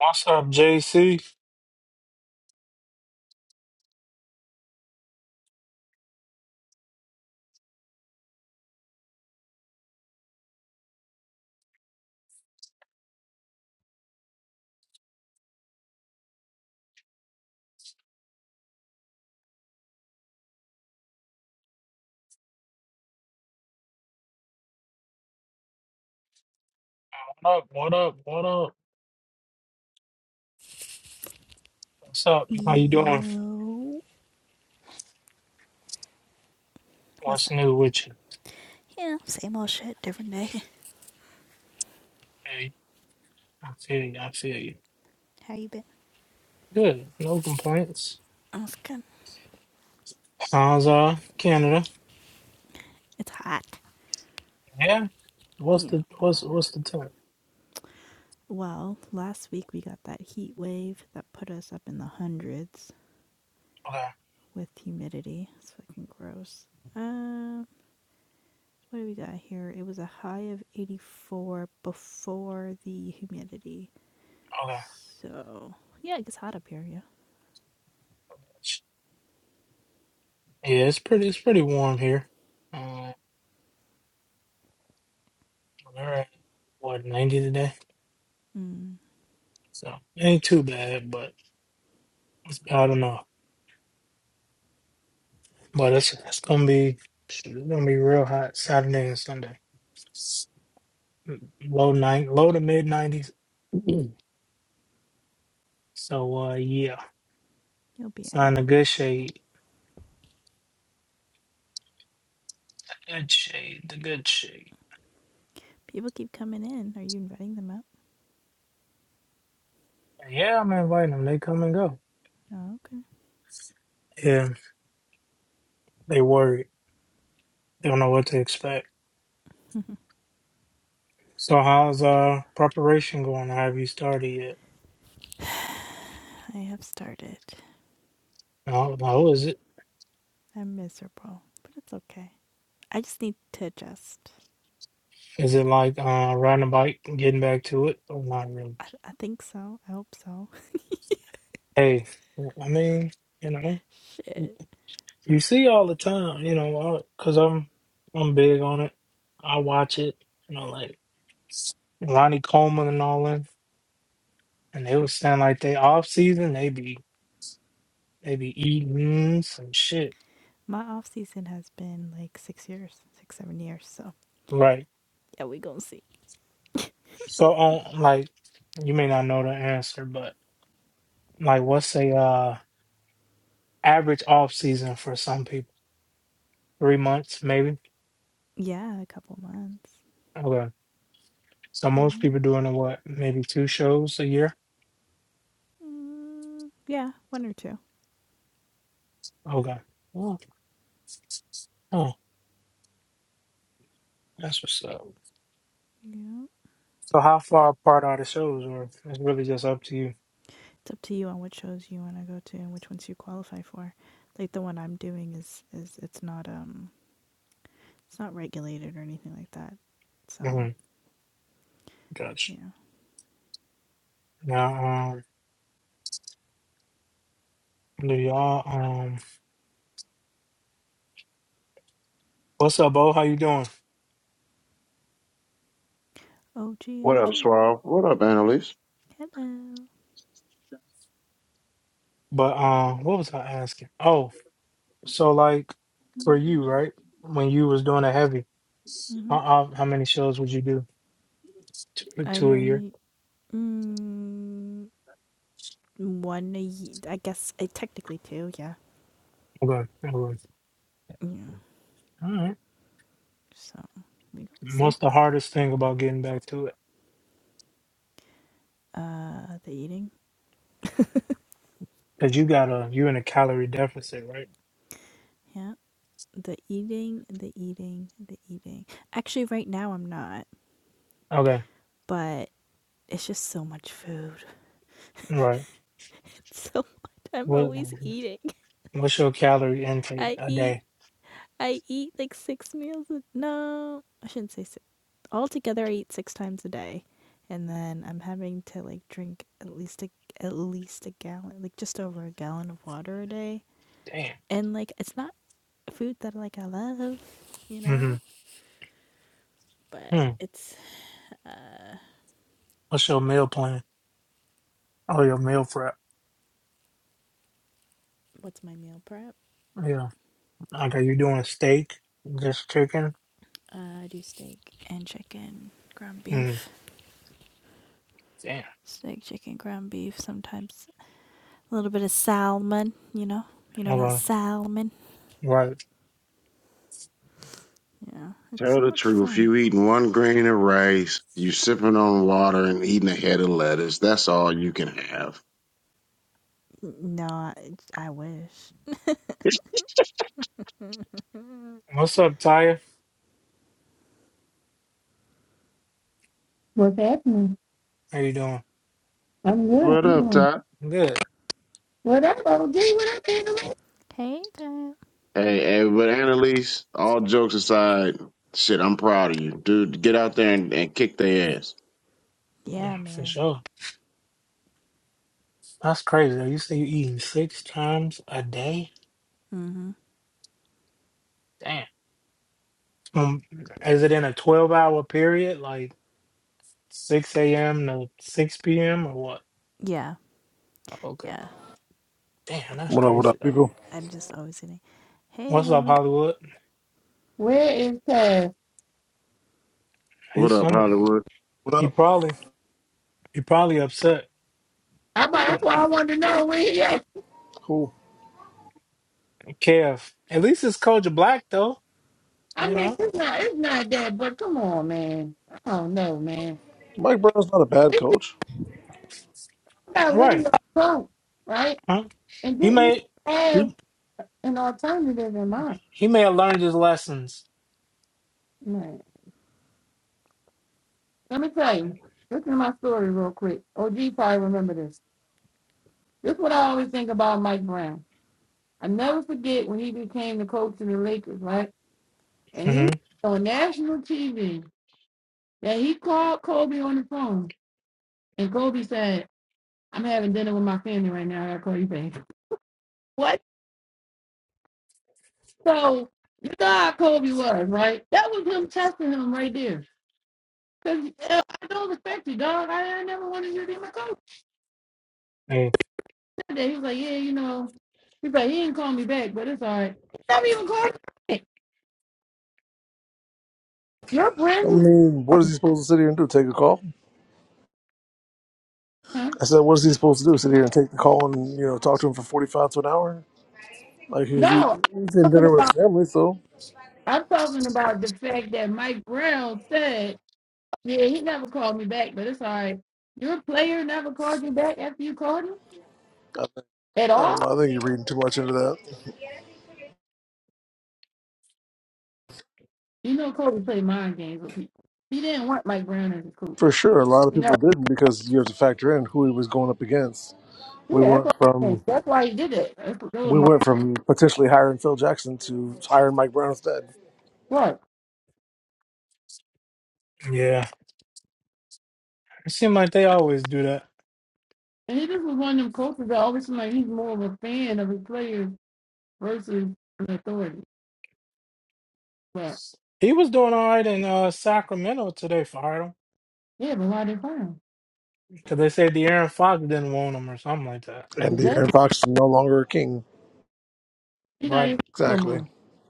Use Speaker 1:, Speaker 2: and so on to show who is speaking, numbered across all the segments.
Speaker 1: What's up, JC? What up? What up? What up? What's up? How you doing?
Speaker 2: Yo, what's
Speaker 1: What's
Speaker 2: up?
Speaker 1: new with you?
Speaker 2: Yeah, same old shit, different day.
Speaker 1: Hey, I feel you. I feel you.
Speaker 2: How you been?
Speaker 1: Good. No complaints.
Speaker 2: I'm good.
Speaker 1: How's uh Canada?
Speaker 2: It's hot.
Speaker 1: Yeah. What's
Speaker 2: Yeah.
Speaker 1: the what's what's the temp?
Speaker 2: Well, last week we got that heat wave that put us up in the hundreds
Speaker 1: Okay.
Speaker 2: with humidity. It's fucking gross. Um, uh, what do we got here? It was a high of 84 before the humidity.
Speaker 1: Okay.
Speaker 2: So, yeah, it gets hot up here, yeah.
Speaker 1: Yeah, it's pretty. It's pretty warm here. Uh, we're at what ninety today,
Speaker 2: Mm,
Speaker 1: so ain't too bad. But I don't know. But it's it's gonna be shoot, it's gonna be real hot Saturday and Sunday. low nine, low to mid nineties. So uh, yeah,
Speaker 2: you'll be
Speaker 1: sign
Speaker 2: alright.
Speaker 1: the good shade, good shade, the good shade.
Speaker 2: People keep coming in. Are you inviting them up?
Speaker 1: Yeah, I'm inviting them. They come and go.
Speaker 2: No. Oh,
Speaker 1: Yeah, they worried. They don't know what to expect. So how's uh preparation going? Have you started yet?
Speaker 2: okay. I have started.
Speaker 1: How, how is it?
Speaker 2: I'm miserable, but it's okay. I just need to adjust.
Speaker 1: Is it like uh riding a bike, and getting back to it, or not really?
Speaker 2: I, I think so. I hope so.
Speaker 1: Hey, I mean, you know,
Speaker 2: Shit.
Speaker 1: you see all the time, you know, because I'm I'm big on it. I watch it, you know, Lonnie Coleman and all them, and they was saying like they off season, they be they be eating some shit,
Speaker 2: My off season has been like six years, six, seven years. So
Speaker 1: right?
Speaker 2: yeah, we gonna see.
Speaker 1: So on like you may not know the answer, but like what's a uh average off season for some people? Three months maybe.
Speaker 2: Yeah, a couple months.
Speaker 1: Okay, so most
Speaker 2: hmm
Speaker 1: people doing uh, what maybe two shows a year.
Speaker 2: Mm, yeah, one or two.
Speaker 1: Okay, oh, oh that's what's up.
Speaker 2: Yeah.
Speaker 1: So how far apart are the shows, or it's really just up to you?
Speaker 2: It's up to you on which shows you want to go to and which ones you qualify for. Like the one I'm doing is is it's not um it's not regulated or anything like that.
Speaker 1: hmm
Speaker 2: So
Speaker 1: Gotcha.
Speaker 2: yeah.
Speaker 1: Now, um, do y'all? um, What's up, Bo? How you doing?
Speaker 2: O g
Speaker 3: What
Speaker 2: o
Speaker 3: up,
Speaker 2: g.
Speaker 3: Swab? What up, Annalise?
Speaker 2: Hello.
Speaker 1: But um, what was I asking? Oh, so like for you, right? When you was doing a heavy,
Speaker 2: Mm-hmm.
Speaker 1: how, how how many shows would you do? Two,
Speaker 2: I
Speaker 1: two a year.
Speaker 2: normally mm, one a ye- I guess uh, technically two, yeah.
Speaker 1: Okay. okay. All
Speaker 2: Yeah.
Speaker 1: right.
Speaker 2: So we go see.
Speaker 1: What's the hardest thing about getting back to it?
Speaker 2: Uh, the eating,
Speaker 1: Cause you got a you in a calorie deficit, right?
Speaker 2: yeah. The eating, the eating, the eating. Actually, right now I'm not,
Speaker 1: Okay.
Speaker 2: but it's just so much food.
Speaker 1: Right.
Speaker 2: It's so much. I'm
Speaker 1: What
Speaker 2: always eating.
Speaker 1: what's your calorie intake
Speaker 2: I
Speaker 1: a
Speaker 2: eat
Speaker 1: day?
Speaker 2: I eat like six meals. A- no, I shouldn't say six. Altogether, I eat six times a day, and then I'm having to like drink at least a at least a gallon, like just over a gallon of water a day.
Speaker 1: Damn.
Speaker 2: And like, it's not food that like I love, you know.
Speaker 1: Mm-hmm.
Speaker 2: But
Speaker 1: Hmm.
Speaker 2: it's uh,
Speaker 1: What's your meal plan? Oh, your meal prep.
Speaker 2: what's my meal prep?
Speaker 1: Yeah. Like, are you doing steak? Just chicken?
Speaker 2: Uh, I do steak and chicken, ground
Speaker 1: Mm.
Speaker 2: beef,
Speaker 1: Damn.
Speaker 2: steak, chicken, ground beef. Sometimes a little bit of salmon, you know, you know that
Speaker 1: Okay.
Speaker 2: salmon.
Speaker 1: Right.
Speaker 2: Yeah, it's
Speaker 3: Tell
Speaker 2: so
Speaker 3: the
Speaker 2: much
Speaker 3: truth.
Speaker 2: fun.
Speaker 3: You eating one grain of rice, you sipping on water and eating a head of lettuce. That's all you can have.
Speaker 2: No, I, I wish.
Speaker 1: What's up, Tyre?
Speaker 4: What's happening?
Speaker 1: How you doing?
Speaker 4: I'm good. How
Speaker 3: What
Speaker 4: you
Speaker 3: up,
Speaker 4: doing?
Speaker 3: Todd?
Speaker 1: Good.
Speaker 4: What up, OG? What up, family?
Speaker 2: Hey, girl.
Speaker 3: Hey, hey, but Annalise, all jokes aside, shit, I'm proud of you. Dude, get out there and, and kick their ass.
Speaker 1: Yeah,
Speaker 2: Yeah,
Speaker 1: for
Speaker 2: man.
Speaker 1: sure. That's crazy. though. You say you eating six times a day?
Speaker 2: Mm-hmm.
Speaker 1: Damn. Um, is it in a 12 hour period, like 6 a.m. to 6 p.m. or what?
Speaker 2: Yeah,
Speaker 1: Okay.
Speaker 2: yeah.
Speaker 1: Damn, that's
Speaker 5: What up, what
Speaker 1: crazy
Speaker 5: up,
Speaker 1: though.
Speaker 5: people?
Speaker 2: I'm just always getting, hey,
Speaker 1: What's up,
Speaker 2: Hollywood.
Speaker 1: Hollywood?
Speaker 4: Where is Taz?
Speaker 1: He's
Speaker 3: What up,
Speaker 1: some.
Speaker 3: Hollywood?
Speaker 5: What
Speaker 1: He
Speaker 5: up?
Speaker 1: probably he probably upset.
Speaker 4: I, might- that's
Speaker 1: mm,
Speaker 4: why I wanted to know where he at.
Speaker 5: Cool.
Speaker 1: Kev. At least it's Culture Black though.
Speaker 4: I
Speaker 1: You
Speaker 4: mean,
Speaker 1: know.
Speaker 4: it's not, it's not that, but come on, man. I don't know, man.
Speaker 5: Mike Brown's not a bad
Speaker 4: This
Speaker 5: coach.
Speaker 4: thing got really
Speaker 1: Right.
Speaker 4: got drunk, right?
Speaker 1: Huh?
Speaker 4: And
Speaker 1: He
Speaker 4: didn't even
Speaker 1: may
Speaker 4: have
Speaker 1: he
Speaker 4: an alternative in mind,
Speaker 1: he may have learned his lessons.
Speaker 4: man. Let me tell you. Listen to my story real quick. OG probably remember this. This is what I always think about Mike Brown. I never forget when he became the coach of the Lakers, right? And he was
Speaker 1: Mm-hmm.
Speaker 4: on national TV Yeah, he called Kobe on the phone, and Kobe said, "I'm having dinner with my family right now. I gotta call you back." What? So you know how Kobe was, right? That was him testing him right there. Cause uh, I don't respect you, dog. I, I never wanted you to be my coach.
Speaker 1: Hey,
Speaker 4: He Said that. He was like, "Yeah, you know." He's like, "He didn't call me back, but it's all right." He never even called me back. You're brand
Speaker 5: I
Speaker 4: new.
Speaker 5: mean, what is he supposed to sit here and do? Take a call?
Speaker 4: Huh?
Speaker 5: I said, what is he supposed to do? Sit here and take the call and, you know, talk to him for 45 to an hour? Like, he's, eat-
Speaker 4: No,
Speaker 5: he's in
Speaker 4: I'm talking
Speaker 5: dinner with
Speaker 4: about.
Speaker 5: his family, so
Speaker 4: I'm talking about the fact that Mike Brown said. Yeah, he never called me back, but it's all right. Your player never called you back after you called him
Speaker 5: I, think,
Speaker 4: at
Speaker 5: I don't
Speaker 4: all.
Speaker 5: know. I think you're reading too much into that.
Speaker 4: You know, Kobe played mind games with people. He didn't want Mike Brown as a coach.
Speaker 5: For sure, a lot of
Speaker 4: You know,
Speaker 5: people didn't because you have to factor in who he was going up against. We
Speaker 4: yeah, that's what
Speaker 5: went
Speaker 4: I'm saying.
Speaker 5: from
Speaker 4: That's why he did it. That's what, that was
Speaker 5: we
Speaker 4: my
Speaker 5: went from potentially hiring Phil Jackson to hiring Mike Brown instead,
Speaker 4: what.
Speaker 1: Yeah, it seemed like they always do that.
Speaker 4: And he just was one of them coaches that always seemed like he's more of a fan of his players versus an authority. But
Speaker 1: He was doing all right in uh, Sacramento today, fired him
Speaker 4: yeah, but why they fire him?
Speaker 1: because they said the Aaron Fox didn't want him or something like that.
Speaker 5: and
Speaker 4: Is that
Speaker 5: De'Aaron Fox is no longer a king.
Speaker 4: you not even
Speaker 1: Right.
Speaker 4: no
Speaker 5: Exactly.
Speaker 4: more?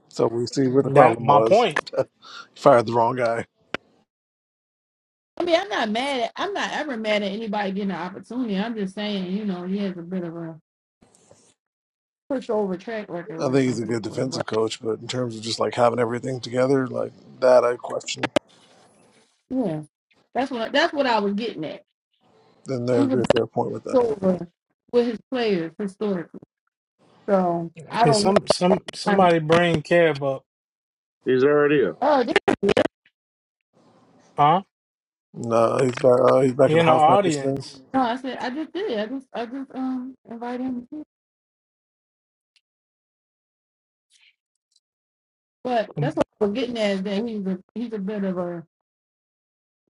Speaker 5: So we see what the
Speaker 1: That
Speaker 5: problem
Speaker 1: my
Speaker 5: was.
Speaker 1: point.
Speaker 5: Fired the wrong guy.
Speaker 4: I mean, I'm not mad at. I'm not ever mad at anybody getting an opportunity. I'm just saying, you know, he has a bit of a push over track record
Speaker 5: I
Speaker 4: with
Speaker 5: think
Speaker 4: some
Speaker 5: he's a good
Speaker 4: people as well.
Speaker 5: defensive coach, but in terms of just like having everything together, like that, I question.
Speaker 4: Yeah, that's what that's what I was getting at.
Speaker 5: Then they
Speaker 4: He was
Speaker 5: agree with their point with that.
Speaker 4: pushed over with his players historically. So I
Speaker 1: Hey,
Speaker 4: don't know.
Speaker 1: some some
Speaker 4: i
Speaker 1: somebody bring Kev up,
Speaker 3: He's already up.
Speaker 4: Oh, this,
Speaker 1: huh?
Speaker 5: No, he's back. Uh, he's back
Speaker 1: He
Speaker 5: in the
Speaker 1: in the
Speaker 5: house members thing.
Speaker 1: audience.
Speaker 4: no, I said I just did. I just I just um invited him. To, but that's
Speaker 1: Um,
Speaker 4: what I was getting at is that he's a he's a bit of a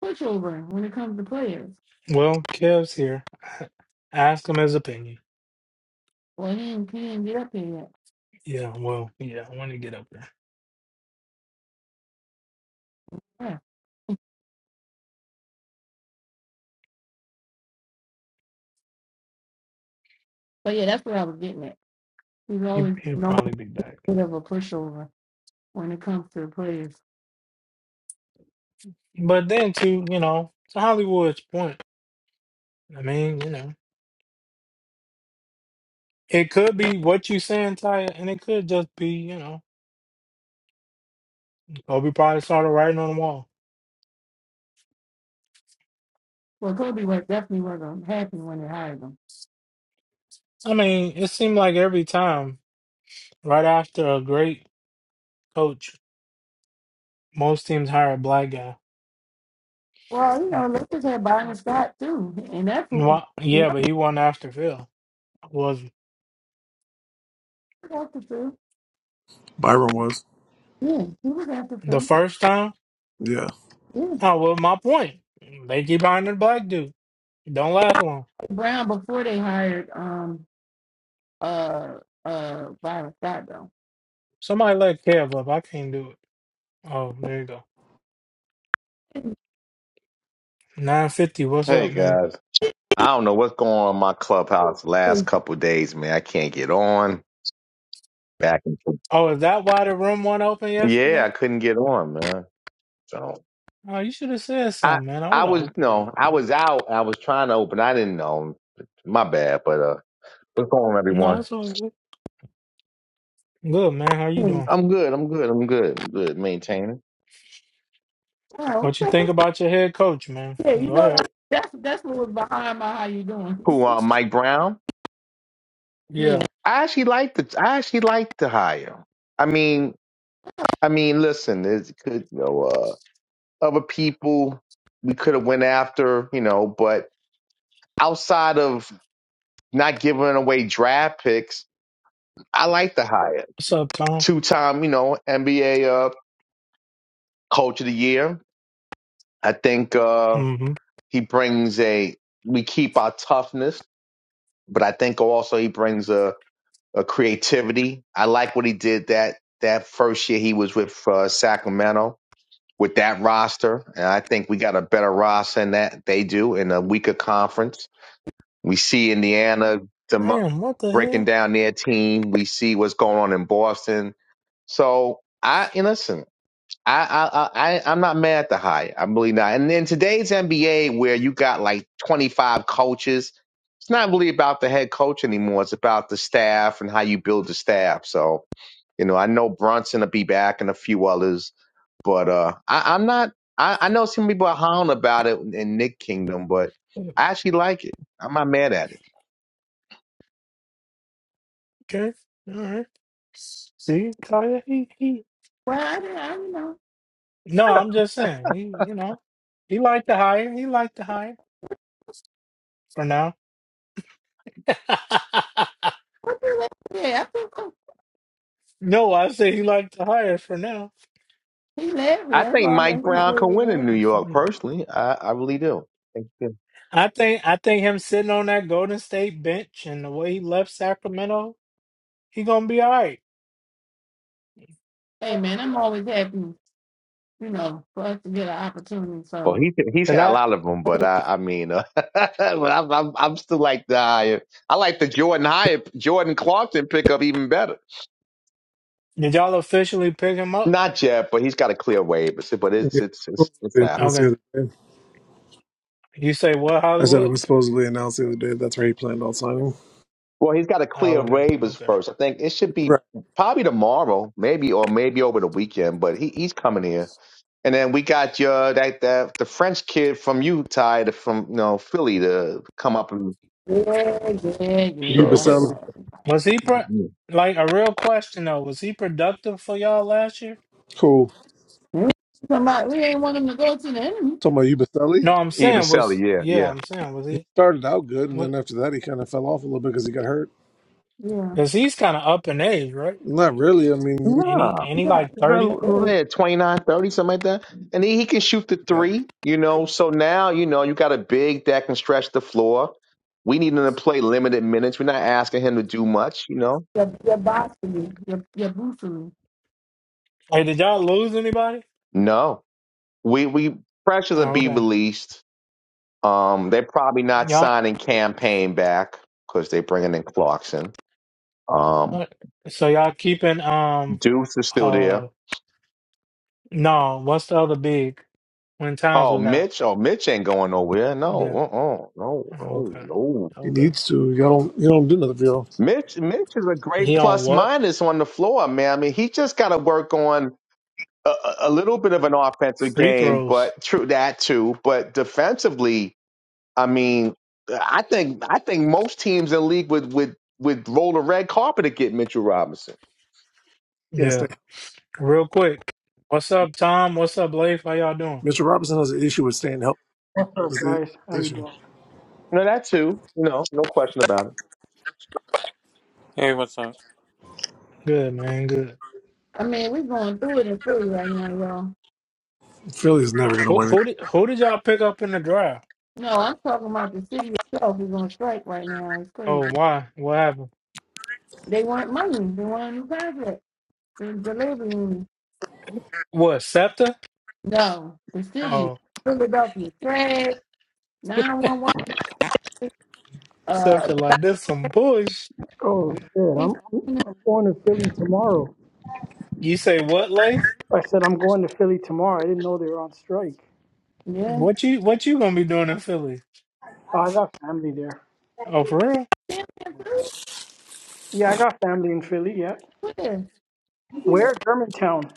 Speaker 4: pushover when it comes to players.
Speaker 1: Well, Kev's here. Ask him his opinion.
Speaker 4: Well, he didn't, he didn't get up here yet.
Speaker 1: Yeah. Well, yeah. When he get up there,
Speaker 4: Yeah, but yeah, that's what I was getting at. He's
Speaker 1: he
Speaker 4: always
Speaker 1: he'll
Speaker 4: known a
Speaker 1: probably be back.
Speaker 4: bit of a pushover when it comes to players.
Speaker 1: But then too, you know, to Hollywood's point. I mean, you know. It could be what you saying, Ty, and it could just be, you know, Kobe probably saw the writing on the wall.
Speaker 4: Well, Kobe was definitely wasn't happy when they hired him.
Speaker 1: I mean, it seemed like every time, right after a great coach, most teams hire a black guy.
Speaker 4: Well, you know, Lakers had Byron Scott too, and that's who
Speaker 1: Well,
Speaker 4: he was
Speaker 1: yeah, but he won after Phil. Was
Speaker 4: after too.
Speaker 5: Byron was.
Speaker 4: Yeah, he was after
Speaker 1: the
Speaker 4: them.
Speaker 1: first time?
Speaker 5: Yeah.
Speaker 4: Yeah,
Speaker 1: Oh, well, my point. They keep hiring the black dude. It Don't last long.
Speaker 4: Brown before they hired um uh uh Byron Scott though.
Speaker 1: Somebody let Kev up. I can't do it. Oh, there you go. 950, what's
Speaker 6: Hey
Speaker 1: up, man?
Speaker 6: guys, I don't know what's going on in my clubhouse
Speaker 4: Hey,
Speaker 6: last couple of days, man. I can't get on back and forth.
Speaker 1: Oh, is that why the room went open yesterday?
Speaker 6: Yeah, I couldn't get on, man. So
Speaker 1: Oh, you should have said
Speaker 6: I
Speaker 1: something, man. I
Speaker 6: I
Speaker 1: would have
Speaker 6: was
Speaker 1: opened it or
Speaker 6: no, I
Speaker 1: something.
Speaker 6: was out. I was trying to open. I didn't know. My bad. But uh, what's going on,
Speaker 1: No,
Speaker 6: everyone?
Speaker 1: that's all good. Good, man. How you
Speaker 4: hey.
Speaker 1: doing?
Speaker 6: I'm good. I'm good. I'm good. I'm good. Maintaining.
Speaker 4: Oh,
Speaker 1: What you think
Speaker 4: okay.
Speaker 1: about your head coach, man?
Speaker 4: Yeah, you
Speaker 1: Go
Speaker 4: know that-
Speaker 1: ahead.
Speaker 4: that's that's what was behind my how you doing.
Speaker 6: Who? Uh, Mike Brown.
Speaker 4: yeah.
Speaker 1: Yeah.
Speaker 6: I actually like the. I actually like the hire. I mean, I mean, listen, it's could You know, uh, other people we could have went after. You know, but outside of not giving away draft picks, I like the hire.
Speaker 1: What's up, Tom?
Speaker 6: Two time, you know, NBA uh, coach of the year. I think uh,
Speaker 1: Mm-hmm.
Speaker 6: he brings a, we keep our toughness, but I think also he brings a, a creativity. I like what he did that, that first year he was with uh, Sacramento with that roster. And I think we got a better roster than that they do in a weaker conference. We see Indiana demo-
Speaker 1: Damn, what the
Speaker 6: breaking
Speaker 1: hell?
Speaker 6: down their team. We see what's going on in Boston. So I and listen, I I I I- I'm not mad at the hire. I'm really not. And in today's NBA, where you got like 25 coaches, it's not really about the head coach anymore. It's about the staff and how you build the staff. So you know, I know Brunson will be back and a few others, but uh, I, I'm not. I, I know some people are hound about it in Nick Kingdom, but I actually like it. I'm not mad at it.
Speaker 1: Okay. All right. See, Tyler, he, he
Speaker 4: Well, I didn't, I don't know.
Speaker 1: No, I'm just saying. He you know, he liked to hire. He liked to hire for now.
Speaker 4: What you laugh- Yeah, I think so.
Speaker 1: no, I say he liked to hire for now.
Speaker 4: he left me.
Speaker 6: I
Speaker 4: That's
Speaker 6: think
Speaker 4: all.
Speaker 6: Mike
Speaker 4: That's all
Speaker 6: Brown
Speaker 4: we
Speaker 6: can
Speaker 4: was
Speaker 6: win in New
Speaker 4: laughing.
Speaker 6: York. Personally, I, I really do. Thank you.
Speaker 1: I think I think him sitting on that Golden State bench and the way he left Sacramento, he gonna be all right.
Speaker 4: Hey man, I'm always happy. You know, for us to get an opportunity.
Speaker 6: Well,
Speaker 4: So
Speaker 6: he's he's
Speaker 1: Cause
Speaker 6: had a
Speaker 1: I
Speaker 6: lot of them, but I I mean, uh, but I'm, I'm I'm still like the higher. I like the Jordan Hyatt, Jordan Clarkson pickup even better.
Speaker 1: did y'all officially pick him up?
Speaker 6: Not yet, but he's got a clear waiver. So- But it's
Speaker 5: Yeah.
Speaker 6: it's it's it's
Speaker 5: They announced
Speaker 6: happening.
Speaker 5: the
Speaker 1: Okay.
Speaker 5: other day.
Speaker 1: You say what
Speaker 5: I said it
Speaker 1: Hollywood?
Speaker 5: was supposedly announced the other day. That's where he planned on signing.
Speaker 6: Well, he's got a
Speaker 1: Oh,
Speaker 6: clear
Speaker 1: okay,
Speaker 6: waivers
Speaker 1: okay.
Speaker 6: first. I think it should be
Speaker 5: Right.
Speaker 6: probably tomorrow, maybe or maybe over the weekend. But he he's coming here, and then we got your that that the French kid from Utah, the, from you know Philly, to come up.
Speaker 4: yeah, yeah,
Speaker 6: So, if
Speaker 4: yeah. I saw.
Speaker 5: Ubaselli.
Speaker 4: it.
Speaker 1: Was he pro-
Speaker 6: it-
Speaker 1: like a real question though? Was he productive for y'all last year?
Speaker 5: Cool.
Speaker 4: We ain't somebody- we ain't want them to go to the enemy.
Speaker 5: Talking about Ubaselli.
Speaker 1: No, I'm
Speaker 6: Even
Speaker 1: saying
Speaker 6: Sally,
Speaker 1: was
Speaker 6: yeah,
Speaker 1: yeah,
Speaker 6: yeah.
Speaker 1: I'm saying was
Speaker 5: He
Speaker 1: he
Speaker 5: started out good, and
Speaker 1: what?
Speaker 5: then after that, he kind of fell off a little bit because he got hurt.
Speaker 4: Yeah.
Speaker 1: Cause he's kind of up in age, right?
Speaker 5: Not really. I mean,
Speaker 1: Ain't he?
Speaker 6: Nah,
Speaker 1: Ain't he
Speaker 4: Yeah,
Speaker 1: like thirty?
Speaker 4: it
Speaker 6: well,
Speaker 4: is.
Speaker 6: yeah, 29, thirty, something like that. And he, he can shoot the
Speaker 5: yeah.
Speaker 6: three, you know. So now, you know, you got a big that can stretch the floor. We need him to play limited minutes. We're not asking him to do much, you know.
Speaker 4: Your, your bossy, your, your boosery.
Speaker 1: Hey, did y'all lose anybody?
Speaker 6: No, we we pressures are
Speaker 1: Oh,
Speaker 6: be
Speaker 1: okay,
Speaker 6: released. Um, they're probably not
Speaker 1: y'all.
Speaker 6: signing campaign back because they're bringing in Clarkson. Um,
Speaker 1: Alright, So y'all keeping um
Speaker 6: Deuce is still there.
Speaker 1: uh no, what's the other big when Towns
Speaker 6: Oh,
Speaker 1: was out?
Speaker 6: Mitch. Oh, Mitch ain't going nowhere. No,
Speaker 1: Yeah.
Speaker 6: uh-uh. no, no,
Speaker 1: Okay.
Speaker 6: no.
Speaker 5: He
Speaker 1: Okay.
Speaker 5: needs to. Y'all don't. You don't do nothing for y'all.
Speaker 6: Mitch, Mitch is a great
Speaker 1: He on
Speaker 6: plus
Speaker 1: what?
Speaker 6: minus on the floor, man. I mean, he just got to work on a, a a little bit of an offensive
Speaker 1: Free
Speaker 6: game,
Speaker 1: throws.
Speaker 6: but true that too. But defensively, I mean, I think I think most teams in the league would would would roll the red carpet to get Mitchell Robinson.
Speaker 5: Can't
Speaker 1: Yeah.
Speaker 5: stay.
Speaker 1: Real quick. What's up, Tom? What's up, Leif? How y'all doing?
Speaker 5: Mr. Robinson has an issue with staying healthy.
Speaker 7: What's
Speaker 5: That's
Speaker 7: up,
Speaker 5: the
Speaker 7: guys? How you
Speaker 5: issue.
Speaker 7: doing?
Speaker 6: No, that too. No, no question about it.
Speaker 8: Hey, what's up?
Speaker 1: Good, man. Good.
Speaker 4: I mean, we're going through it in Philly right now, y'all.
Speaker 5: Philly's never going to
Speaker 1: Who
Speaker 5: win it.
Speaker 1: who did who did y'all pick up in the draft?
Speaker 4: No, I'm talking about the city itself is on strike right now. It's
Speaker 1: Oh,
Speaker 4: crazy.
Speaker 1: why? What happened?
Speaker 4: They want money. They want a new contract. They're delivering. me.
Speaker 1: What, Scepter?
Speaker 4: No, the city,
Speaker 1: Oh,
Speaker 4: Philadelphia, trash, 911, uh,
Speaker 1: Scepter like this some bush.
Speaker 7: Oh shit, I'm I'm going to Philly tomorrow.
Speaker 1: You say what, Leif?
Speaker 7: I said I'm going to Philly tomorrow. I didn't know they were on strike.
Speaker 4: yeah.
Speaker 1: What you what you gonna be doing in Philly?
Speaker 7: Oh, I got family there.
Speaker 1: Oh, for real?
Speaker 4: Damn, Philly?
Speaker 7: Yeah, I got family in Philly. Yeah,
Speaker 4: What is?
Speaker 7: where Germantown?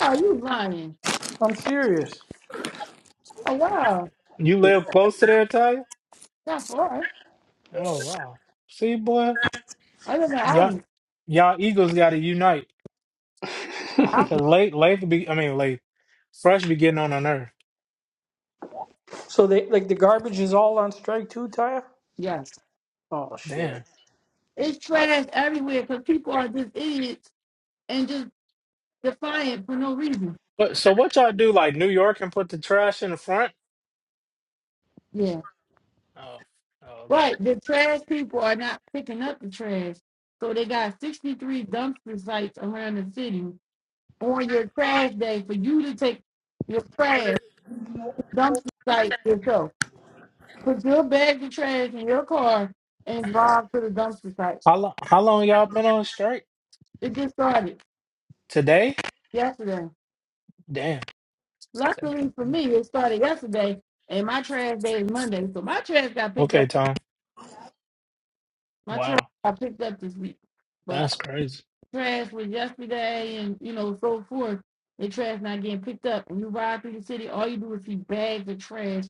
Speaker 4: Oh, you lying.
Speaker 7: I'm serious.
Speaker 4: Oh, wow.
Speaker 1: You live
Speaker 7: Yeah.
Speaker 1: close to there, Ty?
Speaker 4: Not far.
Speaker 1: Oh wow. See, boy,
Speaker 4: I live
Speaker 1: y'all,
Speaker 4: in
Speaker 1: y'all Eagles got to unite.
Speaker 4: Allen.
Speaker 1: Cause late, late be, I mean, late, fresh be getting on the nerve.
Speaker 7: so they like the garbage is all on strike too, Taya.
Speaker 4: Yes.
Speaker 7: Oh shit!
Speaker 1: Damn.
Speaker 4: It's trash everywhere because people are just idiots and just defiant for no reason.
Speaker 1: But so what y'all do? Like New York and put the trash in the front?
Speaker 4: Yeah.
Speaker 1: Oh, oh okay.
Speaker 4: But the trash people are not picking up the trash. So they got 63 dumpster sites around the city on your trash day for you to take your trash to dumpster sites yourself. Put your bag of trash in your car and drive to the dumpster site.
Speaker 1: How long? How long y'all been on strike?
Speaker 4: It just started
Speaker 1: Today?
Speaker 4: yesterday.
Speaker 1: Damn.
Speaker 4: Luckily for me, it started yesterday and my trash day is Monday. So my trash got picked up
Speaker 1: Okay, Tom.
Speaker 4: my trash
Speaker 1: Wow,
Speaker 4: I picked up this week, but
Speaker 1: that's crazy.
Speaker 4: trash was yesterday and you know so forth. The trash not getting picked up. When you ride through the city, all you do is see bags of trash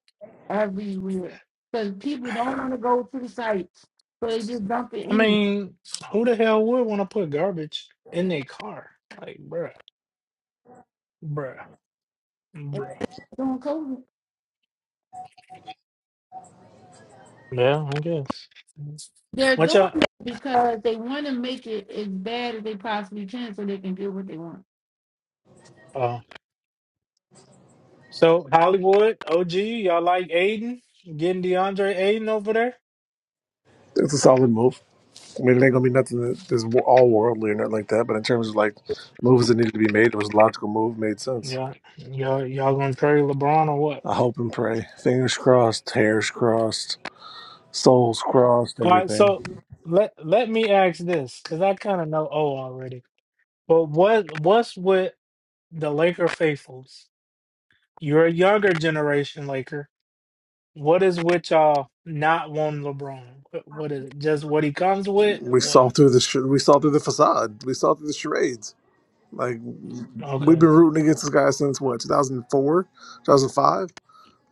Speaker 4: everywhere because people don't want to go to the sites, so they just dump it
Speaker 1: I
Speaker 4: anywhere.
Speaker 1: mean, who the hell would want to put garbage in their car? Like, bruh, bruh,
Speaker 4: And
Speaker 1: bruh.
Speaker 4: during COVID,
Speaker 1: Yeah, I guess.
Speaker 4: they're
Speaker 1: What
Speaker 4: doing
Speaker 1: y'all?
Speaker 4: it because they want to make it as bad as they possibly can, so they can get what they want.
Speaker 1: Oh, so Hollywood OG, y'all like Aiden? Getting DeAndre Aiden over there?
Speaker 5: It's a solid move. I mean, it ain't going to be nothing that- that's wo- all worldly or nothing like that. But in terms of like moves that needed to be made, it was a logical move, made sense.
Speaker 1: Y'all, y'all, y'all gonna trade LeBron or what?
Speaker 5: I hope and pray. Fingers crossed, hairs crossed, souls crossed,
Speaker 1: All right, so
Speaker 5: everything.
Speaker 1: let let me ask this because I kind of know O already. But what what's with the Laker faithfuls? You're a younger generation Laker. What is with y'all not wanting LeBron? What, what is it? Just what he comes with?
Speaker 5: We
Speaker 1: What?
Speaker 5: saw through the sh- we saw through the facade. We saw through the charades. Like we've
Speaker 1: Okay.
Speaker 5: been rooting against this guy since what 2004, 2005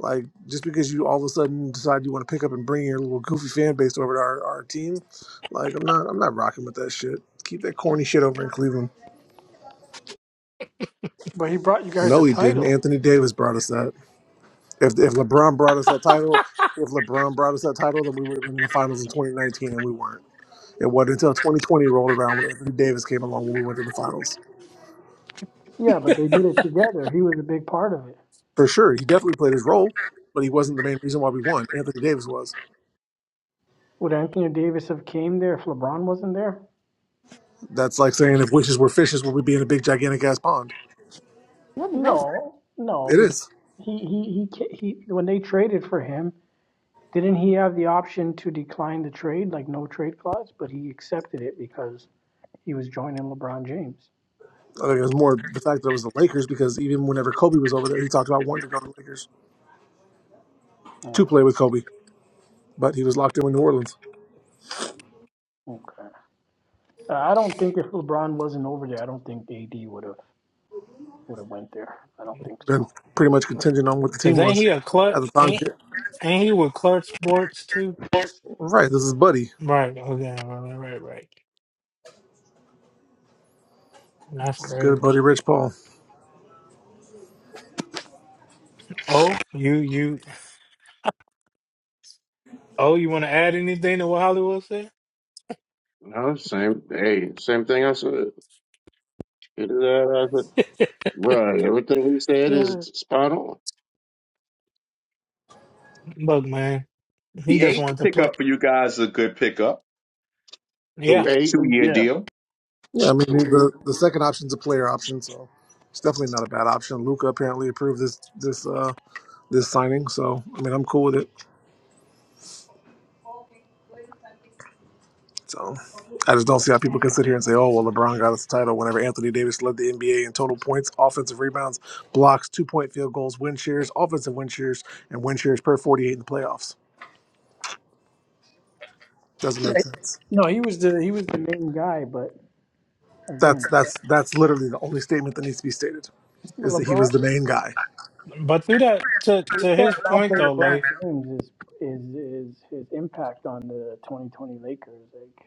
Speaker 5: Like just because you all of a sudden decide you want to pick up and bring your little goofy fan base over to our, our team, like I'm not I'm not rocking with that shit. Keep that corny shit over in Cleveland.
Speaker 7: But he brought you guys a
Speaker 5: No, he didn't.
Speaker 7: title.
Speaker 5: Anthony Davis brought us that. If if LeBron brought us that title, if LeBron brought us that title, then we would have been in the finals in 2019, and we weren't. It wasn't until 2020 rolled around when Anthony Davis came along when we went to the finals.
Speaker 7: Yeah, but they did it together. He was a big part of it.
Speaker 5: For sure, he definitely played his role, but he wasn't the main reason why we won. Anthony Davis was.
Speaker 7: Would Anthony Davis have came there if LeBron wasn't there?
Speaker 5: That's like saying if wishes were fishes, would we be in a big gigantic ass pond?
Speaker 4: What is that?
Speaker 7: No, no,
Speaker 5: It
Speaker 7: because
Speaker 5: is.
Speaker 7: he he he ca- he when they traded for him, didn't he have the option to decline the trade, like no trade clause? But he accepted it because he was joining LeBron James.
Speaker 5: I think it was more the fact that it was the Lakers because even whenever Kobe was over there, he talked about wanting to go to the Lakers
Speaker 7: Oh,
Speaker 5: to play with Kobe, but he was locked in with New Orleans
Speaker 7: okay. Uh, I don't think if LeBron wasn't over there, I don't think AD would have would have went there. I don't think so.
Speaker 5: and pretty much contingent on what the
Speaker 1: Cause
Speaker 5: team
Speaker 1: ain't
Speaker 5: was
Speaker 1: he a clutch?
Speaker 5: at the time.
Speaker 1: Ain't ain't he with Clutch Sports too?
Speaker 5: Right, this is Buddy,
Speaker 1: Right. Okay. Right. Right. Right. right. That's
Speaker 5: this is good
Speaker 1: crazy.
Speaker 5: buddy Rich Paul.
Speaker 1: Oh, you you. Oh, you want to add anything to what Hollywood said?
Speaker 3: No, same hey, same thing I said. It is that I said. Right, everything he said is
Speaker 1: Uh,
Speaker 3: spot on.
Speaker 1: Look, man, he
Speaker 6: The
Speaker 1: just
Speaker 6: eight
Speaker 1: wanted to play.
Speaker 6: pickup for you guys is a good pickup.
Speaker 3: Who
Speaker 1: Yeah,
Speaker 3: ate?
Speaker 6: Two year
Speaker 3: Yeah.
Speaker 6: deal.
Speaker 5: Yeah, I mean the the second option's a player option, so it's definitely not a bad option. Luca apparently approved this this uh this signing, so I mean I'm cool with it. So I just don't see how people can sit here and say, oh, well, LeBron got us the title whenever Anthony Davis led the NBA in total points, offensive rebounds, blocks, two point field goals, win shares, offensive win shares, and win shares per 48 in the playoffs. Doesn't make
Speaker 7: Right.
Speaker 5: sense.
Speaker 7: No, he was the he was the main guy, but again,
Speaker 5: That's that's that's literally the only statement that needs to be stated is that he
Speaker 7: LeBron
Speaker 5: was the main guy.
Speaker 1: but through that to
Speaker 7: you
Speaker 1: to his
Speaker 7: can't
Speaker 1: point
Speaker 7: downplay
Speaker 1: though,
Speaker 7: LeBron
Speaker 1: like
Speaker 7: James is is is his impact on the 2020 Lakers. Like,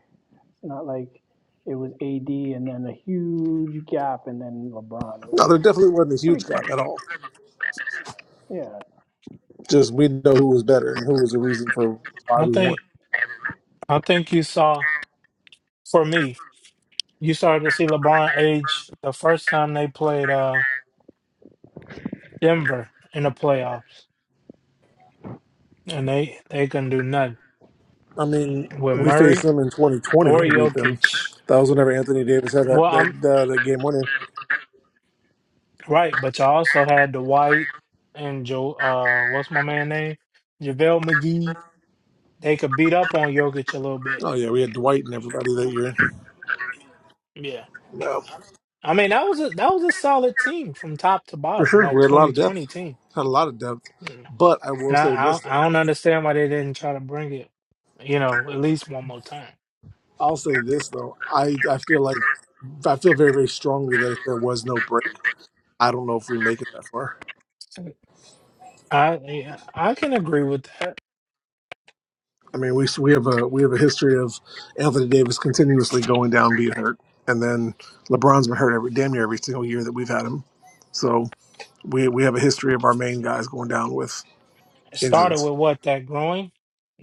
Speaker 7: It's not like it was AD and then a huge gap and then LeBron. It
Speaker 5: No, there
Speaker 7: was
Speaker 5: definitely wasn't a
Speaker 7: pretty
Speaker 5: huge
Speaker 7: close.
Speaker 5: gap at all.
Speaker 7: Yeah.
Speaker 5: Just we know who was better and who was the reason for why
Speaker 1: I
Speaker 5: we won.
Speaker 1: think I think you saw for me, you started to see LeBron age the first time they played uh Denver in the playoffs, and they they couldn't do nothing
Speaker 5: I mean,
Speaker 1: with
Speaker 5: we faced
Speaker 1: Murray
Speaker 5: them in 2020
Speaker 1: or
Speaker 5: and beat them.
Speaker 1: Jokic.
Speaker 5: That was whenever Anthony Davis had that
Speaker 1: Well, I'm
Speaker 5: that, uh, that game winner.
Speaker 1: right, but y'all also had the White and Joe. Uh, what's my man name? JaVale McGee. They could beat up on Jokic a little bit.
Speaker 5: Oh yeah, we had Dwight and everybody that
Speaker 1: Um,
Speaker 5: year.
Speaker 1: yeah,
Speaker 5: No,
Speaker 1: I mean that was a that was a solid team from top to
Speaker 5: for
Speaker 1: bottom.
Speaker 5: sure,
Speaker 1: That
Speaker 5: we had a lot of depth.
Speaker 1: 2020 team.
Speaker 5: Had a lot of depth,
Speaker 1: Mm.
Speaker 5: but I will
Speaker 1: And I
Speaker 5: say
Speaker 1: I,
Speaker 5: this
Speaker 1: don't-
Speaker 5: though.
Speaker 1: I don't understand why they didn't try to bring it. You know, at least one more time.
Speaker 5: I'll say this though. I I feel like I feel very very strongly that if there was no break, I don't know if we make it that far.
Speaker 1: I yeah, I can agree with that.
Speaker 5: I mean, we we have a we have a history of Anthony Davis continuously going down, being hurt, and then LeBron's been hurt every damn near every single year that we've had him. So we we have a history of our main guys going down with
Speaker 1: It started
Speaker 5: injuries.
Speaker 1: with what that growing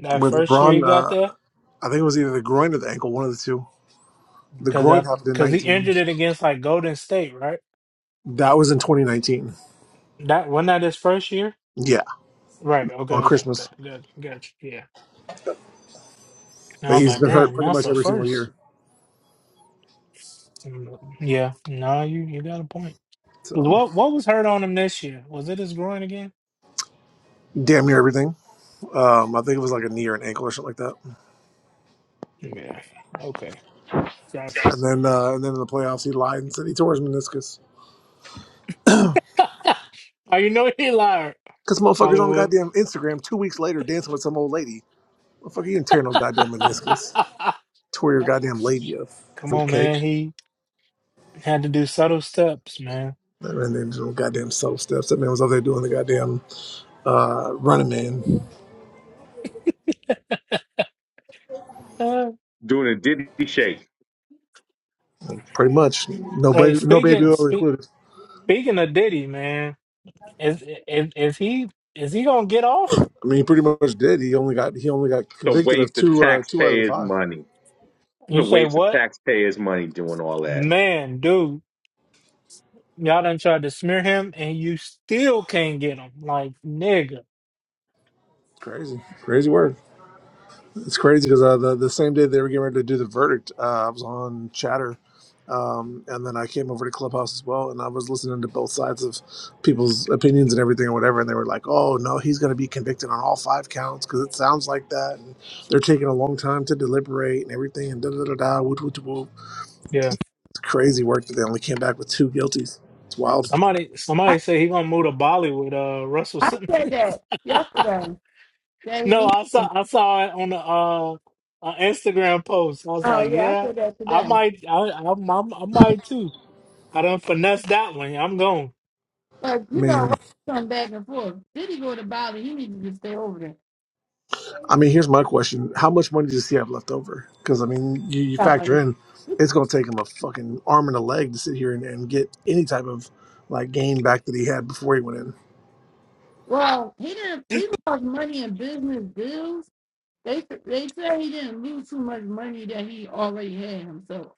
Speaker 1: that
Speaker 5: With
Speaker 1: first year he
Speaker 5: LeBron,
Speaker 1: got there
Speaker 5: uh, I think it was either the groin or the ankle, one of the two The
Speaker 1: because
Speaker 5: groin happened in
Speaker 1: because he
Speaker 5: 19.
Speaker 1: injured it against like Golden State, right?
Speaker 5: That was in 2019.
Speaker 1: That wasn't that his first year?
Speaker 5: Yeah,
Speaker 1: Right. Okay.
Speaker 5: on
Speaker 1: Okay. Okay.
Speaker 5: Christmas.
Speaker 1: Good. Good. Yeah. And I
Speaker 5: But
Speaker 1: was
Speaker 5: he's
Speaker 1: like,
Speaker 5: been hurt
Speaker 1: damn,
Speaker 5: pretty
Speaker 1: that's
Speaker 5: much
Speaker 1: a
Speaker 5: every single
Speaker 1: first.
Speaker 5: year.
Speaker 1: Mm, Yeah. No, you you got a point. 'Cause
Speaker 5: So
Speaker 1: What what was hurt on him this year? Was it his groin again?
Speaker 5: damn near everything. Um, I think it was like a knee or an ankle or something like that.
Speaker 1: Yeah. Okay. Gotcha.
Speaker 5: And then uh, and then in the playoffs, he lied and said he tore his meniscus.
Speaker 1: oh, you know he lied,
Speaker 5: Cause motherfuckers on
Speaker 1: Hollywood.
Speaker 5: goddamn Instagram two weeks later dancing with some old lady. Motherfucker, you didn't tear no goddamn meniscus. Tore your goddamn labia,
Speaker 1: Come on,
Speaker 5: fruitcake.
Speaker 1: man. He had to do subtle steps, man.
Speaker 5: And then no goddamn self steps. That man was out there doing the goddamn uh, running man.
Speaker 1: Uh,
Speaker 6: Doing a diddy shake.
Speaker 5: Pretty much, no
Speaker 1: hey,
Speaker 5: baby, no baby
Speaker 1: speaking
Speaker 5: oil
Speaker 1: speak,
Speaker 5: included.
Speaker 1: speaking of Diddy, man, is is is he is he gonna get off?
Speaker 5: I mean, he pretty much did. He only got he only got
Speaker 6: It's a
Speaker 5: convicted of
Speaker 6: waste of
Speaker 5: two uh, two out of the
Speaker 6: taxpayers'
Speaker 5: five.
Speaker 6: money. It's a
Speaker 1: You say
Speaker 6: waste of
Speaker 1: what?
Speaker 6: taxpayers' money doing all that.
Speaker 1: Man, dude, y'all done tried to smear him and you still can't get him. Like, nigga.
Speaker 5: Crazy, crazy word. It's crazy because uh, the the same day they were getting ready to do the verdict, uh, I was on Chatter, um, and then I came over to Clubhouse as well, and I was listening to both sides of people's opinions and everything or whatever, and they were like, "Oh no, he's going to be convicted on all five counts because it sounds like that." And they're taking a long time to deliberate and everything, and da da da da. Whoop, whoop, whoop.
Speaker 1: Yeah.
Speaker 5: It's crazy work that they only came back with two guilties. It's wild.
Speaker 1: Somebody
Speaker 4: I,
Speaker 1: somebody said he gonna move to Bollywood, uh Russell
Speaker 4: I
Speaker 1: Simmons.
Speaker 4: said that yesterday. That
Speaker 1: no,
Speaker 4: immediately.
Speaker 1: I saw I saw it on the uh uh, Instagram post. I was
Speaker 4: Oh
Speaker 1: like,
Speaker 4: yeah, I
Speaker 1: yeah,
Speaker 4: said that
Speaker 1: I
Speaker 4: today.
Speaker 1: might I I, I, I might too. I done finesse that one. I'm going.
Speaker 4: Like
Speaker 5: I
Speaker 4: you know,
Speaker 5: mean,
Speaker 4: Russ come back and forth. Did he go to Bali? He needed to stay over there.
Speaker 5: I mean, here's my question: How much money does he have left over? Because I mean, you, you
Speaker 4: Got
Speaker 5: factor
Speaker 4: money.
Speaker 5: in it's going to take him a fucking arm and a leg to sit here and, and get any type of like gain back that he had before he went in.
Speaker 4: Well, he didn't. He lost money in business deals. They they said he didn't lose too much money that he already had himself.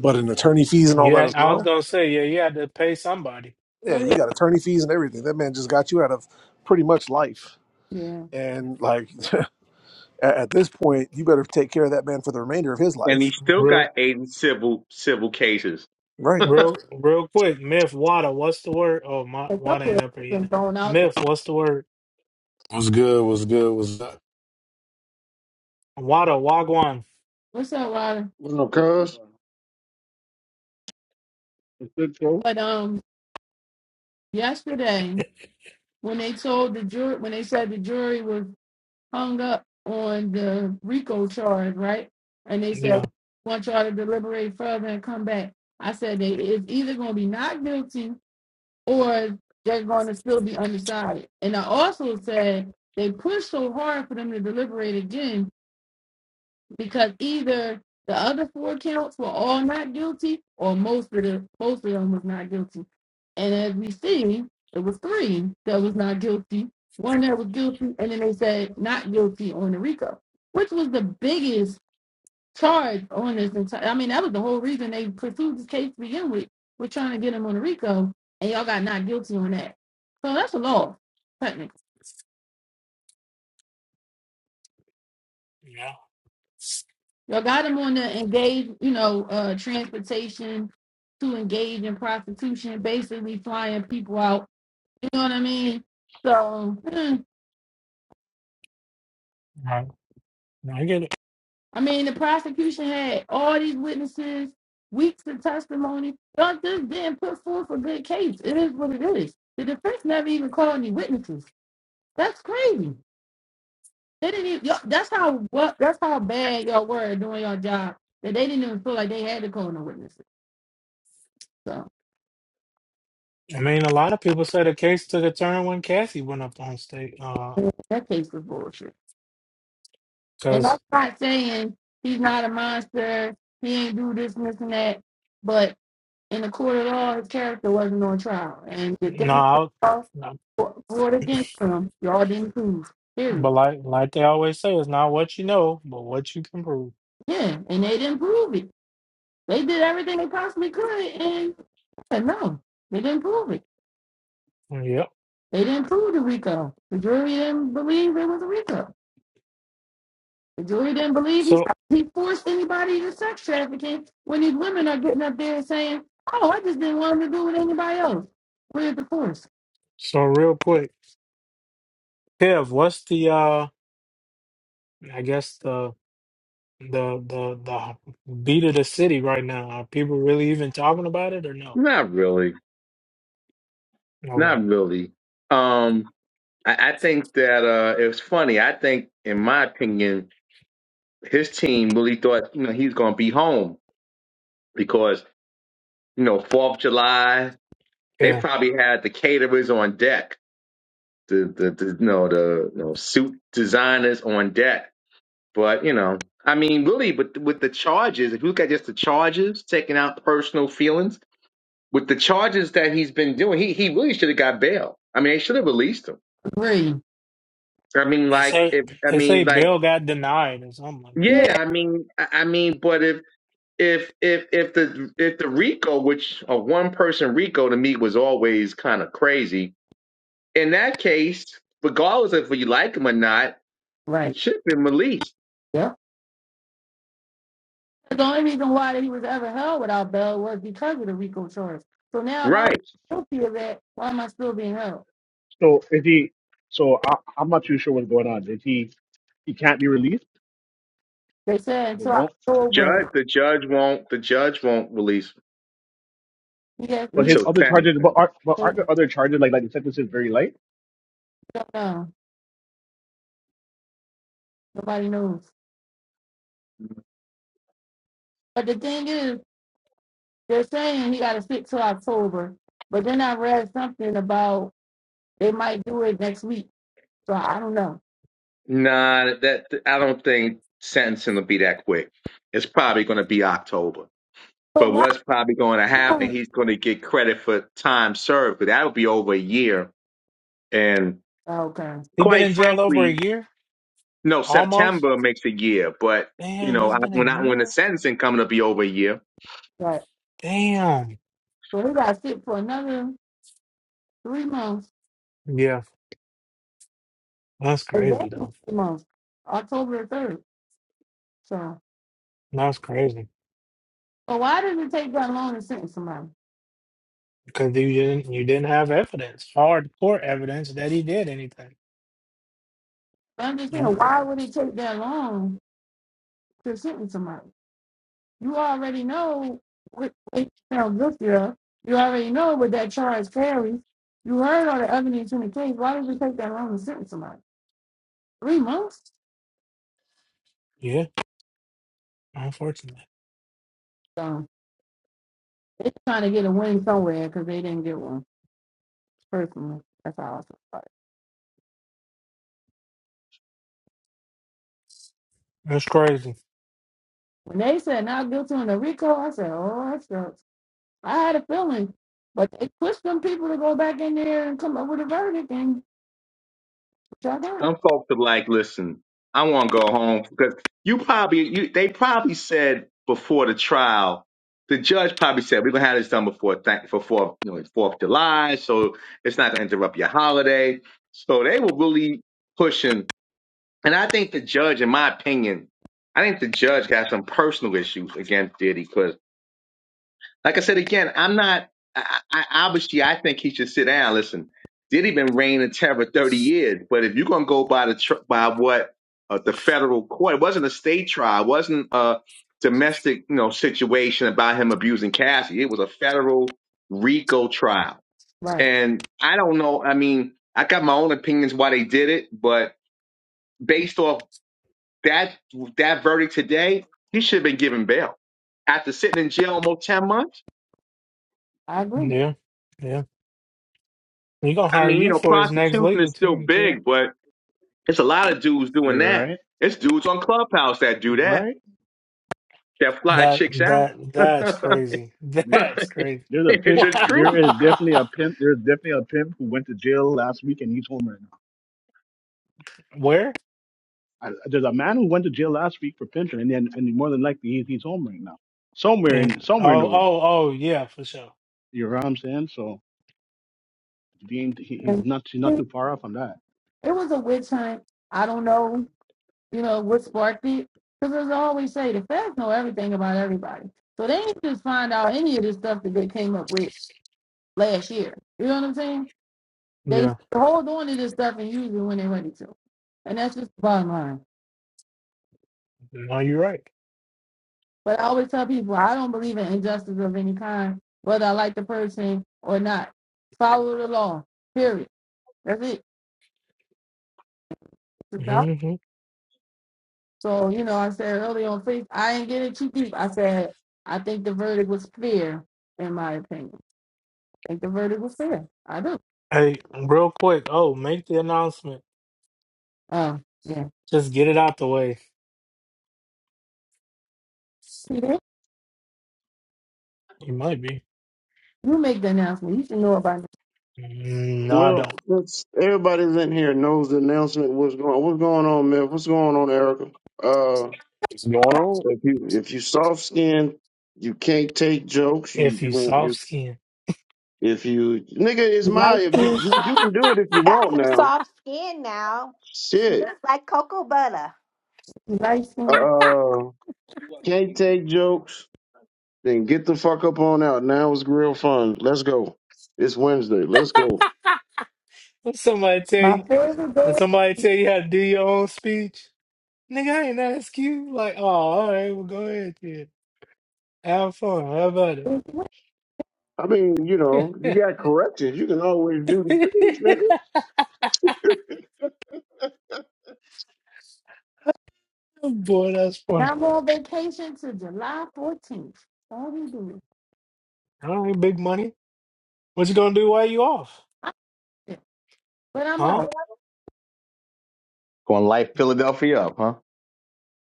Speaker 5: But in attorney fees and all that
Speaker 1: Yeah,
Speaker 5: as
Speaker 1: I was
Speaker 5: well.
Speaker 1: gonna say, yeah, you had to pay somebody.
Speaker 5: Yeah,
Speaker 4: Well,
Speaker 5: you got attorney fees and everything. That man just got you out of pretty much life.
Speaker 4: Yeah,
Speaker 5: And like at at this point, you better take care of that man for the remainder of his
Speaker 6: And he
Speaker 5: life.
Speaker 6: still
Speaker 1: Real
Speaker 6: got eight civil civil cases.
Speaker 5: Right.
Speaker 1: real real quick, Myth Water, what's the word? Oh my
Speaker 4: a
Speaker 1: water
Speaker 4: couple of
Speaker 1: ain't up here yet.
Speaker 4: them thrown out. There.
Speaker 1: Myth, what's the word?
Speaker 9: What's good? What's good? What's up?
Speaker 1: Wada Wagwan.
Speaker 4: What's up, Ryder?
Speaker 3: What up, cuz?
Speaker 10: Good, So,
Speaker 4: But um, yesterday when they told the jury, when they said the jury was hung up on the RICO charge, right? And they said,
Speaker 1: Yeah.
Speaker 4: "We want y'all to deliberate further and come back. I said, they, it's either going to be not guilty or they're going to still be undecided. And I also said, they pushed so hard for them to deliberate again because either the other four counts were all not guilty, or most of the most of them was not guilty. And as we see, it was three that was not guilty, one that was guilty, and then they said not guilty on the RICO, which was the biggest charge on this entire. I mean, that was the whole reason they pursued this case to begin with. We're trying to get him on the RICO, and y'all got not guilty on that. So that's a loss, law,
Speaker 1: Yeah.
Speaker 4: Y'all got them on the engage, you know, uh, transportation to engage in prostitution, basically flying people out. You know what I mean? So, hmm,
Speaker 1: I, I get it.
Speaker 4: I mean, the prosecution had all these witnesses, weeks of testimony. Y'all just didn't put forth a good case. It is what it is. The defense never even called any witnesses. That's crazy. They didn't even. Y'all, that's how what. That's how bad y'all were at doing your job. That they didn't even feel like they had to call no witnesses. So
Speaker 1: I mean, a lot of people say the case took a turn when Cassie went up on state. Uh,
Speaker 4: that case was bullshit. And
Speaker 1: cause
Speaker 4: that's not saying he's not a monster, he ain't do this and this and that. But in the court of law, his character wasn't on trial. And the
Speaker 1: no,
Speaker 4: things
Speaker 1: I-
Speaker 4: that
Speaker 1: no,
Speaker 4: was brought against him, y'all didn't prove. Period.
Speaker 1: but like like they always say, it's not what you know, but what you can prove.
Speaker 4: Yeah, and they didn't prove it. They did everything they possibly could, and yeah, no, they didn't prove it.
Speaker 1: Yep.
Speaker 4: They didn't prove the RICO. The jury didn't believe it was a RICO. The jury didn't believe he,
Speaker 1: So
Speaker 4: he forced anybody into sex trafficking when these women are getting up there and saying, oh, I just didn't want him to do with anybody else. Where's the force?
Speaker 1: so real quick, Kev, what's the uh? I guess the the the the beat of the city right now. Are people really even talking about it or no?
Speaker 6: Not really.
Speaker 1: Okay.
Speaker 6: Not really. Um, I, I think that uh, it was funny. I think, in my opinion, his team really thought you know, he's going to be home because you know Fourth of July. They
Speaker 1: Yeah.
Speaker 6: probably had the caterers on deck, the the, the you know the you know, suit designers on deck But you know, I mean, really, but with with the charges, if you look at just the charges, taking out personal feelings, with the charges that he's been doing, he he really should have got bail. I mean, they should have released him.
Speaker 4: Agree.
Speaker 6: I mean,
Speaker 1: They
Speaker 6: like
Speaker 1: say
Speaker 6: if I
Speaker 1: they say
Speaker 6: mean, like
Speaker 1: bail got denied or something like that.
Speaker 6: yeah,
Speaker 4: Yeah,
Speaker 6: I mean, I, I mean, but if if if if the if the RICO, which a one person RICO to me was always kind of crazy. In that case, regardless of if you like him or not, he
Speaker 4: right.
Speaker 6: should have been released.
Speaker 4: Yep. The only reason why he was ever held without bail was because of the RICO charge. So now if I'm
Speaker 6: Right.
Speaker 4: guilty of that, why am I still being held?
Speaker 10: so if he, so I, I'm not too sure what's going on. If he, he can't be released,
Speaker 4: They said
Speaker 10: or they
Speaker 4: until
Speaker 10: won't.
Speaker 6: Judge
Speaker 4: October,
Speaker 6: the judge won't the judge won't release
Speaker 4: yeah,
Speaker 10: But
Speaker 4: he's
Speaker 10: his
Speaker 6: until
Speaker 10: other charges, but
Speaker 6: sentencing.
Speaker 10: aren't, but aren't
Speaker 4: over.
Speaker 10: the other charges like like the sentence is very light?
Speaker 4: No, nobody knows. But the thing is, they're saying he got to sit till October. But then I read something about They might do it next week. So I don't know.
Speaker 6: Nah, that I don't think sentencing will be that quick. It's probably going to be October.
Speaker 4: But
Speaker 6: But
Speaker 4: why?
Speaker 6: what's probably going to happen?
Speaker 4: don't-
Speaker 6: He's going to get credit for time served, but that'll be over a year. And
Speaker 4: Okay.
Speaker 1: He been
Speaker 6: quite
Speaker 1: in jail over a
Speaker 6: frankly,
Speaker 1: year,
Speaker 6: no,
Speaker 1: almost.
Speaker 6: September makes a year. But you
Speaker 1: Damn,
Speaker 6: know,
Speaker 1: it's
Speaker 6: I,
Speaker 1: been a
Speaker 6: when I, when the
Speaker 1: year.
Speaker 6: sentencing coming to be over a year,
Speaker 4: Right.
Speaker 1: Damn.
Speaker 4: So we got to sit for another three months,
Speaker 1: Yeah, that's crazy
Speaker 4: exactly
Speaker 1: though.
Speaker 4: three months, October 3rd. So,
Speaker 1: That's crazy
Speaker 4: but why does it take that long to sentence somebody?
Speaker 1: because you didn't you didn't have evidence, hard court evidence that he did anything.
Speaker 4: I'm just saying,
Speaker 1: You,
Speaker 4: why would it take that long to sentence somebody? You already know what they found guilty of. You already know what that charge carries. You heard all the evidence in the case. Why did it take that long to sentence somebody? Three months?
Speaker 1: yeah, unfortunately,
Speaker 4: So. They're trying to get a win somewhere because they didn't get one. Personally, that's how I feel about it.
Speaker 1: that's crazy.
Speaker 4: When they said not guilty on the RICO, I said, oh, that sucks. I had a feeling, but they pushed them people to go back in there and come up with a verdict, and which I got.
Speaker 6: Some folks are like, listen, I want to go home because you probably you they probably said before the trial, the judge probably said we're gonna have this done before th- for fourth you know Fourth of July, so it's not gonna interrupt your holiday. So they were really pushing, and I think the judge, in my opinion, I think the judge got some personal issues against Diddy 'cause like I said again, I'm not. I, I, obviously, I think he should sit down. Listen, did he been reign in terror 30 years? But if you're gonna go by the tr- by what uh, the federal court, it wasn't a state trial, it wasn't a domestic you know situation about him abusing Cassie. It was a federal RICO trial,
Speaker 4: Right,
Speaker 6: and I don't know. I mean, I got my own opinions why they did it, but based off that that verdict today, he should have been given bail after sitting in jail almost 10 months.
Speaker 4: I agree.
Speaker 1: Yeah, yeah. He gonna
Speaker 6: I
Speaker 1: hire
Speaker 6: mean, you
Speaker 1: you
Speaker 6: know,
Speaker 1: for his next
Speaker 6: prostitution is
Speaker 1: legal
Speaker 6: still
Speaker 1: team, kid.
Speaker 6: big, but it's a lot of dudes doing
Speaker 10: You're
Speaker 6: that.
Speaker 10: right,
Speaker 6: It's dudes on Clubhouse that do that,
Speaker 10: right.
Speaker 6: that fly
Speaker 1: That
Speaker 6: chicks out.
Speaker 1: that that's crazy. That's crazy.
Speaker 10: There's a
Speaker 6: it's
Speaker 10: pimp.
Speaker 6: a
Speaker 1: Wow.
Speaker 6: truth.
Speaker 10: There is definitely a pimp. There's definitely a pimp who went to jail last week and he's home right
Speaker 1: Where?
Speaker 10: now. I, there's a man who went to jail last week for pimping, and then and more than likely he's, he's home right now, somewhere
Speaker 1: And,
Speaker 10: in somewhere in the
Speaker 1: oh
Speaker 10: world.
Speaker 1: oh oh yeah, for sure.
Speaker 10: You know what I'm saying? So he ain't, he, he's
Speaker 4: And
Speaker 10: not he's not
Speaker 4: it
Speaker 10: too far off on that.
Speaker 4: was a witch hunt. I don't know, you know, what sparked it. Because as I always say, the feds know everything about everybody. So they ain't just find out any of this stuff that they came up with last year. You know what I'm saying? They
Speaker 1: Yeah.
Speaker 4: hold on to this stuff and use it when they're ready to. And that's just the bottom line.
Speaker 1: No, you're right.
Speaker 4: But I always tell people I don't believe in injustice of any kind, whether I like the person or not. Follow the law. Period. That's it.
Speaker 1: hmm
Speaker 4: So, you know, I said earlier on faith, I didn't get it too deep. I said, I think the verdict was fair, in my opinion. I think the verdict was fair. I do.
Speaker 1: Hey, real quick. Oh, make the announcement.
Speaker 4: Oh, yeah.
Speaker 1: Just get it out the way.
Speaker 4: Peter,
Speaker 1: You might be.
Speaker 4: you make the announcement. You should know about it.
Speaker 1: Mm, No, I don't.
Speaker 3: Well, since everybody's in here knows the announcement. What's going? What's going on, man? What's going on, Erica? Uh,
Speaker 9: Hold
Speaker 3: if you if you soft skinned you can't take jokes. You
Speaker 1: If you
Speaker 3: you
Speaker 1: soft
Speaker 3: you
Speaker 1: skin,
Speaker 3: if you nigga is
Speaker 4: You
Speaker 3: my
Speaker 4: like
Speaker 3: if
Speaker 4: me.
Speaker 3: you you
Speaker 11: Got
Speaker 3: can do it if you want
Speaker 11: some
Speaker 3: now.
Speaker 11: soft skin now. Smooth
Speaker 3: Shit.
Speaker 11: like cocoa butter.
Speaker 4: You like me.
Speaker 3: Uh, can't take jokes. Then get the fuck up on out. Now it's grill fun. Let's go. It's Wednesday. Let's go.
Speaker 1: when somebody tell
Speaker 4: My
Speaker 1: you,
Speaker 4: favorite
Speaker 1: when
Speaker 4: day
Speaker 1: somebody tell you how to do your own speech, nigga, I ain't ask you. Like, oh, all right, well, go ahead, kid. Have fun. How about
Speaker 4: is
Speaker 3: I mean, you know, you
Speaker 1: it?
Speaker 3: got corrections. You can always do the things, nigga.
Speaker 1: Boy, that's fun.
Speaker 4: Now I'm on vacation to July 14th. All we do.
Speaker 1: All right, big money. What you gonna do while you off?
Speaker 4: I- But I'm
Speaker 1: Huh?
Speaker 4: off.
Speaker 6: Gonna light Philadelphia up, huh?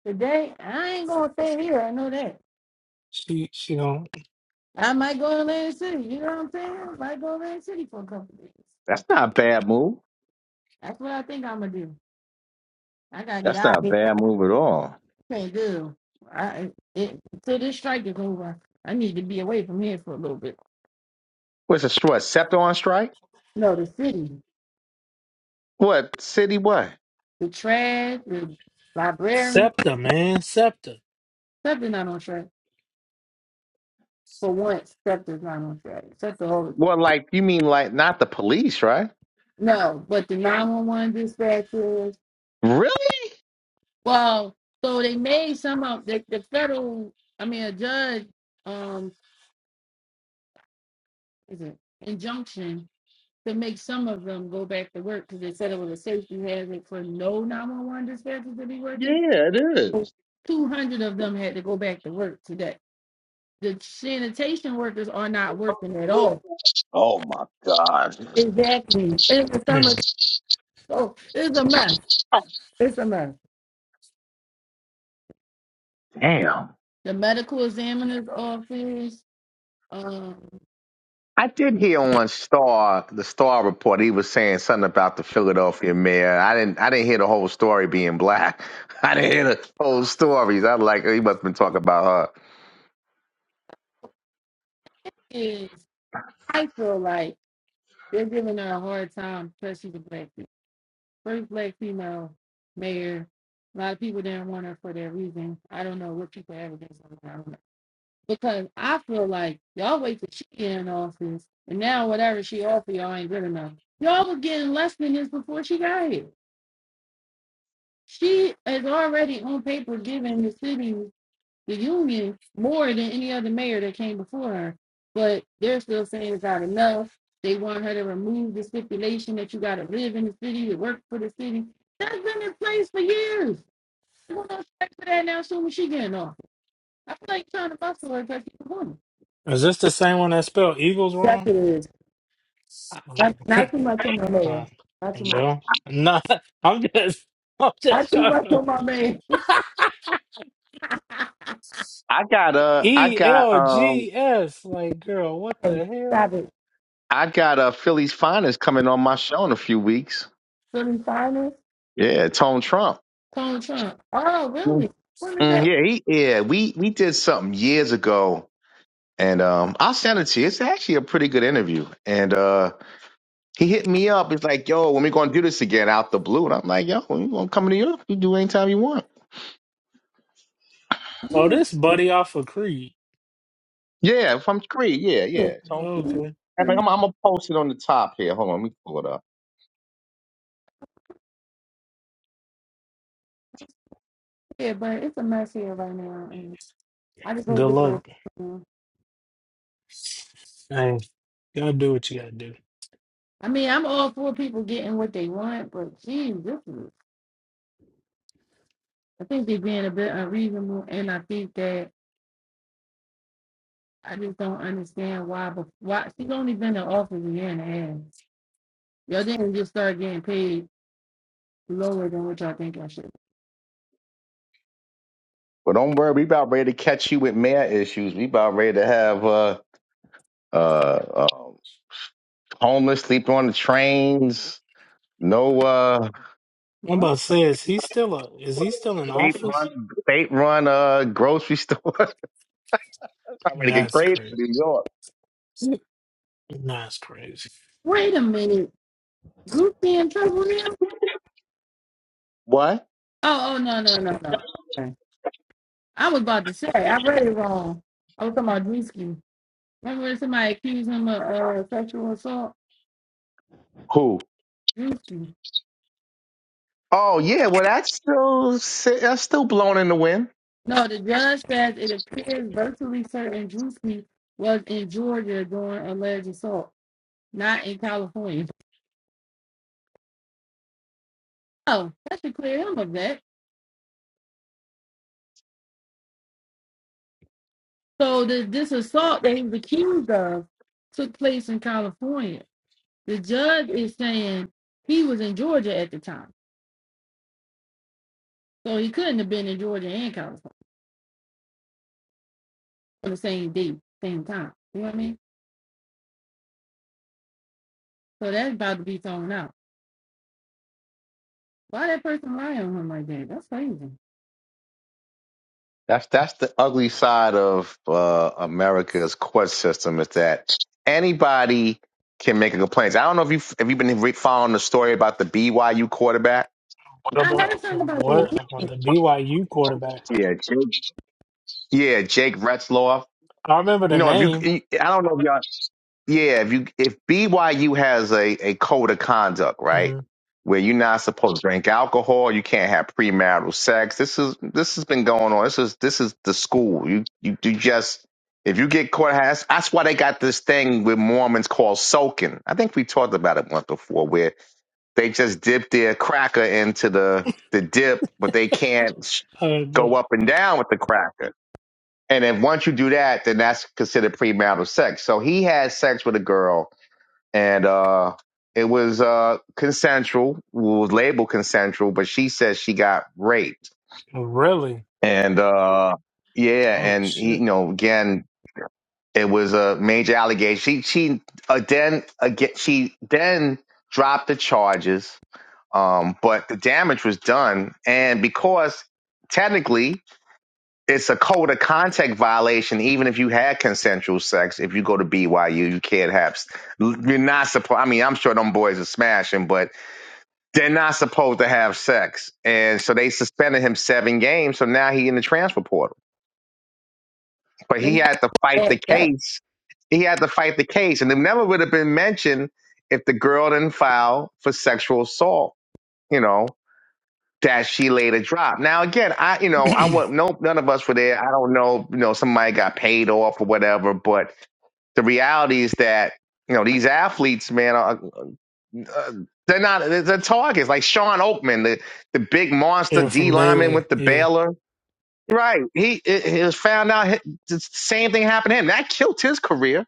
Speaker 4: Today, I ain't going to stay here. I know that.
Speaker 1: She, she gonna,
Speaker 4: I might go to Atlantic City. You know what I'm saying? I might go to Atlantic City for a couple of days.
Speaker 6: That's not a bad move.
Speaker 4: That's what I think I'm going to do. I got to get
Speaker 6: That's
Speaker 4: out of
Speaker 6: not a
Speaker 4: here.
Speaker 6: bad move at all.
Speaker 4: I can't do. I, it, till this strike is over, I need to be away from here for a little bit.
Speaker 6: What's a stri- what? Scepter on strike?
Speaker 4: No, the city,
Speaker 6: What city? What?
Speaker 4: the trash, the librarian,
Speaker 1: Septa, man. Septa.
Speaker 4: stuff is not on track. For once, stuff is not on track. Except the whole
Speaker 6: Well, like you mean like not the police, right?
Speaker 4: No, but the 911 dispatchers.
Speaker 6: Really?
Speaker 4: Well, so they made some of the, the federal, I mean, a judge, um, is it injunction to make some of them go back to work because they said it was a safety hazard for no 911 dispatchers to be working.
Speaker 6: Yeah, it is.
Speaker 4: 200 of them had to go back to work today. The sanitation workers are not working at all.
Speaker 6: Oh my god!
Speaker 4: Exactly. It's the summer.
Speaker 1: Hmm.
Speaker 4: So it's a mess. It's a mess.
Speaker 6: Damn.
Speaker 4: The medical examiner's office. um,
Speaker 6: I did hear on Star the Star report he was saying something about the Philadelphia mayor. I didn't I didn't hear the whole story being black. I didn't hear the whole stories. I like he must have been talking about her.
Speaker 4: is I feel like they're giving her a hard time because she's a black female. First black female mayor. A lot of people didn't want her for that reason. I don't know what people have against her. I don't know. Because I feel like y'all wait till she get in office and now whatever she offer y'all ain't good enough. Y'all were getting less than this before she got here. She is already on paper giving the city. the union more than any other mayor that came before her. But they're still saying it's not enough. They want her to remove the stipulation that you got to live in the city to work for the city. That's been in place for years. We're going to strike for that now soon as she getting off. I feel like you're trying to muscle her because she's a woman.
Speaker 1: Is this the same one that spelled Eagles
Speaker 4: That's
Speaker 1: wrong?
Speaker 4: it is.
Speaker 1: Um,
Speaker 4: Not, not too much on my
Speaker 1: nah.
Speaker 4: mayor. Not too much.
Speaker 1: Well, nah. I'm just, I'm just
Speaker 4: Not too
Speaker 1: trying
Speaker 4: much
Speaker 1: to.
Speaker 4: on my mayor.
Speaker 6: I got uh I
Speaker 1: E
Speaker 6: got
Speaker 1: L
Speaker 6: um
Speaker 1: G S. Like, girl, what
Speaker 4: Hey,
Speaker 1: the hell?
Speaker 4: Stop it.
Speaker 6: I got uh Philly's finest coming on my show in a few weeks.
Speaker 4: So the finals,
Speaker 6: Yeah, Tone Trump.
Speaker 4: Donald Trump. Oh,
Speaker 6: Mm.
Speaker 4: really? When is
Speaker 6: Mm,
Speaker 4: that?
Speaker 6: yeah, he yeah, we we did something years ago and um I'll send it to you. It's actually a pretty good interview. And uh He hit me up. He's like, yo, when we going to do this again out the blue? And I'm like, yo, when you going to come to New York? You do anytime you want.
Speaker 1: Oh, this buddy off of Creed.
Speaker 6: Yeah, if I'm free. Yeah, yeah. So, uh,
Speaker 1: Okay.
Speaker 6: I'm, like, I'm I'm going to post it on the top here. Hold on. Let me pull it up.
Speaker 4: Yeah, but it's a mess here right now, and I just hope
Speaker 1: Good
Speaker 4: it
Speaker 1: luck.
Speaker 4: goes. well.
Speaker 1: Hey, gotta do what you gotta do.
Speaker 4: I mean, I'm all for people getting what they want, but geez, this is. I think they're being a bit unreasonable, and I think that I just don't understand why. But why she's only been in office a year and a half. Y'all didn't just start getting paid lower than what y'all think I should.
Speaker 6: But don't worry. We about ready to catch you with mayor issues. We about ready to have uh, uh, uh, homeless sleep on the trains. No uh,
Speaker 1: I'm
Speaker 4: What?
Speaker 1: about to say, is he still a, is he still in
Speaker 6: state
Speaker 1: office?
Speaker 6: run, state run uh, grocery store. I'm ready to get
Speaker 1: That's
Speaker 6: crazy
Speaker 1: crazy.
Speaker 6: in New York.
Speaker 1: That's crazy.
Speaker 4: Wait a minute, Goofy in trouble now?
Speaker 6: What?
Speaker 4: Oh, oh no, no, no, no. Okay. I was about to say I read it wrong. I was talking about Drewski. Remember when somebody accused him of uh, sexual assault?
Speaker 6: Who?
Speaker 4: Juicy.
Speaker 6: Oh yeah, well that's still that's still blowing in the wind.
Speaker 4: No, the judge says it appears virtually certain Juicy was in Georgia during alleged assault, not in California. Oh, that should clear him of that. So the, this assault that he was accused of took place in California. The judge is saying he was in Georgia at the time, so he couldn't have been in Georgia and California on the same day, same time. You know what I mean? So that's about to be thrown out. Why that person lying on him like that? That's crazy.
Speaker 6: That's that's the ugly side of uh, America's court system is that anybody can make a complaint. I don't know if you if you've been re- following the story about the BYU quarterback.
Speaker 1: What
Speaker 4: I heard
Speaker 1: about
Speaker 4: something about this.
Speaker 1: what
Speaker 4: He
Speaker 1: about the BYU quarterback?
Speaker 6: Yeah, Jake. Yeah, Jake Retzloff.
Speaker 1: I remember
Speaker 6: You
Speaker 1: the
Speaker 6: know, if
Speaker 1: name.
Speaker 6: you, I don't know if Yeah, if you if BYU has a, a code of conduct, right,
Speaker 1: hmm
Speaker 6: where you're not supposed to drink alcohol, you can't have premarital sex. This is this has been going on. This is this is the school. You you, you just if you get caught, that's, that's why they got this thing with Mormons called soaking. I think we talked about it once before, where they just dip their cracker into the the dip, but they can't sh-
Speaker 1: Uh,
Speaker 6: go up and down with the cracker. And then once you do that, then that's considered premarital sex. So he had sex with a girl and uh it was uh consensual well, It was labeled consensual but she says she got raped
Speaker 1: really?
Speaker 6: and uh yeah
Speaker 1: Oh
Speaker 6: and he, you
Speaker 1: shit!
Speaker 6: know again it was a major allegation she she uh, then again she then dropped the charges um but the damage was done and because technically it's a code of contact violation even if you had consensual sex if you go to byu you can't have you're not supposed i mean i'm sure them boys are smashing but They're not supposed to have sex. And so they suspended him seven games. So now he in the transfer portal. But
Speaker 4: did
Speaker 6: he
Speaker 4: not
Speaker 6: had to fight the
Speaker 4: act up.
Speaker 6: case. He had to fight the case. And it never would have been mentioned if the girl didn't file for sexual assault, you know, that she later dropped. Now again, I you know, I would no none of us were there. I don't know, you know, somebody got paid off or whatever, but the reality is that, you know, these athletes, man, are, uh, they're not they're, targets like Sean Oakman, the the big monster
Speaker 1: yeah,
Speaker 6: D
Speaker 1: from
Speaker 6: lineman with
Speaker 1: Baylor.
Speaker 6: the
Speaker 1: Yeah.
Speaker 6: Baylor. Right, he it, it was found out hi- the same thing happened to him. That killed his career.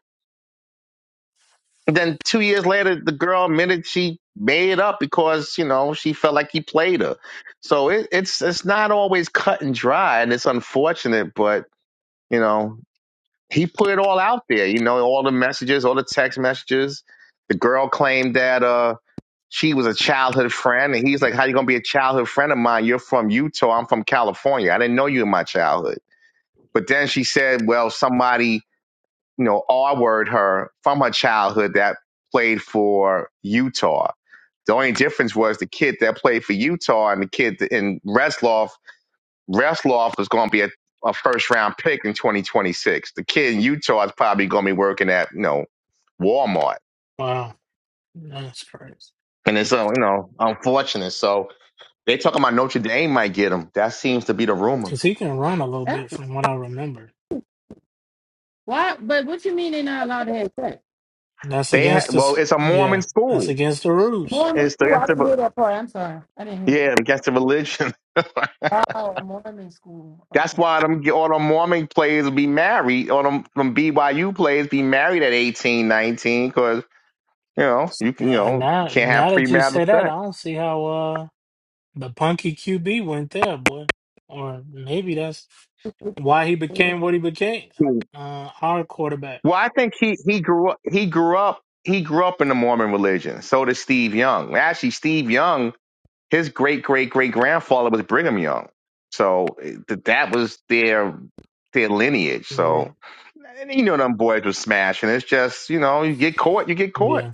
Speaker 6: And then two years later, the girl admitted she made it up because you know she felt like he played her. So it, it's it's not always cut and dry, and it's unfortunate, but. You know, he put it all out there, you know, all the messages, all the text messages. The girl claimed that uh she was a childhood friend, and he's like, "How you gonna be a childhood friend of mine? You're from Utah, I'm from California. I didn't know you in my childhood." But then she said, "Well, somebody, you know, R-word her from her childhood that played for Utah." The only difference was the kid that played for Utah and the kid in Reslov Resloff is going to be a, a first round pick in 2026. The kid in Utah is probably going to be working at, you know, Walmart.
Speaker 1: Wow. That's crazy.
Speaker 6: And it's, uh, you know, unfortunate. So they talking about Notre Dame might get him. That seems to be the rumor.
Speaker 1: Because he can run a little
Speaker 4: That's
Speaker 1: bit, from what I remember.
Speaker 4: why. But what you mean they're not allowed to have sex?
Speaker 1: That's
Speaker 6: They ha-
Speaker 1: against
Speaker 6: well,
Speaker 1: this.
Speaker 6: it's a Mormon
Speaker 1: Yeah, that's
Speaker 6: school.
Speaker 1: against the rules.
Speaker 4: Mormon
Speaker 6: It's the,
Speaker 4: school.
Speaker 6: against
Speaker 4: I didn't
Speaker 6: the
Speaker 4: hear that part. I'm sorry. I didn't hear that.
Speaker 6: yeah, against the religion.
Speaker 4: Part. Oh, a Mormon school.
Speaker 6: That's
Speaker 4: Okay.
Speaker 6: why them all the Mormon players will be married. All them, them BYU players be married at 18, 19, because you know you can you
Speaker 1: Yeah,
Speaker 6: know you
Speaker 1: now
Speaker 6: can't have
Speaker 1: now that you
Speaker 6: premarital
Speaker 1: say that,
Speaker 6: sex.
Speaker 1: I don't see how. uh, The punky QB went there, boy. Or maybe that's why he became what he became. Uh, our quarterback.
Speaker 6: Well, I think he he grew up he grew up he grew up in the Mormon religion. So did Steve Young. Actually, Steve Young, his great great great grandfather was Brigham Young. So eh, th- that was their their lineage. So
Speaker 1: Right.
Speaker 6: and you know them boys were smashing. It's just you know you get caught, you get caught.
Speaker 1: Yeah.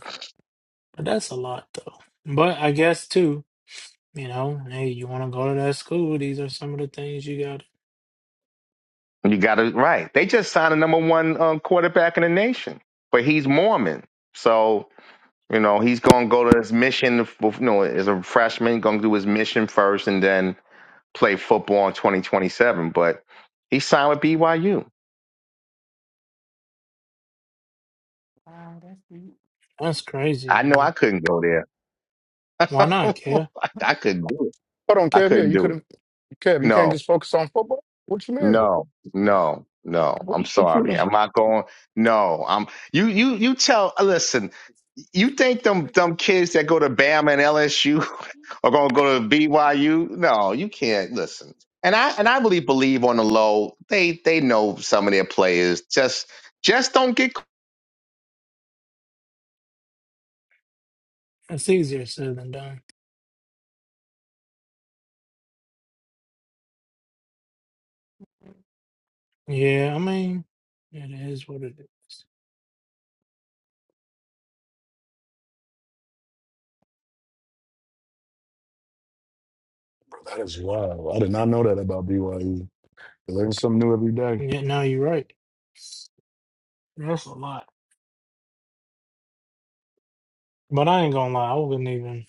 Speaker 1: But that's a lot, though. But I guess, too, you know, hey, you want to go to that school? These are some of the things you got.
Speaker 6: You got it right. They just signed a number one um, quarterback in the nation, but he's Mormon. So you know he's gonna go to his mission. You know, as a freshman, gonna do his mission first, and then play football in 2027, but he signed with BYU.
Speaker 4: Wow, that's deep.
Speaker 1: That's crazy,
Speaker 6: I know I
Speaker 1: man.
Speaker 6: couldn't go there.
Speaker 1: Why
Speaker 6: I
Speaker 1: not, Kale?
Speaker 6: I couldn't do it.
Speaker 9: on,
Speaker 6: I
Speaker 9: Kev. Yeah,
Speaker 6: couldn't
Speaker 9: you could
Speaker 6: do it.
Speaker 9: have, Kev. You can't
Speaker 6: No,
Speaker 9: just focus on football. What you mean?
Speaker 6: no, no, no.
Speaker 9: What,
Speaker 6: I'm
Speaker 9: what you
Speaker 6: sorry.
Speaker 9: mean?
Speaker 6: I'm not going. No, I'm. You, you, you tell. Listen, you think them them kids that go to Bama and LSU are going to go to BYU? No, you can't. Listen, and I and I really believe on the low, they they know some of their players. Just just don't get
Speaker 1: It's easier said than done. Yeah, I mean, it is what it is.
Speaker 9: That is wild. I did not know that about BYU. You learn something new every day.
Speaker 1: Yeah, no, you're right. That's a lot. But I ain't gonna lie, I wouldn't even.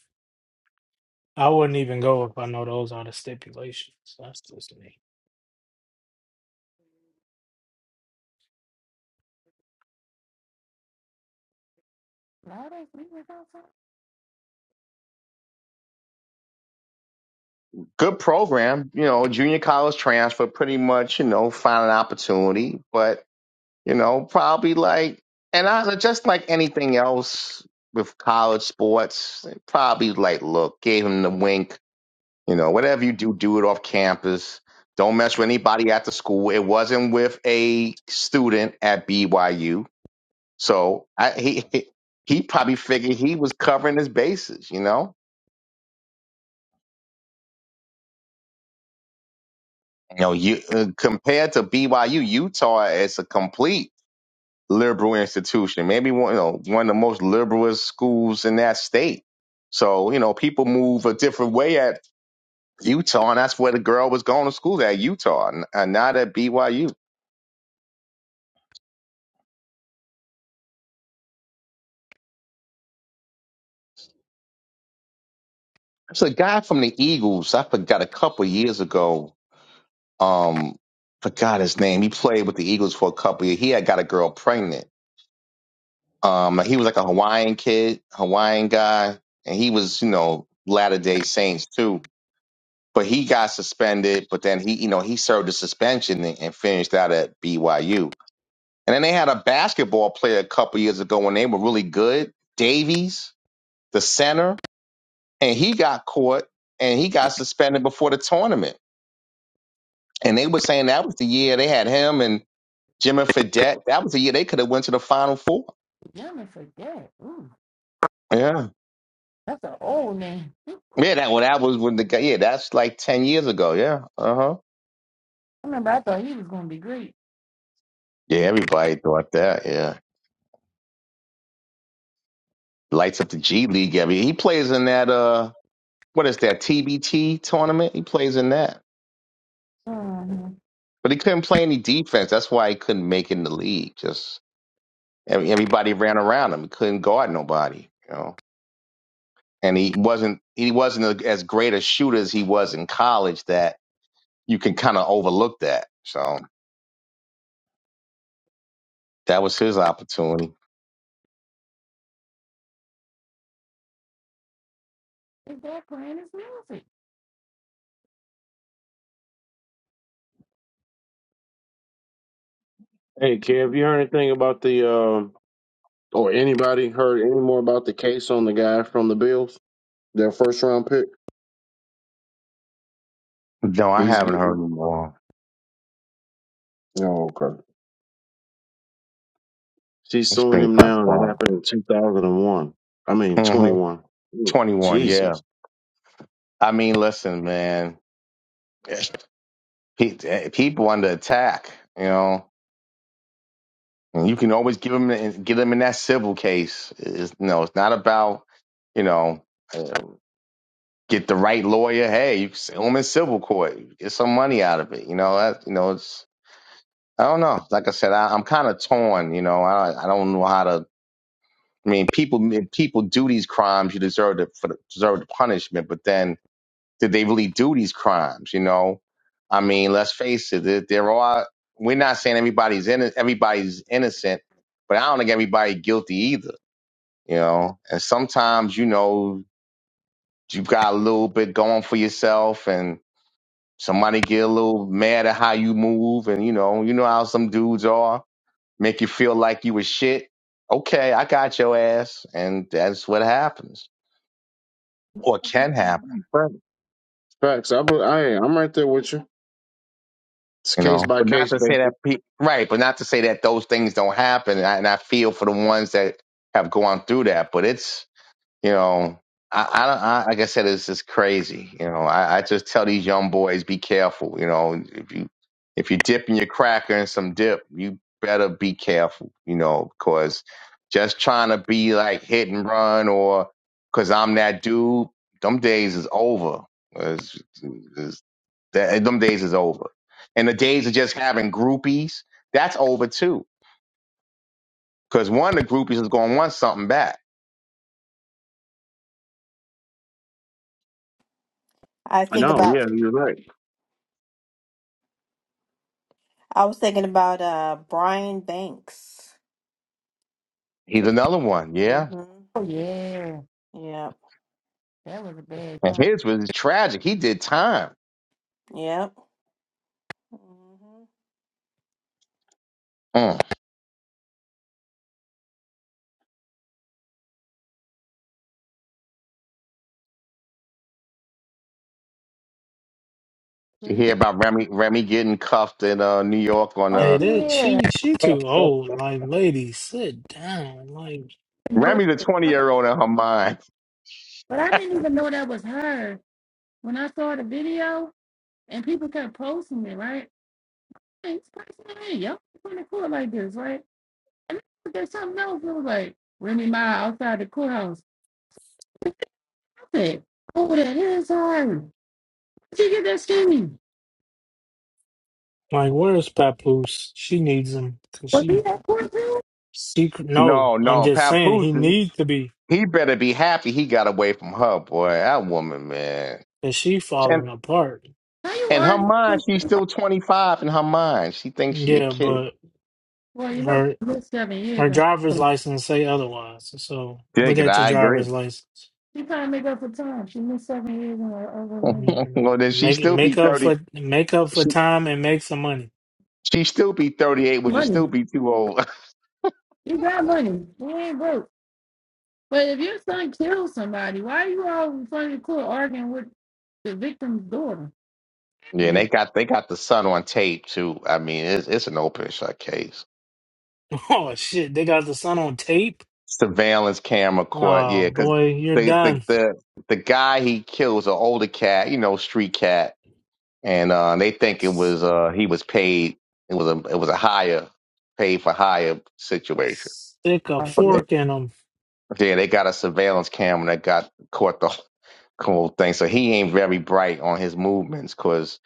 Speaker 1: I wouldn't even go if I know those are the stipulations. That's just me.
Speaker 4: Wow, that's deep.
Speaker 6: good program, you know, junior college transfer, pretty much, you know, find an opportunity, but, you know, probably like, and I just like anything else with college sports, probably like, look, gave him the wink, you know, whatever you do, do it off campus. Don't mess with anybody at the school. It wasn't with a student at BYU. So I, he, he probably figured he was covering his bases, you know? You know, you uh, compared to BYU, Utah is a complete liberal institution, maybe one you know, one of the most liberalist schools in that state. So you know, people move a different way at Utah, and that's where the girl was going to school at Utah, and and not at BYU. There's a guy from the Eagles. I forgot a couple of years ago. Um, forgot his name. He played with the Eagles for a couple of years. He had got a girl pregnant Um, he was like a Hawaiian kid, Hawaiian guy, and he was, you know, Latter Day Saints too. But he got suspended, but then he, you know, he served a suspension and, and finished out at BYU. And then they had a basketball player a couple years ago when they were really good, Davies, the center, and he got caught and he got suspended before the tournament. And they were saying that was the year they had him and Jimmy Fredette. That was the year they could have went to the Final Four.
Speaker 4: Young for that. Ooh,
Speaker 6: Yeah.
Speaker 4: that's an old name. I
Speaker 6: Yeah, that well, that was when the guy. Yeah, that's like ten years ago. Yeah, uh huh.
Speaker 4: remember. I thought he was gonna be great.
Speaker 6: Yeah, everybody thought that. Yeah, lights up the G League. I mean, he plays in that. Uh, what is that TBT tournament? He plays in that,
Speaker 4: hmm
Speaker 6: but he couldn't play any defense. That's why he couldn't make it in the league. Just every- everybody ran around him. He couldn't guard nobody. You know, and he wasn't he wasn't a, as great a shooter as he was in college. That you can kind of overlook that. So that was his opportunity.
Speaker 4: Is that playing his music?
Speaker 3: Hey, Kev, you heard anything about the um or anybody heard any more about the case on the guy from the Bills, their first round pick?
Speaker 6: No, I
Speaker 3: He's
Speaker 6: haven't heard
Speaker 3: getting
Speaker 6: him long.
Speaker 3: oh okay. She's
Speaker 6: It's
Speaker 3: suing
Speaker 6: been
Speaker 3: him
Speaker 6: kind of
Speaker 3: now, and it
Speaker 6: fun.
Speaker 3: happened in two thousand and one. I mean twenty
Speaker 6: Mhm.
Speaker 3: one.
Speaker 6: 21, yeah.
Speaker 3: Jesus,
Speaker 6: I mean, listen, man, Pe- eh, people under attack, you know, and you can always give them, get them in that civil case. It's, no, it's not about, you know, uh, get the right lawyer. Hey, you can sue them in civil court, get some money out of it. You know, that, you know, it's, I don't know. Like I said, I, I'm kind of torn, you know, I, I don't know how to, I mean, people, if people do these crimes, you deserve to, for the, deserve the punishment, but then, Did they really do these crimes? You know, I mean, let's face it. There, there are. We're not saying everybody's in everybody's innocent, but I don't think everybody guilty either. You know, and sometimes you know you got a little bit going for yourself, and somebody get a little mad at how you move, and you know, you know how some dudes are, make you feel like you was shit. Okay, I got your ass, and that's what happens or can happen.
Speaker 3: facts. Facts. I, be- I I'm right there with you. It's
Speaker 6: you
Speaker 3: case
Speaker 6: know.
Speaker 3: by
Speaker 6: But not
Speaker 3: case
Speaker 6: to say that,
Speaker 3: basis.
Speaker 6: pe- right? But not to say that those things don't happen. And I, and I feel for the ones that have gone through that. But it's, you know, I, I don't. I, like I said, it's just crazy. You know, I, I just tell these young boys, be careful. You know, if you if you dipping your cracker in some dip, you better be careful. You know, because just trying to be like hit and run or because I'm that dude, them days is over. It's- it's- that them days is over. And the days of just having groupies, that's over too. Because one of the groupies is going to want something back.
Speaker 11: I
Speaker 3: I
Speaker 11: think
Speaker 3: know.
Speaker 11: about
Speaker 3: Yeah, you're right.
Speaker 11: I was thinking about uh Brian Banks.
Speaker 6: He's another one, yeah.
Speaker 11: hmm
Speaker 4: Oh yeah,
Speaker 11: Yep.
Speaker 4: that was a bad
Speaker 6: And
Speaker 4: time.
Speaker 6: his was tragic. He did time.
Speaker 11: Yep. hmm
Speaker 6: Mm. You hear about Remy Remy getting cuffed in uh, New York on
Speaker 4: Oh
Speaker 1: Hey,
Speaker 6: a
Speaker 1: that
Speaker 4: yeah.
Speaker 1: she she too old. Like, lady, sit down. Like,
Speaker 4: I didn't know
Speaker 6: Remy the
Speaker 4: that was
Speaker 6: twenty
Speaker 4: her.
Speaker 6: year old in her mind.
Speaker 4: But I didn't even know that was her when I saw the video and people kept posting it, right? Hey, y'all on the court like this, right? And then there's something else. It was like Remy Ma outside the courthouse. I said, "Oh, that is hard. Did you get that skinny?
Speaker 1: like where's Papoose? She needs him because
Speaker 4: Was
Speaker 1: she
Speaker 4: he at court too?
Speaker 1: secret. No,
Speaker 6: No,
Speaker 1: I'm
Speaker 6: no,
Speaker 1: just saying
Speaker 6: Papoose.
Speaker 1: he needs to be.
Speaker 6: He better be happy he got away from her, boy. That woman, man.
Speaker 1: Cause she
Speaker 6: And
Speaker 1: falling apart.
Speaker 4: How you
Speaker 6: in her
Speaker 4: arguing?
Speaker 6: mind,
Speaker 4: with-
Speaker 6: she's still twenty five. In her mind, she thinks she a
Speaker 1: Yeah,
Speaker 6: kid.
Speaker 1: but
Speaker 4: Well, you know,
Speaker 1: her
Speaker 4: she missed seven
Speaker 1: her
Speaker 4: years. And
Speaker 1: driver's license say otherwise. So
Speaker 6: Dig
Speaker 1: look
Speaker 6: it.
Speaker 1: at your
Speaker 6: I agree.
Speaker 1: driver's license.
Speaker 4: she trying to make up for time. She missed seven years in her other life.
Speaker 6: Well,
Speaker 1: Mm,
Speaker 6: then she
Speaker 1: Make it
Speaker 6: still be
Speaker 1: make up
Speaker 6: thirty.
Speaker 1: for make up for
Speaker 6: She
Speaker 1: time and make some money.
Speaker 6: she still be thirty eight, which would still
Speaker 4: Money.
Speaker 6: be too old.
Speaker 4: You got money. You ain't broke. But if your son kills somebody, why are you all in front of the court arguing with the victim's daughter? I
Speaker 6: Yeah, and they
Speaker 4: mean,
Speaker 6: got they got the son on tape too. I mean, it's it's an open shut case.
Speaker 1: Oh shit! They got the son on tape.
Speaker 6: Surveillance camera caught.
Speaker 1: Oh
Speaker 6: Yeah, because
Speaker 1: boy, you're
Speaker 6: the the
Speaker 1: done.
Speaker 6: the the guy he kills an older cat, you know, street cat, and uh, they think it was uh he was paid. It was a it was a hire, paid for hire situation.
Speaker 1: Stick a
Speaker 6: But they
Speaker 1: fork in them.
Speaker 6: yeah they got a surveillance camera that got caught the whole thing. So he ain't very bright on his movements because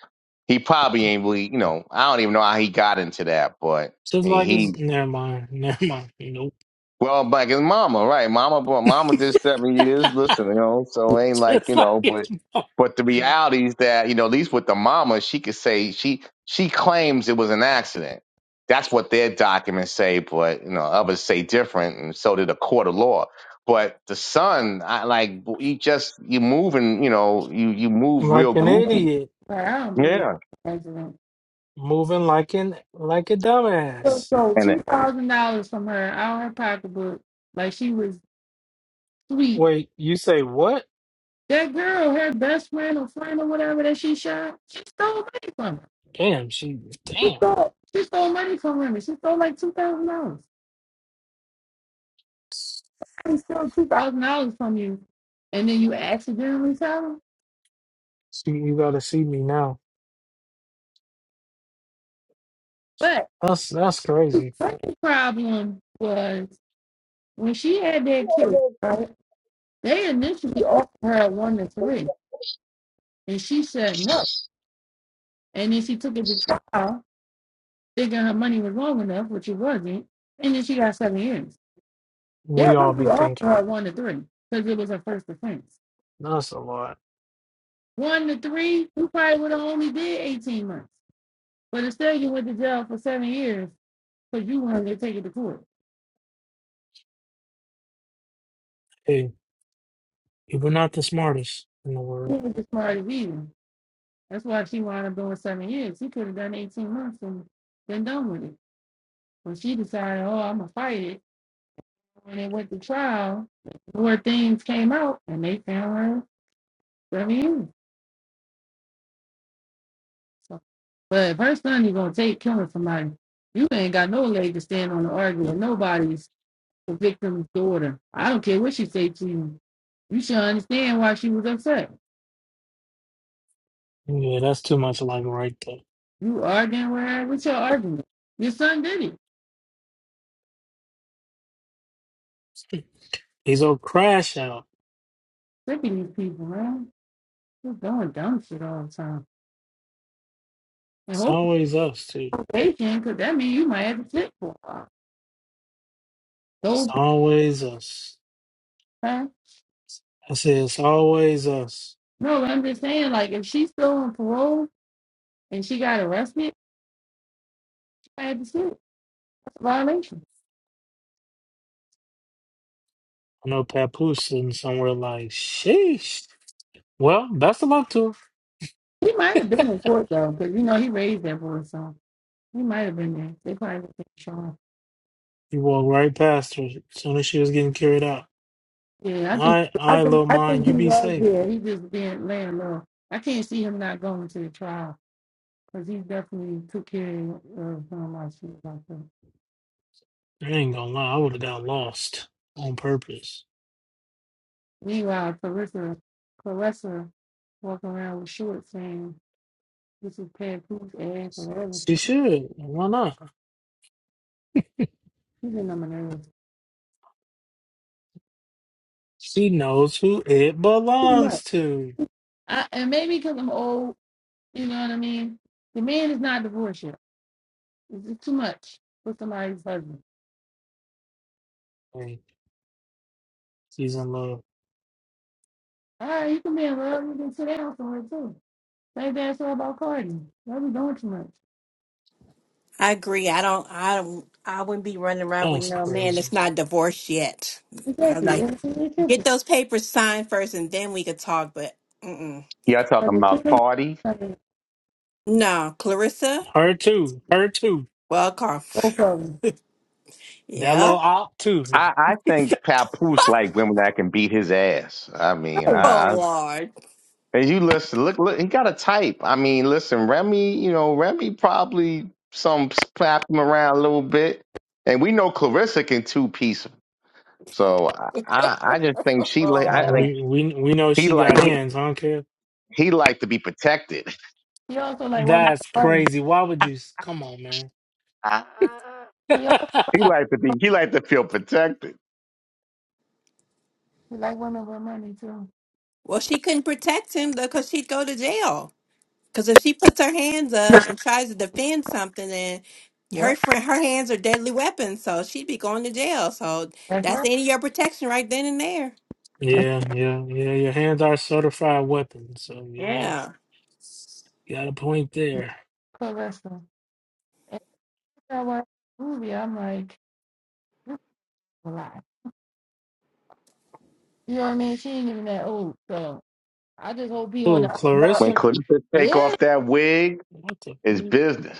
Speaker 6: He probably ain't really, you know, I don't even know how he got into that, but I
Speaker 1: Just
Speaker 6: mean,
Speaker 1: like
Speaker 6: he,
Speaker 1: it's. Never mind. Never mind. Nope.
Speaker 6: well, like his mama, right? Mama, bro- mama did seven years. Listen, you know, so it ain't like,
Speaker 1: Just
Speaker 6: you
Speaker 1: like
Speaker 6: know, but,
Speaker 1: it's.
Speaker 6: but the reality is that, you know, at least with the mama, she could say she, she claims it was an accident. That's what their documents say, but, you know, others say different. And so did a court of law. But the son, I like, he just, you moving, you know, you, you move real
Speaker 1: Like an
Speaker 4: that's so-
Speaker 6: goofy.
Speaker 1: idiot.
Speaker 4: I don't believe
Speaker 6: Yeah.
Speaker 4: that's wrong.
Speaker 1: Moving like an like a
Speaker 4: still
Speaker 1: dumbass.
Speaker 4: stole
Speaker 6: And
Speaker 4: two
Speaker 6: it-
Speaker 4: thousand dollars from her out of her pocketbook, like she was sweet.
Speaker 1: Wait, you say what?
Speaker 4: That girl, her best friend or friend or whatever that she shot, she stole money from her.
Speaker 1: Damn, she.
Speaker 4: She
Speaker 1: Damn.
Speaker 4: stole, she stole money from him. She stole like two thousand dollars. I didn't steal two thousand dollars from you, and then you accidentally tell him.
Speaker 1: See, you gotta see me now.
Speaker 4: But
Speaker 1: That's that's crazy.
Speaker 4: the problem was when she had that case, right? They initially offered her one to three, and she said no. And then she took it to trial, thinking her money was long enough, which it wasn't, and then she got seven years. They
Speaker 1: We all be
Speaker 4: originally offered
Speaker 1: thinking.
Speaker 4: her one to three because it was her first offense.
Speaker 1: That's a lot.
Speaker 4: One to three, you probably would have only did 18 months. But instead, you went to jail for seven years because you wanted to take it to court.
Speaker 1: Hey, people not the smartest in the
Speaker 4: She
Speaker 1: world.
Speaker 4: was as smart as evil. That's why she wound up doing seven years. She could have done 18 months and been done with it. When she decided, oh, I'm going to fight it. When it went to trial, more things came out and they found her seven years. So, but if her son is gonna take killing somebody, you ain't got no leg to stand on to argue with nobody's the victim's daughter. I don't care what she say to you. You should understand why she was upset.
Speaker 1: Yeah, that's too much like right there.
Speaker 4: You arguing with her. What's your argument? Your son did it.
Speaker 1: He's a crash out.
Speaker 4: Sick of these people, man. They're doing dumb shit all the time. And
Speaker 1: It's
Speaker 4: hopefully
Speaker 1: always us, too.
Speaker 4: probation, because that means you might have to sit for a while.
Speaker 1: It's
Speaker 4: So,
Speaker 1: always us. I say it's always us.
Speaker 4: no, I'm just saying, like, if she's still on parole and she got arrested, she might have to sit. That's a violation.
Speaker 1: I know Papoose sitting somewhere like, sheesh. Well, best of luck to her.
Speaker 4: He might have been in court though, because you know he raised that boy, so he might have been there. They probably didn't show him.
Speaker 1: You walked right past her as soon as she was getting carried out.
Speaker 4: Yeah, I think
Speaker 1: I,
Speaker 4: I
Speaker 1: I,
Speaker 4: think
Speaker 1: little
Speaker 4: I
Speaker 1: mine.
Speaker 4: think he
Speaker 1: you be
Speaker 4: was
Speaker 1: safe.
Speaker 4: there. He just been not low. I can't see him not going to the trial because he definitely took care of um, our shit like that.
Speaker 1: I ain't gonna lie, I would have got lost on purpose.
Speaker 4: Meanwhile, Clarissa Clarissa walking around with shorts saying this is Pat Coop's ass or whatever
Speaker 1: She
Speaker 4: shit.
Speaker 1: should. Why not?
Speaker 4: He's in my nerves.
Speaker 1: She knows who it
Speaker 4: Too
Speaker 1: belongs
Speaker 4: much.
Speaker 1: to.
Speaker 4: I, and maybe because I'm old, you know what I mean. The man is not divorced yet. Is it too much for somebody's husband?
Speaker 1: Hey, she's in love.
Speaker 4: All right, you can be in love. You can sit down somewhere too. Same thing I said about Cardi. Why we doing too much?
Speaker 11: I agree. I don't. I don't. I wouldn't be running around with
Speaker 1: That's
Speaker 11: no man that's
Speaker 1: crazy.
Speaker 11: not divorced yet. I
Speaker 4: Exactly.
Speaker 11: like
Speaker 4: Everything is
Speaker 11: get
Speaker 4: different.
Speaker 11: those papers signed first, and then we could talk. But mm-mm.
Speaker 6: yeah, talking
Speaker 4: Because the
Speaker 6: about
Speaker 4: chicken,
Speaker 6: parties.
Speaker 4: no
Speaker 11: no, Clarissa.
Speaker 1: Her too. Her too.
Speaker 11: Well, Carl.
Speaker 4: problem.
Speaker 1: That
Speaker 11: Yeah.
Speaker 1: little op too. No.
Speaker 6: I, I think Papoose like women that can beat his ass. I mean,
Speaker 4: Hey,
Speaker 11: Oh
Speaker 6: I, I
Speaker 11: Lord.
Speaker 6: and you listen, look, look, he got a type. I mean, listen, Remy, you know, Remy probably some slap him around a little bit, and we know Clarissa can two piece him. So I, I I just think she, like, I think
Speaker 11: Oh.
Speaker 1: We we we know
Speaker 6: he
Speaker 1: she
Speaker 6: like
Speaker 1: got
Speaker 6: he,
Speaker 1: hands, huh, Kev?
Speaker 6: he like to be protected.
Speaker 4: he also like women with
Speaker 1: That's
Speaker 4: money.
Speaker 1: crazy. Why would you? s- Come on, man.
Speaker 4: He also
Speaker 6: he like to be, he like to feel protected.
Speaker 4: like women with money too.
Speaker 11: Well, she couldn't protect him because she'd go to jail. Because if she puts her hands up and tries to defend something, then her
Speaker 4: Yep,
Speaker 11: friend, her hands are deadly weapons, so she'd be going to jail. So
Speaker 4: that's
Speaker 11: that's the
Speaker 4: right.
Speaker 11: end of your protection right then and there.
Speaker 1: Yeah, yeah, yeah. Your hands are certified weapons, so yeah,
Speaker 11: Yeah.
Speaker 1: got a point there.
Speaker 4: Caressa. And I watched the movie. I'm like, this is a lot. You know what I mean? She ain't even that old. So I just hope he on
Speaker 1: Oh,
Speaker 4: the.
Speaker 6: When
Speaker 1: Clarissa,
Speaker 6: Clarissa take
Speaker 4: Yeah.
Speaker 6: off that wig,
Speaker 1: what the?
Speaker 6: it's business.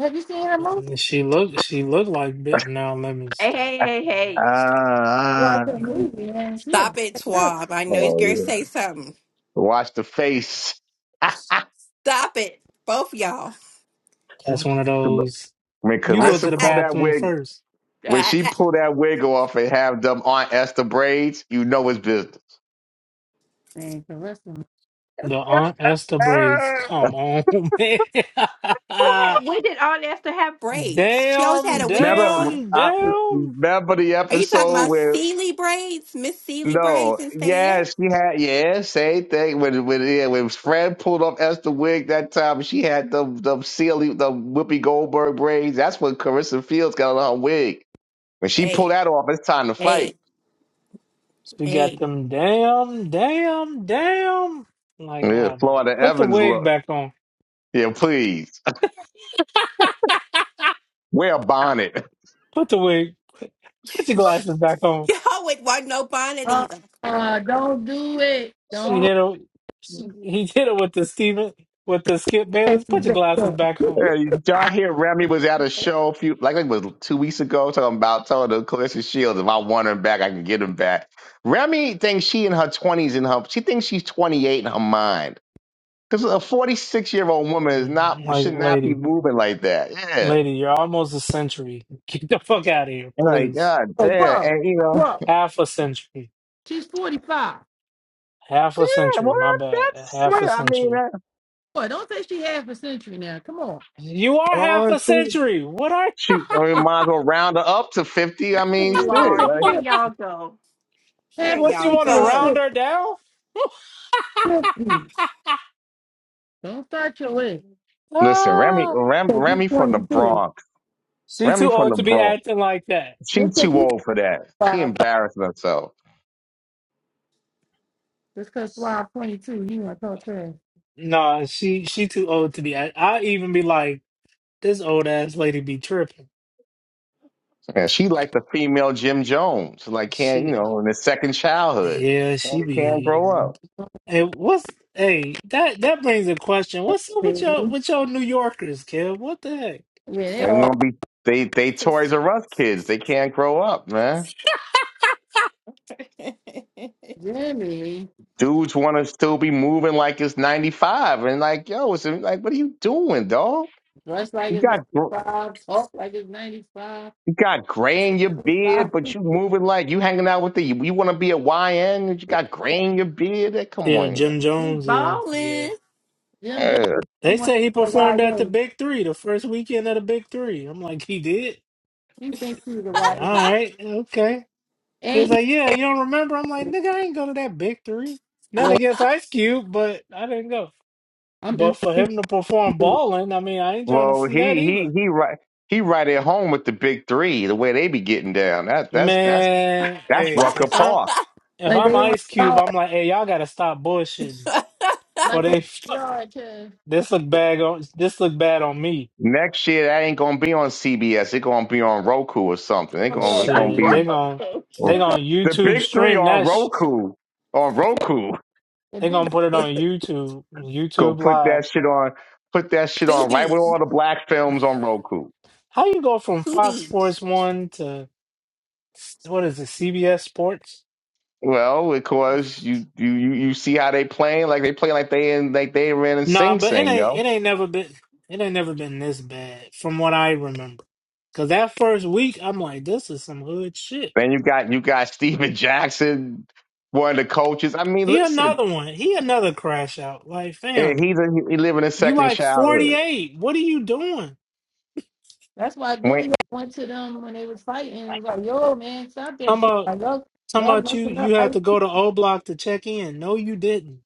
Speaker 4: Have you seen her movie?
Speaker 1: fuck? She look She looked like bit. Now let me
Speaker 11: Hey, hey,
Speaker 1: stop.
Speaker 11: hey,
Speaker 1: Now let
Speaker 11: hey.
Speaker 6: Ah,
Speaker 1: me stop.
Speaker 4: Watch
Speaker 6: ah.
Speaker 4: her movie, man. She a
Speaker 11: Stop
Speaker 4: bad
Speaker 11: it,
Speaker 4: girl.
Speaker 11: Swab. I know he's going
Speaker 6: oh
Speaker 11: to
Speaker 6: yeah.
Speaker 11: say something.
Speaker 6: Watch the face.
Speaker 11: Stop it, both of y'all.
Speaker 1: That's
Speaker 6: when
Speaker 1: one of those. You
Speaker 11: Ah,
Speaker 1: go to
Speaker 6: Carissa
Speaker 1: the
Speaker 11: ah,
Speaker 6: pull that
Speaker 1: bathroom
Speaker 6: wig,
Speaker 1: first.
Speaker 6: when
Speaker 11: ah,
Speaker 6: she pull that wig off and have them Aunt Esther braids, you know it's business.
Speaker 4: Man, Carissa.
Speaker 11: ah.
Speaker 1: The Aunt Esther
Speaker 11: Who
Speaker 1: braids. Come on, man.
Speaker 11: had, when did Aunt Esther have? braids. She always had
Speaker 1: Damn,
Speaker 11: a wig
Speaker 6: Remember,
Speaker 11: on.
Speaker 1: damn,
Speaker 6: I,
Speaker 1: damn.
Speaker 6: remember the
Speaker 11: Are you talking
Speaker 6: episode
Speaker 11: about
Speaker 6: where
Speaker 11: Sealy braids? Miss Sealy braids
Speaker 6: no, yeah,
Speaker 11: instead?
Speaker 6: she had yeah, same thing when when yeah, when Fred pulled off Esther wig that time, she had the the silly the Whoopi Goldberg braids. That's when Carissa Fields got on her wig. When she
Speaker 11: Hey,
Speaker 6: pulled that off, it's time to
Speaker 11: hey,
Speaker 6: fight.
Speaker 1: So we got
Speaker 11: hey.
Speaker 1: them damn, damn, damn. Like,
Speaker 6: Yeah,
Speaker 1: oh my.
Speaker 6: Florida
Speaker 1: Put the
Speaker 6: Evans
Speaker 1: wig
Speaker 6: look.
Speaker 1: back on.
Speaker 6: Yeah, please. Wear a bonnet.
Speaker 1: Put the wig. Put, put your glasses back on.
Speaker 11: No, it wasn't no bonnet
Speaker 4: Uh,
Speaker 11: either.
Speaker 4: uh, don't do it.
Speaker 1: She
Speaker 4: Don't
Speaker 1: hit her. She, he hit her with the Steven, with the Skip
Speaker 4: let
Speaker 1: Bayless.
Speaker 4: this
Speaker 1: Put your
Speaker 4: back
Speaker 1: glasses
Speaker 4: up.
Speaker 1: back on.
Speaker 6: Yeah, Did y'all hear Remy was at a show a few, like it was two weeks ago, talking about telling the Clarissa Shields, if I want him back, I can get him back. Remy thinks she in her 20s in her, she thinks she's 28 in her mind. Because a 46 year old woman is
Speaker 1: I'm
Speaker 6: not,
Speaker 1: Like,
Speaker 6: should not be
Speaker 1: lady,
Speaker 6: moving like that. Yeah.
Speaker 1: lady, you're almost a century. Get the fuck out of here,
Speaker 6: And like,
Speaker 1: please.
Speaker 6: God
Speaker 4: Oh,
Speaker 6: damn.
Speaker 4: whoa,
Speaker 6: And you know,
Speaker 4: whoa.
Speaker 1: Half a century.
Speaker 4: She's 45.
Speaker 1: Half a
Speaker 6: yeah, well,
Speaker 1: century. My bad.
Speaker 6: that's
Speaker 4: Whoa,
Speaker 1: Half a
Speaker 6: it. I mean,
Speaker 1: century.
Speaker 6: that,
Speaker 4: boy, don't say she half a century now. Come on.
Speaker 1: You are half
Speaker 6: oh,
Speaker 1: a
Speaker 6: she,
Speaker 1: century. What are
Speaker 6: she, I mean, might as well round her up to 50. I
Speaker 4: Half a
Speaker 6: mean,
Speaker 4: century
Speaker 6: shit.
Speaker 11: Lord,
Speaker 4: is
Speaker 6: Like,
Speaker 11: here
Speaker 4: 50.
Speaker 11: y'all go. Here
Speaker 4: Half a
Speaker 1: What
Speaker 11: y'all
Speaker 1: you want to
Speaker 4: century is
Speaker 11: go.
Speaker 1: round her
Speaker 4: fif-
Speaker 1: down?
Speaker 4: 50. Don't start your way.
Speaker 6: listen, Remy,
Speaker 1: Ah,
Speaker 6: Rem,
Speaker 4: Because you
Speaker 6: Remy from the
Speaker 4: 22.
Speaker 6: Bronx.
Speaker 1: she
Speaker 6: Remy
Speaker 1: too
Speaker 6: from the
Speaker 1: old to be
Speaker 6: Bronx.
Speaker 1: acting like that.
Speaker 6: She
Speaker 4: Just because
Speaker 6: too
Speaker 4: you
Speaker 6: old for that. She
Speaker 4: 5.
Speaker 6: embarrassing herself.
Speaker 4: Just because Suave 22, you want to talk trash.
Speaker 1: Nah, she she too old to be. act- I even be like, this old ass lady be tripping.
Speaker 6: And she like the female Jim Jones. Like can't you
Speaker 1: She,
Speaker 6: know in his second childhood.
Speaker 1: yeah,
Speaker 6: And
Speaker 1: she
Speaker 6: They can't
Speaker 1: be.
Speaker 6: grow up.
Speaker 1: Hey, what's hey that that brings a question. What's up with your
Speaker 4: Jimmy.
Speaker 1: with your New Yorkers, kid? What the heck?
Speaker 4: Yeah, they
Speaker 6: They
Speaker 4: all
Speaker 6: want to be they they Toys R Us kids. They can't grow up, man.
Speaker 4: Jimmy.
Speaker 6: Dudes want to still be moving like it's ninety five and like yo, it's like what are you doing, dog?
Speaker 4: Dress like
Speaker 6: You
Speaker 4: it's
Speaker 6: got gr-
Speaker 4: 95. Talk like it's 95.
Speaker 6: you got gray in your beard, but you moving like you hanging out with the you want to be a YN. You got gray in your beard. Like, Come
Speaker 1: Yeah,
Speaker 6: on,
Speaker 1: Jim
Speaker 11: we
Speaker 1: Jones. Yeah,
Speaker 11: ballin'.
Speaker 1: yeah.
Speaker 4: Jim Jones
Speaker 6: yeah.
Speaker 4: he
Speaker 1: They
Speaker 4: wants
Speaker 1: say he
Speaker 4: to be a
Speaker 1: performed
Speaker 4: Y
Speaker 1: at the
Speaker 4: N.
Speaker 1: Big Three the first weekend of the Big Three. I'm like, he did.
Speaker 4: He thinks he's a
Speaker 1: All
Speaker 4: YN.
Speaker 1: right, okay. They was
Speaker 4: And he-
Speaker 1: like, yeah, you don't remember? I'm like, nigga, I ain't go to that big three. Not
Speaker 4: well,
Speaker 1: against Ice Cube, but I didn't go.
Speaker 4: I'm
Speaker 1: But
Speaker 4: just
Speaker 1: for him to perform
Speaker 4: saying,
Speaker 1: balling, I mean, I ain't trying to
Speaker 6: Well,
Speaker 1: see
Speaker 6: he
Speaker 1: that
Speaker 6: he
Speaker 1: either.
Speaker 6: he right he right at home with the big three, the way they be getting down. That that's that's
Speaker 1: Man,
Speaker 6: that's
Speaker 1: hey,
Speaker 6: Rucker
Speaker 1: if I'm
Speaker 6: Park.
Speaker 1: if
Speaker 4: like
Speaker 1: I'm
Speaker 4: they want
Speaker 1: Ice Cube,
Speaker 4: y'all,
Speaker 1: I'm like, hey, y'all gotta stop bullshitting. For
Speaker 4: like they
Speaker 1: they
Speaker 4: want
Speaker 1: fuck,
Speaker 4: y'all to
Speaker 1: this look bad on this look bad on me.
Speaker 6: Next year that ain't gonna be on CBS. It's gonna be on Roku or something. they
Speaker 4: i
Speaker 1: And
Speaker 4: be
Speaker 6: gonna it
Speaker 4: all
Speaker 6: gonna
Speaker 1: Shit,
Speaker 6: be
Speaker 1: they
Speaker 4: teasing.
Speaker 1: gon'
Speaker 6: oh,
Speaker 1: they
Speaker 4: It's all
Speaker 1: gon'
Speaker 6: the
Speaker 1: YouTube
Speaker 6: big three
Speaker 1: stream
Speaker 6: on
Speaker 1: that shit.
Speaker 6: Roku. On Roku.
Speaker 4: the
Speaker 1: They
Speaker 4: big.
Speaker 1: gonna put it on YouTube,
Speaker 6: Go
Speaker 1: YouTube
Speaker 6: put
Speaker 1: live.
Speaker 6: that shit on put that shit
Speaker 11: to
Speaker 6: on right with
Speaker 11: be,
Speaker 6: all the black films on Roku.
Speaker 1: How you go from
Speaker 11: to
Speaker 1: Fox
Speaker 11: be.
Speaker 1: Sports One to What is it? CBS Sports?
Speaker 6: Well, because you you you you see how they playing, like they play like they in like they were in
Speaker 1: Nah,
Speaker 6: Sing
Speaker 1: but it
Speaker 6: Sing,
Speaker 1: ain't.
Speaker 6: yo.
Speaker 1: It ain't never been. It ain't never been this bad, from what I remember. Cause that first week, I'm like, this is some hood shit.
Speaker 6: Then you got you got Steven Jackson, one of the coaches. I mean,
Speaker 1: He
Speaker 6: listen,
Speaker 1: another one. He another crash out. Like,
Speaker 6: eh,
Speaker 1: fam,
Speaker 6: he's a, he living a
Speaker 1: you
Speaker 6: second
Speaker 1: like
Speaker 6: childhood.
Speaker 1: 48. What are you doing?
Speaker 4: That's why
Speaker 6: When
Speaker 4: Billy went to them when they was fighting. It was like, yo, man, stop that
Speaker 1: Talking
Speaker 4: shit.
Speaker 1: about
Speaker 4: Like, yo,
Speaker 1: talking
Speaker 4: y'all
Speaker 1: about you.
Speaker 4: messing up
Speaker 1: You had
Speaker 4: Ice
Speaker 1: to go to O Block to check in. No, you didn't.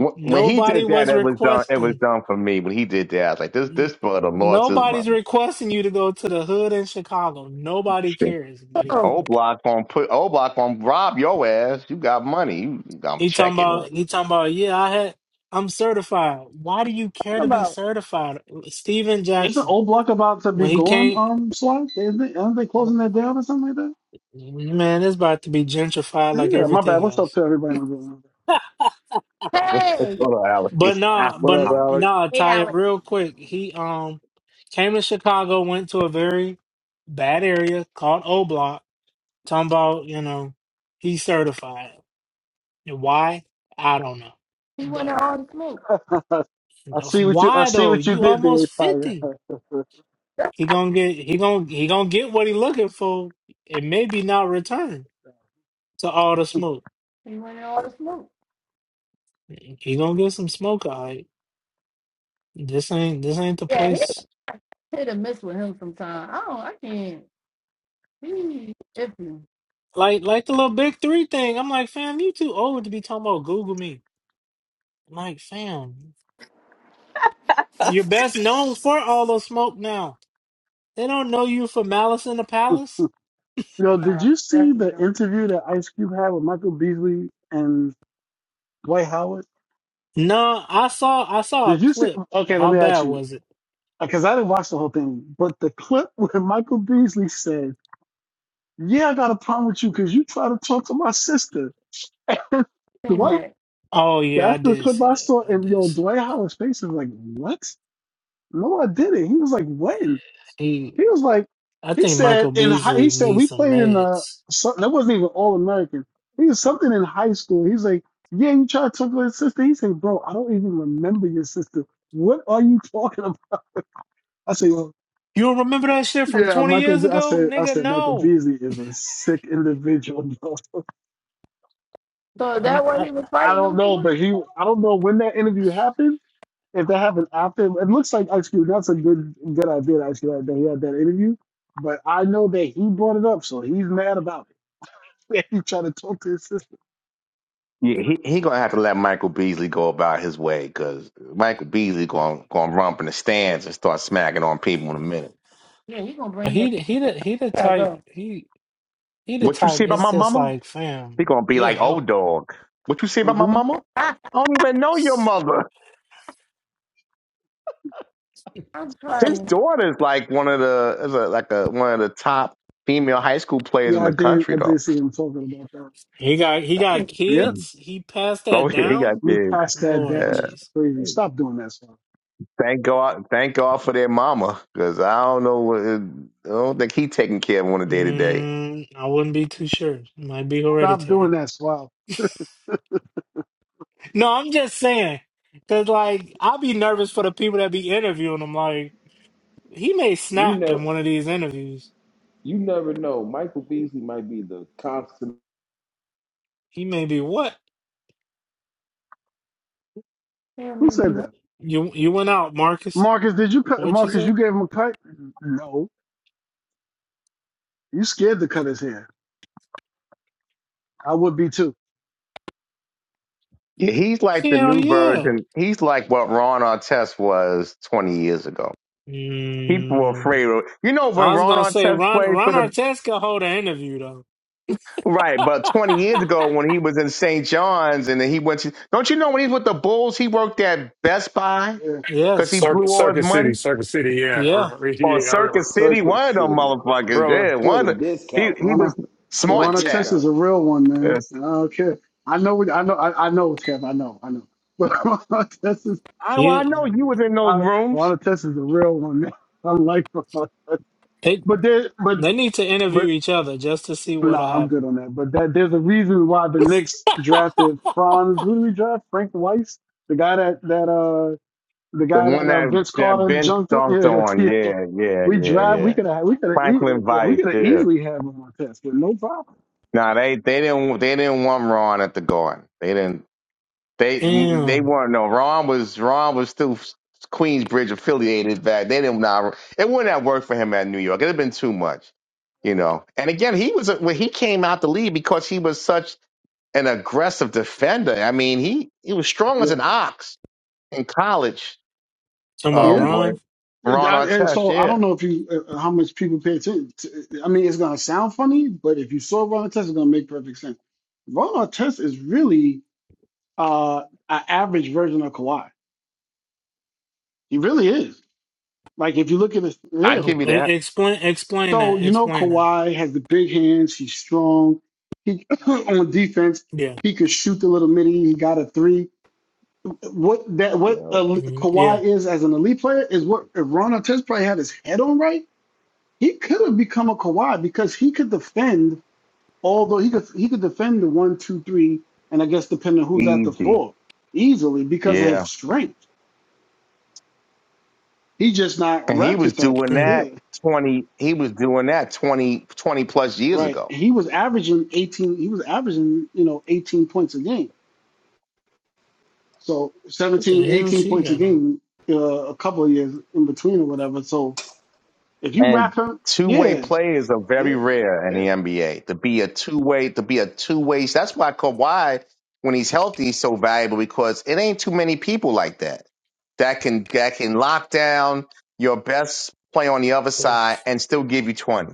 Speaker 6: wh- when he
Speaker 1: Nobody
Speaker 6: did that,
Speaker 1: was
Speaker 6: it was done. It was
Speaker 1: requesting.
Speaker 6: done for me. When he did that, I was like, this
Speaker 1: N-
Speaker 6: this brother lost his
Speaker 1: Nobody's
Speaker 6: money.
Speaker 1: requesting you to go to the hood in Chicago. Nobody
Speaker 6: Shit.
Speaker 1: cares, buddy.
Speaker 4: Cove. What
Speaker 6: Old block gonna put old block gonna rob your ass. You got money. You, I'm
Speaker 1: He talking
Speaker 6: checking in.
Speaker 1: about he talking about yeah I had I'm certified. Why do you care
Speaker 4: talking
Speaker 1: to be
Speaker 4: about?
Speaker 1: certified? Steven
Speaker 12: Isn't
Speaker 1: Jackson
Speaker 12: old block about to be
Speaker 1: when he
Speaker 12: going
Speaker 1: came,
Speaker 12: um slide? Isn't they, aren't they closing that down or something like that?
Speaker 1: man, it's about to be gentrified like
Speaker 12: Yeah, my bad.
Speaker 1: everything
Speaker 12: What's up
Speaker 1: else.
Speaker 12: to everybody? in the
Speaker 4: Hey,
Speaker 6: Hold on,
Speaker 1: But
Speaker 6: Alex. Ah,
Speaker 1: nah,
Speaker 3: What
Speaker 1: but
Speaker 3: up,
Speaker 6: ah.
Speaker 3: Alec?
Speaker 1: nah,
Speaker 11: Hey,
Speaker 1: Taya,
Speaker 11: Alex.
Speaker 1: real quick, he um came to Chicago, went to a very bad area called O Block. Talking about you know he's certified. And why I don't know,
Speaker 4: he went
Speaker 1: but
Speaker 4: wanted all the smoke.
Speaker 12: room?
Speaker 1: you
Speaker 12: I
Speaker 1: know,
Speaker 12: see what you I
Speaker 1: why
Speaker 12: see
Speaker 1: though?
Speaker 12: what you
Speaker 1: You
Speaker 12: did
Speaker 1: almost
Speaker 12: there, Tyre.
Speaker 1: fifty. He gonna get he gonna he gonna get what he looking for. It may be not returned to all the smoke.
Speaker 4: He went wanted all the smoke.
Speaker 1: He gonna get some smoke. All right, this ain't this ain't the
Speaker 4: Yeah, he
Speaker 1: place.
Speaker 4: hit and miss with him sometimes. I don't, I can't. He iffy.
Speaker 1: Like like the little big three thing. I'm like, fam, you too old to be talking about Google me. I'm like, fam, you're best known for all the smoke now. They don't know you for Malice in the Palace.
Speaker 12: Yo, did
Speaker 4: Nah,
Speaker 12: you see
Speaker 4: definitely
Speaker 12: the
Speaker 4: don't.
Speaker 12: interview that Ice Cube had with Michael Beasley and Dwight Howard?
Speaker 1: No, I saw I saw a
Speaker 12: Did you see?
Speaker 1: clip.
Speaker 12: Okay, let
Speaker 1: How
Speaker 12: me
Speaker 1: bad
Speaker 12: ask you
Speaker 1: was it?
Speaker 12: because I didn't watch the whole thing, but the clip where Michael Beasley said, "Yeah, I got a problem with you because you try to talk to my sister."
Speaker 4: Seen
Speaker 12: Dwight,
Speaker 4: that.
Speaker 1: Oh yeah, I
Speaker 12: that's the
Speaker 1: did
Speaker 12: clip
Speaker 1: see
Speaker 12: I
Speaker 1: that.
Speaker 12: saw,
Speaker 1: I
Speaker 12: and
Speaker 1: did
Speaker 12: yo,
Speaker 1: see that.
Speaker 12: Dwight Howard's face is like, "What?" No, I didn't. He was like, when?
Speaker 1: He.
Speaker 12: He was like,
Speaker 1: I
Speaker 12: he
Speaker 1: think
Speaker 12: said
Speaker 1: Michael
Speaker 12: in high,
Speaker 1: Beasley
Speaker 12: he said
Speaker 1: needs
Speaker 12: we
Speaker 1: some
Speaker 12: played in uh
Speaker 1: meds.
Speaker 12: something that wasn't even all American. He was something in high school. He's like, yeah, you try to talk about his sister. He said, bro, I don't even remember your sister. What are you talking about? I said, well,
Speaker 1: You don't remember that shit from
Speaker 12: yeah,
Speaker 1: twenty
Speaker 12: Michael.
Speaker 1: years
Speaker 12: Be- I
Speaker 1: ago,
Speaker 12: said, I
Speaker 1: nigga?
Speaker 12: said Michael
Speaker 1: No.
Speaker 12: Beasley is a sick individual. bro."
Speaker 4: So is that
Speaker 1: I'm,
Speaker 4: what
Speaker 1: I,
Speaker 4: he was
Speaker 12: I
Speaker 4: fighting
Speaker 12: don't
Speaker 4: them
Speaker 12: know,
Speaker 4: for?
Speaker 12: but he, I don't know when that interview happened if that happened after, it looks like actually that's a good good idea. Actually, that he had that interview, but I know that he brought it up, so he's mad about it. he tried to talk to his sister.
Speaker 6: Yeah, he he gonna have to let Michael Beasley go about his way because Michael Beasley gonna gonna romp in the stands and start smacking on people in a minute.
Speaker 4: Yeah, he gonna bring it
Speaker 1: he he the he the
Speaker 4: back
Speaker 1: type
Speaker 4: up.
Speaker 1: he he the
Speaker 6: What you
Speaker 1: type.
Speaker 6: say about
Speaker 1: It's
Speaker 6: my
Speaker 1: just
Speaker 6: mama?
Speaker 1: like fam,
Speaker 6: He gonna be
Speaker 1: get
Speaker 6: like, oh
Speaker 1: help.
Speaker 6: dog. What you say
Speaker 12: Uh
Speaker 6: about my
Speaker 12: huh.
Speaker 6: mama? I don't even know your mother.
Speaker 4: I'm
Speaker 6: His
Speaker 4: trying. to
Speaker 6: daughter is like one of the is a, like a one of the top female high school players in
Speaker 12: Yeah, I
Speaker 6: the
Speaker 12: did.
Speaker 6: country
Speaker 12: I
Speaker 6: though.
Speaker 12: did see him talking about that.
Speaker 1: He got he got
Speaker 12: Yeah,
Speaker 1: kids. He passed
Speaker 6: Oh,
Speaker 1: that
Speaker 6: yeah, he
Speaker 1: down.
Speaker 6: got
Speaker 12: we
Speaker 6: big.
Speaker 12: passed that
Speaker 1: Lord
Speaker 6: Uh,
Speaker 12: down. It's
Speaker 1: jeez.
Speaker 12: crazy. Stop doing that, Swab.
Speaker 6: thank God, thank God for their mama, because I don't know, what- I don't think he taking care of one a day to day.
Speaker 1: Mm, I wouldn't be too sure. Might be
Speaker 12: Stop doing
Speaker 1: hereditary.
Speaker 12: that, Swab.
Speaker 1: No, I'm just saying. Cause like I'll be nervous for the people that be interviewing him. Like he may
Speaker 13: You
Speaker 1: snap in
Speaker 13: never
Speaker 1: one of these interviews.
Speaker 13: you never know. Michael Beasley might be the constant
Speaker 1: He may be what?
Speaker 4: Hear
Speaker 12: Who
Speaker 4: me be
Speaker 12: said
Speaker 4: wa-
Speaker 12: that?
Speaker 1: You you went out, Marcus.
Speaker 12: Marcus, did you cut?
Speaker 1: What'd you
Speaker 12: Marcus,
Speaker 1: say?
Speaker 12: you gave him a cut? No, you scared to cut his hair. I would be too.
Speaker 6: Yeah, he's like the
Speaker 1: Hell
Speaker 6: new
Speaker 1: yeah.
Speaker 6: version. He's like what Ron Artest was 20 years ago. People were
Speaker 1: Mm,
Speaker 6: afraid of, you know, when
Speaker 1: I was
Speaker 6: Ron
Speaker 1: gonna say
Speaker 6: Artest
Speaker 1: Ron
Speaker 6: played
Speaker 1: Ron
Speaker 6: for the,
Speaker 1: Artest can hold an interview though.
Speaker 6: right, but 20 years ago when he was in St. John's and then he went to, don't you know when he was with the Bulls, he worked at Best Buy
Speaker 12: Yeah,
Speaker 6: because he
Speaker 1: yes.
Speaker 9: Circuit,
Speaker 6: blew all his
Speaker 9: Circuit City,
Speaker 6: money?
Speaker 9: Circuit City. Yeah, I
Speaker 1: Yeah.
Speaker 9: remember.
Speaker 6: Or
Speaker 9: Yeah, I remember.
Speaker 6: Circus City,
Speaker 13: circuit
Speaker 6: one of them
Speaker 13: city
Speaker 6: motherfuckers,
Speaker 9: brother?
Speaker 6: yeah,
Speaker 13: for
Speaker 6: one
Speaker 13: the
Speaker 6: of, the, he,
Speaker 13: discount.
Speaker 6: he
Speaker 12: Lana.
Speaker 6: was
Speaker 13: For the
Speaker 6: smart
Speaker 12: Ron
Speaker 6: tech.
Speaker 12: Artest is
Speaker 13: discount.
Speaker 12: a real one, man.
Speaker 6: Yes.
Speaker 12: I don't care. I know. what- I know. I, I know, Kev. I know. I know. But Ron Artest is
Speaker 6: I, well,
Speaker 1: Yeah.
Speaker 6: I know you was in those
Speaker 12: I,
Speaker 6: rooms.
Speaker 12: Ron Artest is a real one, man. I like Ron Artest.
Speaker 1: They
Speaker 12: But there, but
Speaker 1: they need to interview
Speaker 12: but
Speaker 1: each other just to see
Speaker 12: no,
Speaker 1: what'll
Speaker 12: nah, I'm good on that. But that there's a reason why the
Speaker 1: happen.
Speaker 12: Knicks drafted Franz. Who did we draft? Frank Weiss, the guy that that uh the
Speaker 6: The
Speaker 12: guy that
Speaker 6: one
Speaker 12: uh,
Speaker 6: that,
Speaker 12: Vince
Speaker 6: that
Speaker 12: Carter
Speaker 6: Ben
Speaker 12: jumped up.
Speaker 6: stomped
Speaker 12: Yeah,
Speaker 6: on,
Speaker 12: yeah.
Speaker 6: yeah, yeah,
Speaker 12: We
Speaker 6: yeah,
Speaker 12: draft. We
Speaker 6: yeah.
Speaker 12: could have. We could have.
Speaker 6: Franklin
Speaker 12: Yeah, we
Speaker 6: Vice,
Speaker 12: could have
Speaker 6: yeah.
Speaker 12: easily had Ron Artest with no problem.
Speaker 6: Nah, they they didn't they didn't want Ron at the Garden. They didn't they they
Speaker 1: Damn.
Speaker 6: weren't no Ron was Ron was still Queensbridge affiliated back. They didn't nah, it wouldn't have worked for him at New York. It'd have been too much, you know. And again, he was a- when he came out the league because he was such an aggressive defender. I mean, he he was strong as
Speaker 12: Yeah.
Speaker 6: an ox in college.
Speaker 1: Talking about
Speaker 12: Yeah.
Speaker 6: Um, but
Speaker 1: Ron.
Speaker 12: And
Speaker 6: Ron
Speaker 12: I- and
Speaker 6: Artest,
Speaker 12: so I
Speaker 6: yeah,
Speaker 12: don't know if you uh, uh, how much people pay attention. To, I mean, it's gonna sound funny, but if you saw Ron Artest, it's gonna make perfect sense. Ron Artest is really uh an average version of Kawhi. He really is. Like if you look at this,
Speaker 6: I
Speaker 12: yeah.
Speaker 6: give
Speaker 1: Oh,
Speaker 6: you
Speaker 1: e-
Speaker 6: that
Speaker 1: explain explain
Speaker 12: So
Speaker 1: that.
Speaker 12: you know,
Speaker 1: Explain that.
Speaker 12: Kawhi has the big hands. He's strong. He on defense,
Speaker 1: Yeah.
Speaker 12: he could shoot the little mini. He got a three. What that
Speaker 13: You
Speaker 12: what uh,
Speaker 13: know.
Speaker 1: Mm, yeah.
Speaker 12: Kawhi is as an elite player is what if Ron Artest probably had his head on right He could have become a Kawhi because he could defend. Although he could he could defend the one, two, three, and I guess depending on who's at the
Speaker 6: easy.
Speaker 12: four easily because of
Speaker 6: yeah.
Speaker 12: his strength. He's just not
Speaker 6: And he was
Speaker 12: raptor type,
Speaker 6: doing
Speaker 1: Mm.
Speaker 6: that
Speaker 12: Yeah,
Speaker 6: 20, he was doing that 20 20 plus years
Speaker 12: right.
Speaker 6: ago.
Speaker 12: He was averaging 18. He was averaging you know 18 points a game. So
Speaker 1: What
Speaker 12: 17,
Speaker 1: the hell
Speaker 12: 18
Speaker 1: she
Speaker 12: points a
Speaker 1: got on?
Speaker 12: game, uh, a couple of years in between or whatever. So if you
Speaker 6: And
Speaker 12: wrap him,
Speaker 6: two way
Speaker 12: yeah,
Speaker 6: players are very
Speaker 12: yeah,
Speaker 6: rare in
Speaker 12: yeah,
Speaker 6: the NBA to be a two way, to be a two way. That's why Kawhi, when he's healthy, is so valuable because it ain't too many people like that that can, that can lock down your best play on the other
Speaker 1: So,
Speaker 6: side and still give you 20.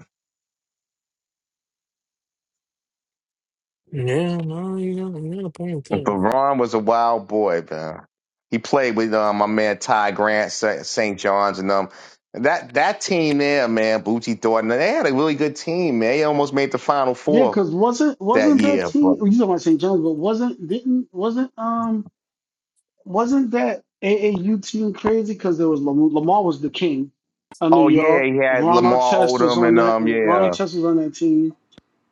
Speaker 1: yeah, no, you got you got a point
Speaker 6: But
Speaker 1: attention.
Speaker 6: Ron was a wild boy, man. He played with um, my man Ty Grant, St. John's, and um, that that team there, man, Bucci Thornton, they had a really good team, man. They almost made the Final
Speaker 12: yeah.
Speaker 6: Four
Speaker 12: Because wasn't
Speaker 6: that
Speaker 12: wasn't that
Speaker 6: year.
Speaker 12: team?
Speaker 6: But
Speaker 12: You talking about St. John's, but wasn't didn't wasn't um Wasn't that AAU team crazy? Because there was Lamar, Lamar was the king of New
Speaker 6: oh yeah,
Speaker 12: York.
Speaker 6: he had
Speaker 12: Ron
Speaker 6: Lamar
Speaker 12: Artest was
Speaker 6: Odom
Speaker 12: on
Speaker 6: and
Speaker 12: that.
Speaker 6: um,
Speaker 12: Ron
Speaker 6: yeah,
Speaker 12: Artest was on that team.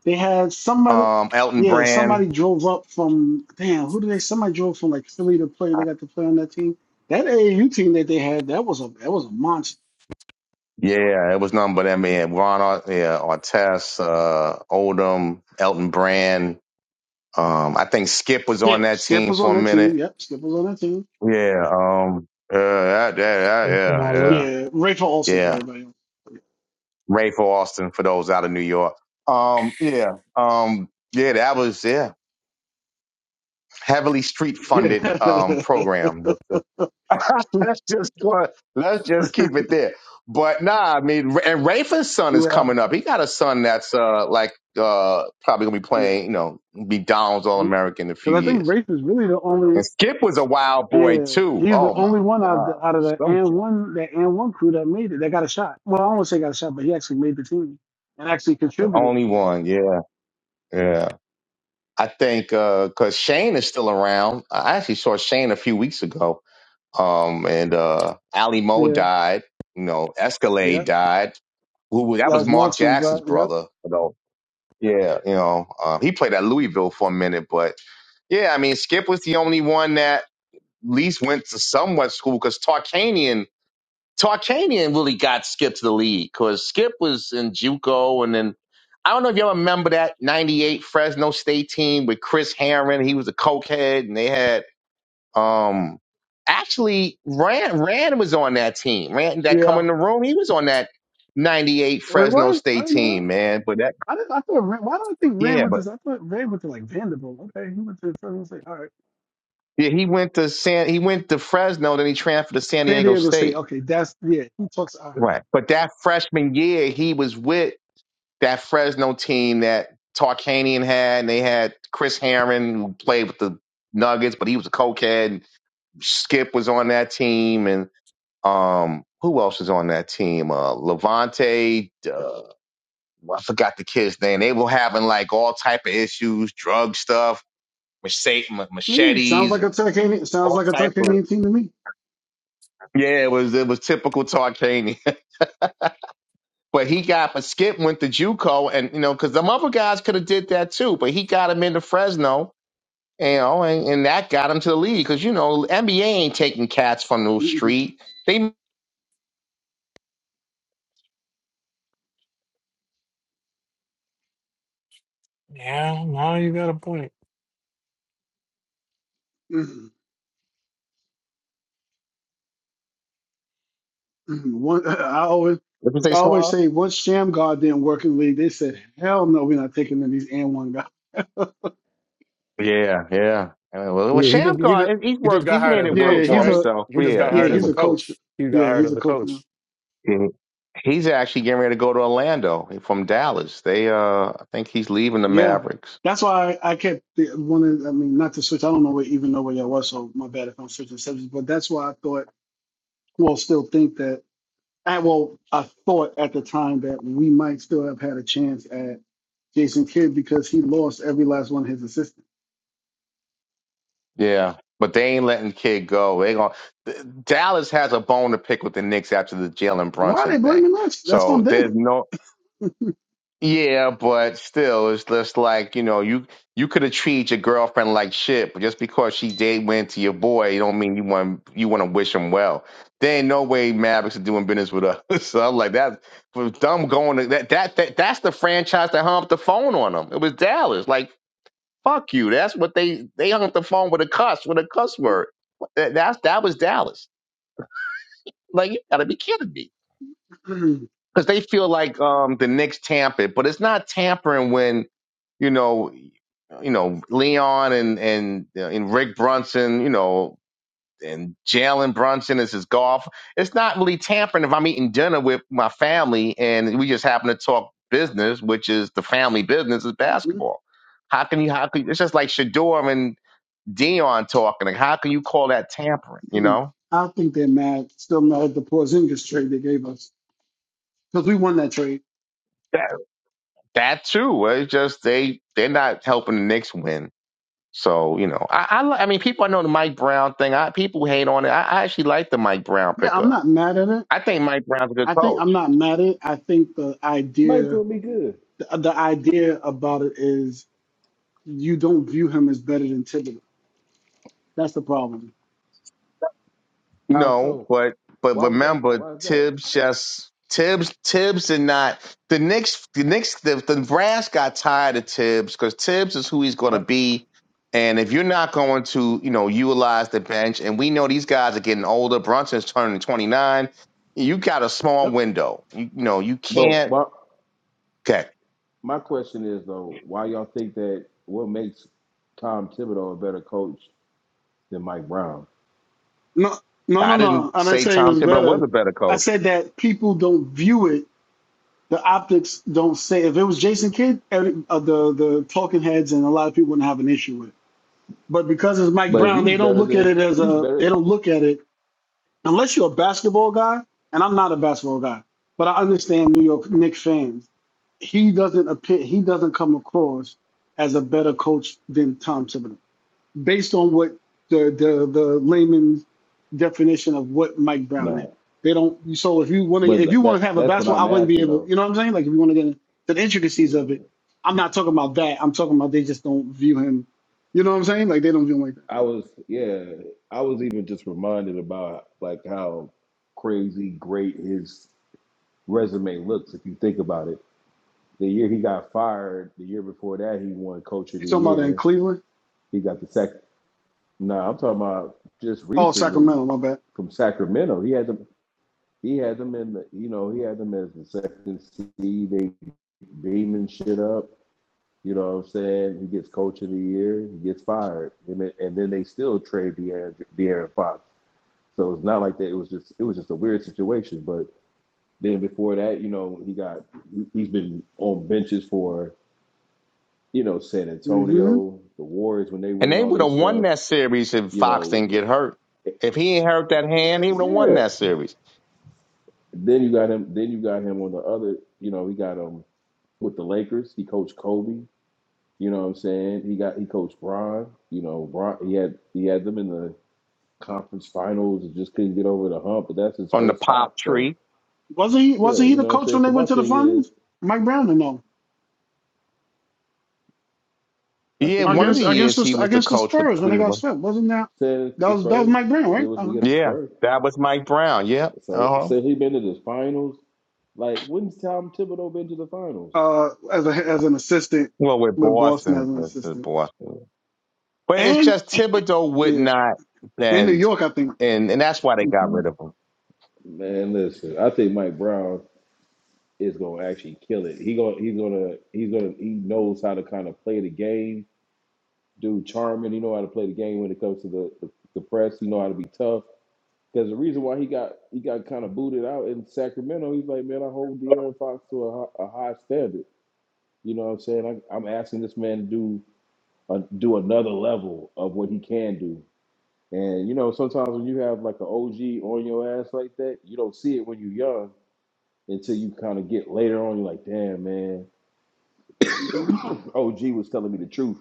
Speaker 12: They had somebody.
Speaker 6: um, Elton
Speaker 12: Yeah,
Speaker 6: Brand.
Speaker 12: somebody drove up from damn. Who did they? Somebody drove from like Philly to play. They got to play on that team. That AAU team that they had, that was a that was a monster.
Speaker 6: Yeah, it was nothing but that man, Ron, Ar- yeah, Artest, uh, Odom, Elton Brand. Um, I think Skip was on
Speaker 12: Skip,
Speaker 6: that
Speaker 12: Skip
Speaker 6: team
Speaker 12: was
Speaker 6: for
Speaker 12: on
Speaker 6: a
Speaker 12: that
Speaker 6: minute.
Speaker 12: team. Yep, Skip was on that team.
Speaker 6: Yeah, um, uh, yeah, yeah,
Speaker 1: Give
Speaker 6: yeah,
Speaker 1: Kumalo.
Speaker 6: yeah,
Speaker 12: Yeah, Rafe Olsen for
Speaker 6: yeah.
Speaker 12: everybody. else.
Speaker 6: Ray for Austin for those out of New York. Um, yeah, um, yeah, that was yeah heavily street funded um program. The- the- let's just go- let's just keep it there. But nah, I mean, and Rafa's
Speaker 12: Yeah,
Speaker 6: son is
Speaker 12: yeah,
Speaker 6: coming up. He got a son that's uh like uh probably gonna be
Speaker 12: yeah.
Speaker 6: playing, you know, be Donald's All
Speaker 12: Because
Speaker 6: American in a few
Speaker 12: I think
Speaker 6: years.
Speaker 12: Rafe is really the only.
Speaker 6: And Skip was a wild boy
Speaker 12: Yeah,
Speaker 6: too.
Speaker 12: he's the
Speaker 6: Oh my
Speaker 12: only one out of
Speaker 6: god,
Speaker 12: the, out of the
Speaker 6: some
Speaker 12: and
Speaker 6: cat.
Speaker 12: one that and one crew that made it. That got a shot. Well, I won't say got a shot, but he actually made the team and actually
Speaker 6: The
Speaker 12: contributed.
Speaker 6: only one, yeah. Yeah. I think because Shane is still around. I actually saw Shane a few weeks ago. Um, and uh, Ali Mo
Speaker 12: Yeah,
Speaker 6: died. You know,
Speaker 12: yeah,
Speaker 6: Escalade died. Who was- that
Speaker 12: that
Speaker 6: was
Speaker 12: was
Speaker 6: Mark
Speaker 12: Marksman's
Speaker 6: Jackson's
Speaker 12: bro. Yep,
Speaker 6: brother. You know. Yeah. You know, uh, he played at Louisville for a minute, but yeah, I mean, Skip was the only one that at least went to somewhat school because Tarkanian Tarkanian really got Skip to the league because Skip was in JUCO, and then I don't know if y'all remember that '98 Fresno State team with Chris Herron. He was a cokehead, and they had um actually Rand Rand was on that team. Rand that come
Speaker 12: yeah.
Speaker 6: in the room, he was on that '98
Speaker 12: Oh, it
Speaker 6: Fresno
Speaker 12: was. I
Speaker 6: State
Speaker 12: didn't know that.
Speaker 6: team, man. But that
Speaker 12: I didn't. I thought. Rand, why do I think Rand
Speaker 6: yeah,
Speaker 12: went to?
Speaker 6: but
Speaker 12: I thought Rand went to like Vanderbilt. Okay, he went to Fresno State. All right,
Speaker 6: yeah, he went to San he went to Fresno, then he transferred to San
Speaker 12: San
Speaker 6: Diego
Speaker 12: Diego State.
Speaker 6: State.
Speaker 12: Okay, that's yeah. He talks. I heard.
Speaker 6: Right. But that freshman year, he was with that Fresno team that Tarkanian had, and they had Chris Herron who played with the Nuggets, but he was a cokehead. Skip was on that team, and um, who else was on that team? Uh, Levante, uh, well, I forgot the kid's name. They were having like all type of issues, drug stuff, machete,
Speaker 12: Yeah, sounds
Speaker 6: machetes,
Speaker 12: like a
Speaker 6: and
Speaker 12: Turkanian. Sounds
Speaker 6: all
Speaker 12: like a
Speaker 6: type of
Speaker 12: Turkanian team to me.
Speaker 6: yeah. It was it was typical Tarkanian, but he got but Skip went to JUCO, and you know because them other guys could have did that too, but he got him into Fresno You know, and, and that got him to the league because you know NBA ain't taking cats from the street. They what
Speaker 1: Yeah, now you got a point.
Speaker 12: Mm-mm. Mhm. One, I always,
Speaker 6: you say,
Speaker 12: I always
Speaker 6: Suave?
Speaker 12: say once Sham God didn't work in the league, they said, "Hell no, we're not taking in these and one guys."
Speaker 6: Yeah, yeah. I mean, well, well,
Speaker 9: Yeah, he just he
Speaker 6: Shamgar,
Speaker 9: just
Speaker 6: he- he's
Speaker 9: he just
Speaker 6: worked.
Speaker 9: got
Speaker 6: He's
Speaker 9: hired
Speaker 6: made
Speaker 9: as
Speaker 6: it
Speaker 9: a
Speaker 12: Yeah,
Speaker 6: work
Speaker 12: yeah,
Speaker 9: coach,
Speaker 6: for
Speaker 12: he's
Speaker 9: right?
Speaker 12: a
Speaker 6: himself.
Speaker 9: He just
Speaker 6: Yeah,
Speaker 9: got
Speaker 12: yeah,
Speaker 6: he's
Speaker 9: hired as
Speaker 12: he's
Speaker 9: a
Speaker 6: in.
Speaker 12: a coach.
Speaker 9: coach. He got
Speaker 12: Yeah,
Speaker 9: hired
Speaker 12: he's
Speaker 9: as
Speaker 12: a
Speaker 9: a
Speaker 12: coach now.
Speaker 9: coach.
Speaker 6: He's actually getting ready to go to Orlando from Dallas. They, uh, I think he's leaving the
Speaker 12: Yeah,
Speaker 6: Mavericks.
Speaker 12: that's why I, I kept the- wanting. I mean, not to switch. I don't know where, even know where y'all was, so my bad if I'm switching subjects. But that's why I thought, well, still think that. I, well, I thought at the time that we might still have had a chance at Jason Kidd because he lost every last one of his assistants.
Speaker 6: Yeah, but they ain't letting kid go. They going Dallas has a bone to pick with the Knicks after the Jalen
Speaker 12: Why are
Speaker 6: Brunson
Speaker 12: they
Speaker 6: thing.
Speaker 12: blaming us? That's on
Speaker 6: So there's no Yeah, but still, it's just like, you know, you you could have treated your girlfriend like shit, but just because she did went to your boy, you don't mean you want you want to wish him well. There ain't no way Mavericks are doing business with us. So I'm like that was dumb going to that, that that that's the franchise that hung up the phone on them. It was Dallas. Like, fuck you. That's what they they hung up the phone with a cuss, with a cuss word. That that's that was Dallas. Like, you gotta be kidding me.
Speaker 12: them.
Speaker 6: Because they feel like um the Knicks tampered, but it's not tampering when you know, you know Leon and and uh, and Rick Brunson, you know, and Jalen Brunson is his golf. It's not really tampering if I'm eating dinner with my family and we just happen to talk business, which is the family business is basketball. How can you? How can it's just like Shador and Dion talking? Like, how can you call that tampering? You
Speaker 12: Mm.
Speaker 6: know
Speaker 12: I think they're mad, still mad at the Porzingis trade they gave us because we won that trade.
Speaker 6: that that too. uh, It's just they they're not helping the Knicks win. So you know, I I, li- I mean, people I know the Mike Brown thing. I people hate on it. I, I actually like the Mike Brown
Speaker 12: Yeah, I'm
Speaker 6: pickup.
Speaker 12: not mad at it.
Speaker 6: I think Mike Brown's a good
Speaker 12: I think
Speaker 6: coach.
Speaker 12: I'm not mad at it. I think the
Speaker 13: Michael
Speaker 12: idea,
Speaker 13: will be good.
Speaker 12: the, the idea about it is you don't view him as better than Thibodeau. That's the problem.
Speaker 13: How
Speaker 6: No,
Speaker 13: so?
Speaker 6: but but
Speaker 13: Why would y'all
Speaker 6: remember
Speaker 13: why is that?
Speaker 6: Tibbs just Tibbs Tibbs did not the Knicks the Knicks the, the brass got tired of Tibbs because Tibbs is who he's going to
Speaker 12: Yep.
Speaker 6: be, and if you're not going to you know utilize the bench, and we know these guys are getting older. Brunson's turning 29. You got a small
Speaker 12: Yep.
Speaker 6: window. You, you know you
Speaker 13: But
Speaker 6: can't.
Speaker 13: why,
Speaker 6: Okay,
Speaker 13: my question is though, why y'all think that what makes Tom Thibodeau a better coach than Mike Brown?
Speaker 12: No, no, no,
Speaker 6: I didn't
Speaker 12: no. I didn't
Speaker 6: say
Speaker 12: say he
Speaker 6: Tom
Speaker 12: was
Speaker 6: Thibodeau was
Speaker 12: better.
Speaker 6: a better coach.
Speaker 12: I said that people don't view it. The optics don't say. If it was Jason Kidd, every, uh, the the talking heads and a lot of people wouldn't have an issue with it But because it's Mike
Speaker 13: But
Speaker 12: Brown,
Speaker 13: he's
Speaker 12: they don't
Speaker 13: better
Speaker 12: look at
Speaker 13: than
Speaker 12: it as
Speaker 13: he's
Speaker 12: a they
Speaker 13: better
Speaker 12: don't look at it unless you're a basketball guy, and I'm not a basketball guy, but I understand New York Knicks fans. He doesn't appear he doesn't come across as a better coach than Tom Thibodeau, based on what the the the layman's definition of what Mike Brown is.
Speaker 13: no.
Speaker 12: They don't so if you want to
Speaker 13: But
Speaker 12: if you
Speaker 13: that, that
Speaker 12: want to have a
Speaker 13: that's what
Speaker 12: basketball, I
Speaker 13: I'm
Speaker 12: wouldn't be
Speaker 13: asking
Speaker 12: able,
Speaker 13: though.
Speaker 12: you know what I'm saying? Like if you want to get into the intricacies
Speaker 13: Yeah.
Speaker 12: of it, I'm not talking about that. I'm talking about they just don't view him. You know what I'm saying? Like they don't view him like that.
Speaker 13: I was yeah, I was even just reminded about like how crazy great his resume looks if you think about it. The year he got fired, the year before that he won coach of
Speaker 12: You
Speaker 13: the
Speaker 12: talking about in
Speaker 13: year.
Speaker 12: Cleveland?
Speaker 13: He got the second no, I'm talking about just
Speaker 12: Oh,
Speaker 13: recently
Speaker 12: Sacramento. My bad.
Speaker 13: from Sacramento. He had them he had them in the you know, he had them as the second seed, they beaming shit up. You know what I'm saying? He gets coach of the year, he gets fired. And then, and then they still trade De'Aaron, De'Aaron Fox. So it's not like that. It was just it was just a weird situation. But then before that, you know, he got he's been on benches for you know San
Speaker 12: hmm
Speaker 13: Antonio, the Warriors when they
Speaker 6: And
Speaker 13: winning
Speaker 6: they
Speaker 13: all
Speaker 6: would
Speaker 13: their
Speaker 6: have won
Speaker 13: stuff.
Speaker 6: that series if
Speaker 13: You
Speaker 6: Fox
Speaker 13: know,
Speaker 6: didn't get hurt. If he ain't hurt that hand, he would have won
Speaker 13: yeah.
Speaker 6: that series
Speaker 13: Then you got him. Then you got him on the other. You know, he got him with the Lakers. He coached Kobe. You know what I'm saying? He got he coached Bron. You know, Bron. He had he had them in the conference finals and just couldn't get over the hump. But that's his
Speaker 6: on the
Speaker 13: first
Speaker 6: pop
Speaker 13: stop. So
Speaker 6: tree.
Speaker 12: Wasn't he?
Speaker 13: yeah,
Speaker 12: Wasn't he
Speaker 13: you
Speaker 12: the
Speaker 13: know what I'm
Speaker 12: coach
Speaker 13: saying.
Speaker 12: when they
Speaker 13: So
Speaker 12: went
Speaker 13: my
Speaker 12: to the
Speaker 13: thing is.
Speaker 12: finals? Mike Brown or no?
Speaker 13: I
Speaker 6: Yeah,
Speaker 13: think it
Speaker 6: one of
Speaker 12: Against
Speaker 6: the
Speaker 13: was the
Speaker 12: against
Speaker 6: years he
Speaker 12: the
Speaker 6: was the
Speaker 12: against the
Speaker 6: coach with
Speaker 12: Spurs when they got
Speaker 6: Cleveland.
Speaker 12: swept. Wasn't that
Speaker 13: said
Speaker 12: that
Speaker 13: the
Speaker 12: was that was
Speaker 13: Spurs.
Speaker 12: Mike Brown,
Speaker 13: If it
Speaker 12: right?
Speaker 13: was
Speaker 12: Uh-huh.
Speaker 13: against the
Speaker 6: Yeah,
Speaker 13: Spurs,
Speaker 6: that was Mike Brown. Yep. Uh
Speaker 13: so
Speaker 6: huh.
Speaker 13: say he been to the finals. Like when's Tom Thibodeau been to the finals?
Speaker 12: Uh, as a as an assistant
Speaker 6: Well, with
Speaker 12: with Boston as
Speaker 6: Boston,
Speaker 12: an
Speaker 6: with the
Speaker 12: assistant,
Speaker 6: Boston. But it's
Speaker 12: and
Speaker 6: just Thibodeau would
Speaker 12: yeah,
Speaker 6: not
Speaker 12: and New
Speaker 6: bend,
Speaker 12: York, I think.
Speaker 6: and and that's why they got
Speaker 12: hmm
Speaker 6: rid of him.
Speaker 13: Man, listen, I think Mike Brown is gonna actually kill it. He gonna he's gonna he's gonna he knows how to kind of play the game. Dude, charming. He know how to play the game when it comes to the the, the press. He know how to be tough. Because the reason why he got he got kind of booted out in Sacramento, he's like, man, I hold De'Aaron Fox to a, a high standard. You know what I'm saying? I, I'm asking this man to do uh, do another level of what he can do. And you know, sometimes when you have like an OG on your ass like that, you don't see it when you're young until you kind of get later on. You're like, damn, man,
Speaker 12: hmm
Speaker 13: OG was telling me the truth.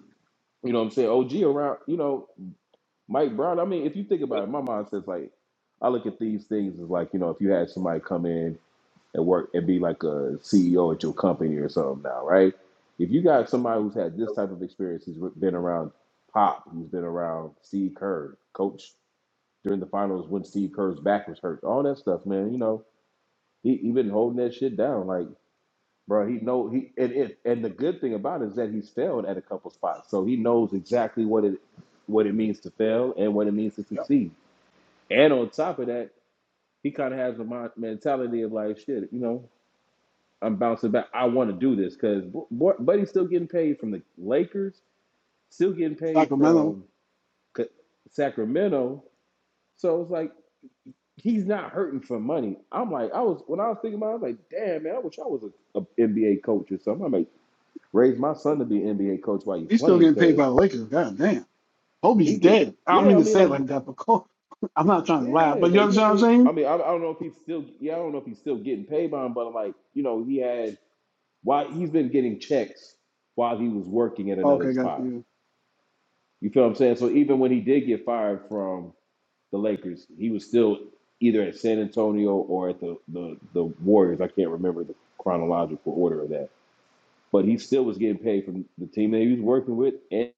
Speaker 13: You know what I'm saying? OG around, you know, Mike Brown. I mean, if you think about it, my mind says like, I look at these things as like, you know, if you had somebody come in and work and be like a CEO at your company or something now, right? If you got somebody who's had this type of experience, he has been around Pop, who's been around Steve Kerr, coach during the finals when Steve Kerr's back was hurt, all that stuff, man. You know, he he been holding that shit down, like bro. He know he and it and the good thing about it is that he's failed at a couple spots, so he knows exactly what it what it means to fail and what it means to
Speaker 12: Yep.
Speaker 13: succeed. And on top of that, he kind of has the mon- mentality of like, shit, you know, I'm bouncing back. I want to do this because Buddy's still getting paid from the Lakers, still getting paid
Speaker 12: Sacramento.
Speaker 13: from Sacramento. So it's like he's not hurting for money. I'm like, I was when I was thinking about, it, I was like, damn man, I wish I was an NBA coach or something. I might raise my son to be an NBA coach while you're
Speaker 12: He's still
Speaker 13: playing
Speaker 12: getting paid
Speaker 13: because
Speaker 12: by the Lakers. God damn.
Speaker 13: he
Speaker 12: Kobe's
Speaker 13: get
Speaker 12: dead. I don't
Speaker 13: yeah.
Speaker 12: mean
Speaker 13: I
Speaker 12: to
Speaker 13: mean
Speaker 12: say it
Speaker 13: like
Speaker 12: like that, but Kobe, I'm not trying to laugh.
Speaker 13: yeah,
Speaker 12: But
Speaker 13: but
Speaker 12: you
Speaker 13: you know what
Speaker 12: understand
Speaker 13: I
Speaker 12: what I'm
Speaker 13: mean. I
Speaker 12: saying?
Speaker 13: mean I, I don't know if he's still yeah. I don't know if he's still getting paid by him, but I'm like you know he had why he's been getting checks while he was working at another
Speaker 12: Okay, gotcha.
Speaker 13: spot.
Speaker 12: yeah.
Speaker 13: You feel what I'm saying? So even when he did get fired from the Lakers, he was still either at San Antonio or at the the, the Warriors. I can't remember the chronological order of that, but he still was getting paid from the team that he was working with. And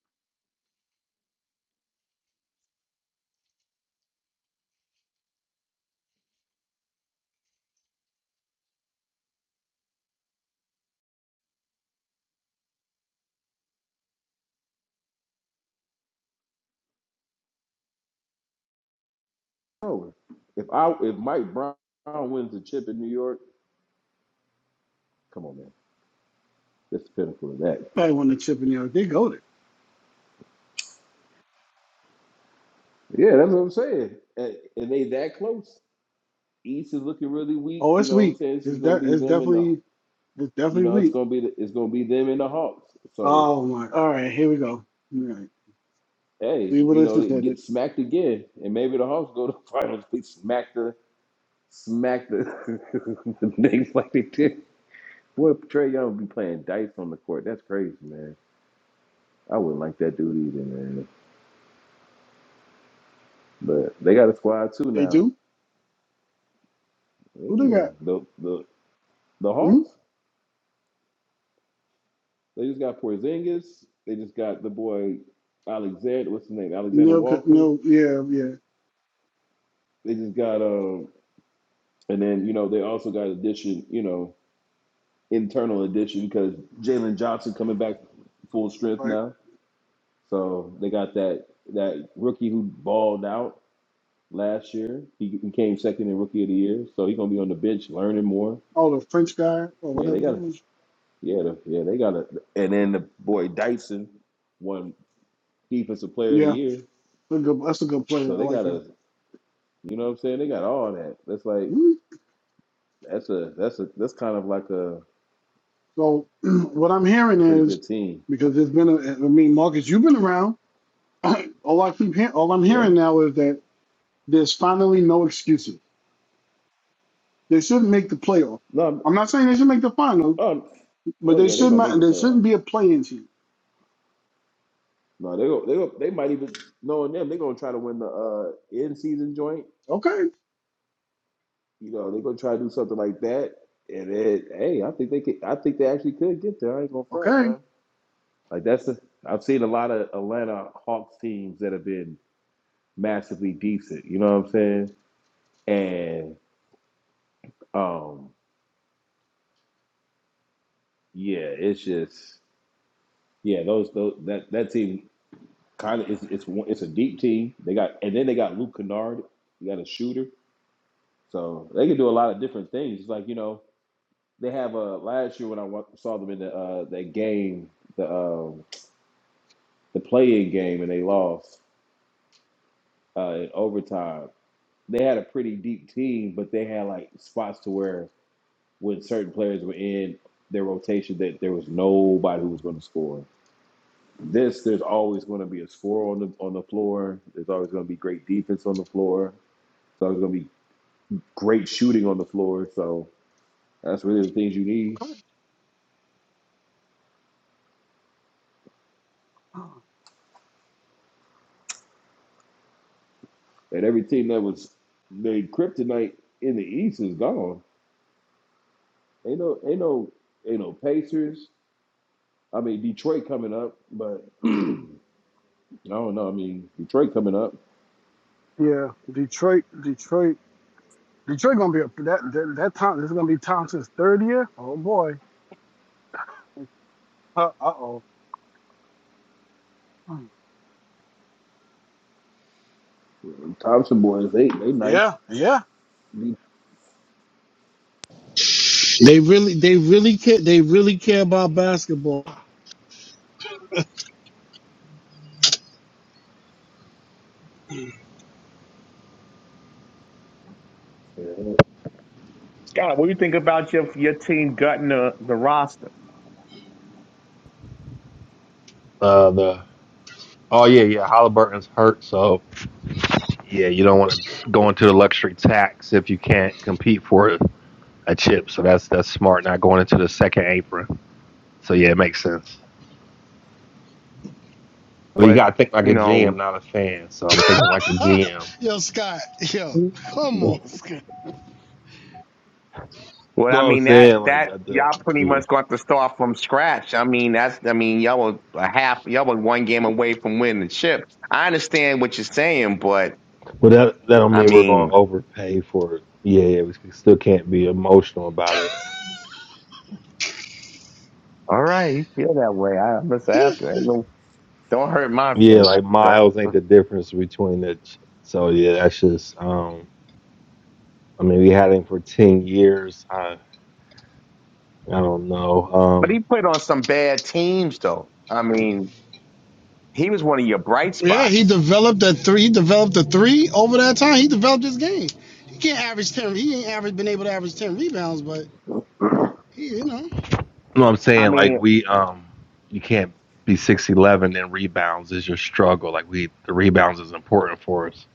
Speaker 13: if I if Mike Brown wins the chip in New York, come on, man, that's the pinnacle of that.
Speaker 12: Probably want the chip in there. They go there.
Speaker 13: Yeah, that's what I'm saying. And, and they that close. East is looking really weak.
Speaker 12: Oh,
Speaker 13: You
Speaker 12: it's
Speaker 13: know what I'm
Speaker 12: weak.
Speaker 13: saying? This
Speaker 12: It's
Speaker 13: is gonna
Speaker 12: de-
Speaker 13: be
Speaker 12: it's
Speaker 13: them and the.
Speaker 12: definitely it's
Speaker 13: You
Speaker 12: definitely
Speaker 13: know, it's
Speaker 12: weak.
Speaker 13: gonna be the, it's gonna be them and the Hawks. So
Speaker 12: Oh my. All right, here we go. All right.
Speaker 13: hey,
Speaker 12: See what
Speaker 13: you
Speaker 12: this
Speaker 13: know,
Speaker 12: is
Speaker 13: they
Speaker 12: headed.
Speaker 13: get smacked again, and maybe the Hawks go to the finals. They smack the smack the, the Knicks like they did. Boy, Trey Young be playing dice on the court. That's crazy, man. I wouldn't like that dude either, man. But they got a squad too
Speaker 12: They
Speaker 13: now.
Speaker 12: do? Who they
Speaker 13: Yeah,
Speaker 12: got?
Speaker 13: the the the
Speaker 12: Hmm?
Speaker 13: Hawks. They just got Porzingis. They just got the boy Alexander. What's his name? Alexander
Speaker 12: No,
Speaker 13: Walker.
Speaker 12: no, yeah, yeah.
Speaker 13: They just got um, and then you know they also got addition. You know internal addition because Jalen Johnson coming back full strength
Speaker 12: Right.
Speaker 13: now. So they got that that rookie who balled out last year. He, he came second in rookie of the year. So he's gonna be on the bench learning more.
Speaker 12: Oh, the French guy or
Speaker 13: Yeah,
Speaker 12: whatever.
Speaker 13: they
Speaker 12: his
Speaker 13: got
Speaker 12: name is.
Speaker 13: yeah, the, yeah, they got a and then the boy Dyson won defensive player of the
Speaker 12: Yeah,
Speaker 13: year.
Speaker 12: that's a good, that's a good player.
Speaker 13: So
Speaker 12: I
Speaker 13: they
Speaker 12: like
Speaker 13: got
Speaker 12: him.
Speaker 13: a you know what I'm saying? They got all that. That's like
Speaker 12: Hmm.
Speaker 13: that's a that's a that's kind of like a
Speaker 12: So what I'm hearing
Speaker 13: pretty
Speaker 12: is
Speaker 13: good team.
Speaker 12: because there's been a, I mean, Marcus, you've been around. all I keep hearing, all I'm
Speaker 13: Yeah.
Speaker 12: hearing now is that there's finally no excuses They shouldn't make the playoff.
Speaker 13: No,
Speaker 12: I'm not saying they should make the final,
Speaker 13: um,
Speaker 12: but
Speaker 13: oh
Speaker 12: they
Speaker 13: yeah, they're
Speaker 12: should
Speaker 13: gonna make
Speaker 12: not.
Speaker 13: the
Speaker 12: They shouldn't
Speaker 13: playoffs.
Speaker 12: be a playing team.
Speaker 13: No, they go. They go. They might even knowing them. They're gonna try to win the uh end season joint.
Speaker 12: Okay,
Speaker 13: You know, they're gonna try to do something like that. And then, hey, I think they could. I think they actually could get there. I ain't gonna front,
Speaker 12: okay.
Speaker 13: man. Like that's. The, I've seen a lot of Atlanta Hawks teams that have been massively decent. You know what I'm saying? And um, yeah, it's just yeah. Those those that that team kind of it's it's one- it's a deep team. They got and then they got Luke Kennard. You got a shooter, so they can do a lot of different things. It's like you know. They have a uh, last year when I wa- saw them in the uh, that game, the um, the play-in game, and they lost uh, in overtime. They had a pretty deep team, but they had like spots to where when certain players were in their rotation, that there was nobody who was going to score. This there's always going to be a score on the on the floor. There's always going to be great defense on the floor. There's always going to be great shooting on the floor. So that's really the things you need.
Speaker 12: okay.
Speaker 13: And every team that was named Kryptonite in the East is gone. Ain't no, ain't no, ain't no Pacers. I mean Detroit coming up, but I don't know. I mean Detroit coming up.
Speaker 12: Yeah, Detroit, Detroit, Detroit gonna be up that that, that time. This is gonna be Thompson's third year. Oh boy. Uh oh.
Speaker 13: Thompson boys, they they nice.
Speaker 12: Yeah, yeah. They really, they really care. They really care about basketball.
Speaker 13: The
Speaker 6: Scott, what do you think about your your team gutting the, the roster?
Speaker 14: Uh, the oh yeah, yeah, Halliburton's hurt, so yeah, you don't want to go into the luxury tax if you can't compete for a chip. So that's that's smart, not going into the second apron. So yeah, it makes sense. But you
Speaker 6: But
Speaker 14: gotta think like
Speaker 6: you
Speaker 14: a GM,
Speaker 6: know,
Speaker 14: not a fan. So I'm thinking like a GM.
Speaker 12: yo, Scott, yo, come on.
Speaker 6: Well,
Speaker 14: No,
Speaker 6: I
Speaker 14: I'm
Speaker 6: mean that
Speaker 14: saying like
Speaker 6: that
Speaker 14: I do.
Speaker 6: y'all pretty
Speaker 14: Yeah,
Speaker 6: much going to start from scratch. I mean that's I mean y'all were a half y'all were one game away from winning the chip. I understand what you're saying, but
Speaker 14: but that that don't
Speaker 6: I
Speaker 14: mean we're going
Speaker 6: mean,
Speaker 14: to overpay for it. Yeah, yeah, we c- still can't be emotional about it.
Speaker 6: all right, you feel that way. I I'm just asking. Ain't no- Don't hurt my
Speaker 14: Yeah,
Speaker 6: opinion.
Speaker 14: like
Speaker 6: That's the-
Speaker 14: miles ain't the difference between the. ch- So yeah, that's just I I mean, we had him for ten years. I I don't know.
Speaker 6: But he
Speaker 14: Um,
Speaker 6: played on some bad teams though. I mean, he was one of your bright
Speaker 12: Yeah, he
Speaker 6: spots.
Speaker 12: developed a three. He developed a three over that time. He developed his game. He can't average ten. He ain't average been able to average ten rebounds, but he, you know,
Speaker 14: no, I'm
Speaker 6: I
Speaker 14: saying like
Speaker 6: mean,
Speaker 14: we um, you can't be six eleven and rebounds is your struggle. Like we the rebounds is important for us.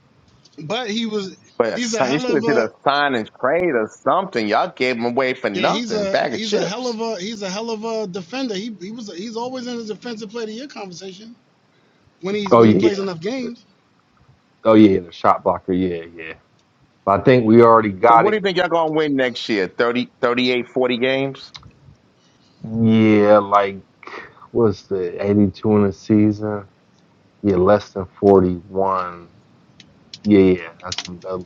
Speaker 12: but he was.
Speaker 6: but a
Speaker 12: He's a
Speaker 6: sign- you
Speaker 12: hell
Speaker 6: should
Speaker 12: of
Speaker 6: have did
Speaker 12: a.
Speaker 6: a sign and trade or something. Y'all gave him away for
Speaker 12: Yeah, he's
Speaker 6: nothing, a
Speaker 12: a
Speaker 6: bag of
Speaker 12: he's a hell
Speaker 6: chips.
Speaker 12: of a he's a hell of a defender. He he was he's always in the defensive player of the year conversation when he's
Speaker 14: Oh
Speaker 12: when he
Speaker 14: yeah.
Speaker 12: plays
Speaker 14: yeah.
Speaker 12: enough
Speaker 14: The,
Speaker 12: games.
Speaker 14: oh yeah, the shot blocker. Yeah, yeah. But I think we already
Speaker 6: So
Speaker 14: got
Speaker 6: what do you
Speaker 14: him.
Speaker 6: think y'all gonna win next year? 30, 38, 40 games?
Speaker 14: Yeah, like what's the eighty two in the season? Yeah, less than forty one. Yeah, yeah. That's uh,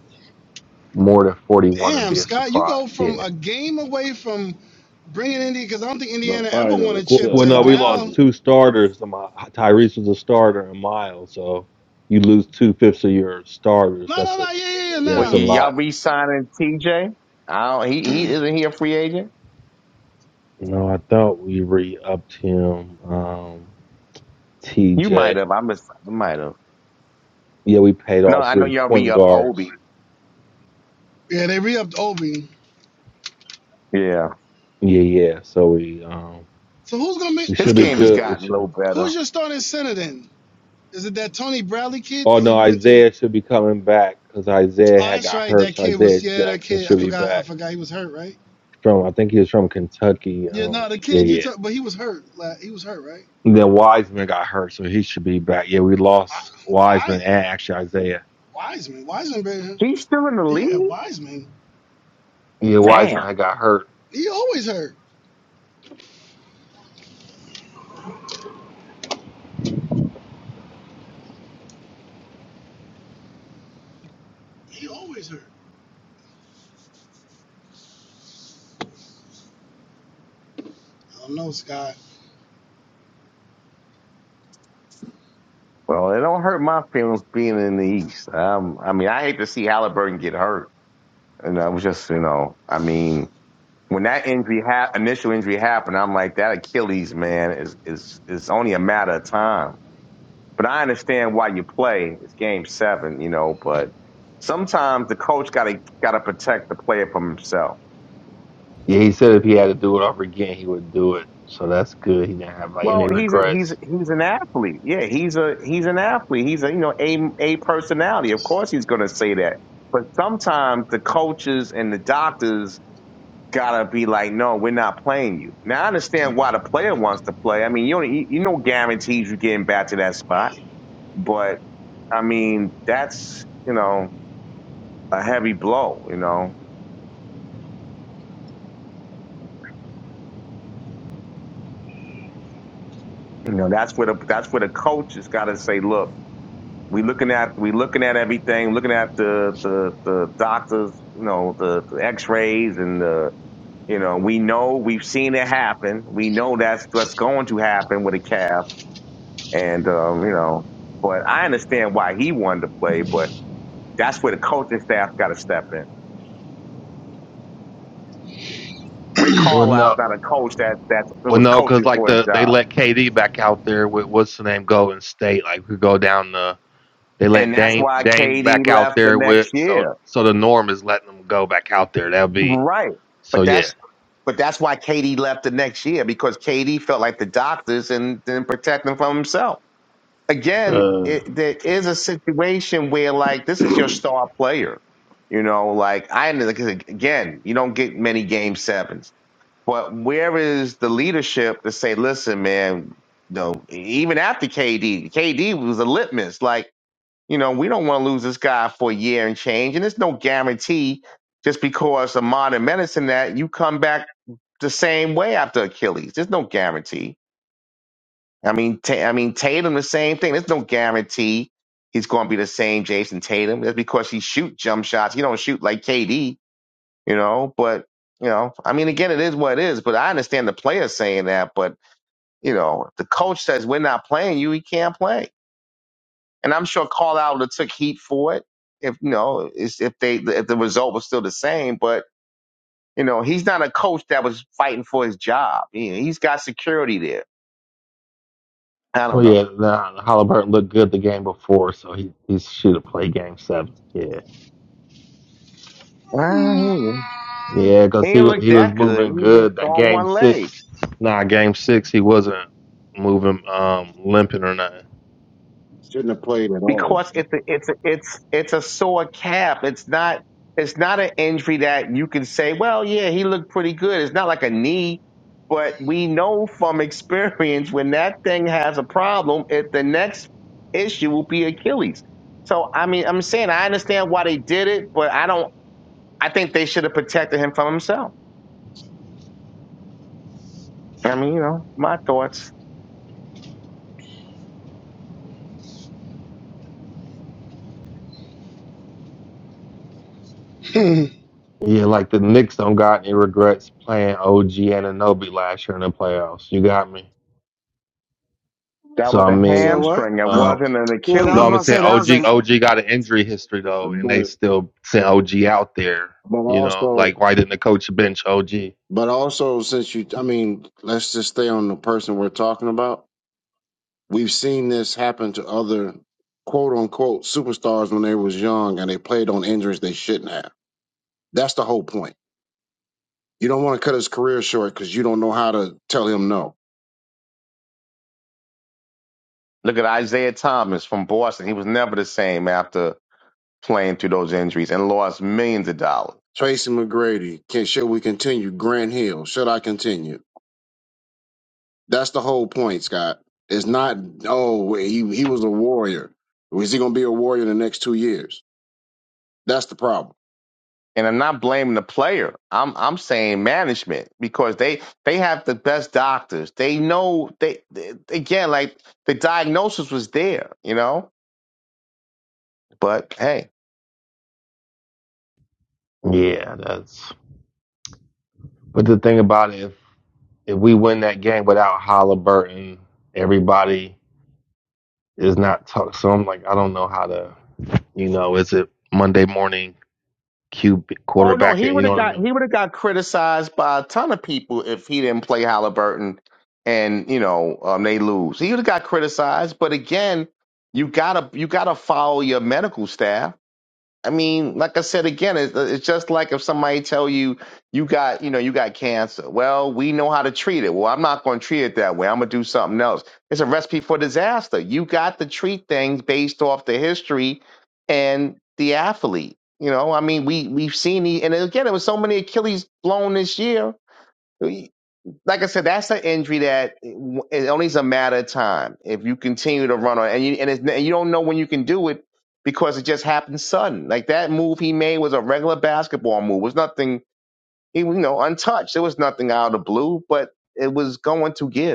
Speaker 14: more than forty one would
Speaker 12: Damn,
Speaker 14: be a
Speaker 12: Scott, you
Speaker 14: surprise.
Speaker 12: go from
Speaker 14: Yeah.
Speaker 12: a game away from bringing Indiana because I don't think Indiana ever won a
Speaker 13: finals
Speaker 14: Well,
Speaker 12: chip
Speaker 13: to
Speaker 14: well,
Speaker 12: to
Speaker 14: no, we
Speaker 13: five
Speaker 12: now.
Speaker 14: lost
Speaker 13: hundred.
Speaker 14: two starters. Um, uh, Tyrese was a starter, and Miles. So you lose two fifths of your starters.
Speaker 12: No,
Speaker 14: That's
Speaker 12: no,
Speaker 14: a
Speaker 12: no, yeah, yeah, yeah,
Speaker 14: yeah,
Speaker 6: Well,
Speaker 14: that's
Speaker 6: y-
Speaker 12: nah.
Speaker 14: a
Speaker 6: y'all
Speaker 14: lot.
Speaker 6: re-signing TJ? don't, he he isn't he a free agent?
Speaker 14: No, I thought we re-upped him. Um,
Speaker 6: You might
Speaker 14: TJ.
Speaker 6: have. I miss, might have.
Speaker 14: Yeah, we paid
Speaker 6: No,
Speaker 14: all
Speaker 6: I know
Speaker 14: three
Speaker 6: y'all
Speaker 14: point
Speaker 6: re-up Obi.
Speaker 14: guards.
Speaker 12: Yeah, they re-upped Obi.
Speaker 6: Yeah,
Speaker 14: Yeah, yeah. So we um
Speaker 12: So who's gonna
Speaker 14: we
Speaker 6: his
Speaker 14: should be
Speaker 12: make?
Speaker 6: game has
Speaker 14: good. We
Speaker 6: gotten a little
Speaker 14: should.
Speaker 6: better.
Speaker 12: Who's your starting center then? Is it that Tony Bradley kid?
Speaker 14: Oh
Speaker 12: He
Speaker 14: no,
Speaker 12: went to.
Speaker 14: Isaiah should be coming back because Isaiah
Speaker 12: Oh,
Speaker 14: had
Speaker 12: that's
Speaker 14: got
Speaker 12: right.
Speaker 14: hurt.
Speaker 12: That
Speaker 14: So
Speaker 12: kid
Speaker 14: Isaiah
Speaker 12: was. Yeah, that
Speaker 14: Jackson
Speaker 12: kid. I
Speaker 14: should be
Speaker 12: forgot. I
Speaker 14: back
Speaker 12: forgot he was hurt, right?
Speaker 14: from. I think he was from Kentucky.
Speaker 12: Yeah,
Speaker 14: Um,
Speaker 12: no, the
Speaker 14: yeah,
Speaker 12: kid you
Speaker 14: yeah.
Speaker 12: talk, but he was hurt. Like, he was hurt, right?
Speaker 14: Then Wiseman got hurt, so he should be back. Yeah, we
Speaker 12: I,
Speaker 14: lost
Speaker 12: why?
Speaker 14: Wiseman and actually Isaiah.
Speaker 12: Wiseman. Wiseman. been-
Speaker 6: He's still in the league.
Speaker 12: Yeah, Wiseman.
Speaker 14: Yeah, Wiseman
Speaker 6: Damn.
Speaker 14: had got hurt.
Speaker 12: He always hurt. He always hurt. I don't know, Scott.
Speaker 6: Well, it don't hurt my feelings being in the East. Um, I mean, I hate to see Halliburton get hurt, and I was just, you know, I mean, when that injury ha- initial injury happened, I'm like, that Achilles man is is is only a matter of time But I understand why you play. It's game seven, you know, but sometimes the coach gotta gotta protect the player from himself.
Speaker 14: Yeah, he said if he had to do it over again, he would do it. So that's good. He didn't have like any
Speaker 6: Well, he's a, he's
Speaker 14: regrets.
Speaker 6: he's an athlete. Yeah, he's a he's an athlete. He's a you know a a personality. Of course, he's gonna say that. But sometimes the coaches and the doctors gotta be like, no, we're not playing you. Now I understand why the player wants to play. I mean, you don't you, you no guarantees you getting back to that spot. But I mean, that's you know a heavy blow. You know, You know, that's where the that's where the coach has got to say, look, we looking at we looking at everything, looking at the the the doctors, you know, the, the X-rays and the you know, we know we've seen it happen. We know that's what's going to happen with a calf, and um, you know, but I understand why he wanted to play, but that's where the coaching staff got to step in. Rick
Speaker 14: Well,
Speaker 6: Carlisle's
Speaker 14: no,
Speaker 6: not a coach that that
Speaker 14: well,
Speaker 6: was
Speaker 14: no, because
Speaker 6: coaching
Speaker 14: like
Speaker 6: for his
Speaker 14: the they
Speaker 6: job,
Speaker 14: let KD back out there with what's the name Golden State. Like we go down the they
Speaker 6: and
Speaker 14: let
Speaker 6: that's
Speaker 14: Dame
Speaker 6: why
Speaker 14: Dame
Speaker 6: KD
Speaker 14: back out
Speaker 6: left the
Speaker 14: there
Speaker 6: next
Speaker 14: with so
Speaker 6: year
Speaker 14: so the norm is letting them go back out there. That'll be
Speaker 6: Right.
Speaker 14: so
Speaker 6: But
Speaker 14: yeah.
Speaker 6: that's but that's why Katie left the next year because Katie felt like the doctors and didn't protect him from himself. Again, it, there is a situation where like this is your star player. You know, like I like, again, you don't get many game sevens. But where is the leadership to say, listen, man, no, even after KD, KD was a litmus. Like you know, we don't want to lose this guy for a year and change. And there's no guarantee just because of modern medicine that you come back the same way after Achilles. There's no guarantee. I mean, Ta- I mean Tatum, the same thing. There's no guarantee he's going to be the same Jason Tatum. That's because he shoot jump shots. He don't shoot like KD, you know. But you know, I mean, again, it is what it is. But I understand the player saying that. But you know, if the coach says we're not playing you. He can't play. and I'm sure Carlisle would have took heat for it if you know is- if they if the result was still the same. But you know, he's not a coach that was fighting for his job. He, he's got security there. I don't
Speaker 14: Well,
Speaker 6: know.
Speaker 14: yeah, nah, Halliburton looked good the game before, so he he should have played game seven. Yeah,
Speaker 6: Ah,
Speaker 12: Hmm.
Speaker 6: He
Speaker 14: yeah, because
Speaker 6: he
Speaker 14: he
Speaker 6: didn't
Speaker 14: wa-
Speaker 6: look
Speaker 14: he was
Speaker 6: that good.
Speaker 14: moving
Speaker 6: He was
Speaker 14: good. That
Speaker 6: on
Speaker 14: game
Speaker 6: one leg.
Speaker 14: six, nah, game six, he wasn't moving, um, limping or nothing.
Speaker 3: Shouldn't have played at all.
Speaker 6: because it's a, it's a, it's it's a sore calf. It's not it's not an injury that you can say, well, yeah, he looked pretty good. It's not like a knee, but we know from experience when that thing has a problem, it the next issue will be Achilles. So I mean, I'm saying I understand why they did it, but I don't. I think they should have protected him from himself. I mean, you know, my thoughts.
Speaker 14: Yeah, like the Knicks don't got any regrets playing OG Ananobi last year in the playoffs. You got me.
Speaker 6: That
Speaker 14: So
Speaker 6: was
Speaker 14: I
Speaker 6: a
Speaker 12: You said
Speaker 14: mean,
Speaker 12: what?
Speaker 6: hamstring. It
Speaker 12: yeah,
Speaker 14: um,
Speaker 6: wasn't an
Speaker 12: that
Speaker 14: no,
Speaker 12: was
Speaker 6: Achilles.
Speaker 12: about
Speaker 14: I'm
Speaker 12: to
Speaker 14: saying
Speaker 12: say that
Speaker 14: to
Speaker 12: was a
Speaker 14: OG OG got an injury history though, and they
Speaker 3: But
Speaker 14: still sent OG out there.
Speaker 3: but
Speaker 14: You know,
Speaker 3: also
Speaker 14: like why didn't the coach bench OG?
Speaker 3: but also since you I mean let's just stay on the person we're talking about We've seen this happen to other quote unquote superstars when they was young and they played on injuries they shouldn't have. That's the whole point. You don't want to cut his career short because you don't know how to tell him no.
Speaker 6: Look at Isaiah Thomas from Boston. He was never the same after playing through those injuries and lost millions of dollars.
Speaker 3: Tracy McGrady, can should we continue? Grant Hill, should I continue? That's the whole point, Scott. It's not oh he he was a warrior. Is he gonna be a warrior in the next two years? That's the problem.
Speaker 6: And I'm not blaming the player. I'm I'm saying management because they they have the best doctors. They know they, they again like the diagnosis was there, you know. But hey,
Speaker 14: Yeah, that's But the thing about it, if, if we win that game without Halliburton, everybody is not talk. So I'm like, I don't know how to, you know, is it Monday morning QB
Speaker 6: oh no,
Speaker 14: quarterback?
Speaker 6: he would
Speaker 14: You know
Speaker 6: have
Speaker 14: what I
Speaker 6: got
Speaker 14: mean?
Speaker 6: he would have got criticized by a ton of people if he didn't play Halliburton, and you know um, they lose. He would have got criticized. But again, you gotta you gotta follow your medical staff I mean, like I said again, it's, it's just like if somebody tell you you got, you know, you got cancer. Well, we know how to treat it. Well, I'm not going to treat it that way. I'm going to do something else. It's a recipe for disaster. You got to treat things based off the history and the athlete. You know, I mean, we we've seen the, and again, it was so many Achilles blown this year like I said, that's an injury that it it only is a matter of time if you continue to run on, and you and, it's, and you don't know when you can do it because it just happened sudden. Like that move he made was a regular basketball move. It was nothing, he was, you know, untouched. It was nothing out of the blue, but it was going to give.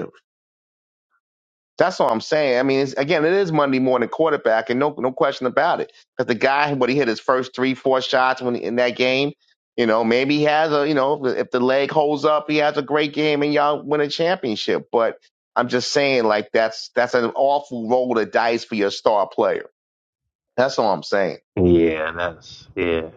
Speaker 6: That's all I'm saying. I mean, it's, again, it is Monday morning quarterback, and no, no question about it. Because the guy, when he hit his first three, four shots when in that game, you know, maybe he has a, you know, if the leg holds up, he has a great game, and y'all win a championship. But I'm just saying, like that's that's an awful roll of dice for your star player. That's all I'm saying.
Speaker 14: Yeah, that's yeah.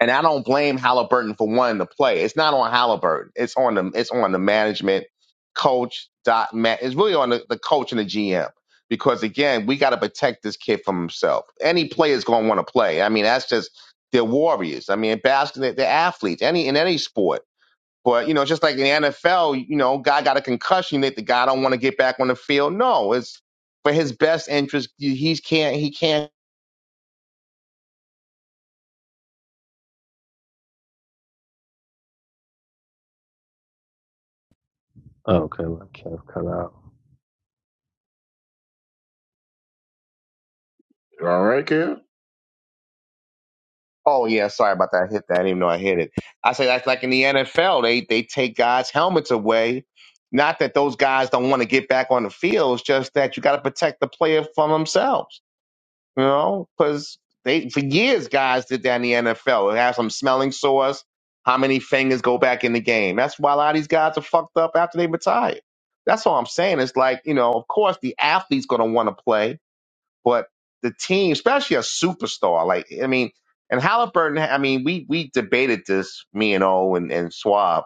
Speaker 6: And I don't blame Halliburton for wanting to play. It's not on Halliburton. It's on the it's on the management, coach, dot man. It's really on the, the coach and the GM. Because again, we got to protect this kid from himself. Any player's gonna want to play. I mean, that's just they're warriors. I mean, basketball, they're athletes. Any in any sport. But you know, just like in the NFL, you know, guy got a concussion. That the guy don't want to get back on the field? No, it's for his best interest. He can't. He can't
Speaker 14: Okay, my calf cut out.
Speaker 3: All right, Kev.
Speaker 6: Oh yeah, sorry about that. I hit that. I didn't even know I hit it. I say that's like in the NFL, they they take guys' helmets away. Not that those guys don't want to get back on the field, it's just that you got to protect the player from themselves. You know, because they for years guys did that in the NFL. They have some smelling sores. How many fingers go back in the game? That's why a lot of these guys are fucked up after they retire. That's all I'm saying. It's like you know, of course the athlete's going to want to play but the team, especially a superstar, like I mean, and Halliburton, I mean, we we debated this, me and O and, and Swab,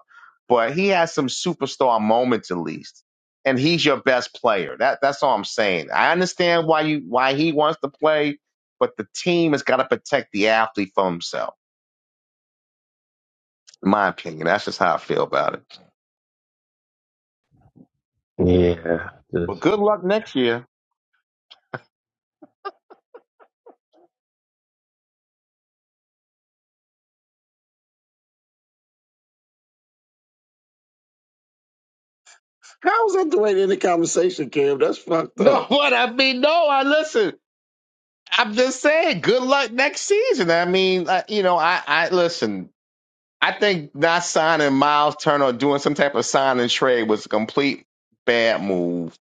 Speaker 6: but he has some superstar moments at least. And he's your best player. That that's all I'm saying. I understand why you why he wants to play, but the team has got to protect the athlete from himself. In my opinion. That's just how I feel about it.
Speaker 14: Yeah,
Speaker 6: Well,
Speaker 14: just
Speaker 6: good luck next year.
Speaker 3: How is that the way to end the conversation, Kev? That's fucked
Speaker 6: No,
Speaker 3: up.
Speaker 6: what I mean, no, I listen. I'm just saying, good luck next season. I mean, I, you know, I, I listen. I think not signing Miles Turner or doing some type of sign and trade was a complete bad move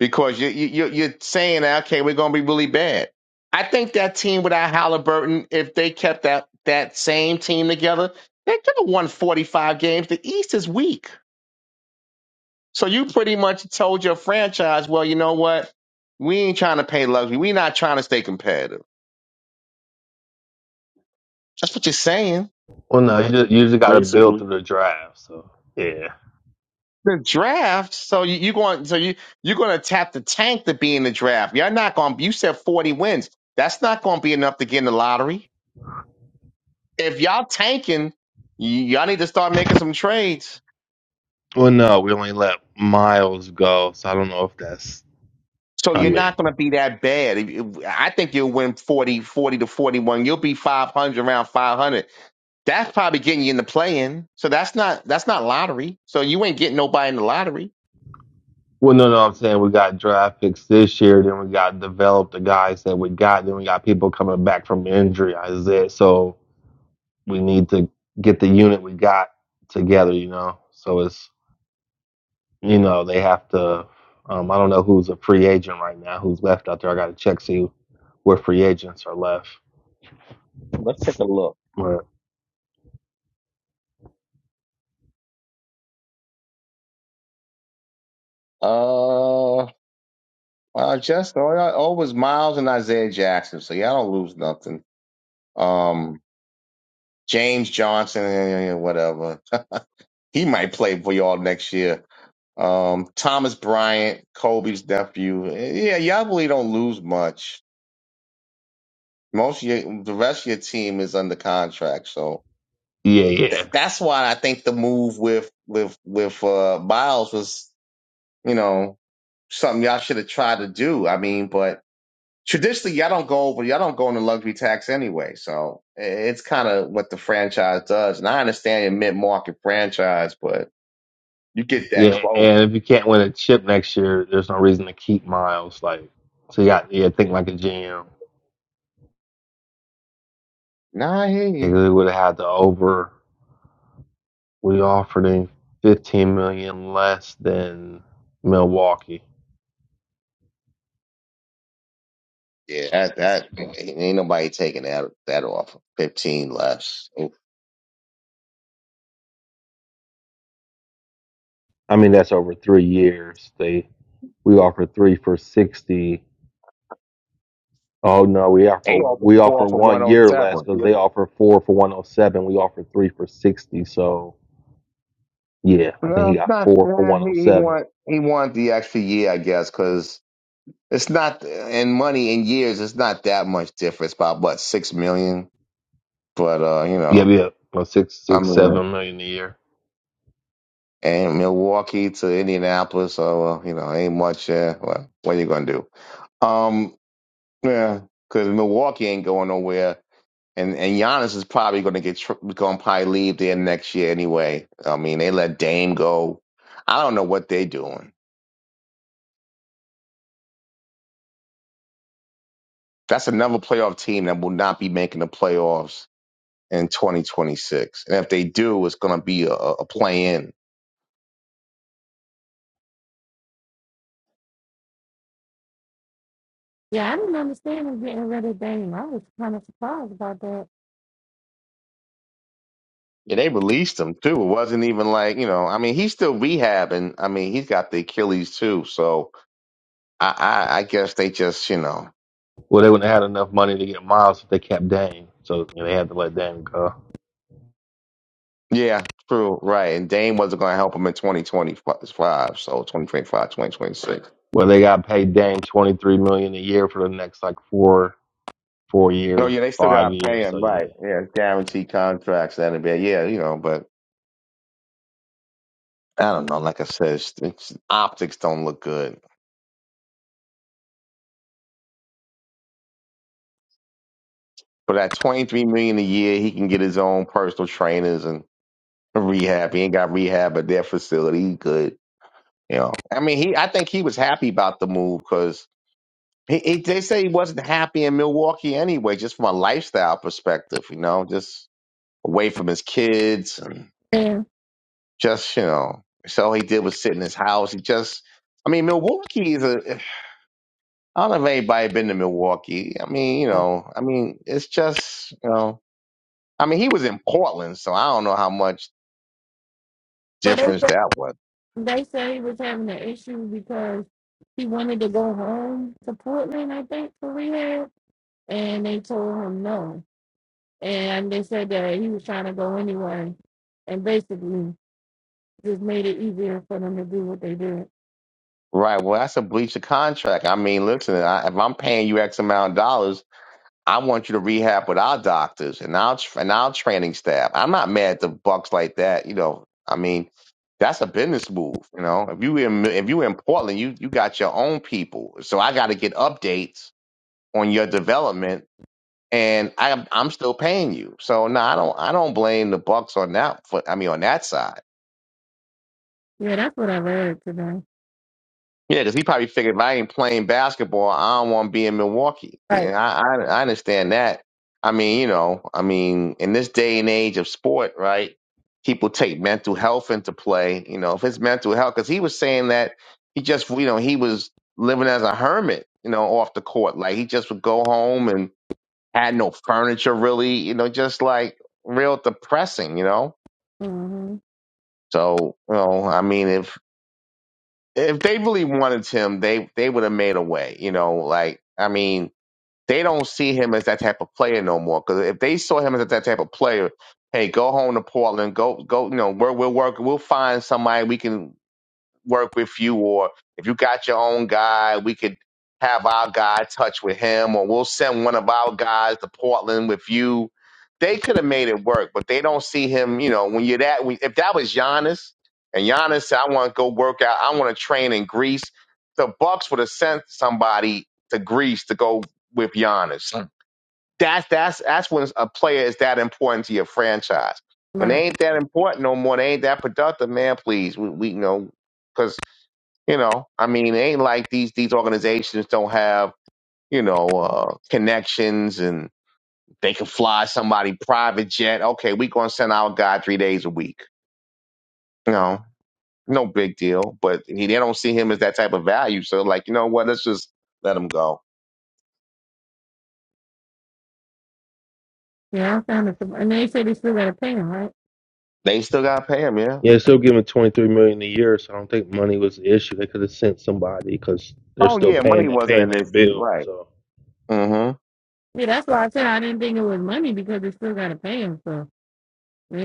Speaker 6: because you, you, you- you're saying, okay, we're going to be really bad. I think that team without Halliburton, if they kept that, that same team together, they could have won 45 games. The East is weak. So you pretty much told your franchise, well, you know what? We ain't trying to pay luxury. We're not trying to stay competitive. That's what you're saying.
Speaker 14: well, no, you just you just got to build
Speaker 3: Basically.
Speaker 14: through the draft. So yeah.
Speaker 6: the draft. So you, you going so you you're going to tap the tank to be in the draft. You're not going. You said 40 wins. That's not going to be enough to get in the lottery. If y'all tanking, y- y'all need to start making some trades.
Speaker 14: Well, no, we only let Miles go, so I don't know if that's.
Speaker 6: So
Speaker 14: I
Speaker 6: you're
Speaker 14: mean.
Speaker 6: not going to be that bad. If- if- I think you'll win 40, 40 to 41. You'll be 500 around 500. That's probably getting you in the play in. So that's not that's not lottery. So you ain't getting nobody in the lottery.
Speaker 14: Well, no, no, I'm saying we got draft picks this year, then we got developed the guys that we got, then we got people coming back from injury, Isaiah. So we need to get the unit we got together, you know. So it's you know, they have to um, I don't know who's a free agent right now, who's left out there. I gotta check see where free agents are left. But
Speaker 6: Uh. Uh, just all, all was Miles and Isaiah Jackson, so y'all don't lose nothing. Um, James Johnson, eh, whatever. He might play for y'all next year. Um, Thomas Bryant, Kobe's nephew. Eh, Yeah, y'all really don't lose much. Most of your, the rest of your team is under contract, so
Speaker 14: yeah, yeah.
Speaker 6: th- that's why I think the move with with with uh, Miles was, you know, something y'all should have tried to do. I mean, but traditionally y'all don't go over y'all don't go on the luxury tax anyway so it's kind of what the franchise does and i understand your mid-market franchise but you get that
Speaker 14: Yeah.
Speaker 6: close
Speaker 14: And if you can't win a chip next year, there's no reason to keep Miles. Like so you got yeah, think like a GM.
Speaker 6: nah i hear
Speaker 14: They
Speaker 6: you
Speaker 14: would have had to over We offered him 15 million dollars less than Milwaukee.
Speaker 6: yeah that that ain't nobody taking that that offer. 15 less
Speaker 14: I mean, that's over three years. They we offered three for 60. Oh no, we offer
Speaker 6: they offered
Speaker 14: we
Speaker 6: four
Speaker 14: offer
Speaker 6: for
Speaker 14: one year less
Speaker 6: 107
Speaker 14: because
Speaker 6: yeah
Speaker 14: they offer four for 107. We offer three for 60. So yeah, I think he
Speaker 6: no
Speaker 14: got
Speaker 6: not
Speaker 14: four for
Speaker 6: yeah, he, he
Speaker 14: 107.
Speaker 6: want he want the extra year i guess because it's not in money in years it's not that much difference about what six million but uh you
Speaker 14: Yeah,
Speaker 6: know
Speaker 14: yeah, like six,
Speaker 6: i
Speaker 14: six,
Speaker 6: mean
Speaker 14: seven million a year.
Speaker 6: and Milwaukee to Indianapolis. So uh, you know, ain't much. Uh, well, what are you gonna do? Um, yeah, because Milwaukee ain't going nowhere, and and Giannis is probably gonna get tr- gonna probably leave there next year anyway. I mean, they let Dame go. I don't know what they're doing. That's another playoff team that will not be making the playoffs in 2026. And if they do, it's gonna be a, a play in.
Speaker 4: Yeah, I didn't understand him getting rid of Dame. I was kind of surprised about that.
Speaker 6: Yeah, they released him too. It wasn't even like you know. I mean, he's still rehabbing. I mean, he's got the Achilles too. So I, I, I guess they just, you know,
Speaker 14: Well, they wouldn't have had enough money to get Miles if they kept Dame, so you know, they had to let Dame go.
Speaker 6: yeah, true, right. And Dame wasn't going to help him in 2025, so 2025 2026
Speaker 14: Well, they got paid Dame 23 million a year for the next like four four
Speaker 6: No,
Speaker 14: years,
Speaker 6: yeah, they still
Speaker 14: five
Speaker 6: got to pay
Speaker 14: years. So
Speaker 6: him,
Speaker 14: yeah,
Speaker 6: right? Yeah, guaranteed contracts that and NBA. Yeah, you know, but I don't know. Like I said, it's, it's, optics don't look good. But at 23 million a year, he can get his own personal trainers and rehab. He ain't got rehab at their facility. He good, you know. I mean, he, I think he was happy about the move because. He, he, they say he wasn't happy in Milwaukee anyway, just from a lifestyle perspective, you know, just away from his kids and
Speaker 4: And
Speaker 6: just, you know, so all he did was sit in his house. He just, I mean, Milwaukee is a, I don't know if anybody been to Milwaukee. I mean, you
Speaker 4: oh.
Speaker 6: know, I mean, it's just, you know, I mean, he was in Portland, so I don't know how much
Speaker 4: but they
Speaker 6: difference
Speaker 4: said-
Speaker 6: that was.
Speaker 4: they said he was having an issue because he wanted to go home to Portland, I think, for rehab, and they told him no. And they said that he was trying to go anyway, and basically just made it easier for them to do what they did.
Speaker 6: Right. Well, that's a breach of contract. I mean, listen, I, if I'm paying you X amount of dollars, I want you to rehab with our doctors and our tr- and our training staff. I'm not mad at the Bucks like that. You know, I mean, that's a business move. You know, if you in if you in Portland, you you got your own people. So I got to get updates on your development, and I'm I'm still paying you. So no, I don't I don't blame the Bucks on that. For, I mean, on that side.
Speaker 4: Yeah, that's what I read today.
Speaker 6: Yeah, because he probably figured if I ain't playing basketball, I don't want to be in Milwaukee.
Speaker 4: Right.
Speaker 6: And I, I, I understand that. I mean, you know, I mean, in this day and age of sport, right? People take mental health into play. You know, if it's mental health, because he was saying that he just, you know, he was living as a hermit, you know, off the court. Like he just would go home and had no furniture, really. You know, just like real depressing. You know,
Speaker 4: Mm-hmm.
Speaker 6: so you know, I mean, if if they really wanted him, they they would have made a way. You know, like I mean, they don't see him as that type of player no more. Because if they saw him as that type of player, hey, go home to Portland, go go, you know, we're we're working, we'll find somebody we can work with you, or if you got your own guy, we could have our guy touch with him, or we'll send one of our guys to Portland with you. They could have made it work, but they don't see him. You know, when you're that, when, if that was Giannis, and Giannis said, "I want to go work out, I want to train in Greece," the Bucks would have sent somebody to Greece to go with Giannis. Mm. That's that's that's when a player is that important to your franchise when
Speaker 4: Right.
Speaker 6: they ain't that important no more, they ain't that productive, man. Please, we, we you know because you know i mean it ain't like these these organizations don't have you know uh connections and they can fly somebody private jet okay we gonna send our guy three days a week you know no big deal but he, they don't see him as that type of value so like you know what let's just let him go
Speaker 4: Yeah, I'm trying And they said they still gotta pay him, right?
Speaker 6: they still gotta pay him yeah
Speaker 14: Yeah,
Speaker 6: hmm
Speaker 14: they're still giving twenty three million a year, so I don't think money was the issue. They could have sent somebody because they're
Speaker 6: oh
Speaker 14: still
Speaker 6: yeah
Speaker 14: paying
Speaker 6: money
Speaker 14: that
Speaker 6: wasn't
Speaker 14: paying
Speaker 6: an
Speaker 14: that
Speaker 6: issue
Speaker 14: bill.
Speaker 6: right
Speaker 14: So
Speaker 6: hmm
Speaker 4: Yeah, that's why I said I didn't think it was money because they still gotta pay him. So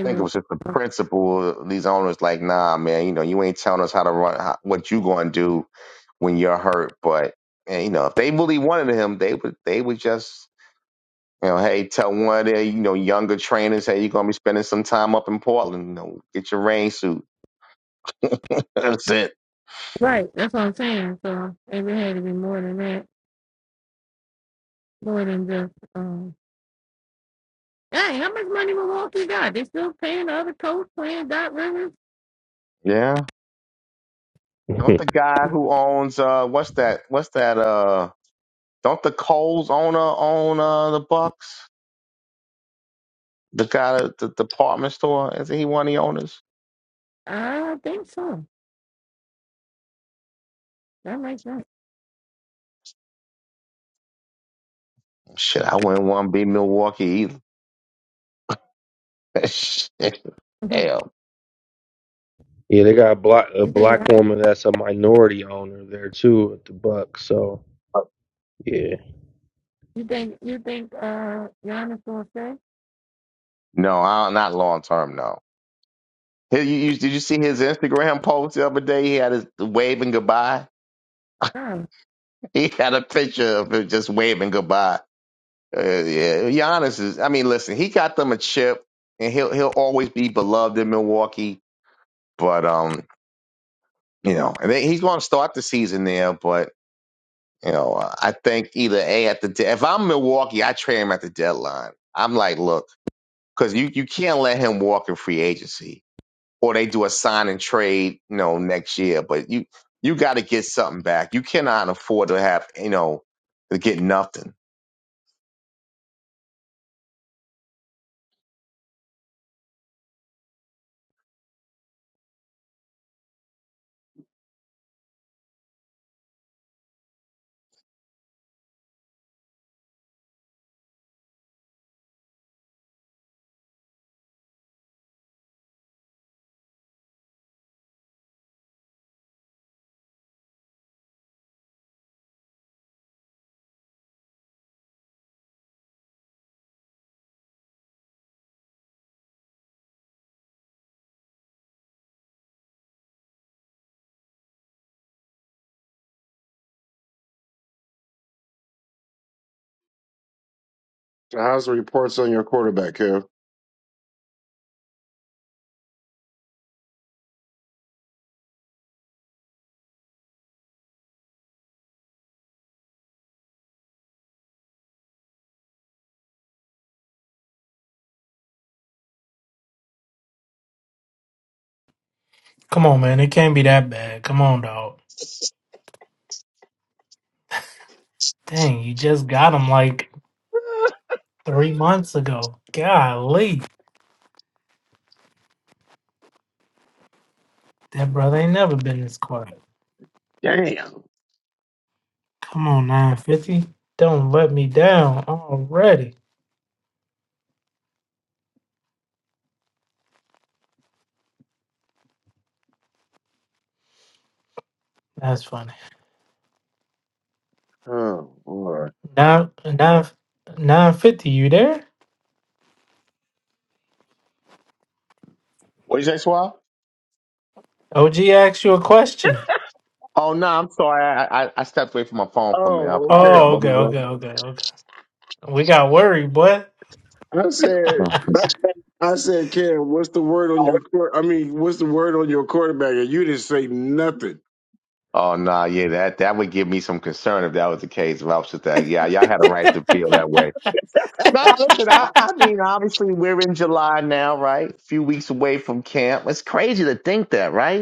Speaker 6: I think it
Speaker 4: it's-
Speaker 6: was just the principle. These owners like, nah, man. You know, you ain't telling us how to run, how, what you gonna do when you're hurt. But and, you know, if they really wanted him, they would they would just you know, hey, tell one of their you know younger trainers, hey, you're gonna be spending some time up in Portland. You know, get your rain suit. That's it.
Speaker 4: right. That's what I'm saying. So maybe it had to be more than that, more than just. um Hey, how much money Milwaukee got? They still paying the other coach paying Doc Rivers?
Speaker 6: Yeah. Don't the
Speaker 14: yeah,
Speaker 6: guy who owns uh what's that what's that uh don't the Coles owner own uh the Bucks? The guy at the department store, is he one of the owners?
Speaker 4: I think so. That makes sense.
Speaker 6: Shit, I wouldn't want to be Milwaukee either. Shit. Hell.
Speaker 14: they got a black a
Speaker 4: you think?
Speaker 14: black woman that's a minority owner there too at the Bucks. So yeah,
Speaker 4: You think? You think? Uh, Giannis gonna stay?
Speaker 6: No, I, not long term, no. Hey, You, you, did you see his Instagram post the other day? He had his waving goodbye.
Speaker 4: No.
Speaker 6: He had a picture of him just waving goodbye. Uh, yeah, Giannis is. I mean, listen, he got them a chip, and he'll he'll always be beloved in Milwaukee. But um, you know, and then he's going to start the season there. But you know, uh, I think either a at the de- if I'm Milwaukee, I trade him at the deadline. I'm like, look, because you you can't let him walk in free agency or they do a sign and trade, you know, next year. But you you got to get something back. You cannot afford to have, you know, to get nothing.
Speaker 3: How's the reports on your quarterback, Kev?
Speaker 1: Come on, man. It can't be that bad. Come on, dog. Dang, you just got him like three months ago. Golly. That brother ain't never been this quiet.
Speaker 3: Damn.
Speaker 1: Come on, 950. Don't let me down already. That's funny.
Speaker 3: Oh, Lord.
Speaker 1: Nine, nine, nine fifty. you there?
Speaker 6: What did you say, Swab?
Speaker 1: OG asked you a question.
Speaker 6: Oh no, I'm sorry. I, I I stepped away from my phone for a minute. I
Speaker 3: Oh, okay.
Speaker 6: apologize.
Speaker 1: Oh,
Speaker 6: What
Speaker 1: okay,
Speaker 6: was that?
Speaker 1: okay, okay, okay. We got worried, boy.
Speaker 3: I said,
Speaker 6: Yeah.
Speaker 3: I said, Kev, what's the word on your court? I mean, what's the word on your quarterback? And you didn't say nothing.
Speaker 6: Oh no, yeah, that that would give me some concern if that was the case. If I was just that, yeah, y'all had a right to feel that way. No, listen, I, I mean, obviously we're in July now, right? A few weeks away from camp. It's crazy to think that, right?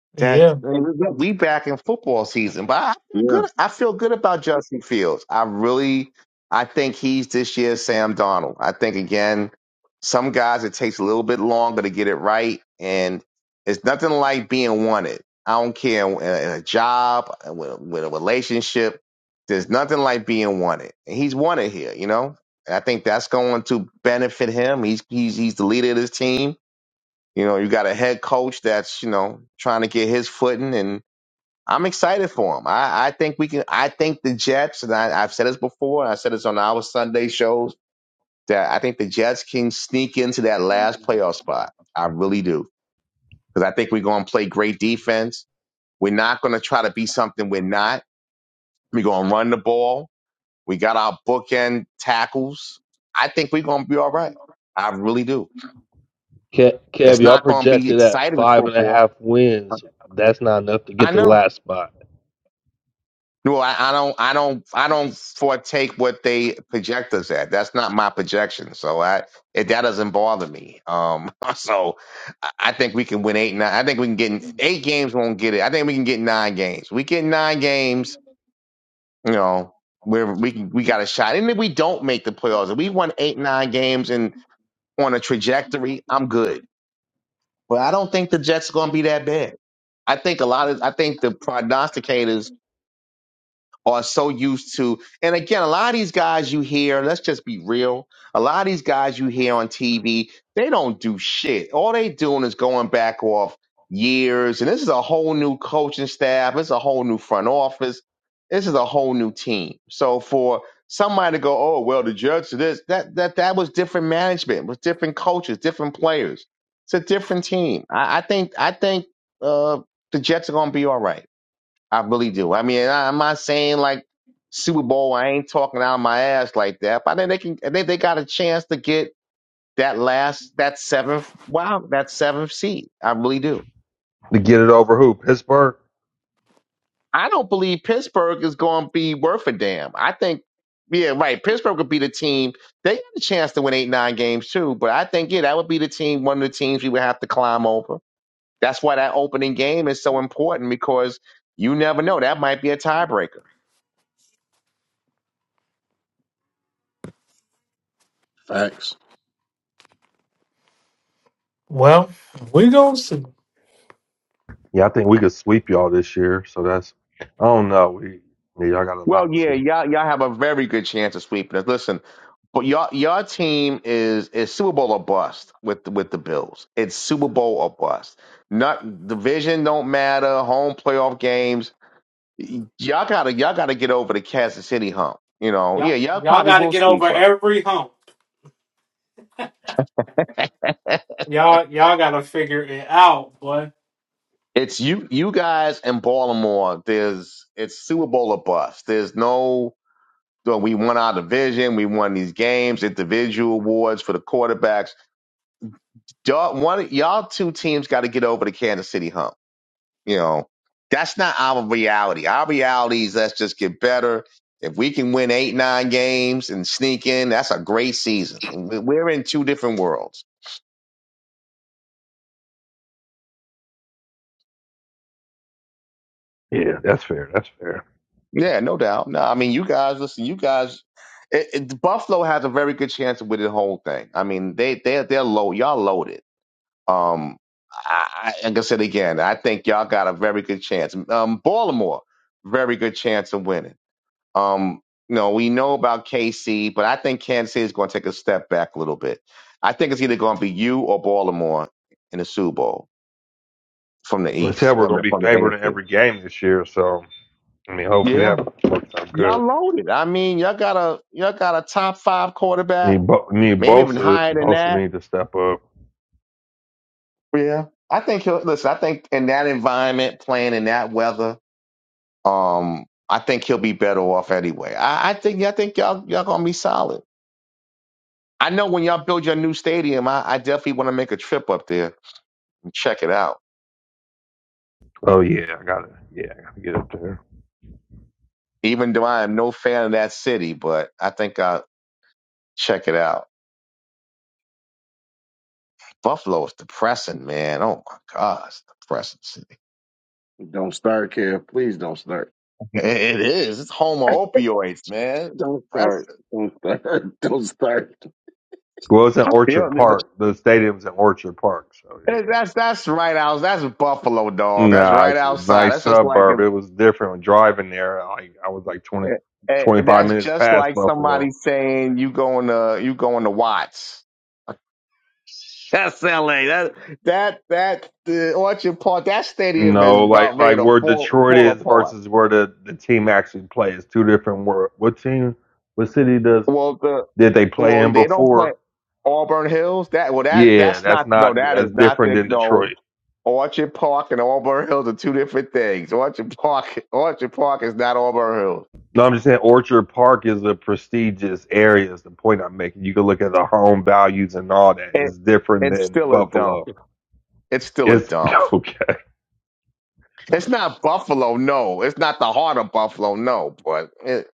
Speaker 6: that
Speaker 1: yeah,
Speaker 6: we back in football season. But I feel
Speaker 3: Yeah,
Speaker 6: good. I feel good about Justin Fields. I really, I think he's this year's Sam Donald. I think again, some guys it takes a little bit longer to get it right, and it's nothing like being wanted. I don't care in a in a job, uh, with, with a relationship. There's nothing like being wanted, and he's wanted here. You know, and I think that's going to benefit him. He's he's he's the leader of this team you know, you got a head coach that's, you know, trying to get his footing and I'm excited for him. I, I think we can I think the Jets, and I, I've said this before, and I said this on our Sunday shows, that I think the Jets can sneak into that last playoff spot. I really do. Because I think we're gonna play great defense. We're not gonna try to be something we're not. We're gonna run the ball. We got our bookend tackles. I think we're gonna be all right. I really do.
Speaker 14: Ke-
Speaker 6: It's
Speaker 14: Kev, y'all
Speaker 6: not gonna be
Speaker 14: projected at
Speaker 6: exciting
Speaker 14: five and a
Speaker 6: football.
Speaker 14: half wins. That's not enough to
Speaker 6: I
Speaker 14: get the
Speaker 6: know.
Speaker 14: last spot
Speaker 6: No, I, I don't, I don't, I don't foretake what they project us at. That's not my projection, so I it, that doesn't bother me. Um, so I I think we can win eight, nine. I think we can get in- eight games. Won't get it. I think we can get nine games. We get nine games. You know, where we can, we got a shot. And if we don't make the playoffs, if we won eight, nine games and on a trajectory, I'm good. But I don't think the Jets are going to be that bad. I think a lot of I think the prognosticators are so used to. And again, a lot of these guys you hear, let's just be real, a lot of these guys you hear on TV, they don't do shit. All they doing is going back off years. And this is a whole new coaching staff. It's a whole new front office. This is a whole new team. So for somebody to go, oh well, the Jets are this, that that that was different management, it was different coaches, different players. It's a different team. I, I think I think uh, the Jets are gonna be all right. I really do. I mean, I, I'm not saying like Super Bowl. I ain't talking out of my ass like that. But I think they can. I think they got a chance to get that last, that seventh. Wow, that seventh seed. I really do.
Speaker 14: to get it over who Pittsburgh.
Speaker 6: I don't believe Pittsburgh is going to be worth a damn. I think, yeah, right. Pittsburgh would be the team. They got a chance to win eight, nine games too. But I think, yeah, that would be the team. One of the teams we would have to climb over. That's why that opening game is so important because you never know. That might be a tiebreaker.
Speaker 3: facts.
Speaker 1: Well, we gonna see.
Speaker 14: Yeah, I think we could sweep y'all this year. So that's I don't know. We yeah, y'all got a
Speaker 6: Well,
Speaker 14: lot
Speaker 6: yeah,
Speaker 14: too.
Speaker 6: y'all y'all have a very good chance of sweeping us. Listen, but y'all your team is is Super Bowl or bust with the, with the Bills. It's Super Bowl or bust. Not division don't matter. Home playoff games. Y'all gotta y'all gotta get over the Kansas City hump. You know, yeah,
Speaker 1: Y'all,
Speaker 6: y'all
Speaker 1: y'all
Speaker 6: probably
Speaker 1: got to
Speaker 6: will
Speaker 1: get over
Speaker 6: sweep us.
Speaker 1: every hump. Y'all, y'all got to figure it out, boy.
Speaker 6: It's you you guys in Baltimore. There's it's Super Bowl or bust. There's no. no, We won our division. We won these games, individual awards for the quarterbacks y'all one y'all two teams got to get over the Kansas City hump. You know, that's not our reality. Our reality is let's just get better. If we can win eight, nine games and sneak in, that's a great season. We- We're in two different worlds.
Speaker 14: Yeah, that's fair. That's fair.
Speaker 6: Yeah, no doubt. No, I mean, you guys, listen, you guys, it, it, Buffalo has a very good chance with the whole thing. I mean, they they they're low. Y'all loaded. Um, I, I, like I said again, I think y'all got a very good chance. Um, Baltimore, very good chance of winning. Um, you know, we know about KC, but I think Kansas City is going to take a step back a little bit. I think it's either going to be you or Baltimore in the Super Bowl from the
Speaker 14: Let's say
Speaker 6: East,
Speaker 14: we're
Speaker 6: from
Speaker 14: going
Speaker 6: the
Speaker 14: to be
Speaker 6: from the
Speaker 14: favored in
Speaker 6: AFC.
Speaker 14: every game this year. So I mean, hopefully
Speaker 6: Yeah,
Speaker 14: that works out
Speaker 6: y'all
Speaker 14: good.
Speaker 6: loaded. I mean, y'all got a y'all got a top five quarterback,
Speaker 14: Need Bo- need
Speaker 6: maybe even
Speaker 14: Bosa.
Speaker 6: higher than
Speaker 14: Bosa
Speaker 6: that.
Speaker 14: need to step up.
Speaker 6: Yeah, I think he'll listen. I think in that environment, playing in that weather, um, I think he'll be better off anyway. I, I think I think y'all y'all gonna be solid. I know when y'all build your new stadium, I, I definitely want to make a trip up there and check it out.
Speaker 14: Oh yeah, I got to Yeah, I got to get up there.
Speaker 6: Even though I am no fan of that city, but I think I'll check it out. Buffalo is depressing, man. Oh my God, it's a depressing city.
Speaker 3: Don't start, Kev. Please don't start.
Speaker 6: It it is. It's home of opioids, man. It's
Speaker 3: Don't start.
Speaker 6: depressing.
Speaker 3: Don't start. Don't start.
Speaker 14: Well, it's in
Speaker 6: I feel
Speaker 14: Orchard
Speaker 6: it.
Speaker 14: Park. The stadium's in Orchard Park. So
Speaker 6: It-
Speaker 14: yeah.
Speaker 6: That's that's right out. That's Buffalo, dog. That's
Speaker 14: Nah,
Speaker 6: right
Speaker 14: it's a
Speaker 6: outside.
Speaker 14: nice
Speaker 6: That's just like if.
Speaker 14: suburb. It was different driving there. Like I was like 20,
Speaker 6: eh, eh,
Speaker 14: 25
Speaker 6: That's
Speaker 14: minutes
Speaker 6: just
Speaker 14: past
Speaker 6: like
Speaker 14: Buffalo.
Speaker 6: somebody saying you going to you going to Watts. That's LA. That that that the Orchard Park. That stadium is
Speaker 14: No, like
Speaker 6: about ready
Speaker 14: like
Speaker 6: to
Speaker 14: where
Speaker 6: fall
Speaker 14: Detroit
Speaker 6: fall
Speaker 14: is
Speaker 6: apart.
Speaker 14: versus where the, the team actually plays. Two different world. What team? What city does
Speaker 6: Well, the
Speaker 14: did they play
Speaker 6: well
Speaker 14: in
Speaker 6: they don't play
Speaker 14: before?
Speaker 6: Auburn Hills. That well that
Speaker 14: Yeah,
Speaker 6: that's
Speaker 14: that's
Speaker 6: not no
Speaker 14: not
Speaker 6: that is
Speaker 14: that's
Speaker 6: not
Speaker 14: different
Speaker 6: the
Speaker 14: than
Speaker 6: no
Speaker 14: Detroit.
Speaker 6: Orchard Park and Auburn Hills are two different things. Orchard Park Orchard Park is not Auburn Hills.
Speaker 14: No, I'm just saying Orchard Park is a prestigious area. Is the point I'm making? You can look at the home values and all that.
Speaker 6: It,
Speaker 14: It's different
Speaker 6: it's
Speaker 14: than
Speaker 6: still a dump.
Speaker 14: Buffalo.
Speaker 6: It's still a
Speaker 14: It's
Speaker 6: dump.
Speaker 14: okay.
Speaker 6: It's not Buffalo, no. It's not the heart of Buffalo, no. But it,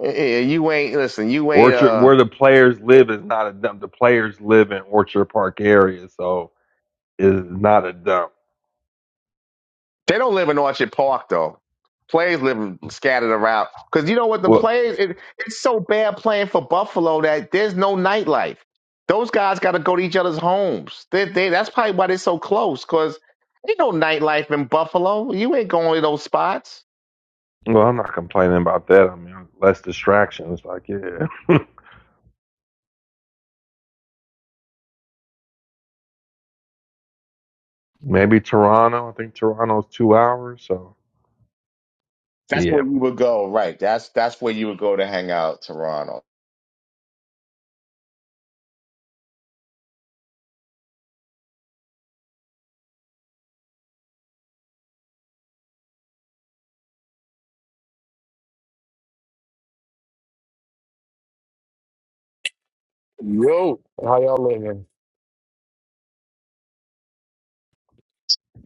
Speaker 6: it, you ain't listen. You ain't
Speaker 14: Orchard,
Speaker 6: uh.
Speaker 14: where the players live, is not a dump. The players live in Orchard Park area, so it's not a dump.
Speaker 6: They don't live in Orchard Park though. Players live scattered around. Cause you know what the
Speaker 14: Well.
Speaker 6: players it, it's so bad playing for Buffalo that there's no nightlife. Those guys got to go to each other's homes. They, they, that's probably why they're so close. Cause ain't no nightlife in Buffalo. You ain't going to those spots.
Speaker 14: Well, I'm not complaining about that. I mean, less distractions. Like, yeah, maybe Toronto. I think Toronto's two hours. So,
Speaker 6: That's
Speaker 14: yeah.
Speaker 6: where you would go, right? That's that's where you would go to hang out, Toronto.
Speaker 9: Yo, How y'all living?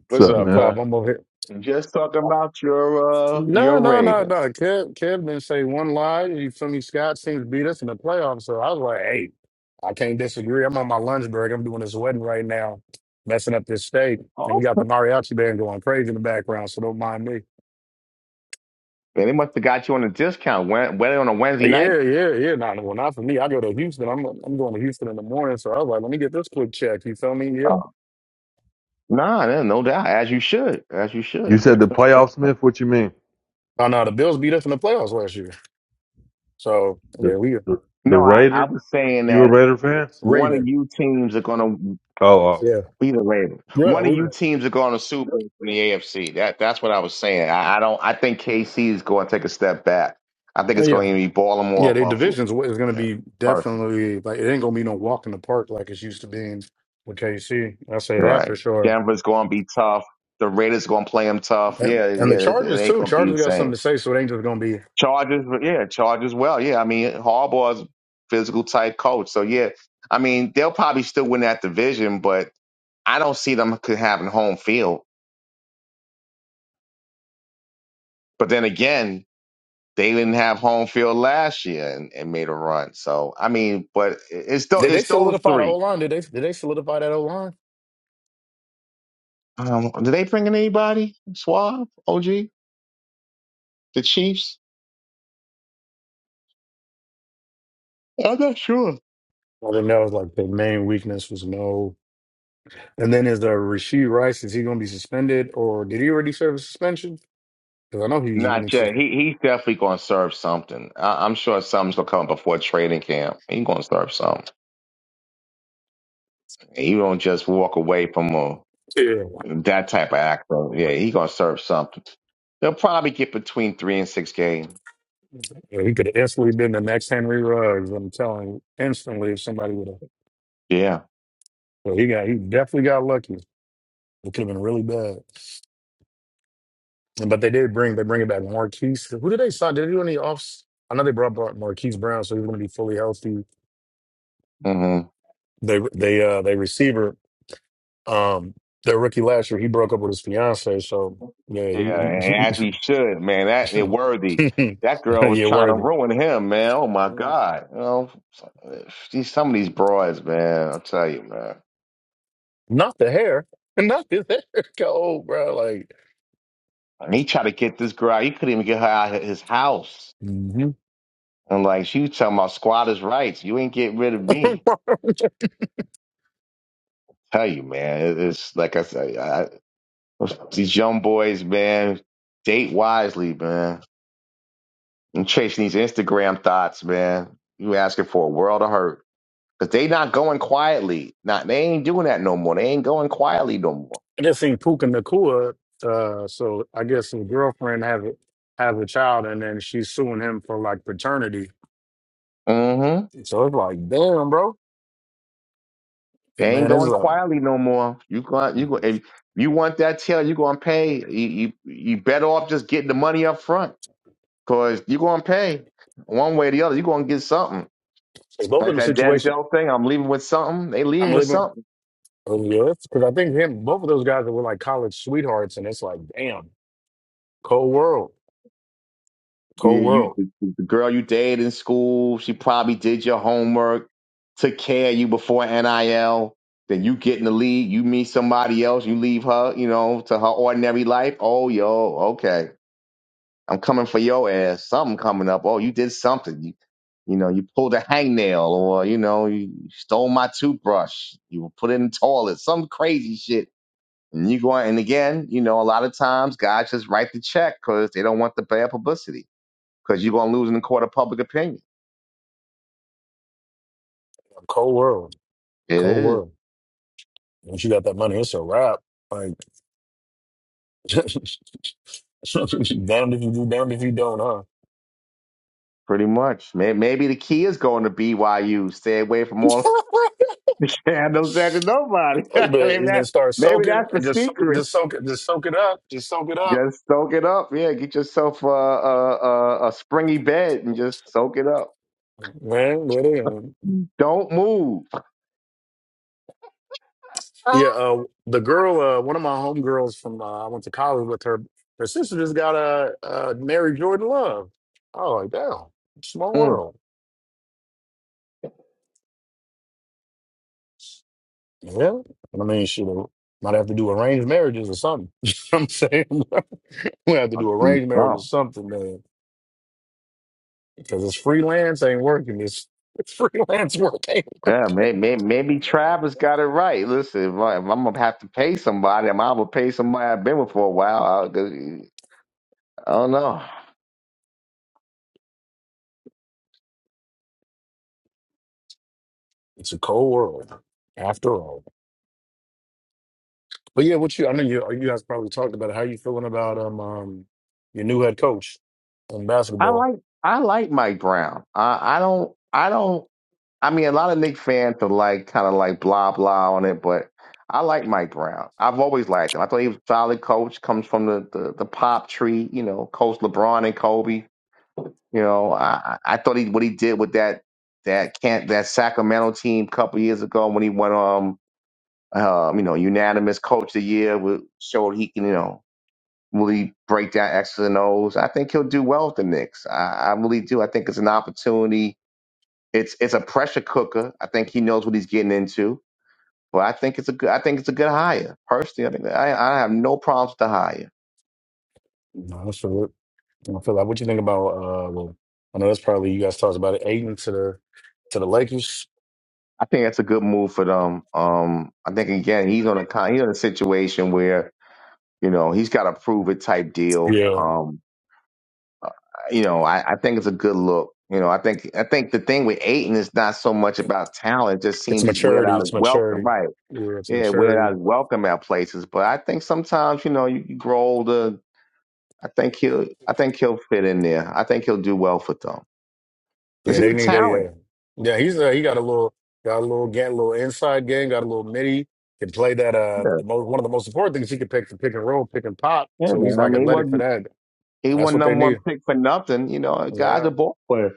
Speaker 14: What's
Speaker 6: What's
Speaker 14: up,
Speaker 6: up,
Speaker 14: man?
Speaker 9: Top,
Speaker 6: man?
Speaker 9: I'm over here.
Speaker 6: Just talking about your uh
Speaker 9: No,
Speaker 6: your
Speaker 9: no, no, no.
Speaker 6: Ravens.
Speaker 9: Kev, Kev didn't say one lie. You feel me? Scott's team beat us in the playoffs. So I was like, hey, I can't disagree. I'm on my lunch break. I'm doing this wedding right now, messing up this state. And we got the
Speaker 6: Awesome.
Speaker 9: mariachi band going crazy in the background, so don't mind me.
Speaker 6: Man, they must have got you on a discount. Wed- Wed- on a Wednesday
Speaker 9: But
Speaker 6: night.
Speaker 9: yeah, yeah, yeah. Not, well, not for me. I go to Houston. I'm I'm going to Houston in the morning. So I was like, let me get this quick check. You feel me? Yeah.
Speaker 6: Nah, no no doubt. As you should. As you
Speaker 14: You
Speaker 6: should.
Speaker 14: said the playoffs, Smith. What you mean?
Speaker 9: Oh no, the Bills beat us in the playoffs last year. So yeah,
Speaker 14: The
Speaker 9: we
Speaker 14: the, the
Speaker 6: no, I, I
Speaker 14: Raider?
Speaker 6: was saying
Speaker 14: You a
Speaker 6: that
Speaker 14: Raider fan?
Speaker 6: one of
Speaker 9: Raven.
Speaker 6: you teams are gonna
Speaker 14: Oh, oh,
Speaker 9: Yeah.
Speaker 6: be the Ravens.
Speaker 9: Yeah,
Speaker 6: One of
Speaker 9: we
Speaker 6: you teams are gonna Super Bowl in the AFC. That that's what I was saying. I, I don't I think KC is gonna take a step back. I think it's
Speaker 9: yeah.
Speaker 6: gonna either be Baltimore
Speaker 9: Yeah,
Speaker 6: or
Speaker 9: their
Speaker 6: Buffalo.
Speaker 9: divisions wa- is going to
Speaker 6: Yeah.
Speaker 9: be
Speaker 6: Perfect.
Speaker 9: definitely like it ain't going to be no walk in the park like it's used to being with KC. I say that for
Speaker 6: Right.
Speaker 9: sure.
Speaker 6: Denver's gonna be tough. The Raiders gonna play them tough.
Speaker 9: And,
Speaker 6: Yeah,
Speaker 9: and the
Speaker 6: yeah, it, it
Speaker 9: Chargers
Speaker 6: ain't
Speaker 9: too.
Speaker 6: gonna be the
Speaker 9: Chargers got
Speaker 6: same.
Speaker 9: something to say, so it ain't just going to be.
Speaker 6: Charges, yeah, charges. Well, yeah. I mean, Harbaugh's a physical type coach, so yeah. I mean, they'll probably still win that division, but I don't see them could having home field. But then again, they didn't have home field last year and, and made a run. So I mean, but it's those
Speaker 9: Did they
Speaker 6: it's those
Speaker 9: solidify the O
Speaker 6: three.
Speaker 9: line? Did they did they solidify that O line?
Speaker 6: Um, did they bring in anybody? Suave, OG, the Chiefs? I'm not sure.
Speaker 9: Well, then that was like the main weakness was no. And then is the Rasheed Rice? Is he going to be suspended or did he already serve a suspension? Because I know he's going
Speaker 6: Not
Speaker 9: to
Speaker 6: yet.
Speaker 9: suspend.
Speaker 6: He he's definitely gonna serve something. I, I'm sure something's gonna come before training camp. He's gonna serve something. And you don't just walk away from a
Speaker 9: Yeah,
Speaker 6: that type of act. So, yeah, he gonna serve something. They'll probably get between three and six games.
Speaker 9: he could have instantly been the next Henry Ruggs. I'm telling you, instantly if somebody would have.
Speaker 6: Yeah.
Speaker 9: Well, he got he definitely got lucky. It could have been really bad. And- But they did bring they bring it back Marquise. Who did they sign? Did they do any offs? I know they brought back Marquise Brown, so he's going to be fully healthy.
Speaker 6: hmm
Speaker 9: They they uh they receiver um their rookie last year. He broke up with his fiance, so yeah,
Speaker 6: Yeah,
Speaker 9: he,
Speaker 6: and as he should, man. That is worthy.
Speaker 9: he
Speaker 6: That girl was
Speaker 9: yeah
Speaker 6: trying to
Speaker 9: worthy.
Speaker 6: ruin him, man. Oh my God. You know, these some of these broads, man. I'll tell you, man.
Speaker 9: Not the hair, not the hair. Oh, bro, like.
Speaker 6: And he tried to get this girl. out. He couldn't even get her out of his house.
Speaker 9: Mhm.
Speaker 6: And like she was talking about squatters' rights. You ain't getting rid of me. Tell you, man. it- It's like I said. These young boys, man, date wisely, man. And chasing these Instagram thoughts, man. You asking for a world of hurt. Because they not going quietly. Not they ain't doing that no more. They ain't going quietly no more.
Speaker 9: I just seen Puka Nakua. Uh, so I guess his girlfriend have a, have a child, and then she's suing him for like paternity.
Speaker 6: Mm-hmm.
Speaker 9: So it's like, damn, bro,
Speaker 6: They ain't
Speaker 9: man, it's
Speaker 6: going
Speaker 9: a
Speaker 6: quietly no more. You going you go
Speaker 9: it's
Speaker 6: if you want that tail, you gonna pay. You, you you better off just getting the money up front. Cause you gonna pay one way or the other. you gonna get something.
Speaker 9: both of
Speaker 6: Like
Speaker 9: them
Speaker 6: that
Speaker 9: situations.
Speaker 6: Denzel thing, I'm leaving with something. They
Speaker 9: I'm
Speaker 6: leaving with
Speaker 9: living
Speaker 6: something.
Speaker 9: because I think him, both of those guys that were like college sweethearts, and it's like, damn, cold world,
Speaker 6: Yeah,
Speaker 9: cold
Speaker 6: you
Speaker 9: world,
Speaker 6: the, the girl you dated in school, she probably did your homework, took care of you before NIL. Then you get in the league, you meet somebody else, you leave her, you know, to her ordinary life. Oh, yo, okay, I'm coming for your ass. Something coming up. Oh, you did something. You, you know, you pulled a hangnail, or you know, you stole my toothbrush. You were put in the toilet. Some crazy shit. And you go and again, you know, a lot of times guys just write the check because they don't want the bad publicity because you're going to lose in the court of public opinion.
Speaker 9: cold world,
Speaker 6: It
Speaker 9: cold
Speaker 6: is
Speaker 9: world. Once you got that money, it's a wrap. Like, damned if you do, damned if you don't,
Speaker 6: pretty much. May- Maybe the key is going to BYU. Stay away from all
Speaker 9: huh?
Speaker 6: the scandals and nobody.
Speaker 9: Oh,
Speaker 6: I
Speaker 9: But
Speaker 6: mean,
Speaker 9: and
Speaker 6: that,
Speaker 9: then start
Speaker 6: maybe
Speaker 9: soaking
Speaker 6: that's the
Speaker 9: and just soak,
Speaker 6: secret.
Speaker 9: just soak it, just soak it up, just soak it up.
Speaker 6: Just soak it up. Yeah, get yourself a, a, a, a springy bed and just soak it up.
Speaker 9: Man, what is
Speaker 6: Don't move.
Speaker 9: Yeah, uh, the girl, uh, one of my homegirls from uh, I went to college with her. Her sister just got a uh, uh, married Jordan Love. Oh, like damn, small
Speaker 6: Mm,
Speaker 9: world. Yeah, I mean, she might have to do arranged marriages or something. You know what I'm saying we have to
Speaker 6: I'll
Speaker 9: do
Speaker 6: do
Speaker 9: arranged marriage or
Speaker 6: something.
Speaker 9: something, man, because it's freelance ain't working. It's, it's freelance work ain't
Speaker 6: Yeah, maybe, maybe, maybe
Speaker 9: working.
Speaker 6: Travis got it right. Listen, if, I, if I'm gonna have to pay somebody, I'm gonna pay somebody I've been with for a while. I, I don't know.
Speaker 9: It's a cold world, after all. But yeah, what you? I know you. You guys probably talked about it. how you feeling about um, um your new head coach in
Speaker 6: I
Speaker 9: basketball.
Speaker 6: like I like Mike Brown. I I don't I don't I mean a lot of Nick fans are like kind of like blah blah on it, but I like Mike Brown. I've always liked him. I thought he was a solid coach, comes from the, the, the pop tree, you know, coach LeBron and Kobe. You know, I, I I thought he what he did with that that can't that Sacramento team a couple years ago when he won um um you know unanimous coach of the year with, showed he can you know Will he break down X's and O's? I think he'll do well with the Knicks. I, I really do. I think it's an opportunity. It's it's a pressure cooker. I think he knows what he's getting into. But I think it's a good. I think it's a good hire. Personally, I think I, I have no problems with the hire.
Speaker 9: No, that's for it. I feel like what you think about. Uh, well, I know that's probably you guys talked about it. Aiden to the to the Lakers.
Speaker 6: I think that's a good move for them. Um, I think again he's on a con- he's in a situation where you know he's got a prove it type deal.
Speaker 9: Yeah,
Speaker 6: Um, you know I, I think it's a good look. You know I think I think the thing with Aiton is not so much about talent. It just
Speaker 9: it's
Speaker 6: seems he's weird
Speaker 9: maturity.
Speaker 6: out
Speaker 9: It's
Speaker 6: of welcome,
Speaker 9: maturity.
Speaker 6: right?
Speaker 9: Yeah, it's
Speaker 6: Yeah, we're
Speaker 9: maturity.
Speaker 6: not welcome at places, but I think sometimes you know you, you grow older. I think he'll I think he'll fit in there. I think he'll do well for them because
Speaker 9: Yeah,
Speaker 6: he's
Speaker 9: they
Speaker 6: a
Speaker 9: need that.
Speaker 6: talent.
Speaker 9: Yeah, yeah. He's uh, he got a little got a little gang, little inside game, got a little midi. Can play that. Uh,
Speaker 6: Yeah,
Speaker 9: the most one of the most important things he can pick the pick and roll, pick and pop.
Speaker 6: yeah.
Speaker 9: So
Speaker 6: man.
Speaker 9: he's
Speaker 6: I
Speaker 9: like
Speaker 6: mean, he
Speaker 9: athletic for
Speaker 6: wasn't
Speaker 9: that.
Speaker 6: he
Speaker 9: That's
Speaker 6: wasn't
Speaker 9: what they
Speaker 6: number one
Speaker 9: need.
Speaker 6: pick for nothing. You know, the guy's a
Speaker 9: Yeah,
Speaker 6: ball player.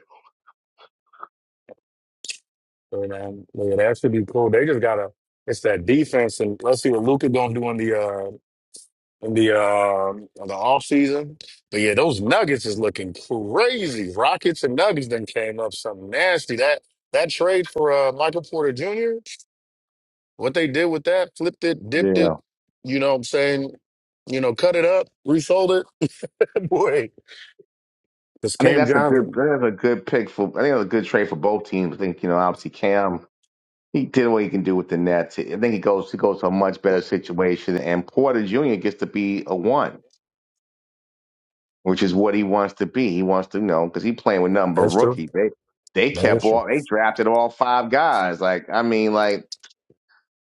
Speaker 9: so, man, yeah, that should be cool. They just gotta. It's that defense, and let's see what Luca gonna do in the uh in the uh in the off season. But yeah, those Nuggets is looking crazy. Rockets and Nuggets then came up something nasty. That that trade for uh, Michael Porter Jr. What they did with that, flipped it, dipped
Speaker 6: Yeah,
Speaker 9: it, you know what I'm saying? You know, cut it up, resold it. Boy, because
Speaker 6: I think
Speaker 9: Cam
Speaker 6: that's a good
Speaker 9: Johnson.
Speaker 6: that's a good pick for. I think that's a good trade for both teams. I think you know obviously Cam he did what he can do with the Nets. I think he goes he goes to a much better situation, and Porter Jr. gets to be a one. which is what he wants to be. He wants to you know because he playing with nothing but
Speaker 9: That's true.
Speaker 6: rookie. They they
Speaker 9: That is
Speaker 6: kept
Speaker 9: true.
Speaker 6: all they drafted all five guys. Like I mean, like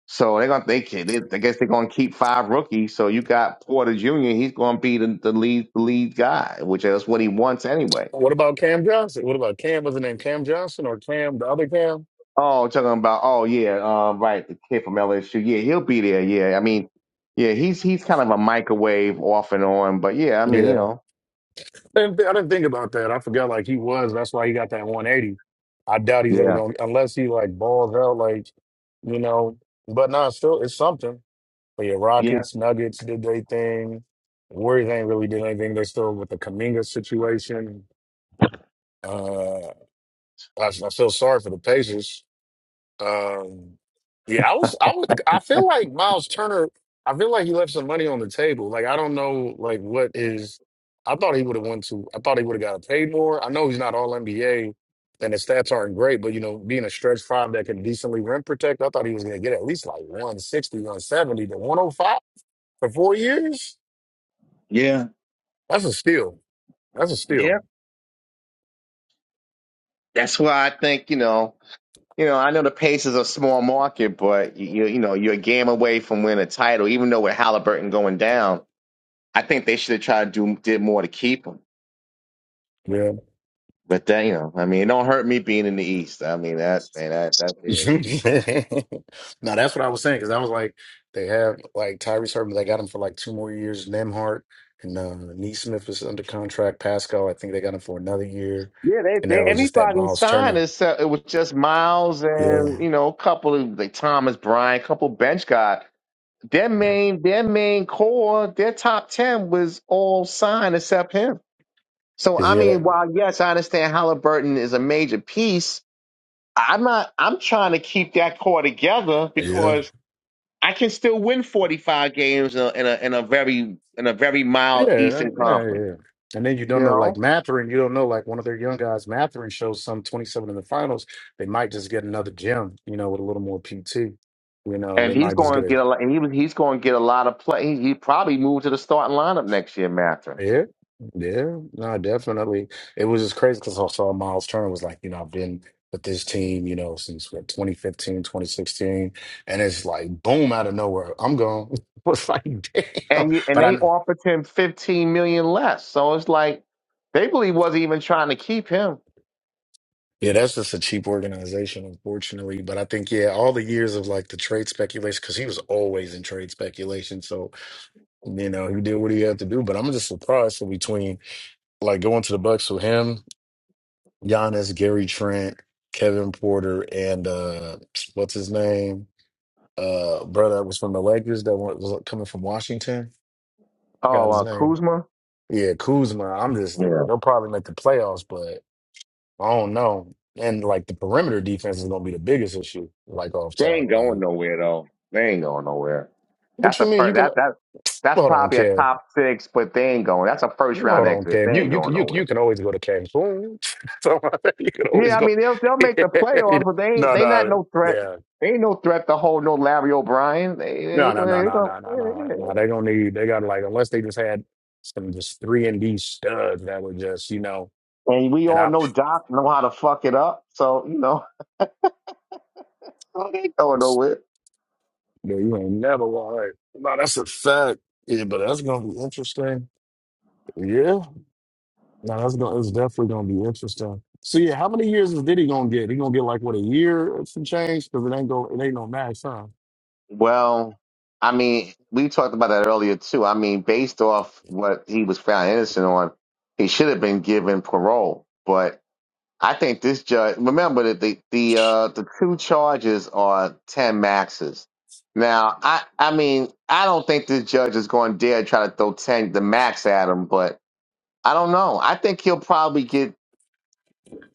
Speaker 6: so they're gonna they, can- they I guess they're gonna keep five rookies. So you got Porter Jr. He's gonna be the, the lead the lead guy, which is what he wants anyway.
Speaker 9: What about Cam Johnson? What about Cam? Was the name Cam Johnson or Cam, the other Cam?
Speaker 6: Oh, talking about oh yeah, um, right the kid from LSU. Yeah, he'll be there. Yeah, I mean, yeah, he's he's kind of a microwave off and on, but yeah, I mean you
Speaker 9: Yeah.
Speaker 6: know
Speaker 9: I didn't, thi- I didn't think about that. I forgot, like, he was. That's why he got that 180. I doubt he's ever
Speaker 6: yeah
Speaker 9: going to, unless he, like, balls out, like, you know. But nah, still, it's something. But yeah,
Speaker 6: yeah
Speaker 9: Rockets, Nuggets did their thing. Warriors ain't really did anything. They're still with the Kaminga situation. Uh, I, I feel sorry for the Pacers. Um, yeah, I was, I was, I feel like Miles Turner. I feel like he left some money on the table. Like I don't know, like what is. I thought he would have won to. I thought he would have got paid more. I know he's not all NBA, and his stats aren't great. But you know, being a stretch five that can decently rim protect, I thought he was going to get at least like one sixty, one seventy to 105 for four years.
Speaker 6: yeah
Speaker 9: That's a steal. That's a steal.
Speaker 6: yeah. That's why I think you know. You know, I know the Pacers are a small market, but you you know you're a game away from winning a title. Even though with Halliburton going down, I think they should have tried to do did more to keep him.
Speaker 9: Yeah.
Speaker 6: But that you know, I mean, it don't hurt me being in the East. I mean that man, that that's it.
Speaker 9: No, that's what I was saying because I was like, they have like Tyrese Herbert. They got him for like two more years. Nembhard and uh, Neesmith is under contract. Pascal, I think they got him for another year.
Speaker 6: Yeah, they,
Speaker 9: And then
Speaker 6: they
Speaker 9: was just that
Speaker 6: everybody
Speaker 9: Miles
Speaker 6: signed
Speaker 9: Turner.
Speaker 6: except it was just Miles
Speaker 9: Yeah,
Speaker 6: and you know a couple of like Thomas Bryant, a couple bench guys. Their main their main core, their top ten was all signed except him. So
Speaker 9: is
Speaker 6: I
Speaker 9: he
Speaker 6: mean,
Speaker 9: that?
Speaker 6: while yes, I understand Halliburton is a major piece I'm not. I'm trying to keep that core together
Speaker 9: Yeah,
Speaker 6: because I can still win 45 games in a in a, in a very in a very
Speaker 9: yeah,
Speaker 6: mild Eastern
Speaker 9: that- no,
Speaker 6: Conference.
Speaker 9: yeah. And then you
Speaker 6: You
Speaker 9: don't know like
Speaker 6: know,
Speaker 9: Matherin. You don't know like one of their young guys. Matherin shows some twenty-seven in the finals. They might just get another gem. You know, with a little more PT. You know,
Speaker 6: and
Speaker 9: they
Speaker 6: he's
Speaker 9: might just
Speaker 6: going
Speaker 9: get
Speaker 6: to
Speaker 9: a
Speaker 6: get a lot. And he was he's going to get a lot of play. He, he probably moved to the starting lineup next year, Matthew.
Speaker 9: Yeah, yeah, no, definitely. It was just crazy because I saw Miles Turner was like, you know, I've been with this team, you know, since what, 2015, and it's like boom out of nowhere, I'm gone. It's like damn,
Speaker 6: And you, and
Speaker 9: but I
Speaker 6: they
Speaker 9: know.
Speaker 6: offered him 15 million less. So it's like they really wasn't even trying to keep him.
Speaker 9: Yeah, that's just a cheap organization, unfortunately. But I think, yeah, all the years of like the trade speculation, because he was always in trade speculation. So, you know, he did what he had to do. But I'm just surprised. So between like going to the Bucks with him Giannis, Gary Trent, Kevin Porter, and uh, what's his name? Uh, brother that was from the Lakers that wa- was coming from Washington. Got
Speaker 6: Oh,
Speaker 9: his
Speaker 6: uh,
Speaker 9: name.
Speaker 6: Kuzma.
Speaker 9: Yeah, Kuzma. I'm just they'll probably make the playoffs, but I don't know. And like the perimeter defense is gonna be the biggest issue. Like off
Speaker 6: They
Speaker 9: top,
Speaker 6: ain't going
Speaker 9: like
Speaker 6: nowhere though. They ain't going nowhere.
Speaker 9: what
Speaker 6: That's
Speaker 9: you
Speaker 6: a
Speaker 9: mean? You
Speaker 6: first.
Speaker 9: can
Speaker 6: That that that's
Speaker 9: hold on,
Speaker 6: probably a
Speaker 9: Kev.
Speaker 6: top six, but they ain't going. That's a first round
Speaker 9: Hold on,
Speaker 6: exit. They
Speaker 9: Kev. You
Speaker 6: ain't
Speaker 9: you can
Speaker 6: going
Speaker 9: you, can- you
Speaker 6: nowhere.
Speaker 9: can always go to Cancun. so you can always
Speaker 6: Yeah, I
Speaker 9: go.
Speaker 6: mean they'll they'll make the playoffs, but they ain't
Speaker 9: no,
Speaker 6: they not
Speaker 9: no,
Speaker 6: no threat.
Speaker 9: yeah.
Speaker 6: They ain't no threat to hold no Larry O'Brien. They they,
Speaker 9: No, no,
Speaker 6: go-
Speaker 9: no,
Speaker 6: they,
Speaker 9: no,
Speaker 6: go-
Speaker 9: no, no, no, no. They're gonna need. They got to like unless they just had some just three and D studs that were just you know
Speaker 6: and we
Speaker 9: and
Speaker 6: all know
Speaker 9: options.
Speaker 6: Doc know how to fuck it up. So you know they ain't going nowhere.
Speaker 9: Yeah, you ain't never like. No, that's a fact. Yeah, but that's gonna be interesting. Yeah, no, that's gonna. It's definitely gonna be interesting. So yeah, how many years is Diddy gonna get? He gonna get like what a year or some change because it ain't go. It ain't no max, huh?
Speaker 6: Well, I mean, we talked about that earlier too. I mean, based off what he was found innocent on, he should have been given parole. But I think this judge remember that the the uh, the two charges are ten maxes. Now, I I mean, I don't think this judge is going to dare try to throw ten the max at him. But I don't know. I think he'll probably get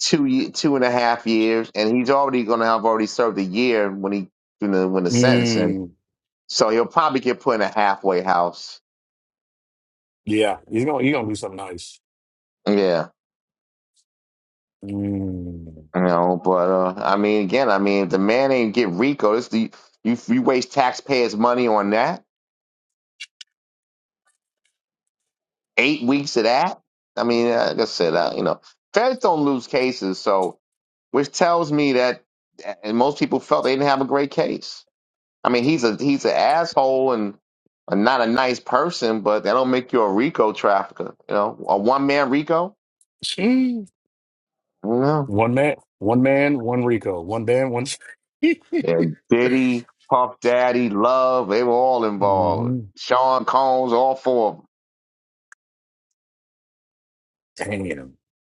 Speaker 6: two ye- two and a half years, and he's already going to have already served a year when he you know when the sentencing.
Speaker 9: Mm,
Speaker 6: So he'll probably get put in a halfway house.
Speaker 9: yeah, he's gonna. He gonna do something nice.
Speaker 6: Yeah,
Speaker 9: Mm.
Speaker 6: you know. But uh, I mean, again, I mean, if the man ain't get Rico. This the you you waste taxpayers' money on that. Eight weeks of that. I mean, uh, like I said, uh, you know, feds don't lose cases, so which tells me that, and most people felt they didn't have a great case. I mean, he's a he's an asshole and a, not a nice person, but that don't make you a Rico trafficker. You know, a one man Rico. No.
Speaker 9: One man, one man, one Rico, one band, one.
Speaker 6: And Diddy, Puff Daddy, Love, they were all involved.
Speaker 9: hmm
Speaker 6: Sean Combs, all four of them.
Speaker 9: Damn,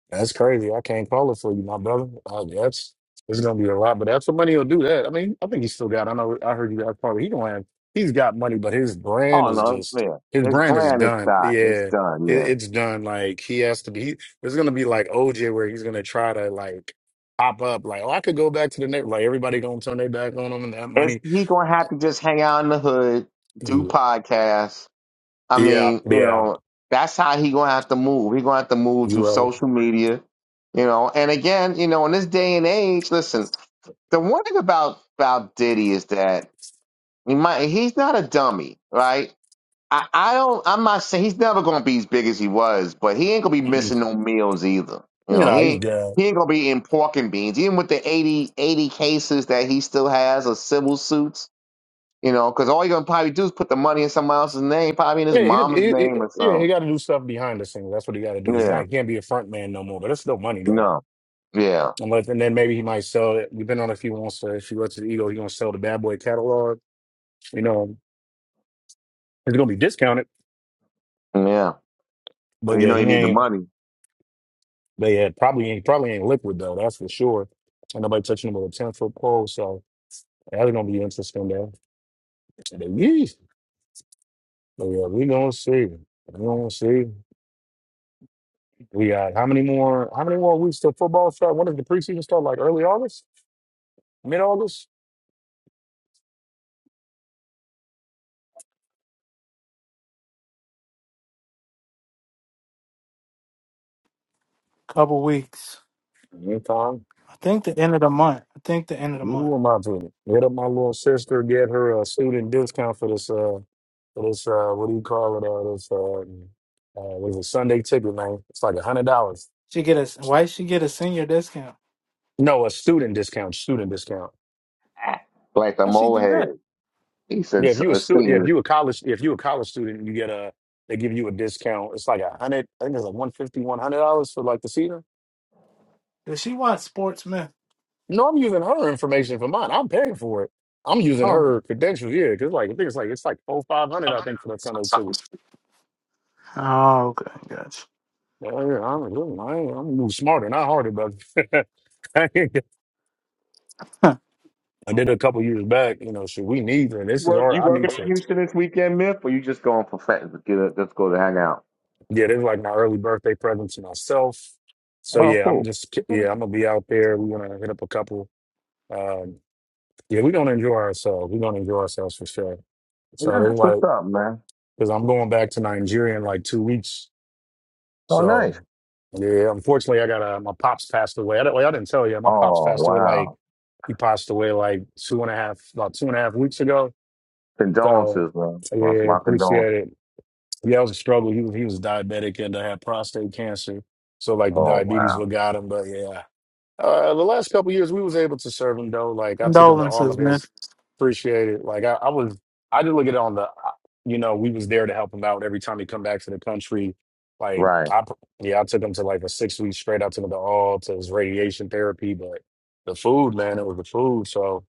Speaker 9: that's crazy. I can't call it for you, my brother. Uh, that's it's gonna be a lot, but that's what money will do. That I mean, I think he still got. I know I heard you guys probably. He don't have. He's got money, but his brand
Speaker 6: Oh
Speaker 9: is
Speaker 6: no,
Speaker 9: just
Speaker 6: yeah.
Speaker 9: his
Speaker 6: It's
Speaker 9: brand is
Speaker 6: brand it's
Speaker 9: done.
Speaker 6: done. It's
Speaker 9: Yeah, it,
Speaker 6: done, yeah.
Speaker 9: it's done. Like he has to be. He, it's gonna be like OJ, where he's gonna try to like pop up. Like, oh, I could go back to the net. Like everybody gonna turn their back on him and that
Speaker 6: It's
Speaker 9: money.
Speaker 6: he gonna have to just hang out in the hood, do
Speaker 9: Yeah,
Speaker 6: podcasts. I mean, you
Speaker 9: yeah,
Speaker 6: know, that's how he gonna have to move. He gonna have to move through
Speaker 9: you
Speaker 6: social media, you know. And again, you know, in this day and age, listen, the one thing about about Diddy is that he might he's not a dummy, right? I, I don't. I'm not saying he's never going to be as big as he was, but he ain't going to be
Speaker 9: right.
Speaker 6: missing no meals either. You
Speaker 9: You
Speaker 6: know,
Speaker 9: know, he's
Speaker 6: he
Speaker 9: good.
Speaker 6: he ain't going to be eating pork and beans, even with the 80 80 cases that he still has of civil suits. You know, because all you're going to probably do is put the money in someone else's name, probably in his
Speaker 9: Yeah, he,
Speaker 6: mama's
Speaker 9: he, he
Speaker 6: name or
Speaker 9: yeah, he got
Speaker 6: something.
Speaker 9: to do stuff behind the scenes. That's what he got to do. He's
Speaker 6: Yeah.
Speaker 9: not he can't be a front man no more. But it's still money though.
Speaker 6: No. Yeah.
Speaker 9: Unless and then maybe he might sell it. Depending on if he wants to, if he lets it ego, he gonna sell the Bad Boy catalog. You know, it's gonna be discounted.
Speaker 6: Yeah. 'Cause
Speaker 9: But
Speaker 6: you
Speaker 9: yeah,
Speaker 6: know you
Speaker 9: he
Speaker 6: need the
Speaker 9: ain't.
Speaker 6: money.
Speaker 9: But yeah, probably ain't probably ain't liquid though. That's for sure. And nobody touching him with a ten foot pole. So that's gonna be interesting though. But yeah, but yeah, we gonna see. We gonna see. We got how many more? How many more weeks till football start? When does the preseason start? Like early August? mid August.
Speaker 1: Couple weeks.
Speaker 9: Anytime.
Speaker 1: I think the end of the month. I think the end of the month.
Speaker 9: Ooh, am I doing it? Hit up my little sister, get her a student discount for this uh for this uh what do you call it? Uh this uh, uh what is it, Sunday ticket, man. It's like a hundred dollars.
Speaker 1: She get a. Why she get a senior discount?
Speaker 9: No, a student discount, student discount.
Speaker 6: Ah, Like the
Speaker 1: How she
Speaker 6: mole
Speaker 1: do that?
Speaker 6: head. He said,
Speaker 9: Yeah, if
Speaker 6: "S-
Speaker 9: you a
Speaker 6: uh,
Speaker 9: student yeah, if
Speaker 6: "Senior,
Speaker 9: you a college if you a college student, you get a they give you a discount. It's like a hundred I think it's like one fifty, one hundred dollars for like the season.
Speaker 1: Does she watch Sports Myth?
Speaker 9: No, I'm using her information for mine. I'm paying for it. I'm using
Speaker 1: Oh.
Speaker 9: her credentials, yeah, because like I think it's like it's like four five hundred, I think, for that Sunday ticket.
Speaker 1: Oh, okay, gotcha.
Speaker 9: Yeah, I'm, I'm, I'm smarter, not harder, but I did
Speaker 1: Huh.
Speaker 9: it a couple years back. You know, shit, we need, and
Speaker 6: you
Speaker 9: this is
Speaker 6: work
Speaker 9: our,
Speaker 6: you
Speaker 9: I
Speaker 6: working
Speaker 9: need
Speaker 6: in
Speaker 9: to,
Speaker 6: Houston this weekend, Myth, or you just going for fat? Get a, just go to hang out."
Speaker 9: yeah, this is like my early birthday present to myself. So
Speaker 6: Well,
Speaker 9: yeah,
Speaker 6: cool.
Speaker 9: I'm just, yeah, I'm gonna be out there. We're gonna hit up a couple. Um, yeah, we're gonna enjoy ourselves. We're gonna enjoy ourselves for sure. So
Speaker 6: Yeah,
Speaker 9: that's
Speaker 6: That's
Speaker 9: why,
Speaker 6: what's up, man.
Speaker 9: because I'm going back to Nigeria in like two weeks.
Speaker 6: Oh,
Speaker 9: So
Speaker 6: nice.
Speaker 9: yeah, unfortunately, I got a my pops passed away. I, don't- well, I didn't tell you, my pops
Speaker 6: Oh,
Speaker 9: passed away like
Speaker 6: wow.
Speaker 9: he passed away like two and a half about two and a half weeks ago. So
Speaker 6: Condolences, man. That's
Speaker 9: yeah,
Speaker 6: my condolences.
Speaker 9: appreciate it. Yeah, it was a struggle. He was he was diabetic and uh, had prostate cancer, so like the
Speaker 6: Oh,
Speaker 9: diabetes
Speaker 6: wow.
Speaker 9: what got him. But yeah. Uh, the last couple years, we was able to serve him though. Like I took him to all
Speaker 1: Condolences,
Speaker 9: of
Speaker 1: Myth.
Speaker 9: his, appreciate it. Like I, I was, I did look at it on the, uh, you know, we was there to help him out every time he come back to the country. Like
Speaker 6: Right.
Speaker 9: I, pr- yeah, I took him to like a six week straight. I took him to all to his radiation therapy, but the food, man, it was the food. So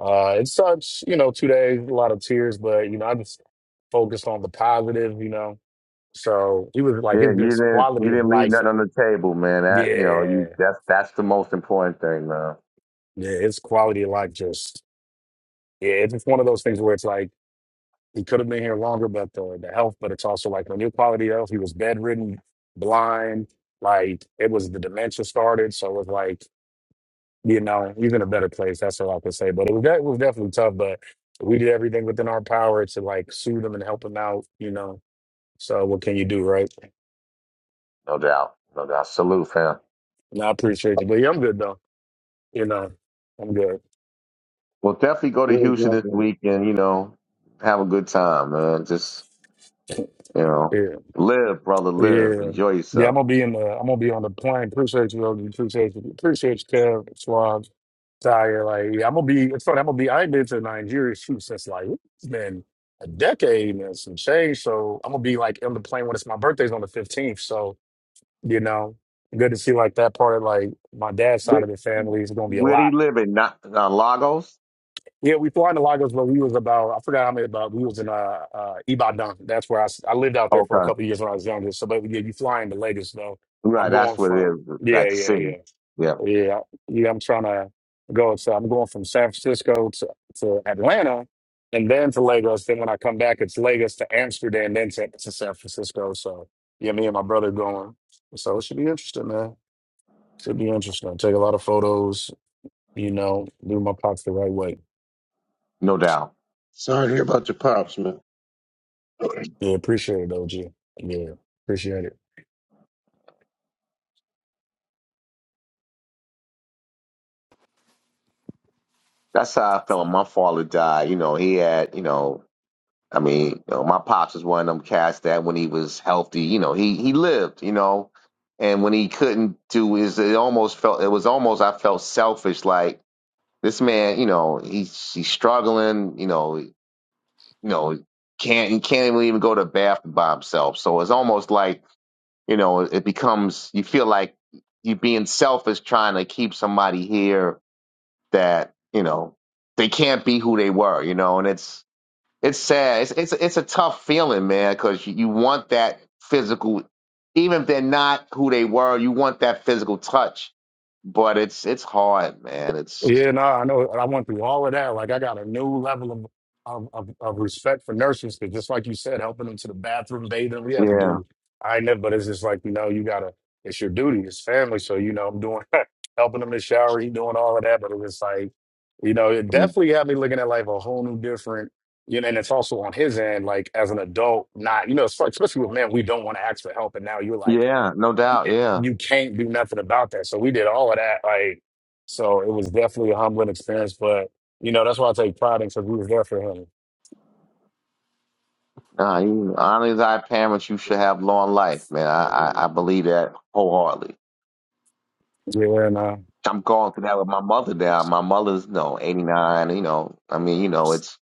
Speaker 9: uh, it sucks, you know, two days, a lot of tears, but you know, I just focused on the positive, you know. So he was like
Speaker 6: Yeah,
Speaker 9: his,
Speaker 6: you
Speaker 9: his
Speaker 6: didn't you
Speaker 9: quality of
Speaker 6: didn't leave
Speaker 9: life.
Speaker 6: nothing on the table, man. That you know,
Speaker 9: Yeah,
Speaker 6: you that's that's the most important thing, man.
Speaker 9: yeah, his quality of life just Yeah, it's just one of those things where it's like he could have been here longer, but the, the health, but it's also like when your quality of health, he was bedridden, blind, like it was the dementia started. So it was like, you know, he's in a better place. That's all I can say. But it was, de- it was definitely tough, but we did everything within our power to like soothe him and help him out, you know. So what can you do, right?
Speaker 6: No doubt. No doubt. Salute, fam.
Speaker 9: And I appreciate you. But yeah, I'm good though. You know, I'm good.
Speaker 6: Well definitely go to
Speaker 3: Where's
Speaker 6: Houston
Speaker 3: my
Speaker 6: this
Speaker 3: gun?
Speaker 6: week and, you know, have a good time, man. Just you know,
Speaker 9: Yeah.
Speaker 6: live, brother, live.
Speaker 9: Yeah.
Speaker 6: Enjoy
Speaker 9: Yeah, I'm
Speaker 6: yourself.
Speaker 9: gonna be in the I'm gonna be on the plane. Appreciate you, OG. Appreciate you. Appreciate you, Kev, Swab, Tyre. Like yeah, I'm gonna be it's funny, I'm gonna be I ain't been to Nigeria shoot since like it's been a decade and some change. So I'm gonna be like on the plane when it's my birthday's on the fifteenth. So, you know, good to see like that part of like my dad's side
Speaker 6: Where
Speaker 9: of the family is gonna be a
Speaker 6: where do
Speaker 9: lot.
Speaker 6: you live in? Not uh, Lagos?
Speaker 9: Yeah, we flew to Lagos when we was about, I forgot how many, about we was in uh, uh, Ibadan. That's where I, s- I lived out there for a
Speaker 6: Okay.
Speaker 9: couple of years when I was younger. So, but yeah, you fly into Lagos though.
Speaker 6: Right,
Speaker 9: I'm
Speaker 6: that's
Speaker 9: going
Speaker 6: what it
Speaker 9: from,
Speaker 6: is, like
Speaker 9: yeah,
Speaker 6: the
Speaker 9: yeah,
Speaker 6: city.
Speaker 9: yeah.
Speaker 6: Yeah.
Speaker 9: Yeah, yeah I'm trying to go. So I'm going from San Francisco to, to Atlanta and then to Lagos. Then when I come back, it's Lagos to Amsterdam, then to, to San Francisco. So yeah, me and my brother going. So it should be interesting, man. Should be interesting. Take a lot of photos, you know, do my pops the right way.
Speaker 6: No doubt.
Speaker 3: Sorry to hear about your pops, man.
Speaker 9: Yeah, appreciate it, OG. Yeah, appreciate it.
Speaker 6: That's how I felt when my father died. You know, he had, you know, I mean, you know, my pops was one of them cats that when he was healthy, you know, he he lived, you know. And when he couldn't do his it almost felt it was almost I felt selfish like this man, you know, he's he's struggling, you know, you know, can't he can't even go to the bathroom by himself. So it's almost like, you know, it becomes you feel like you're being selfish trying to keep somebody here that you know they can't be who they were, you know, and it's it's sad. It's it's it's a tough feeling, man, because you, you want that physical, even if they're not who they were, you want that physical touch. But it's it's hard, man. It's
Speaker 9: Yeah, no, I know. I went through all of that. Like, I got a new level of of, of, of respect for nurses because, just like you said, helping them to the bathroom, bathing them, we have to
Speaker 6: yeah,
Speaker 9: do. I ain't never, but it's just like you know, you gotta. It's your duty. It's family. So you know, I'm doing helping them to shower. He doing all of that, but it was like, you know, it definitely had me looking at life a whole new different. You know, and it's also on his end, like as an adult, not you know, it's like, especially with men, we don't want to ask for help, and now you're like.
Speaker 6: yeah, no doubt, yeah.
Speaker 9: you can't do nothing about that. So we did all of that. Like, so it was definitely a humbling experience, but you know, that's why I take pride in because we was there for him.
Speaker 6: Nah, you, honestly, as our parents, you should have long life, man. I, I I believe that wholeheartedly.
Speaker 9: Yeah, nah.
Speaker 6: I'm going through that with my mother now. My mother's you no know, 89. You know, I mean, you know, it's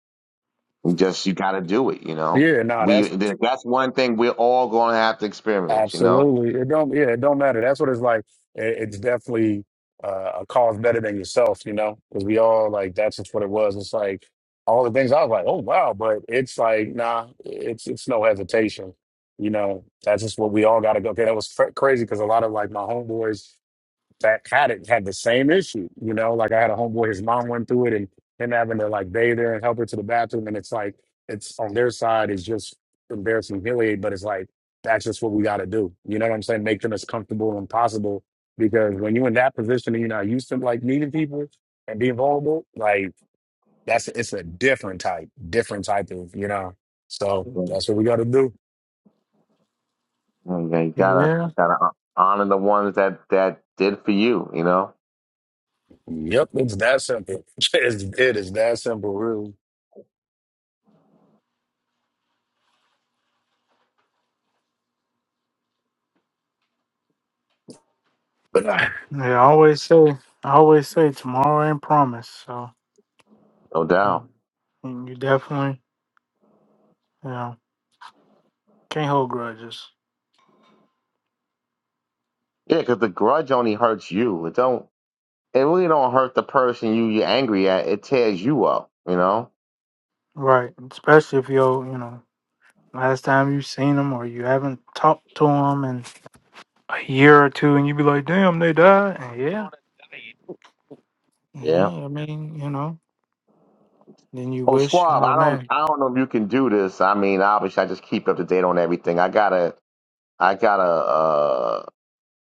Speaker 6: Just you got to do it. You know,
Speaker 9: Yeah, no,
Speaker 6: we that's one thing we're all going to have to experience. You know,
Speaker 9: Absolutely. It don't, yeah, it don't matter. That's what it's like. It, it's definitely uh, a cause better than yourself, you know, because we all like, that's just what it was. It's like all the things I was like, oh, wow. But it's like, nah, it's, it's no hesitation. You know, that's just what we all got to go. Okay. That was fr- crazy because a lot of like my homeboys that had it had the same issue. You know, like I had a homeboy, his mom went through it, and him having to like bathe her and help her to the bathroom, and it's like it's on their side is just embarrassing, humiliating, but it's like that's just what we got to do. You know what I'm saying? Make them as comfortable and possible because when you're in that position and you're not used to like meeting people and being vulnerable, like that's it's a different type, different type of you know. So
Speaker 6: you
Speaker 9: that's what we got to do.
Speaker 6: gotta
Speaker 1: Yeah.
Speaker 6: gotta honor the ones that that did for you. You know.
Speaker 9: Yep, it's that simple. It's, it is that simple, really.
Speaker 1: Yeah. I always say. I always say tomorrow ain't promised. So
Speaker 6: No doubt.
Speaker 1: you definitely, you know, can't hold grudges.
Speaker 6: Yeah, because the grudge only hurts you. It don't. It really don't hurt the person you you're angry at. It tears you up. You know.
Speaker 1: Right. Especially if you're, you know. Last time you seen them or you haven't talked to them in a year or two, and you be like, "Damn, they died." And yeah,
Speaker 6: Yeah.
Speaker 1: yeah. I mean, you know, then you
Speaker 6: Oh,
Speaker 1: wish,
Speaker 6: Swab,
Speaker 1: oh
Speaker 6: I don't.
Speaker 1: man,
Speaker 6: I don't know if you can do this. I mean, obviously, I just keep up to date on everything. I got a. I got a. Uh,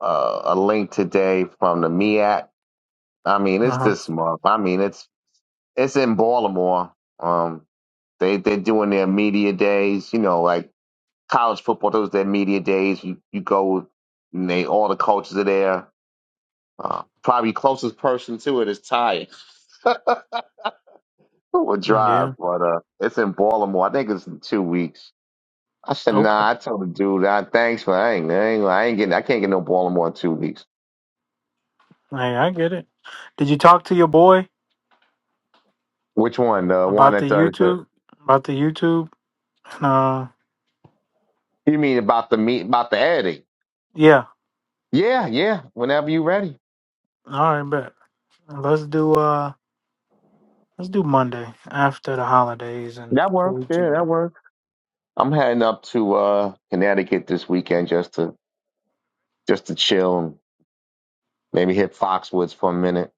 Speaker 6: uh, a link today from the MEAC I mean, it's
Speaker 1: uh
Speaker 6: this month. I mean, it's it's in Baltimore. Um, they they're doing their media days. You know, like college football, those their media days. You you go, and they all the coaches are there. Uh, probably closest person to it is Ty or
Speaker 1: huh,
Speaker 6: Drive,
Speaker 1: yeah,
Speaker 6: but uh, it's in Baltimore. I think it's in two weeks. I said,
Speaker 1: okay.
Speaker 6: nah. I told the dude, ah, thanks, but I ain't, I ain't, I ain't getting, I can't get no Baltimore in two weeks.
Speaker 1: Hey, I get it. Did you talk to your boy
Speaker 6: Which one? The one
Speaker 1: about the
Speaker 6: that does the?
Speaker 1: YouTube? About the YouTube? Uh,
Speaker 6: You mean about the meet, about the editing?
Speaker 1: yeah.
Speaker 6: Yeah, yeah. Whenever you ready.
Speaker 1: All right, bet. Let's do uh, let's do Monday after the holidays and
Speaker 6: That
Speaker 1: the
Speaker 6: works. Yeah,
Speaker 1: weekend.
Speaker 6: that works. I'm heading up to uh, Connecticut this weekend just to just to chill and maybe hit Foxwoods for a minute.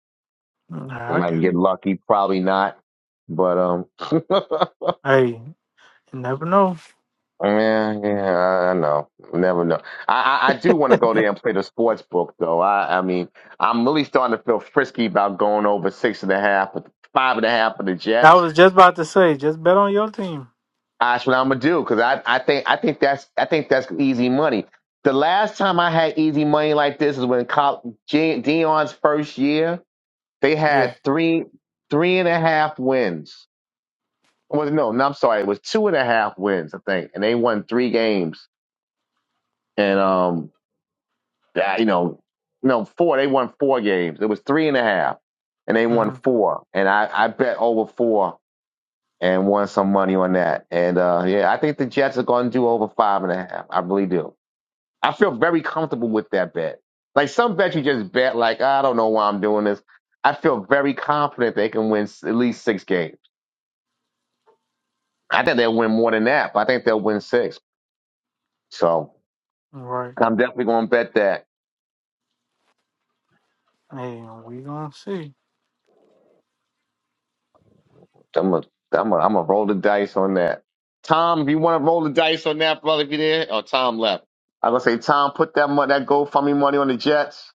Speaker 1: Nah,
Speaker 6: If
Speaker 1: I
Speaker 6: I can
Speaker 1: get
Speaker 6: get
Speaker 1: it.
Speaker 6: lucky, probably not. But um, yeah,
Speaker 1: Hey, you never know.
Speaker 6: yeah, I I know. Never know. I I, I do want to go there and play the sports book though. I I mean, I'm really starting to feel frisky about going over six and a half but five and a half of the
Speaker 1: I
Speaker 6: Jets.
Speaker 1: was just about to say, just bet on your team.
Speaker 6: That's what I'm gonna do because I, I think I think that's I think that's easy money. The last time I had easy money like this is when Col- G- Dion's first year. They
Speaker 1: Yeah.
Speaker 6: had three three and a half wins. Well, no, no, I'm sorry, it was two and a half wins, I think, and they won three games. And um, that, you know, no four. They won four games. It was three and a half, and they won
Speaker 1: hmm
Speaker 6: four. And I I bet over four and won some money on that. And uh, yeah, I think the Jets are going to do over five and a half. I really do. I feel very comfortable with that bet. Like some bets you just bet, like I don't know why I'm doing this. I feel very confident they can win s- at least six games. I think they'll win more than that, but I think they'll win six. So
Speaker 1: Right.
Speaker 6: I'm definitely going to bet that.
Speaker 1: Hey, we gonna see.
Speaker 6: I'm a, I'm a, I'm a roll the dice on that. Tom, if you want to roll the dice on that, brother, if you're there, or Tom left. I'm gonna say, Tom, put that money, that GoFundMe money on the Jets.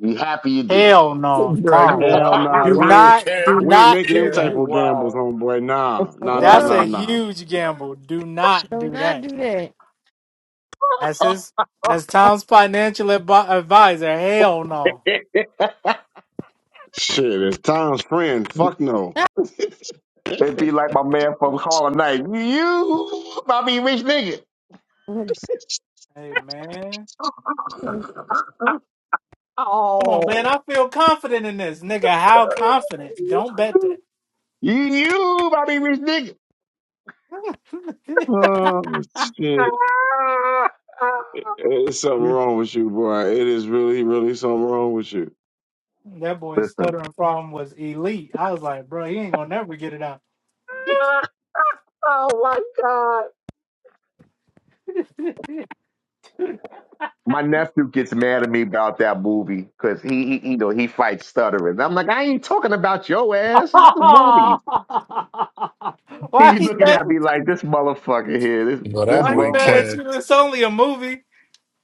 Speaker 6: Be happy you did.
Speaker 1: Hell no,
Speaker 9: Bro, you a
Speaker 1: Tom.
Speaker 3: Hell
Speaker 9: wild, you a
Speaker 3: nah,
Speaker 1: Do
Speaker 3: we
Speaker 9: wild,
Speaker 3: ain't
Speaker 1: not do
Speaker 9: Kev,
Speaker 3: we ain't
Speaker 1: not
Speaker 3: making them
Speaker 1: do
Speaker 9: Kev,
Speaker 3: type
Speaker 1: that.
Speaker 9: you
Speaker 3: of gambles,
Speaker 9: wild.
Speaker 3: homeboy. Nah,
Speaker 4: The
Speaker 3: nah, nah,
Speaker 1: That's
Speaker 3: nah,
Speaker 1: a
Speaker 4: world
Speaker 3: nah.
Speaker 1: huge gamble. Do not
Speaker 4: do
Speaker 1: do
Speaker 4: not
Speaker 1: that.
Speaker 4: do that.
Speaker 1: As his as Tom's financial advi- advisor, hell no.
Speaker 3: Shit, it's Tom's friend. Fuck no.
Speaker 6: It'd be like my man from Harlem Night. You, about be a rich nigga.
Speaker 1: Hey man. Come on, man.
Speaker 6: Oh.
Speaker 1: I feel confident in this. Nigga, how confident? Don't bet that.
Speaker 6: You, you, about be a rich nigga.
Speaker 3: oh shit. Hey, It's something wrong with you, boy. It is really, really something wrong with you.
Speaker 1: that boy's
Speaker 6: Listen,
Speaker 1: stuttering problem was elite. I was like, bro, he ain't gonna never get it out.
Speaker 6: oh my God. My nephew gets mad at me about that movie because he, he, you know, he fights stuttering. I'm like, I ain't talking about your ass. It's the movie.
Speaker 1: why
Speaker 6: He be
Speaker 1: he
Speaker 6: looking
Speaker 1: mad-
Speaker 6: at me like this motherfucker here. This,
Speaker 9: But that
Speaker 6: this
Speaker 1: why he
Speaker 9: boy,
Speaker 1: mad
Speaker 6: motherfucker.
Speaker 1: at you?
Speaker 9: Kev,
Speaker 1: It's only a movie.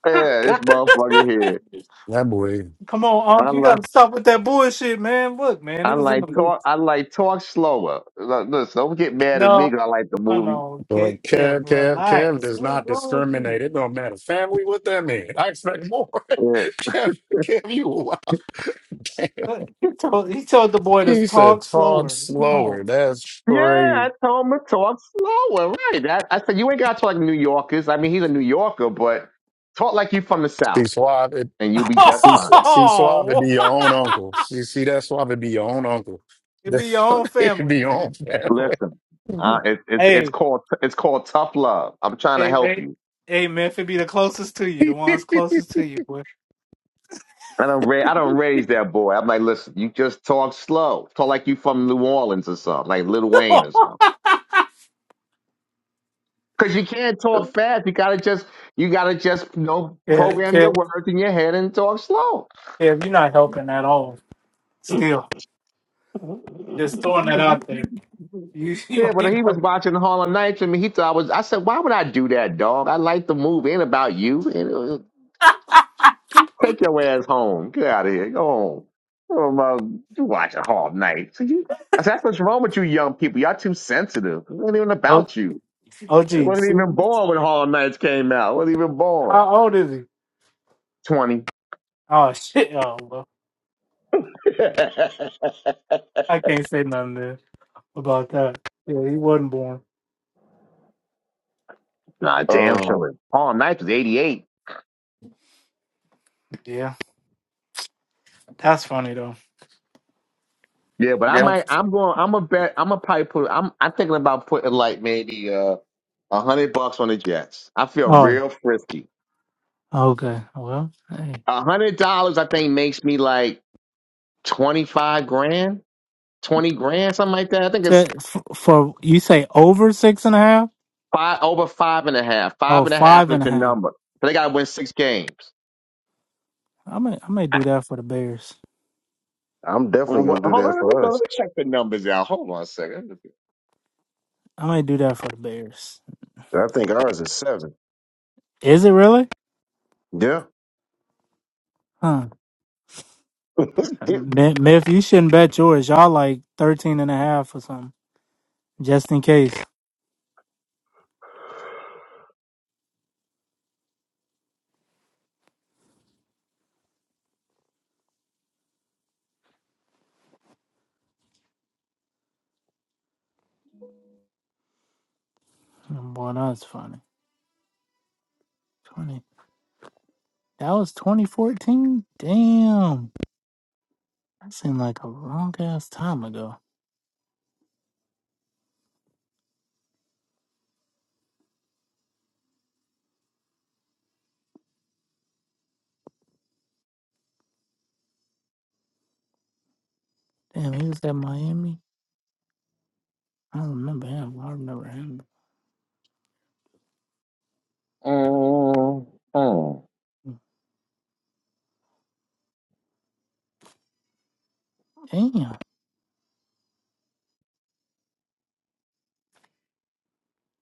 Speaker 6: Yeah, this motherfucker here.
Speaker 9: that boy,
Speaker 1: Come on,
Speaker 6: I
Speaker 1: Unc, you
Speaker 6: like
Speaker 1: gotta stop with that bullshit, man. Look, man,
Speaker 6: I
Speaker 1: it was in
Speaker 6: like
Speaker 1: the movie.
Speaker 6: talk I like talk slower. Look, Listen, don't get mad at me
Speaker 1: No,
Speaker 6: 'cause I like the
Speaker 1: come
Speaker 6: movie.
Speaker 1: on,
Speaker 9: boy,
Speaker 1: get Kev,
Speaker 9: Kev, Kev, Kev
Speaker 1: relax.
Speaker 9: does
Speaker 1: What is
Speaker 9: not
Speaker 1: wrong with you?
Speaker 9: discriminate. It don't matter. Family, what that mean? I expect more.
Speaker 6: Yeah.
Speaker 9: Kev, Kev, you a wild.
Speaker 1: Uh, He told he told the boy to
Speaker 9: He said,
Speaker 1: talk
Speaker 9: talk
Speaker 1: slower. Come
Speaker 9: slower.
Speaker 1: on.
Speaker 9: That's
Speaker 6: Yeah,
Speaker 9: crazy.
Speaker 6: I told him to talk slower. Right. I, I said you ain't gotta talk like New Yorkers. I mean he's a New Yorker, but talk like you from the
Speaker 9: See,
Speaker 6: South
Speaker 9: suave,
Speaker 6: and you'll be just
Speaker 9: see,
Speaker 6: fine.
Speaker 9: Su- see, suave, be
Speaker 1: Oh,
Speaker 9: your own uncle. You see that suave, be your own uncle.
Speaker 1: it be your own
Speaker 9: That
Speaker 1: family,
Speaker 9: Be your
Speaker 1: man.
Speaker 9: own family.
Speaker 6: Listen. Uh, it, it's it's
Speaker 1: Hey,
Speaker 6: called it's called tough love. I'm trying to
Speaker 1: hey,
Speaker 6: help
Speaker 1: hey,
Speaker 6: you.
Speaker 1: hey, man, if it be the closest to you, the ones closest to you, boy.
Speaker 6: I don't ra- I don't raise that boy. I'm like, listen, you just talk slow. Talk like you from New Orleans or something, like Lil Wayne or something. Because you can't talk fast. You gotta just you gotta just you know
Speaker 1: yeah,
Speaker 6: program your
Speaker 1: Kev,
Speaker 6: words in your head and talk slow.
Speaker 1: Kev, you're not helping at all. Still, just throwing that out there. You,
Speaker 6: Yeah,
Speaker 1: you
Speaker 6: but
Speaker 1: ain't
Speaker 6: he was
Speaker 1: gonna-
Speaker 6: watching Harlem Nights and he thought I was. I said, why would I do that, dog? I like the movie, ain't about you. And, uh, take your ass home. Get out of here. Go home. Oh my, you watching Harlem Nights? You- I said, that's what's wrong with you young people. Y'all too sensitive. It wasn't even
Speaker 1: oh,
Speaker 6: about you.
Speaker 1: oh,
Speaker 6: It
Speaker 1: geez.
Speaker 6: wasn't
Speaker 1: See?
Speaker 6: even born when Harlem Nights came out. It wasn't even born.
Speaker 1: How old is he?
Speaker 6: Twenty.
Speaker 1: Oh, shit. Oh, well, I can't say nothing there about that. Yeah, he wasn't born.
Speaker 6: Nah, damn
Speaker 3: um,
Speaker 6: sure. Harlem Nights was eighty eight.
Speaker 1: Yeah, that's funny, though.
Speaker 6: Yeah, but I
Speaker 1: Yeah.
Speaker 6: might. I'm going. I'm a bet. I'm a probably put. I'm. I'm thinking about putting like maybe uh a hundred bucks on the Jets. I feel
Speaker 1: Oh,
Speaker 6: real frisky.
Speaker 1: okay. Well, hey.
Speaker 6: A hundred dollars, I think, makes me like twenty five grand, twenty grand, something like that. I think it's
Speaker 1: So, f- for you say over six and a half?
Speaker 6: five over five and a half.
Speaker 1: Oh,
Speaker 6: Five and a half
Speaker 1: five
Speaker 6: is
Speaker 1: and a
Speaker 6: the
Speaker 1: half.
Speaker 6: number. So they got to win six games.
Speaker 1: I may, I may do that for the Bears.
Speaker 3: I'm
Speaker 6: Well,
Speaker 3: definitely
Speaker 6: What,
Speaker 3: gonna do
Speaker 6: hold on,
Speaker 3: that
Speaker 6: let me
Speaker 3: for
Speaker 6: go. Let
Speaker 3: us.
Speaker 6: me check the numbers out. Hold on a second.
Speaker 1: I may do that for the Bears.
Speaker 3: I think ours is seven.
Speaker 1: Is it really?
Speaker 3: Yeah.
Speaker 1: Huh. Mi- Miff, you shouldn't bet yours. Y'all like 13 and a half and a or something. Just in case. Boy, that's funny. Twenty. That was 2014. Damn, that seemed like a long ass time ago. Damn, he was at Miami. I don't remember him. I remember him.
Speaker 6: Um, um,
Speaker 1: Damn,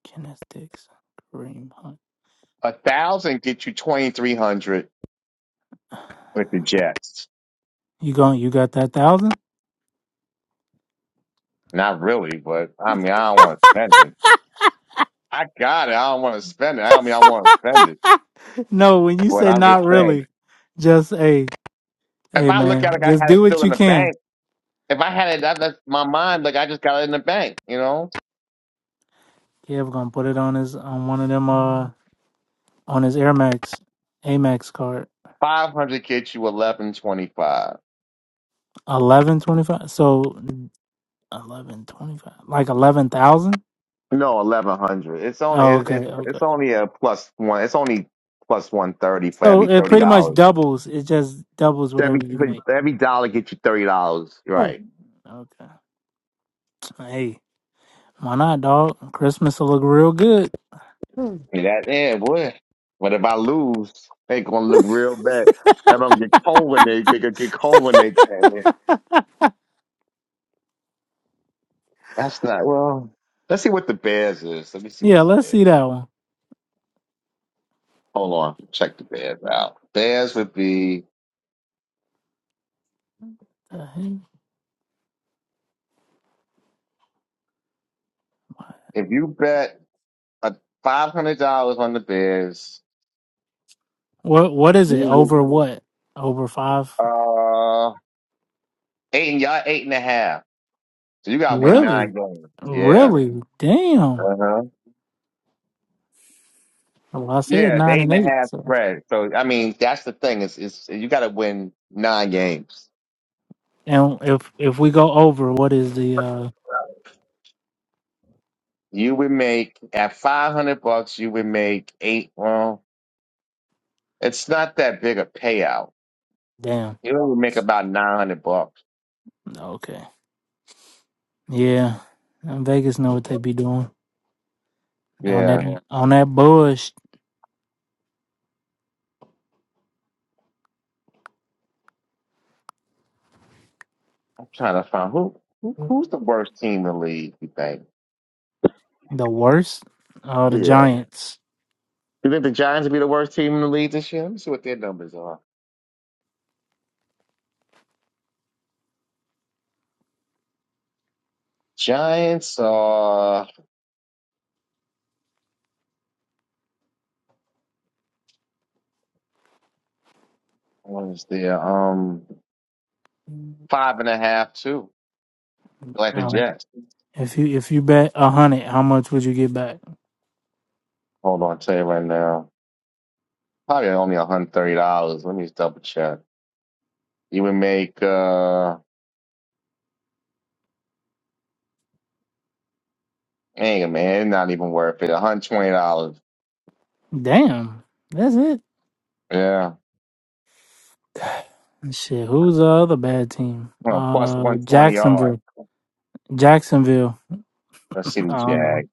Speaker 1: Kenneth Dixon, Kareem Hunt.
Speaker 6: a thousand get you twenty three hundred with the Jets.
Speaker 1: You going? You got that thousand?
Speaker 6: Not really, but I mean, I don't want to spend it. I got it. I don't want to spend it. I don't mean I want to spend it.
Speaker 1: No, when you
Speaker 6: But
Speaker 1: say
Speaker 6: I'm just
Speaker 1: not
Speaker 6: saying,
Speaker 1: really, just hey,
Speaker 6: if
Speaker 1: hey
Speaker 6: I look at it,
Speaker 1: man,
Speaker 6: like I
Speaker 1: just
Speaker 6: had it
Speaker 1: do what
Speaker 6: still in
Speaker 1: you
Speaker 6: the
Speaker 1: can.
Speaker 6: bank. If I had it, that, that's my mind. Like I just got it in the bank. You know,
Speaker 1: Yeah, we're gonna put it on his on one of them uh on his Air Max, Amex card.
Speaker 6: five hundred gets you eleven twenty five.
Speaker 1: Eleven twenty five. So Eleven twenty-five, like eleven thousand.
Speaker 6: No, eleven hundred. It's only
Speaker 1: Oh,
Speaker 6: it,
Speaker 1: okay,
Speaker 6: it's
Speaker 1: okay.
Speaker 6: it's only a plus one. It's only plus one thirty for every
Speaker 1: So it
Speaker 6: thirty
Speaker 1: pretty much
Speaker 6: dollars.
Speaker 1: doubles. It just doubles
Speaker 6: Every
Speaker 1: whatever you make.
Speaker 6: every dollar gets you thirty dollars. Right.
Speaker 1: Okay. Hey, why not, dog? Christmas will look real good.
Speaker 6: That yeah, boy. But if I lose, they gonna look real bad. I'm gonna get cold when they they gonna get cold when they came in. That's not well. Let's see what the Bears is. Let me see what
Speaker 1: Yeah,
Speaker 6: the
Speaker 1: let's
Speaker 6: Bears.
Speaker 1: see that one.
Speaker 6: Hold on, check the Bears out. Bears would be
Speaker 1: The heck?
Speaker 6: if you bet a five hundred dollars on the Bears.
Speaker 1: What What is it?
Speaker 6: you
Speaker 1: Over what? Over five?
Speaker 6: would, Uh, eight and y'all eight and a half. So you gotta win nine
Speaker 1: Really?
Speaker 6: games. Yeah.
Speaker 1: Really? Damn.
Speaker 6: Uh huh.
Speaker 1: Well, I said
Speaker 6: Yeah, it's
Speaker 1: nine
Speaker 6: eight and
Speaker 1: and
Speaker 6: a
Speaker 1: eight.
Speaker 6: half
Speaker 1: So,
Speaker 6: spread. So I mean, that's the thing is is you gotta win nine games.
Speaker 1: and if if we go over, what is the uh?
Speaker 6: you would make at 500 bucks you would make eight well it's not that big a payout
Speaker 1: Damn.
Speaker 6: you would make about 900 bucks
Speaker 1: Okay. Yeah, And Vegas know what they be doing. on that
Speaker 6: yeah
Speaker 1: Yeah. on that bush,
Speaker 6: i'm trying to find who, who who's the worst team in the league you think
Speaker 1: the worst are the
Speaker 6: yeah
Speaker 1: Giants.
Speaker 6: you think the giants would be the worst team in the league this year let me see what their numbers are giants are what is their um five and a half two like the
Speaker 1: Um,
Speaker 6: jets
Speaker 1: if you if you bet a hundred, how much would you get back?
Speaker 6: hold on I'll tell you right now probably only $130 let me just double check you would make uh Hey man, it's not even worth it. One hundred twenty dollars.
Speaker 1: Damn, that's it.
Speaker 6: Yeah,
Speaker 1: Shit, who's the other bad team?
Speaker 6: well, plus one
Speaker 1: Uh,
Speaker 6: twenty yard.
Speaker 1: Jacksonville. Jacksonville.
Speaker 6: Let's see the
Speaker 1: I don't know.
Speaker 6: Jag.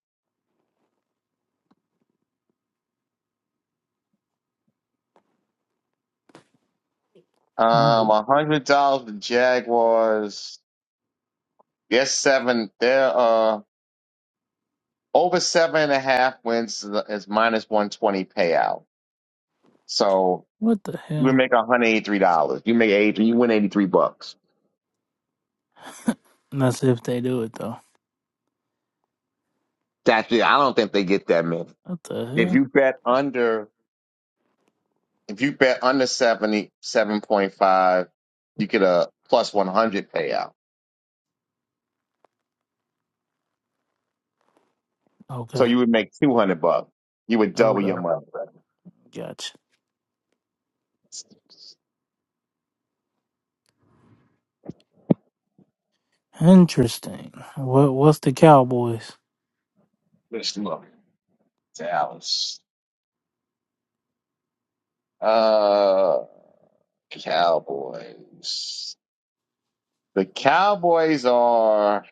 Speaker 6: Um, a hundred dollars. The Jaguars. They're seven. They're uh over seven and a half wins is is minus one twenty payout. So
Speaker 1: What the
Speaker 6: you would
Speaker 1: hell?
Speaker 6: make one hundred eighty three dollars. You make eighty. You win eighty three bucks.
Speaker 1: That's if they do it though.
Speaker 6: That's it. I don't think they get that many.
Speaker 1: What the
Speaker 6: If you
Speaker 1: hell?
Speaker 6: bet under, if you bet under seventy seven point five, you get a plus one hundred payout. So
Speaker 1: Okay.
Speaker 6: you would make 200 bucks. You would double your
Speaker 1: Okay.
Speaker 6: money.
Speaker 1: Gotcha. Interesting. What What's the Cowboys?
Speaker 6: Let's look. Dallas. Uh, Cowboys. The Cowboys are,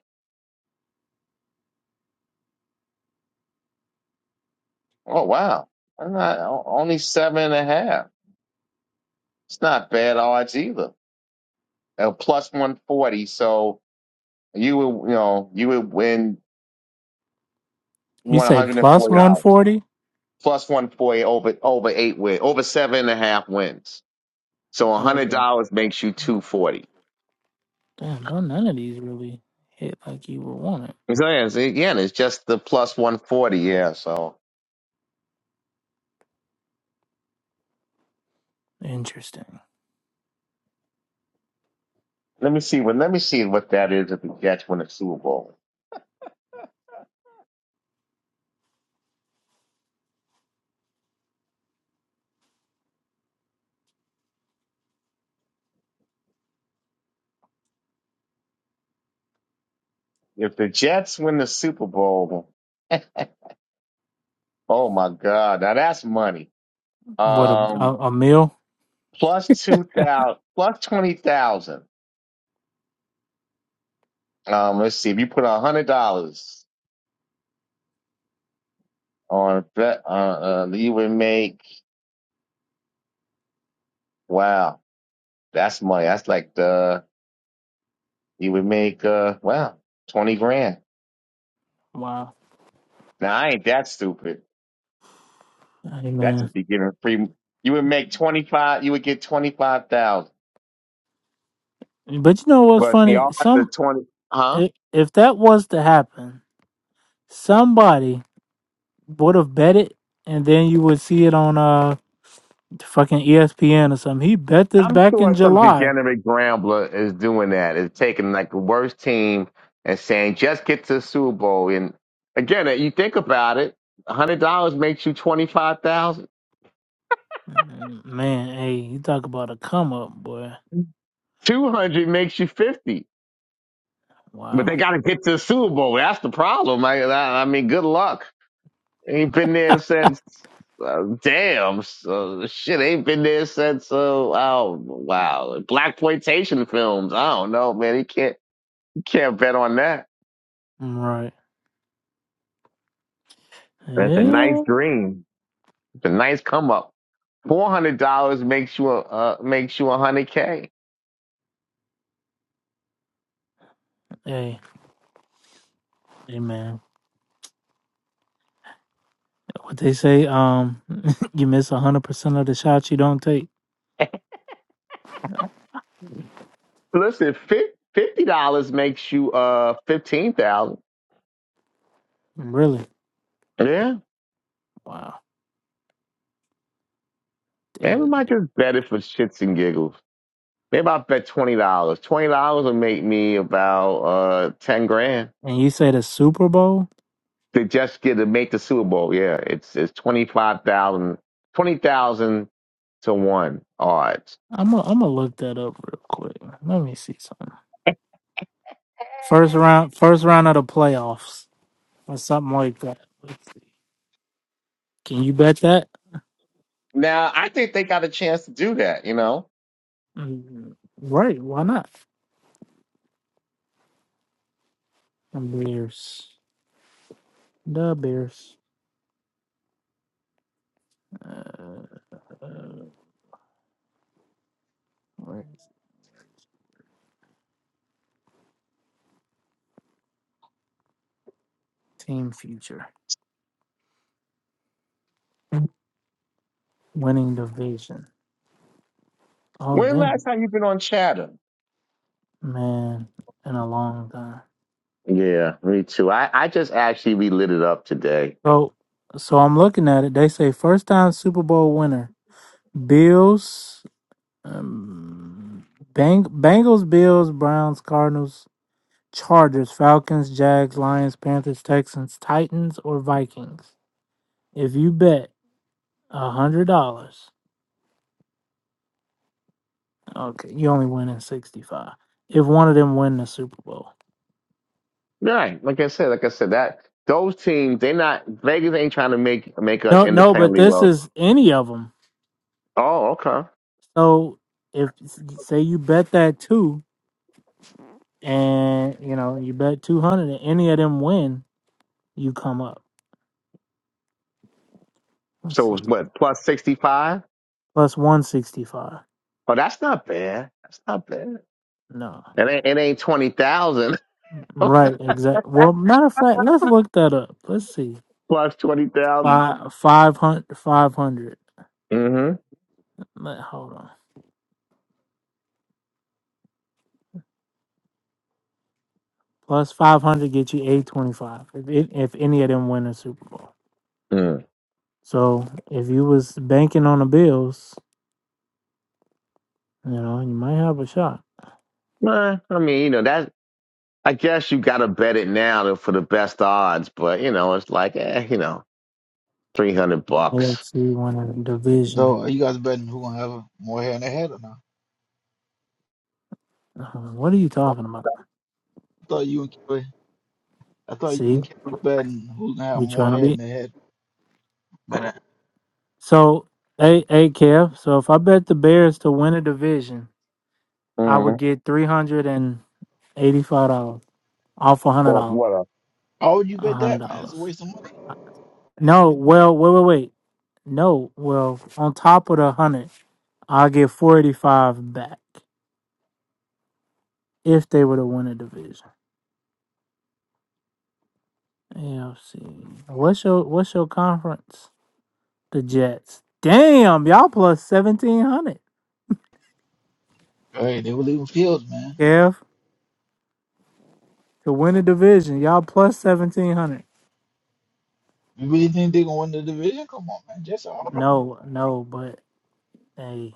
Speaker 6: oh, wow. I'm not, o- only seven and a half. It's not bad odds either. Uh, plus 140. So you would, you know, you would win
Speaker 1: You say plus one
Speaker 6: $140.
Speaker 1: forty?
Speaker 6: Plus 140 over, over eight win, over seven and a half wins. So
Speaker 1: Okay.
Speaker 6: $100 makes you 240.
Speaker 1: Damn, bro, none of these really hit like you would want it.
Speaker 6: So yeah, so again, it's just the plus one forty. Yeah. So
Speaker 1: Interesting.
Speaker 6: let me see. Well, let me see what that is if the Jets win the Super Bowl. If the Jets win the Super Bowl, oh my God, now that's money.
Speaker 1: What a
Speaker 6: Um,
Speaker 1: a, a meal?
Speaker 6: plus two thousand, plus twenty thousand. Um, let's see. If you put a hundred dollars on a bet, uh, uh, you would make wow, that's money. That's like the you would make uh wow twenty grand.
Speaker 1: Wow.
Speaker 6: Now I ain't that stupid.
Speaker 1: Hey
Speaker 6: That
Speaker 1: man.
Speaker 6: just be giving free. You would make twenty five. You would get twenty five thousand.
Speaker 1: But you know what's
Speaker 6: But the
Speaker 1: funny?
Speaker 6: officer
Speaker 1: Some
Speaker 6: twenty. Huh?
Speaker 1: i- if that was to happen, somebody would have bet it, and then you would see it on uh fucking ESPN or something. He bet this
Speaker 6: I'm
Speaker 1: back in
Speaker 6: sure some
Speaker 1: July.
Speaker 6: degenerate gambler is doing that. Is taking like the worst team and saying just get to the Super Bowl. And again, you think about it. hundred dollars makes you twenty five thousand.
Speaker 1: Mm, Man, hey, you talk about a come up, boy.
Speaker 6: Two hundred makes you fifty. But
Speaker 1: Wow.
Speaker 6: they got to get to the Super Bowl. That's the problem. I, I I mean, good luck. Ain't been there since. Uh, damn, so, shit ain't been there since. Uh, oh wow, black plantation films. I don't know, man. You can't you can't bet on that.
Speaker 1: Right.
Speaker 6: That's a nice
Speaker 1: Yeah.
Speaker 6: dream. It's a nice come up. Four hundred dollars makes you a uh, makes you a hundred k.
Speaker 1: Hey. Hey man. What they say, um, you miss hundred percent of the shots you don't take.
Speaker 6: Listen, fif- fifty dollars makes you uh fifteen thousand.
Speaker 1: Really?
Speaker 6: Yeah,
Speaker 1: Wow,
Speaker 6: man. We
Speaker 1: damn.
Speaker 6: might just bet it for shits and giggles. Maybe I bet twenty dollars. Twenty dollars will make me about uh ten grand.
Speaker 1: And you say the Super Bowl?
Speaker 6: to just get to make the Super Bowl. Yeah, it's it's twenty five thousand, twenty thousand to one odds.
Speaker 1: I'm gonna I'm gonna look that up real quick. Let me see something. First round, first round of the playoffs, or something like that. Let's see. Can you bet that?
Speaker 6: Now I think they got a chance to do that. You know,
Speaker 1: Mm, Right? Why not? The Bears. The Bears. Uh, uh, where is it? Team future winning division. Oh
Speaker 6: when last
Speaker 1: dang,
Speaker 6: time you have been on Chatham?
Speaker 1: man! In a long time.
Speaker 6: Yeah, me too. I I just actually relit it up today.
Speaker 1: So so I'm looking at it. They say first time Super Bowl winner. Bills um Bang, Bengals, Bills, Browns, Cardinals, Chargers, Falcons, Jags, Lions, Panthers, Texans, Titans, or Vikings. If you bet a hundred dollars, okay, you only win in sixty five. If one of them win the Super Bowl,
Speaker 6: Right, like I said, like I said that those teams they not Vegas ain't trying to make make us
Speaker 1: no, no, but
Speaker 6: independently
Speaker 1: this
Speaker 6: wealthy.
Speaker 1: is any of them.
Speaker 6: Oh, okay.
Speaker 1: So if say you bet that two, and you know you bet two hundred, and any of them win, you come up. Let's see.
Speaker 6: So what? Plus sixty five?
Speaker 1: Plus 165.
Speaker 6: Oh, that's not bad. That's not bad.
Speaker 1: No.
Speaker 6: It ain't, it ain't twenty thousand.
Speaker 1: Right, exact. Well, matter of fact, let's look that up. Let's see.
Speaker 6: plus 20,000.
Speaker 1: Five, 500, 500.
Speaker 6: Mm-hmm.
Speaker 1: Let, hold on. Plus 500 get you 825 if, it, if any of them win a Super Bowl.
Speaker 6: Mm.
Speaker 1: So if you was banking on the Bills, you know, you might have a shot.
Speaker 6: Well, I mean, you know, that I guess you gotta bet it now for the best odds, but you know, it's like, eh, you know, three hundred bucks.
Speaker 1: AFC won a division.
Speaker 15: So are you guys betting who gonna have more hair in their head or not?
Speaker 1: Uh, what are you talking about?
Speaker 15: I thought you and Kelly, I thought you
Speaker 1: See,
Speaker 15: and Kelly were betting who's gonna have
Speaker 1: we
Speaker 15: more
Speaker 1: trying to
Speaker 15: hair in
Speaker 1: be.
Speaker 15: their head. But uh,
Speaker 1: So, hey, hey, Kev. So if I bet the Bears to win a division, I would
Speaker 6: Mm.
Speaker 1: get three hundred and eighty-five dollars off a hundred
Speaker 6: Or
Speaker 1: dollars.
Speaker 6: what up?
Speaker 15: how would you
Speaker 1: A
Speaker 15: bet
Speaker 1: hundred
Speaker 15: that, man? It's a
Speaker 1: dollars.
Speaker 15: waste of money.
Speaker 1: No, well, wait, wait, wait. No, well, on top of the hundred, I'll get four eighty-five back if they were to win a division. AFC. What's your What's your conference? The Jets. Damn, y'all plus seventeen hundred.
Speaker 15: All right, they were leaving fields, man.
Speaker 1: Kev to win a division, y'all plus seventeen hundred.
Speaker 15: You really think they're gonna win the division? Come on, man. Jets are horrible.
Speaker 1: No, no, but hey,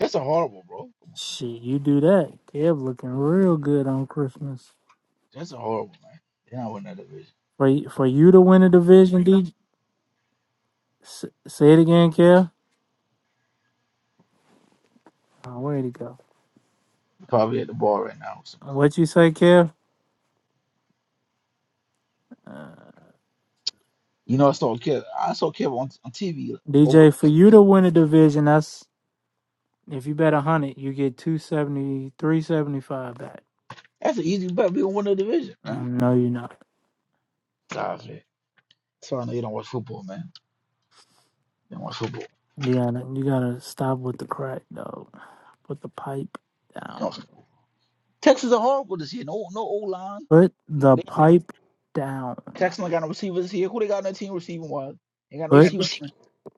Speaker 15: Jets are horrible, bro. Come on.
Speaker 1: shit, you do that. Kev looking real good on Christmas.
Speaker 15: Jets are horrible, man. They're not winning that division.
Speaker 1: For y- for you to win a division, DJ, say it again, Kev. Oh, where'd he go?
Speaker 15: They're probably at the ball right now. So.
Speaker 1: What you say, Kev? Uh,
Speaker 15: You know, I saw Kev. I saw Kev on, on TV. Over.
Speaker 1: DJ, for you to win a division, that's if you bet a hundred, you get two seventy, three seventy five back.
Speaker 15: That's an easy bet. We gonna win the division, man.
Speaker 1: Mm, No, you're not.
Speaker 15: Stop it. That's why I know you don't watch football, man. You don't watch football.
Speaker 1: You gotta you gotta stop with the crack, though. Put the pipe
Speaker 15: You don't
Speaker 1: down.
Speaker 15: Texas are horrible this year. No, no O line.
Speaker 1: Put the
Speaker 15: They
Speaker 1: pipe down.
Speaker 15: Texas ain't got no receivers this year. Who they got on their team receiving wise? They got no
Speaker 1: Put
Speaker 15: receivers.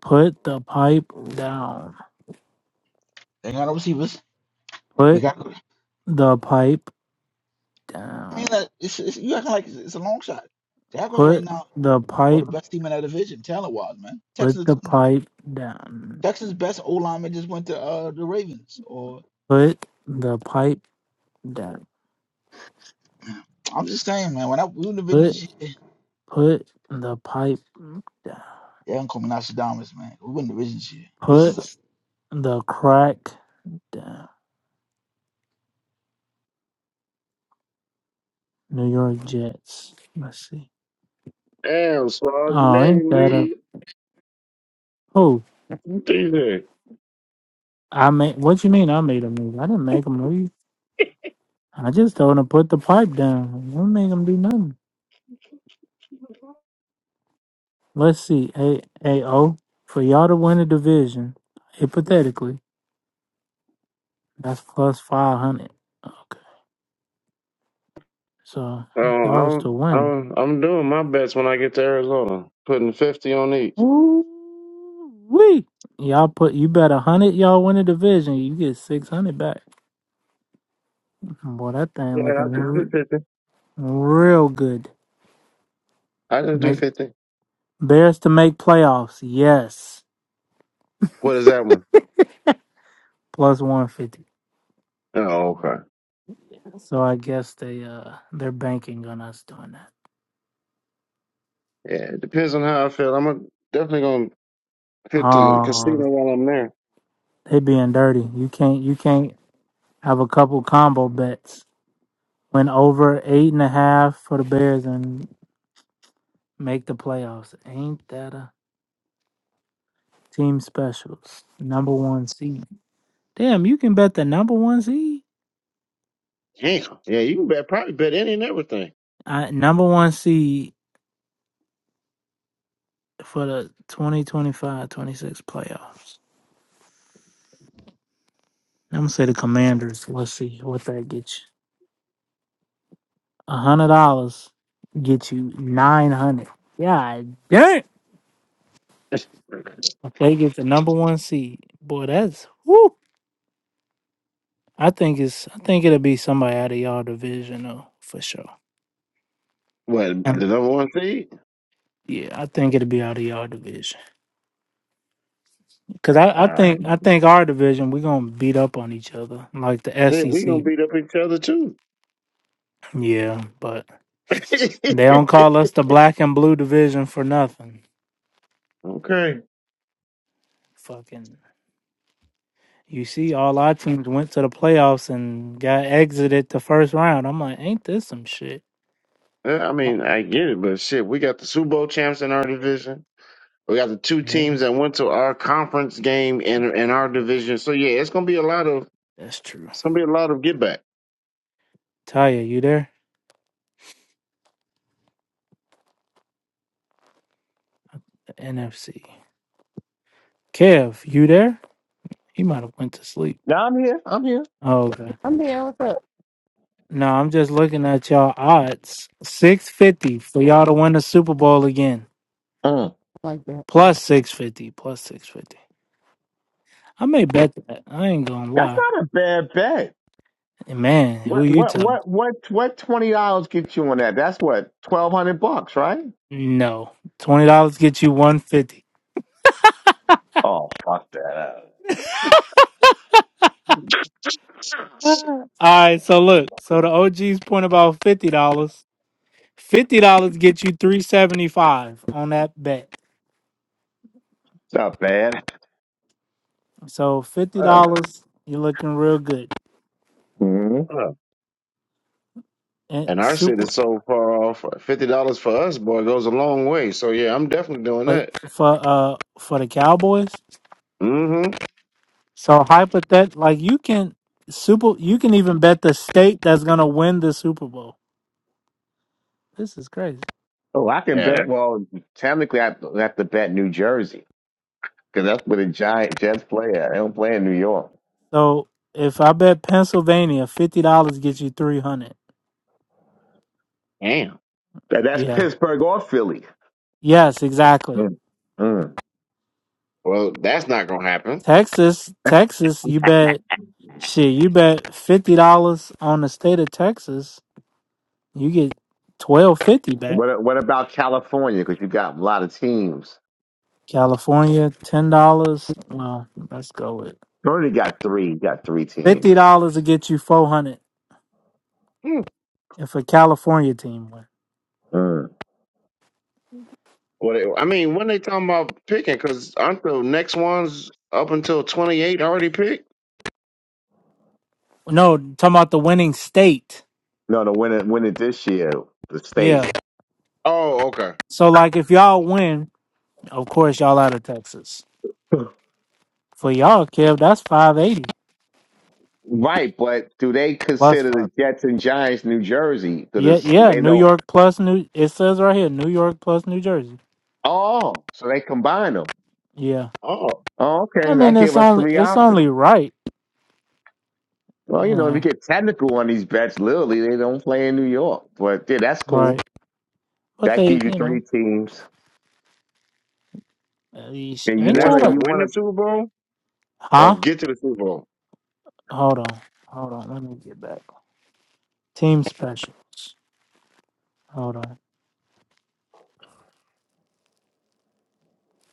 Speaker 1: put the pipe down.
Speaker 15: They got no receivers. They
Speaker 1: Put
Speaker 15: got. I
Speaker 1: the pipe
Speaker 15: mean,
Speaker 1: down.
Speaker 15: like, it's, it's, you acting like it's, it's a long shot. Jaguars right
Speaker 1: Put
Speaker 15: now
Speaker 1: the
Speaker 15: are the
Speaker 1: pipe
Speaker 15: best team in that division, talent wise, man.
Speaker 1: Put
Speaker 15: Texas,
Speaker 1: the pipe down.
Speaker 15: Texas best O lineman just went to uh, the Ravens. Or
Speaker 1: Put the pipe down.
Speaker 15: I'm just saying, man. When I we win the division
Speaker 1: Put
Speaker 15: this year,
Speaker 1: put the pipe down.
Speaker 15: yeah, I'm coming out Shadamas, man. We win the division this year. This is a,
Speaker 1: Put the crack down. New York Jets. Let's see.
Speaker 3: Damn, Swag, you
Speaker 1: Oh,
Speaker 3: made
Speaker 1: ain't
Speaker 3: him
Speaker 1: that a
Speaker 3: leave.
Speaker 1: who?
Speaker 3: DJ.
Speaker 1: I made. What you mean? I made a move. I didn't make a move. I just told him to put the pipe down. I didn't make him do nothing. Let's see. A A O for y'all to win the division. Hypothetically, that's plus five hundred. Okay, so
Speaker 3: Oh,
Speaker 1: if y'all was to
Speaker 3: I'm
Speaker 1: win.
Speaker 3: I'm I'm doing my best when I get to Arizona. Putting fifty on each.
Speaker 1: Woo-wee. Y'all put you bet a hundred y'all win the division, you get six hundred back. Boy, that thing
Speaker 3: Yeah, I
Speaker 1: looking
Speaker 3: just do
Speaker 1: re-
Speaker 3: fifty.
Speaker 1: real good.
Speaker 3: I just do
Speaker 1: Make,
Speaker 3: fifty.
Speaker 1: Bears to make playoffs, yes.
Speaker 3: What is that one?
Speaker 1: Plus one fifty.
Speaker 3: Oh, okay.
Speaker 1: So I guess they uh they're banking on us doing that.
Speaker 3: Yeah, it depends on how I feel. I'm gonna- definitely gonna hit the
Speaker 1: Oh
Speaker 3: casino while I'm there.
Speaker 1: they being dirty. You can't you can't have a couple combo bets. Went over eight and a half for the Bears and make the playoffs. Ain't that a Team specials, number one seed. Damn, you can bet the number one seed.
Speaker 3: Damn. Yeah, you can bet probably bet any and everything.
Speaker 1: I, number one seed for the twenty twenty five twenty six playoffs. I'm gonna say the Commanders. Let's see what that gets you. A hundred dollars get you nine hundred. Yeah, damn. If they get the number one seed, boy, that's woo. I think it's. I think it'll be somebody out of y'all division though, for sure.
Speaker 3: What
Speaker 1: And-
Speaker 3: the number one seed?
Speaker 1: yeah, I think it'll be out of y'all division. Cause I, I
Speaker 3: Uh,
Speaker 1: think I think our division we gonna beat up on each other like the
Speaker 3: shit, we gonna
Speaker 1: SEC.
Speaker 3: beat up each other too.
Speaker 1: Yeah, but they don't call us the black and blue division for nothing.
Speaker 3: okay.
Speaker 1: Fucking, you see, all our teams went to the playoffs and got exited the first round. I'm like, ain't this some shit?
Speaker 3: Yeah, I mean, I get it, but shit, we got the Super Bowl champs in our division. We got the two
Speaker 1: Yeah,
Speaker 3: teams that went to our conference game in in our division. So yeah, it's gonna be a lot of
Speaker 1: that's true.
Speaker 3: it's gonna be a lot of get back.
Speaker 1: Taya, you there? The NFC. Kev, you there? He might have went to sleep.
Speaker 6: Now I'm here. I'm here.
Speaker 1: Oh, okay.
Speaker 4: I'm here. What's up?
Speaker 1: No, I'm just looking at y'all odds. Six fifty for y'all to win the Super Bowl again.
Speaker 6: Mm.
Speaker 4: Like that.
Speaker 1: Plus 650. Plus 650. I may bet that. I ain't going to
Speaker 6: That's
Speaker 1: lie.
Speaker 6: not a bad bet.
Speaker 1: And man, who
Speaker 6: What
Speaker 1: you
Speaker 6: what
Speaker 1: tell?
Speaker 6: what what What twenty dollars gets you on that? That's what twelve hundred bucks, right?
Speaker 1: No. $20 get you 150
Speaker 6: Oh, fuck that.
Speaker 1: All right. So look. So the OG's point about $50. dollars. $50 get you 375 on that bet.
Speaker 6: It's not bad.
Speaker 1: So $50, you're looking real good.
Speaker 6: Mm-hmm.
Speaker 3: Uh,
Speaker 1: And
Speaker 3: And our
Speaker 1: super.
Speaker 3: city's so far off. Fifty dollars for us, boy, goes a long way. So yeah, I'm definitely doing
Speaker 1: But
Speaker 3: that.
Speaker 1: for uh for the Cowboys,
Speaker 3: Mm-hmm.
Speaker 1: so hypothet like you can super you can even bet the state that's gonna win the Super Bowl. This is crazy.
Speaker 6: Oh, I can
Speaker 3: Yeah.
Speaker 6: bet.
Speaker 3: that-
Speaker 6: Well, technically, I have to bet New Jersey. because that's where the Giant Jets play at. They don't play in New York.
Speaker 1: So if I bet Pennsylvania, fifty dollars gets you three hundred.
Speaker 3: Damn.
Speaker 6: That- That's
Speaker 1: Yeah.
Speaker 6: Pittsburgh or Philly.
Speaker 1: Yes, exactly.
Speaker 6: Mm. Mm.
Speaker 3: Well, that's not gonna happen.
Speaker 1: Texas, Texas, you bet shit, you bet fifty dollars on the state of Texas, you get twelve fifty back.
Speaker 6: What What about California? Because you got a lot of teams.
Speaker 1: California, ten dollars. Well, let's go with
Speaker 6: You only got three. You got three
Speaker 1: fifty
Speaker 6: teams.
Speaker 1: dollars to get you four hundred
Speaker 3: Hmm.
Speaker 1: if a California team win.
Speaker 6: Mm.
Speaker 3: What it- I mean, when they talking about picking, because aren't the next ones up until twenty eight already picked?
Speaker 1: No, talking about the winning state.
Speaker 6: No, the winner winner this year, the state.
Speaker 1: Yeah.
Speaker 3: Oh, okay.
Speaker 1: So like if y'all win, of course y'all out of Texas. For y'all, Kev, that's five eighty.
Speaker 6: Right, but do they
Speaker 1: Plus
Speaker 6: consider
Speaker 1: five.
Speaker 6: the Jets and Giants New Jersey?
Speaker 1: Yeah,
Speaker 6: Because
Speaker 1: yeah.
Speaker 6: they
Speaker 1: New
Speaker 6: don't.
Speaker 1: York plus New. It says right here, New York plus New Jersey.
Speaker 6: Oh, so they combine them.
Speaker 1: Yeah.
Speaker 3: Oh,
Speaker 6: Oh,
Speaker 1: I
Speaker 6: okay. That
Speaker 1: mean,
Speaker 6: gave
Speaker 1: it's
Speaker 6: us
Speaker 1: only
Speaker 6: three
Speaker 1: it's
Speaker 6: options.
Speaker 1: only right,
Speaker 6: Well,
Speaker 1: you
Speaker 6: you know, if you
Speaker 1: know.
Speaker 6: get technical on these bets, literally, they don't play in New York. But yeah, that's cool.
Speaker 1: Right. But
Speaker 6: That
Speaker 1: they,
Speaker 6: gives you
Speaker 1: you
Speaker 6: three
Speaker 1: know,
Speaker 6: teams,
Speaker 1: uh, you sh-
Speaker 6: and you
Speaker 3: and
Speaker 1: ain't
Speaker 3: that's
Speaker 1: y'all
Speaker 6: wanna
Speaker 3: to
Speaker 1: the
Speaker 6: you
Speaker 3: win the
Speaker 6: wanna
Speaker 3: Super Bowl or
Speaker 1: huh?
Speaker 3: get to the Super Bowl.
Speaker 1: Hold on, hold on. Let me get back. Team specials. Hold on.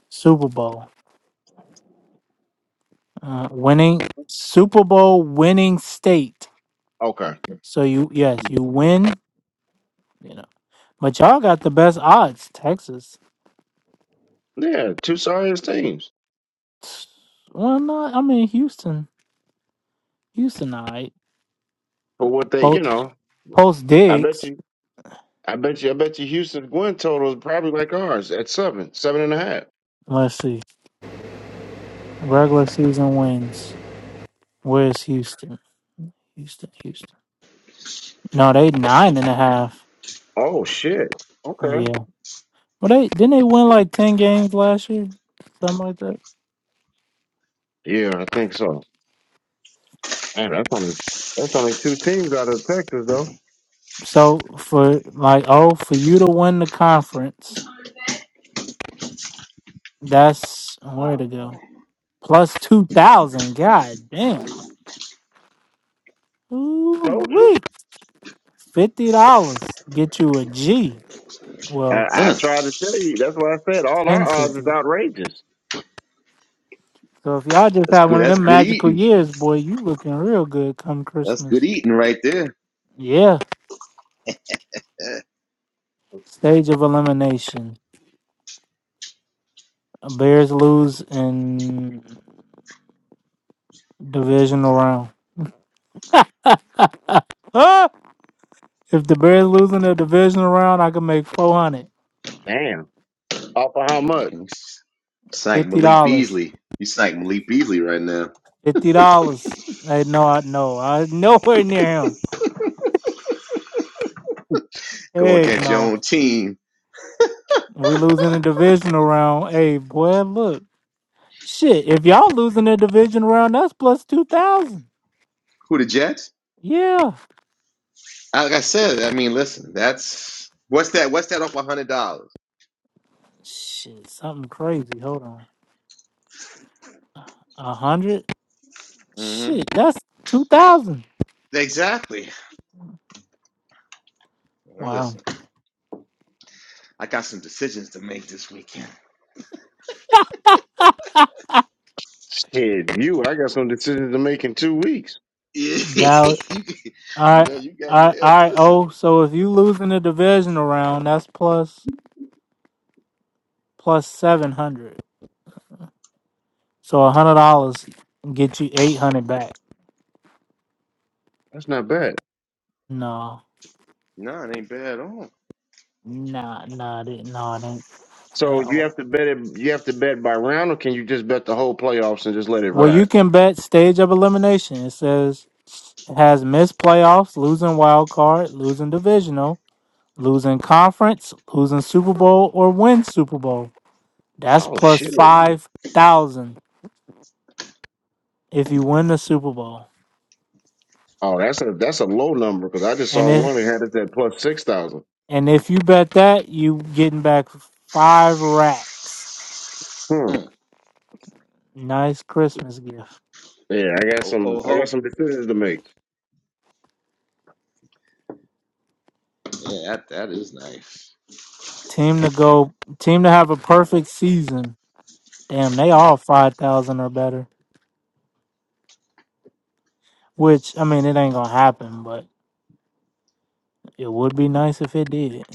Speaker 1: Super Bowl. Uh, winning Super Bowl winning state.
Speaker 3: Okay.
Speaker 1: So you yes you win. You know, but y'all got the best odds. Texas.
Speaker 3: Yeah, two serious teams
Speaker 1: Well, no, I mean Houston. Houston, all right.
Speaker 3: for what they, you
Speaker 1: Post,
Speaker 3: know.
Speaker 1: post
Speaker 3: I bet
Speaker 1: Diggs.
Speaker 3: you, I bet you, I bet you, Houston's win total is probably like ours at seven, seven and a half.
Speaker 1: Let's see. Regular season wins. Where's Houston? Houston, Houston. No, they nine and a half.
Speaker 3: Oh shit. Okay.
Speaker 1: Yeah. Well, they didn't they win like ten games last year, something like that.
Speaker 3: Yeah, I think so. Man, that's only that's only two teams out of Texas though.
Speaker 1: So for like oh, for you to win the conference, that's where to go. Plus two thousand. God damn. Ooh
Speaker 3: Told you.
Speaker 1: wait. Fifty dollars get you a G. Well,
Speaker 3: I, I
Speaker 6: Huh,
Speaker 3: tried to tell you. That's why I said. All
Speaker 1: ten
Speaker 3: our odds is
Speaker 1: fifty.
Speaker 3: outrageous.
Speaker 1: So if y'all just
Speaker 6: that's
Speaker 1: have
Speaker 6: good.
Speaker 1: one of
Speaker 6: That's
Speaker 1: them
Speaker 6: good
Speaker 1: magical
Speaker 6: eating.
Speaker 1: years, boy, you looking real good come
Speaker 6: That's good
Speaker 1: Christmas.
Speaker 6: eating right there.
Speaker 1: Yeah. Stage of elimination. Bears lose in divisional round. Ah! If the Bears lose in the divisional round, I can make four hundred
Speaker 3: Damn. Off of how much?
Speaker 6: Snag
Speaker 1: fifty
Speaker 6: Malik
Speaker 1: dollars.
Speaker 6: Beasley. You snag Malik Beasley right now.
Speaker 1: Fifty dollars. Hey, no, I no, I nowhere near him.
Speaker 6: Go
Speaker 1: Heck
Speaker 6: against your
Speaker 1: no.
Speaker 6: own team.
Speaker 1: We losing the divisional round. Hey, boy, look. Shit, if y'all losing the division round, that's plus two thousand.
Speaker 6: Who the Jets?
Speaker 1: Yeah.
Speaker 6: Like I said, I mean, listen. That's what's that? What's that off a hundred dollars?
Speaker 1: Shit, something crazy. Hold on. A hundred?
Speaker 6: hmm
Speaker 1: Shit, that's two thousand.
Speaker 6: Exactly.
Speaker 1: Wow.
Speaker 3: Shit, you. I got some decisions to make in two weeks.
Speaker 1: Dallas. All right. All right, all right, oh, so if you lose in the divisional round, that's plus plus seven hundred. So a hundred dollars get you eight hundred back.
Speaker 3: That's not bad.
Speaker 1: No, nah, nah, it, ain't- no, it ain't
Speaker 3: So
Speaker 1: at
Speaker 3: you have
Speaker 1: all.
Speaker 3: to bet it. You have to bet by round, or can you just bet the whole playoffs and just let it
Speaker 1: Well, you
Speaker 3: ride?
Speaker 1: can bet stage of elimination. It says it has missed playoffs, losing wild card, losing divisional, losing conference, losing Super Bowl, or win Super Bowl. That's
Speaker 3: Oh
Speaker 1: plus
Speaker 3: shit.
Speaker 1: five thousand if you win the Super Bowl.
Speaker 3: Oh, that's a that's a low number because I just saw
Speaker 1: And if
Speaker 3: one that had it at plus six thousand.
Speaker 1: and if you bet that, you getting back five racks.
Speaker 3: Hmm.
Speaker 1: Nice Christmas gift.
Speaker 3: Yeah, I got some. I got some decisions to make.
Speaker 1: Team to go team to have a perfect season. Damn, they all five thousand or better. Which I mean it ain't gonna happen, but it would be nice if it did.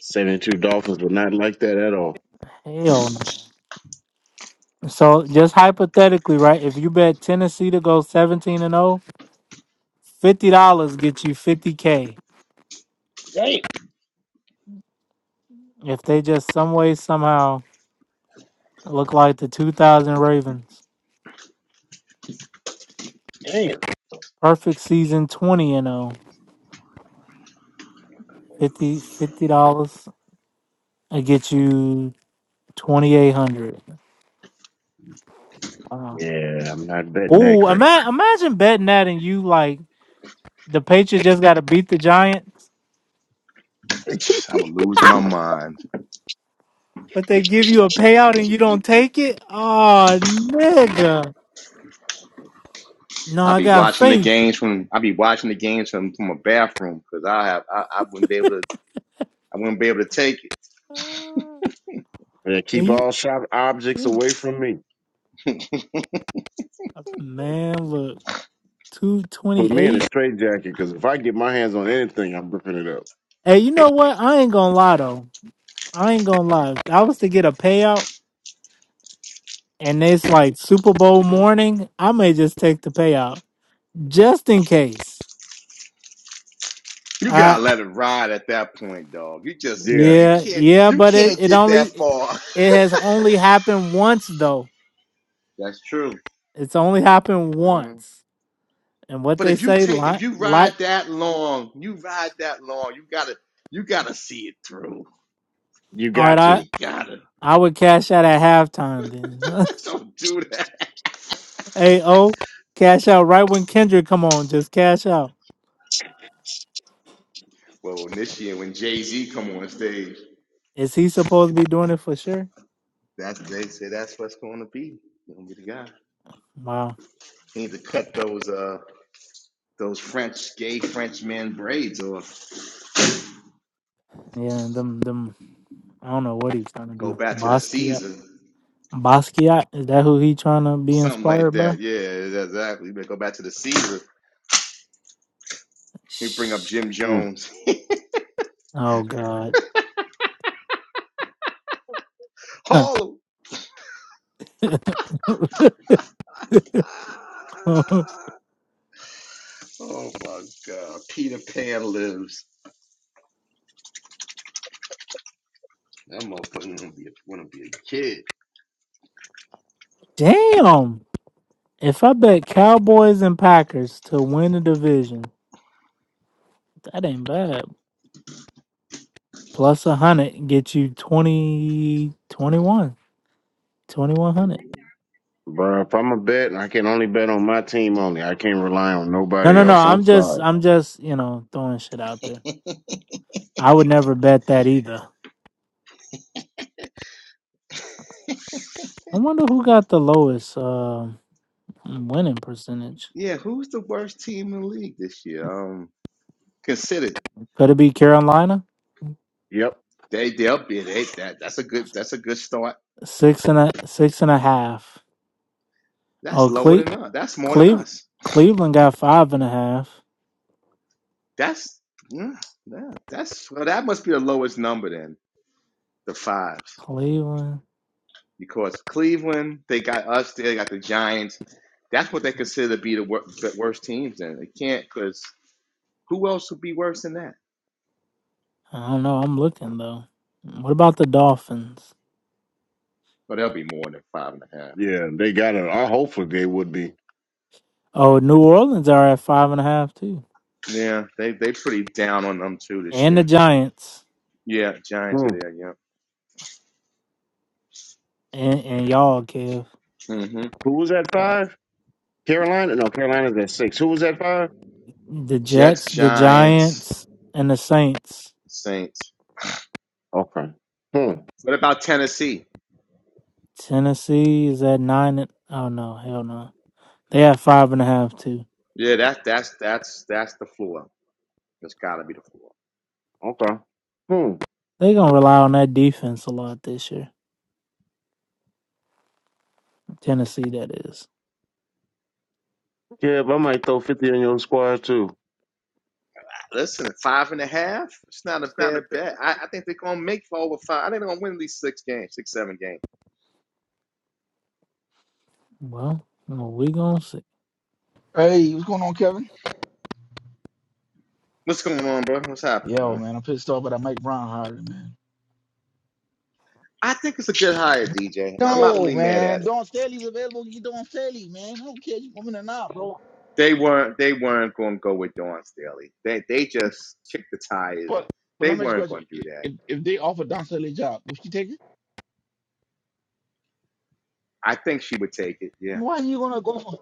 Speaker 3: 72 Dolphins were not like that at all.
Speaker 1: Hell no. So just hypothetically, right? If you bet Tennessee to go seventeen and 0 Fifty dollars get you fifty k
Speaker 3: Damn,
Speaker 1: if they just some way somehow look like the two thousand Ravens.
Speaker 3: damn.
Speaker 1: Perfect season twenty and oh. Fifty fifty dollars and get you twenty eight hundred.
Speaker 3: Yeah, I'm not betting that
Speaker 1: Ooh,
Speaker 3: crap.
Speaker 1: ima- imagine betting that and you like the Patriots just got to beat the Giants, but they give you a payout and you don't take it. Oh, nigga. No, I got faith. Uh,
Speaker 3: Yeah,
Speaker 1: And
Speaker 3: keep
Speaker 1: you,
Speaker 3: all sharp objects
Speaker 1: yeah.
Speaker 3: away from me.
Speaker 1: man, look, two
Speaker 3: Put
Speaker 1: twenty
Speaker 3: me in
Speaker 1: eight.
Speaker 3: a straight jacket because if I get my hands on anything, I'm ripping it up.
Speaker 1: Hey, you know what? I ain't gonna lie though. I ain't gonna lie. If I was to get a payout and it's like Super Bowl morning, I may just take the payout just in case. I
Speaker 3: Yeah,
Speaker 1: yeah, yeah, but it, it only it has only happened once though. It's only happened once. And what they say, like like
Speaker 3: you
Speaker 1: all right,
Speaker 3: got
Speaker 1: I
Speaker 3: to.
Speaker 1: I would cash out at halftime then. hey oh, cash out right when Kendrick come on, just cash out. Is he supposed to be doing it for sure? Wow. Yeah, them them I don't know what he's trying to do. Basquiat. Basquiat, is that who he trying to be inspired by? Shh.
Speaker 3: Mm.
Speaker 1: Oh god. Damn. If I bet Cowboys and Packers to win the division, that ain't bad. Plus a hundred get you 20, 21, 2100.
Speaker 3: Bro, if I'm a bet, I can only bet on my team only. I can't rely on
Speaker 1: No,
Speaker 3: nobody
Speaker 1: no, no.
Speaker 3: else. I'm
Speaker 1: I'm just,
Speaker 3: sorry.
Speaker 1: I'm just, you know, throwing shit out there. I would never bet that either. I wonder who got the lowest. Um Winning percentage. Could it be Carolina?
Speaker 3: Yep.
Speaker 1: Six and a six and a half. Oh, Cle- Cle- Cleveland got five and a half. Cleveland. I don't know. I'm looking though. What about the Dolphins?
Speaker 3: Yeah, they got it. I hopefully they would be.
Speaker 1: Oh, New Orleans are at five and a half too, and the Giants
Speaker 3: Hmm.
Speaker 1: and and y'all, Kev.
Speaker 3: Who was at
Speaker 1: Uh,
Speaker 3: five? Carolina? No, Carolina's at six. Who was at five?
Speaker 1: The Jets, the Giants, and the Saints.
Speaker 3: Okay. Hmm.
Speaker 1: Tennessee is at nine. And, oh no, hell no. They have five and a half too.
Speaker 3: Okay. Hmm.
Speaker 1: They gonna rely on that defense a lot this year. Tennessee, that is.
Speaker 3: Yeah, but I might throw 50 on your squad too.
Speaker 1: Well, no, we gonna see.
Speaker 15: hey, what's going on, Kevin? Yo, man, I'm pissed off about that Mike Brown hiring, man. No, man. Don Staley's available. You Don Staley, man. I don't care if you woman or not, bro. But but let me ask you a question. If if if they offer Don Staley a job, would you take it? Why are you gonna go for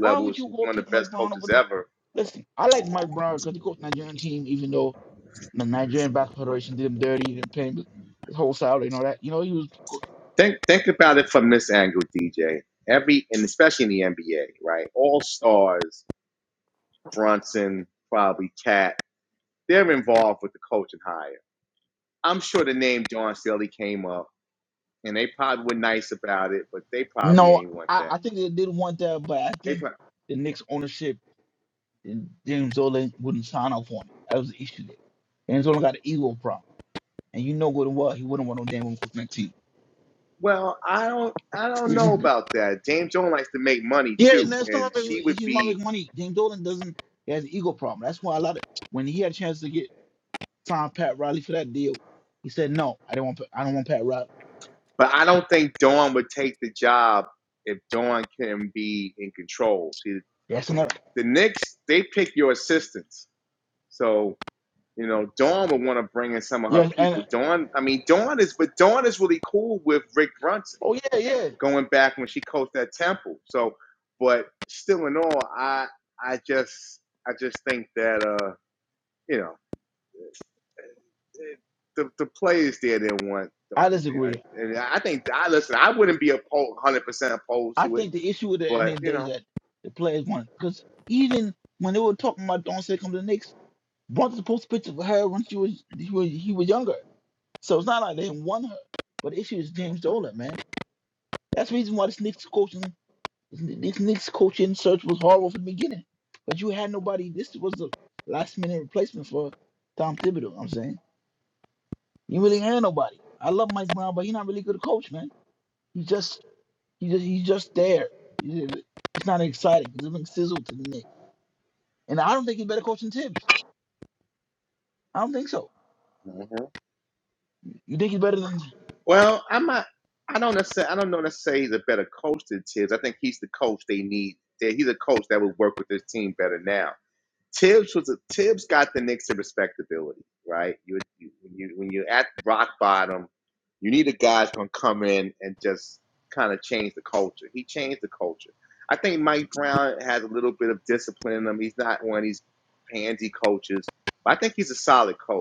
Speaker 15: why would you go pick Mike Brown over the listen, I like Mike Brown because he coached the Nigerian team, even though the Nigerian Basketball Federation did him dirty, he didn't pay him his whole salary and all that. You know, he was co- no, I, I think they did want that, but I think the Knicks ownership and James Dolan wouldn't sign off on it. That was the issue there. James Dolan got an ego problem. And you know good and well he wouldn't want no damn Uncle team. yeah, and that's not like he's not making money. James Dolan doesn't he has an ego problem. That's why a lot of when he had a chance to get Tom Pat Riley for that deal, he said no, I don't want I don't want Pat Riley. Yeah, That's another yeah, and oh yeah, yeah. I disagree. I think the issue with the end of the day is that the players want because even when they were talking about don't say come to the Knicks, Bronson supposed to picture of her when she was he was he was younger. So it's not like they didn't want her. But the issue is James Dolan, man. That's the reason why this Knicks coaching, this Knicks coaching search was horrible from the beginning. But you had nobody. This was the last minute replacement for Tom Thibodeau. I'm saying you really had nobody. I love Mike Brown, but he's not really good at coach, man. He just, he just, he's just there. He's he's not exciting. He's doesn't sizzle to the Knicks, and I don't think he's better coach than Tibbs. I don't think so. You think he's better than?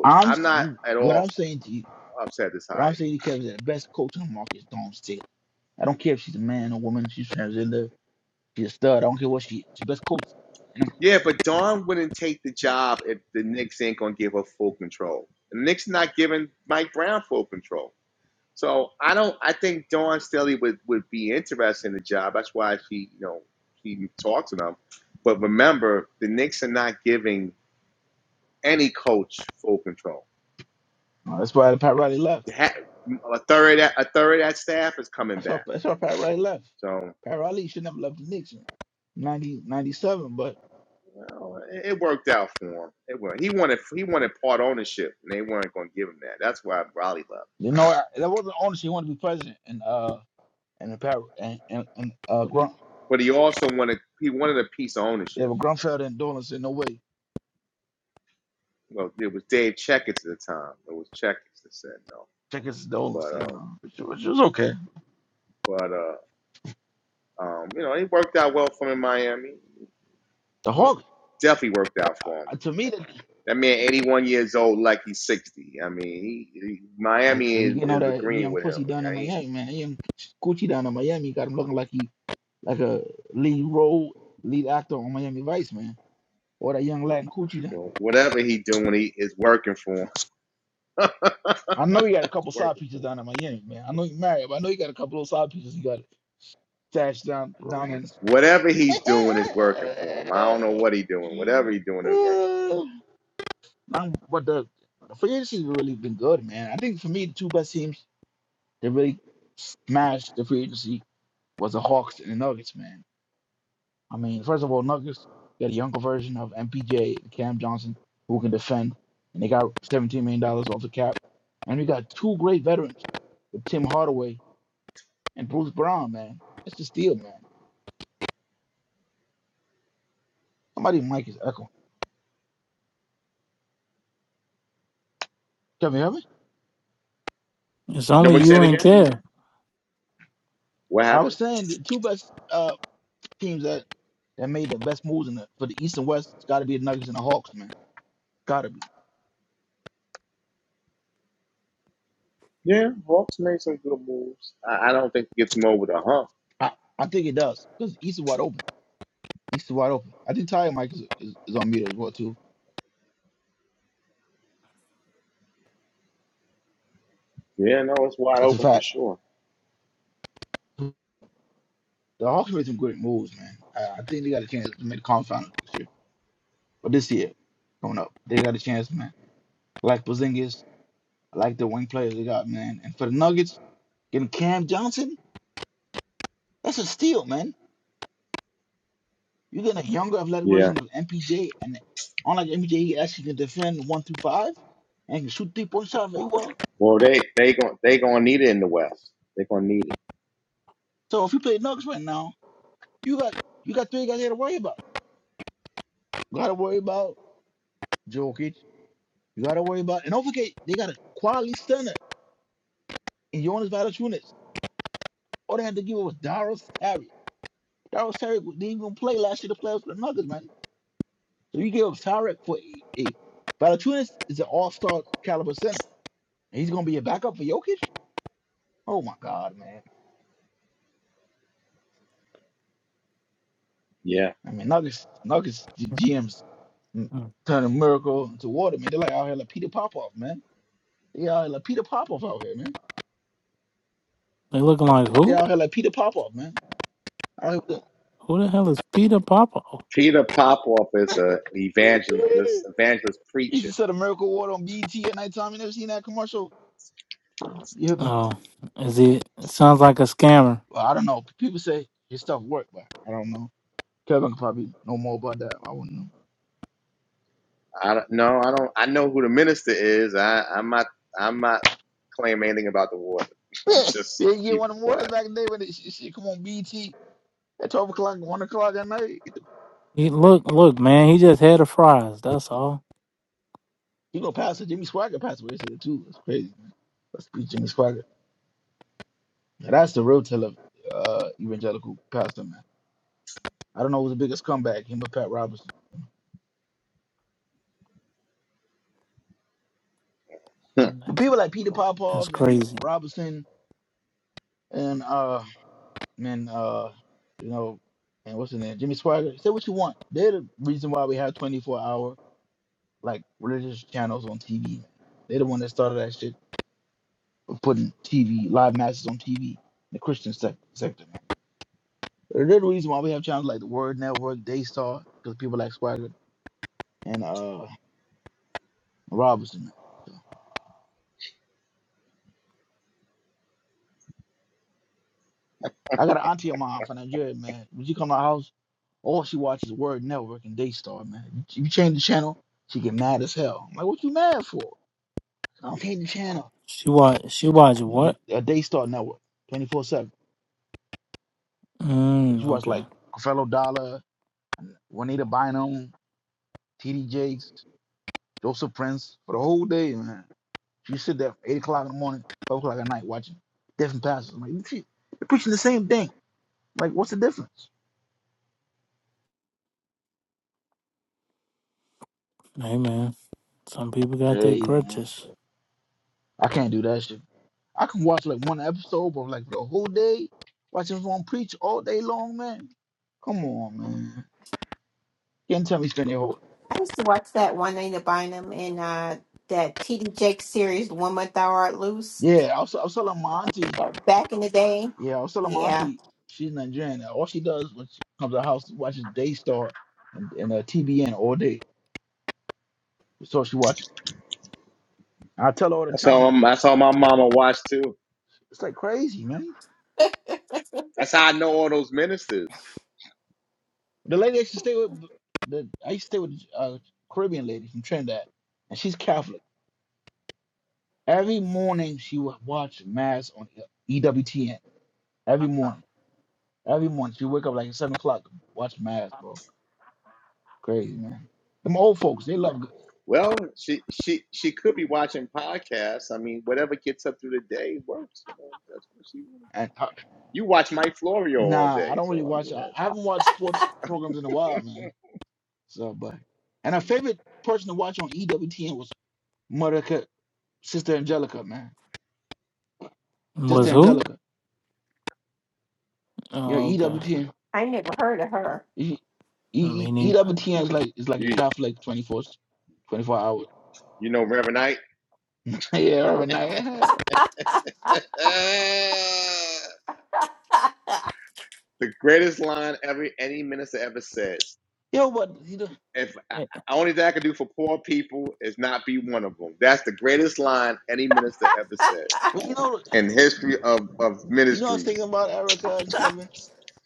Speaker 15: I'm. What I'm saying to you, what I'm saying to you, Kevin is that the best coach on the market is Dawn Staley. I don't care if she's a man or woman, she's transgender She's a stud. I don't care what she is. She's best coach. And I'm- Oh, that's why Pat Riley left. That's why that's why Pat Riley left. Pat Riley should never left the Knicks in ninety ninety seven. but you know I- that wasn't the ownership. He wanted to be president, and uh and the Pat and and, and uh Grun, yeah, but Grunfeld and Dolan said no way. Checkers Dolan said no, which, which was okay. The Hawks, uh, to me, because you know that young pussy down in Miami, man, that young coochie down in Miami got him looking like he like a lead role lead actor on Miami Vice, man. Or that young Latin coochie then. I know you got a couple side pieces down in Miami, man. I know you married, but I know you got a couple of side pieces you got stashed down down in. I'm, but the free agency's really been good, man. I think for me, the two best teams that really smashed the free agency was the Hawks and the Nuggets, man. I mean, first of all, Nuggets got a younger version of MPJ, Cam Johnson, who can defend, and they got seventeen million dollars off the cap, and we got two great veterans with Tim Hardaway and Bruce Brown. Man, that's the steal, man. Somebody mic is echoing. Can you hear me?
Speaker 1: It's only you and care.
Speaker 15: I was saying the two best uh, teams that that made the best moves in the, for the East and West. It's got to be the Nuggets and the Hawks, man. Got to be. I, I think it does because the East is wide open. East is wide open. I think Tiger Mike is, is, is on mute as well too. That's a fact. The Hawks made some great moves, man. I, I think they got a chance to make the conference final next year, but this year coming up, they got a chance, man. I like Porzingis, I like the wing players they got, man. And for the Nuggets, getting Cam Johnson, that's a steal, man. You're getting a younger, athletic version of MPJ, and unlike MPJ, he actually can defend one through five and can shoot three point shots very well. So if you play Nuggets right now, you got you got three guys here to worry about. You got to worry about Jokic. You got to worry about, and don't forget, they got a quality center in Jonas Valanciunas. All they had to give up was Darius Tarek. Darius Tarek didn't even play last year. The playoffs with the Nuggets, man. So you give up Tarek for a, a Valachunas is an all-star caliber center, and he's gonna be a backup for Jokic. Oh my God, man! I mean, Nuggets, Nuggets G- GMs mm,
Speaker 1: They
Speaker 15: turning miracle into water, man. They're like out here like Peter Popoff, man. They out here like Peter Popoff out here, man.
Speaker 1: looking like
Speaker 15: P- They
Speaker 1: who?
Speaker 15: out here like Peter Popoff, man. Out here with
Speaker 1: Who the hell is Peter Papa?
Speaker 15: the- you used to sell the miracle water on BT at nighttime. You never seen that commercial? You hear the
Speaker 1: Oh, is he? It sounds like a scammer.
Speaker 15: Well, I don't know. People say his stuff worked, but I don't know. Kevin could probably know more about that. I wouldn't know. Yeah, you didn't get one of the mornings back in the day when it, she, she come on BT at 12 o'clock, 1 o'clock at night.
Speaker 1: He look, look, man. He just had a fries. That's all.
Speaker 15: You gonna pass it. Jimmy Swagger passed away yesterday, too. That's crazy, man. Let's beat Jimmy Swagger. Now, that's the real tale of uh, evangelical pastor, man. I don't know who's the biggest comeback, him or Pat Robertson. But
Speaker 1: That's,
Speaker 15: people like Peter
Speaker 1: that's
Speaker 15: Popoff and
Speaker 1: crazy.
Speaker 15: Robertson and, uh, and uh, you know, and what's his name? Jimmy Swagger. Say what you want. They're the reason why we have 24 hour like religious channels on TV. they the one that started that shit of putting TV live matches on TV. The Christian sec- sector, man. They're the reason why we have channels like the Word Network, Daystar, because people like Swagger and uh Robinson. Man. So, I got an auntie of mine from Nigeria, man. When she come to our house, all she watches Word Network and Daystar, man. You you change the channel, she get mad as hell. I'm like, what you mad for? I don't change the channel.
Speaker 1: She watch. She watch
Speaker 15: The,
Speaker 1: what?
Speaker 15: the, uh, Daystar Network, 24 7. She
Speaker 1: Mm,
Speaker 15: watch like
Speaker 1: okay.
Speaker 15: Fellow Dollar, Juanita Bynum, TD Jakes, Joseph Prince for the whole day, man. She sit there 8 o'clock in the morning, 12 o'clock at night watching different pastors. I'm like, shit, they're preaching the same thing. Like, what's the difference?
Speaker 1: Hey man, some people got their
Speaker 15: Hey, man.
Speaker 1: crutches.
Speaker 15: I can't do that shit. I can watch like one episode, but like the whole day, watching someone preach all day long, man. Come on, man. You can't tell me spend your whole.
Speaker 11: I used to watch that Juanita Bynum and uh, that T.D. Jakes series, One Month Thou Art Loose,
Speaker 15: Yeah, I was, I was telling my auntie.
Speaker 11: that back in the day.
Speaker 15: Yeah, Osella, my
Speaker 11: Yeah,
Speaker 15: auntie, she's Nigerian. and All she does when she comes to the house is watches Daystar and, and uh, TBN all day. That's all she watches. I tell her all the time, like, it's like crazy, man. The lady I used to stay with, the I used to stay with a Caribbean lady from Trinidad, and she's Catholic. Every morning she would watch Mass on EWTN. Every morning. Every morning. She wake up like at 7 o'clock, watch Mass, bro. Crazy, man. Them old folks, they love good. And her, Nah, I don't really watch. I, I haven't watched sports programs in a while, man. So, but and our favorite person to watch on EWTN was Mother Ca- Sister Angelica, man. Sister
Speaker 1: Was who?
Speaker 15: Angelica. You know,
Speaker 1: Oh, okay.
Speaker 15: EWTN.
Speaker 11: I never heard of her.
Speaker 15: E, e,
Speaker 1: Me
Speaker 15: E-
Speaker 1: neither.
Speaker 15: EWTN is like is like a Catholic 24, 24 hours. yeah, every night. Yo, but you know,
Speaker 1: Hey,
Speaker 15: but you know, you know, I was thinking about Erica and Kevin.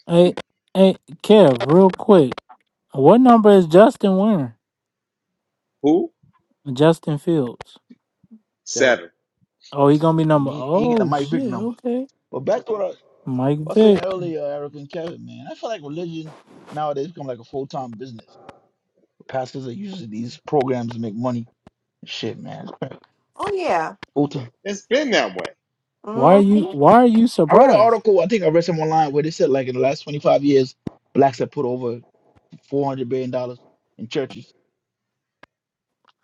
Speaker 1: hey, hey, Kev, real quick. What number is Justin wearing? Justin Fields.
Speaker 15: So
Speaker 1: Oh, he gonna be
Speaker 15: and
Speaker 1: number.
Speaker 15: he, he get a
Speaker 1: Oh
Speaker 15: Mike Vick
Speaker 1: shit.
Speaker 15: number.
Speaker 1: Okay.
Speaker 15: But back to what I,
Speaker 1: Mike
Speaker 15: I was saying
Speaker 1: Vick.
Speaker 15: earlier, Eric and Kevin, man, I feel like religion nowadays become like a full time business. Pastors are using these programs to make money. Shit, man,
Speaker 11: oh, yeah.
Speaker 15: full time.
Speaker 1: Why are
Speaker 11: hmm
Speaker 1: you? Why are you
Speaker 15: I read an
Speaker 1: surprised?
Speaker 15: article, I think I read some online where they said like in the last twenty five years, blacks have put over four hundred billion dollars in churches.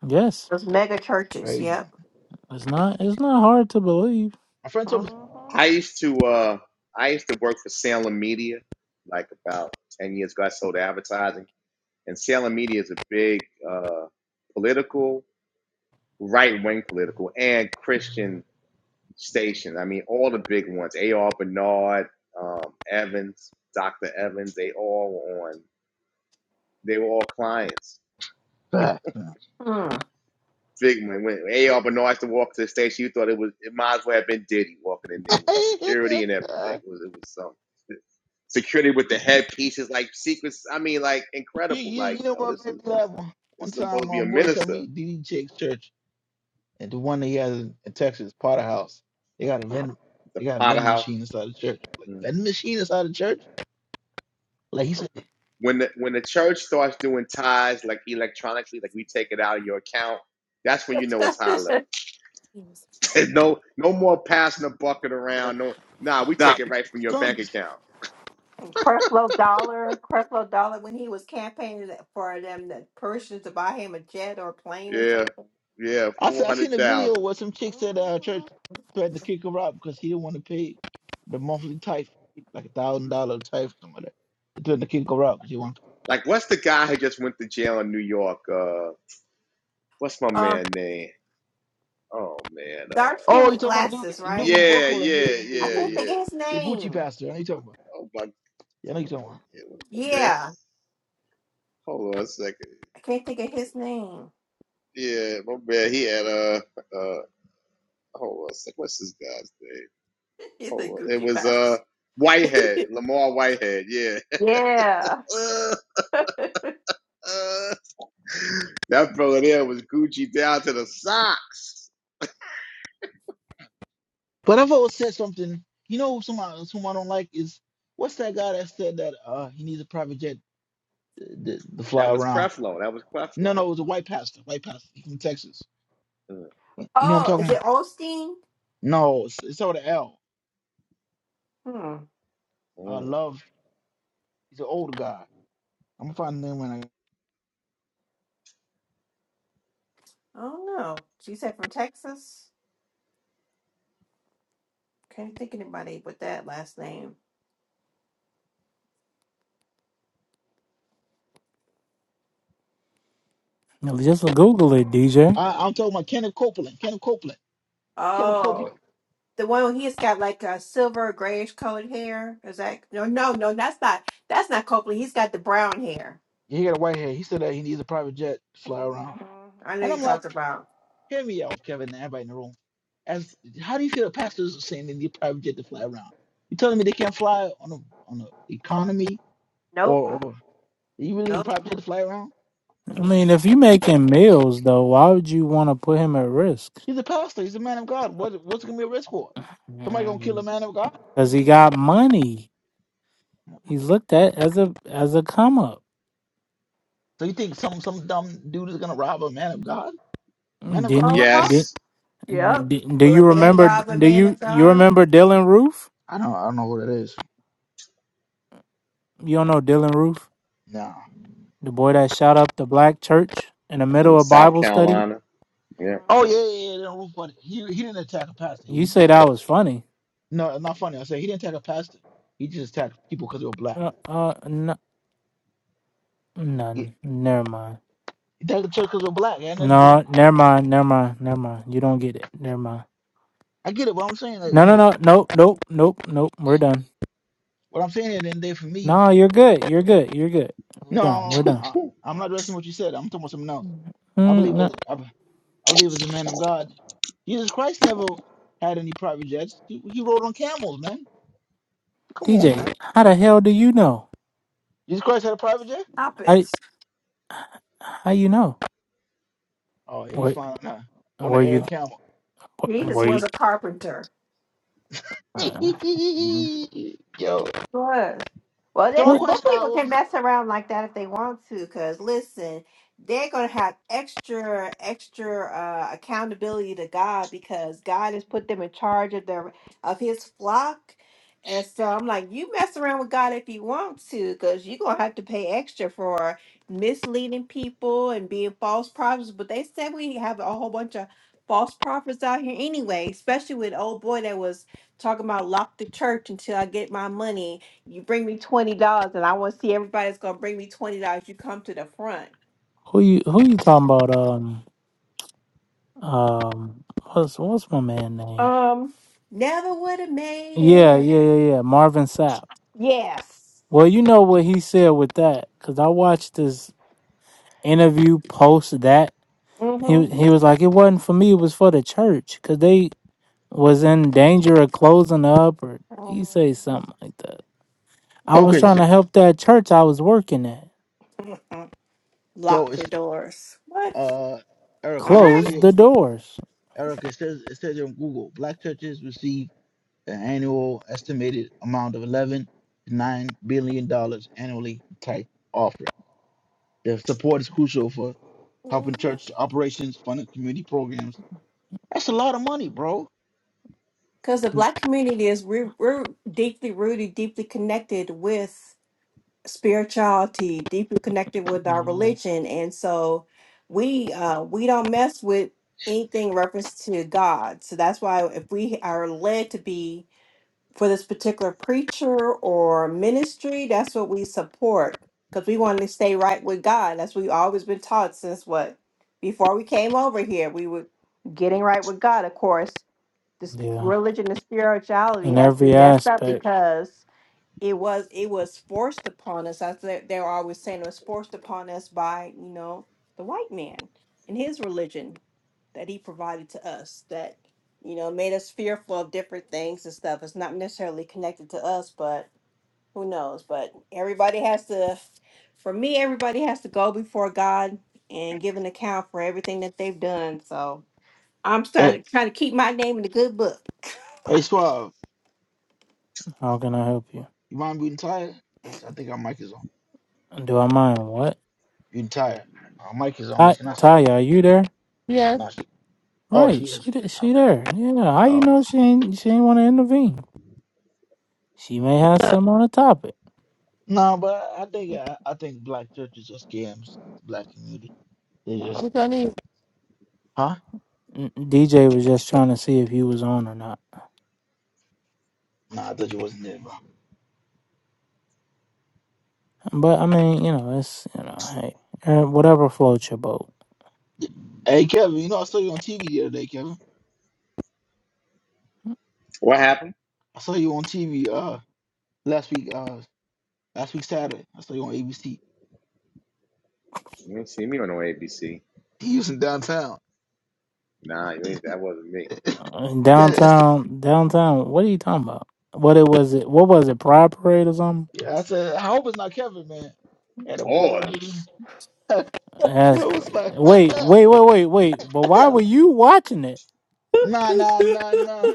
Speaker 1: Yes,
Speaker 11: Those mega churches,
Speaker 15: Crazy.
Speaker 11: yep.
Speaker 1: it's not. It's not hard to believe.
Speaker 15: My friend told me.
Speaker 11: hmm
Speaker 15: Facts, man.
Speaker 11: Hmm.
Speaker 15: you, you, you know what made me laugh one, one time? My boy told me D.D. Jake's church. And the one that he has in in Texas, Potter House, they got a vending, they got a vending machine inside the church. Like vending machine inside the church? Like he said,
Speaker 11: and
Speaker 15: some.
Speaker 11: Creflo Dollar, Creflo Dollar, when he was campaigning that- for them, the Persians to buy him a jet or a plane or something.
Speaker 15: I said I seen a video where some chick said uh, church
Speaker 11: hmm
Speaker 15: threatened to kick her out because he didn't want to pay the monthly tithe, like a thousand dollar tithe or something like that. He threatened to kick her out because he wanted.
Speaker 11: Uh, dark skin
Speaker 15: Oh, you
Speaker 11: with
Speaker 15: talking about the dude,
Speaker 11: glasses,
Speaker 15: the dude
Speaker 11: right?
Speaker 15: from Brooklyn? Yeah, yeah,
Speaker 11: I
Speaker 15: yeah.
Speaker 11: can't
Speaker 15: The,
Speaker 11: think of his
Speaker 15: the Gucci
Speaker 11: name.
Speaker 15: pastor. I know you talking about. Yeah, I know you talking about.
Speaker 11: Yeah, I can't think of his name. He's a Gucci pass. yeah.
Speaker 15: But I've always said something. You know, someone someone I don't like is what's that guy that said that uh he needs a private jet to, to, to fly around? No, no, it was a white pastor, white pastor he from Texas. You know what I'm
Speaker 11: Oh,
Speaker 15: talking
Speaker 11: is it
Speaker 15: about?
Speaker 11: Osteen?
Speaker 15: No, it's, it's over the L.
Speaker 11: Hmm.
Speaker 15: Uh, love. He's an older guy. I'm gonna find the name when
Speaker 11: I don't know. She said from Texas. Can't think of anybody with that last name.
Speaker 1: Now, Just Google it, DJ.
Speaker 15: I, I. I'm talking about Kenneth Copeland. Kenneth Copeland. Kenneth
Speaker 11: Oh.
Speaker 15: Copeland.
Speaker 11: The one where he's got like a silver grayish colored hair. Is that no no no that's not that's not Copley. He's got the brown hair.
Speaker 15: Yeah, He got a white hair. He said that he needs a private jet to fly around.
Speaker 11: Mhm. I know
Speaker 15: And
Speaker 11: you
Speaker 15: I'm like,
Speaker 11: talked about.
Speaker 15: hear me out, Kevin, and everybody in the room. As how do you feel pastors are saying they need private jet to fly around? You telling me they can't fly on a on a economy
Speaker 11: Nope.
Speaker 15: or, or you really need a
Speaker 11: Nope.
Speaker 15: private jet to fly around?
Speaker 1: I mean, if
Speaker 11: Uh-huh.
Speaker 1: you making meals though, why would you want to put him at risk?
Speaker 15: He's a pastor. He's a man of God. What what's it gonna be a risk for? Somebody gonna kill a man of God?
Speaker 1: Because he got money. He's looked at as a as a come up.
Speaker 15: So you think some some dumb dude is gonna rob a man of God? Man of God?
Speaker 1: Didn't you did,
Speaker 11: Yep.
Speaker 1: did do
Speaker 11: Will a
Speaker 1: you
Speaker 11: man
Speaker 1: remember
Speaker 11: rob a
Speaker 1: do
Speaker 11: man of
Speaker 1: you you
Speaker 11: God?
Speaker 1: remember Dylan Roof?
Speaker 15: I don't I don't know what it is.
Speaker 1: You don't know Dylan Roof?
Speaker 15: No.
Speaker 1: The boy that shot up the black church in the middle of Bible study?
Speaker 11: Mhm.
Speaker 15: Oh yeah yeah yeah. No, but he he didn't attack a pastor.
Speaker 1: You
Speaker 15: He
Speaker 1: say
Speaker 15: just
Speaker 1: that was funny.
Speaker 15: no not funny. I said he didn't attack a pastor. He just attacked people because they were black.
Speaker 1: Uh uh no,
Speaker 15: He,
Speaker 1: none. Never mind.
Speaker 15: attacked the church because they were black. And then
Speaker 1: No, never mind, never mind, never mind. You don't get it. Never mind.
Speaker 15: I get it. What I'm saying like
Speaker 1: No no
Speaker 15: anyway.
Speaker 1: no nope nope nope nope. We're done.
Speaker 15: What I'm saying at the end of the day for me,
Speaker 1: No, you're good. You're good. You're good. We're
Speaker 15: no,
Speaker 1: done. We're done.
Speaker 15: I, I'm not addressing what you said. I'm talking about something else. I
Speaker 1: Mm,
Speaker 15: believe
Speaker 1: no,
Speaker 15: as I, I believe as a man of God, Jesus Christ never had any private jets. He, he rode on camels, man. Come on, man.
Speaker 1: DJ, how the hell do you know?
Speaker 15: Jesus Christ had a private jet?
Speaker 11: Stop it.
Speaker 1: How how you know?
Speaker 15: Oh, yeah, he's
Speaker 1: Were
Speaker 15: flying nah, on an
Speaker 1: were
Speaker 15: air
Speaker 1: you
Speaker 15: camel.
Speaker 11: Jesus
Speaker 1: were
Speaker 11: was
Speaker 1: you
Speaker 11: a carpenter.
Speaker 1: uh,
Speaker 15: Yo.
Speaker 11: was. Well,
Speaker 15: So my
Speaker 1: what?
Speaker 11: then, then
Speaker 15: question I
Speaker 11: people can
Speaker 15: was
Speaker 11: mess around like that if they want to, because listen, they're going to have extra, extra uh, accountability to God because God has put them in charge of their of His flock. And so I'm like, you mess around with God if you want to, because you're going to have to pay extra for misleading people and being false prophets. But they said we have a whole bunch of false prophets out here anyway, especially with old boy that was talking about lock the church until I get my money you bring me twenty dollars, and I want to see everybody that's gonna bring me twenty dollars. You come to the front.
Speaker 1: Who you who you talking about? Um um what's what's my man name?
Speaker 11: Um, never would have made
Speaker 1: Yeah
Speaker 11: it.
Speaker 1: yeah yeah yeah Marvin Sapp.
Speaker 11: Yes.
Speaker 1: Well, you know what he said with that because I watched this interview post that he he was
Speaker 11: Mm-hmm.
Speaker 1: like it wasn't for me it was for the church because they was in danger of closing up or he say something like that. I was
Speaker 15: okay.
Speaker 1: trying
Speaker 15: So
Speaker 1: to help that church I was working at
Speaker 11: Mhm.
Speaker 15: so
Speaker 11: Lock your
Speaker 15: it's
Speaker 11: doors. What?
Speaker 15: uh Eric. It
Speaker 11: All
Speaker 15: says
Speaker 11: right.
Speaker 1: close
Speaker 15: here,
Speaker 1: the doors.
Speaker 15: Eric. It says it says on Google, black churches receive an annual estimated amount of 11 to 9 billion dollars annually type offering. Their support is crucial for helping
Speaker 11: Mhm.
Speaker 15: church operations, funding community programs. That's a lot of money, bro.
Speaker 11: Because the black community is we're, we're deeply rooted, deeply connected with. spirituality deeply connected with our
Speaker 1: Mm,
Speaker 11: religion and so we uh we don't mess with anything reference to god so that's why if we are led to be for this particular preacher or ministry that's what we support because we want to stay right with god that's what we've always been taught since what before we came over here we were getting right with god of course this
Speaker 1: Yeah,
Speaker 11: religion and spirituality
Speaker 1: in
Speaker 11: has
Speaker 1: every
Speaker 11: been messed up
Speaker 1: aspect.
Speaker 11: because it was it was forced upon us. I said they were always saying it was forced upon us by you know the white man and his religion that he provided to us that you know made us fearful of different things and stuff. It's not necessarily connected to us, but who knows? But everybody has to. For me, everybody has to go before God and give an account for everything that they've done. So I'm
Speaker 15: Hey,
Speaker 11: starting trying to keep my name in the good book.
Speaker 15: hey Suave,
Speaker 1: How can I help you?
Speaker 15: you mind being tired? Yes, I think our mic is on.
Speaker 1: Do I mind? What?
Speaker 15: Being tired. Our mic is on, but
Speaker 1: Ty-
Speaker 15: she's not saying.
Speaker 1: Taya, are you there?
Speaker 4: Yes.
Speaker 15: No, she. Oh, she
Speaker 1: Right,
Speaker 15: is.
Speaker 1: she th- she
Speaker 15: Okay.
Speaker 1: there. Yeah, how you
Speaker 15: Oh.
Speaker 1: know she ain't she ain't want to intervene? She may have some on the topic.
Speaker 15: No, but I think I, I think black churches are scams. Black community. They just.
Speaker 4: Which I need
Speaker 15: Huh?
Speaker 1: N- DJ was just trying to see if you was on or not.
Speaker 15: No, I thought you wasn't there, bro.
Speaker 1: But I mean, you know, it's you know, hey, eh, whatever floats your boat.
Speaker 15: Hey Kevin, you know I saw you on TV the other day, Kevin. I saw you on TV uh last week, uh last week Saturday. I saw you on ABC. You was in downtown.
Speaker 1: Uh,
Speaker 15: Said- that's-
Speaker 1: downtown, downtown. What are you talking about? What it was? It what was it? Pride parade or something?
Speaker 15: yeah, I said, I hope it's not Kevin, man. Had a ball dude. I
Speaker 1: That's
Speaker 15: was
Speaker 1: crazy.
Speaker 15: like,
Speaker 1: Wait, wait, wait, wait, wait. But why
Speaker 15: yeah.
Speaker 1: were you watching it?
Speaker 15: nah, nah,
Speaker 11: He's
Speaker 15: nah, nah.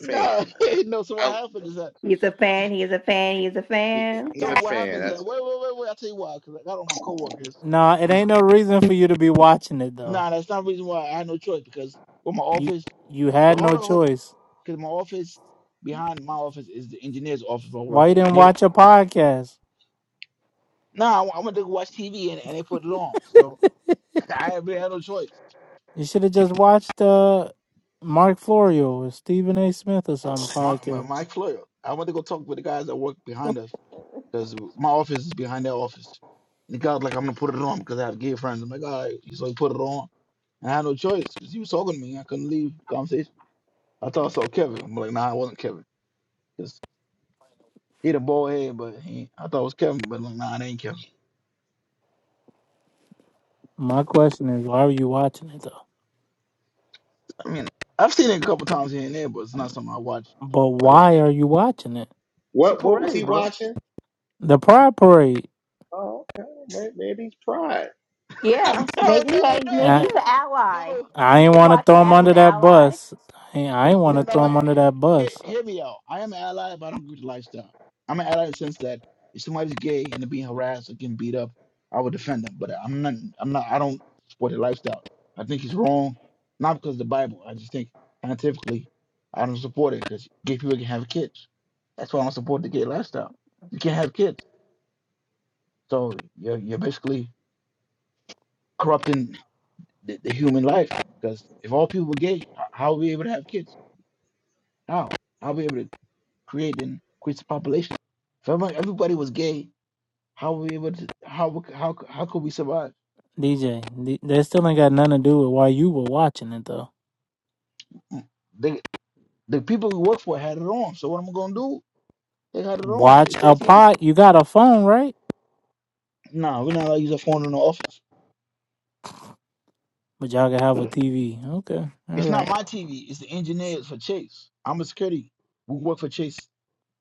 Speaker 15: Nah. no, so what happened is that
Speaker 11: a fan. He's a fan. He's a fan.
Speaker 15: so what happens is that wait, wait, wait, wait, I'll tell you why, because I got on my coworkers.
Speaker 1: Nah, it ain't no reason for you to be watching it though.
Speaker 15: Nah, that's not the reason why I had no choice because with my
Speaker 1: You
Speaker 15: office.
Speaker 1: you
Speaker 15: Well,
Speaker 1: had
Speaker 15: hold
Speaker 1: no
Speaker 15: on, hold on.
Speaker 1: choice.
Speaker 15: because my office behind my office is the engineer's office where I
Speaker 1: Why
Speaker 15: work
Speaker 1: you
Speaker 15: at.
Speaker 1: didn't
Speaker 15: And they,
Speaker 1: watch a podcast?
Speaker 15: now I went to watch TV and, and they put it on. So I haven't had no choice.
Speaker 1: You should have just watched uh Mark Florio or Stephen A. Smith or something
Speaker 15: My, my
Speaker 1: podcast.
Speaker 15: my employer, I went to go talk with the guys that work behind us because my office is behind their office. And the guy was like, I'm gonna put it on because I have gay friends. I'm like, all right. So he put it on. And I had no choice because he was talking to me. I couldn't leave the conversation. I thought I saw Kevin. I'm like, nah, it wasn't Kevin. Cause he the bald head, but he, I thought it was Kevin, but like, nah, it ain't Kevin.
Speaker 1: My question is, why are you watching it
Speaker 15: I mean, I've seen it a couple times here and there, but it's not
Speaker 1: though?
Speaker 15: something I watch.
Speaker 1: But
Speaker 15: But uh,
Speaker 1: why are you watching it?
Speaker 15: it's a parade, bro.
Speaker 1: The Pride Parade.
Speaker 15: no,
Speaker 11: Yeah, maybe he.
Speaker 15: no,
Speaker 11: maybe he's an
Speaker 15: no,
Speaker 11: ally.
Speaker 15: no.
Speaker 1: I
Speaker 11: You
Speaker 1: ain't
Speaker 11: can
Speaker 1: want to
Speaker 11: watch it
Speaker 1: throw
Speaker 15: I
Speaker 1: him
Speaker 15: ain't
Speaker 11: as
Speaker 15: no.
Speaker 11: an
Speaker 1: under that
Speaker 11: ally.
Speaker 1: bus. I ain't, I ain't want
Speaker 15: No,
Speaker 1: to
Speaker 15: no.
Speaker 1: throw
Speaker 15: eh,
Speaker 1: him under that
Speaker 15: Hear,
Speaker 1: bus.
Speaker 15: hear me out. I am an ally, but I don't agree with the lifestyle. I'm an ally in the sense that if somebody's gay and they're being harassed or getting beat up, I would defend them. But I'm not. I'm not. I don't support the lifestyle. I think it's
Speaker 11: Mhm,
Speaker 15: wrong, not because of the Bible. I just think scientifically, I don't support it because gay people can have kids. That's why I don't support the gay lifestyle. You can't have kids. So you're you're basically corrupting the, the human life because if all people were gay, h- how are we able to have kids? How? How are we able to create and increase the population? If everyone- everybody was gay, how were we able to? How we c- how c- how could we survive?
Speaker 1: DJ, th- that still ain't got nothing to do with why you were watching it though.
Speaker 15: Mm, The the people we work for had it on. So what am I gonna do? They had it on.
Speaker 1: Watch
Speaker 15: It's their
Speaker 1: a
Speaker 15: TV.
Speaker 1: pot. You got a phone, right?
Speaker 15: No, we're not allowed to use a phone in the office.
Speaker 1: But y'all can have a TV. Okay, all
Speaker 15: It's not
Speaker 1: right.
Speaker 15: my TV. It's the engineers for Chase. I'm a security. We work for Chase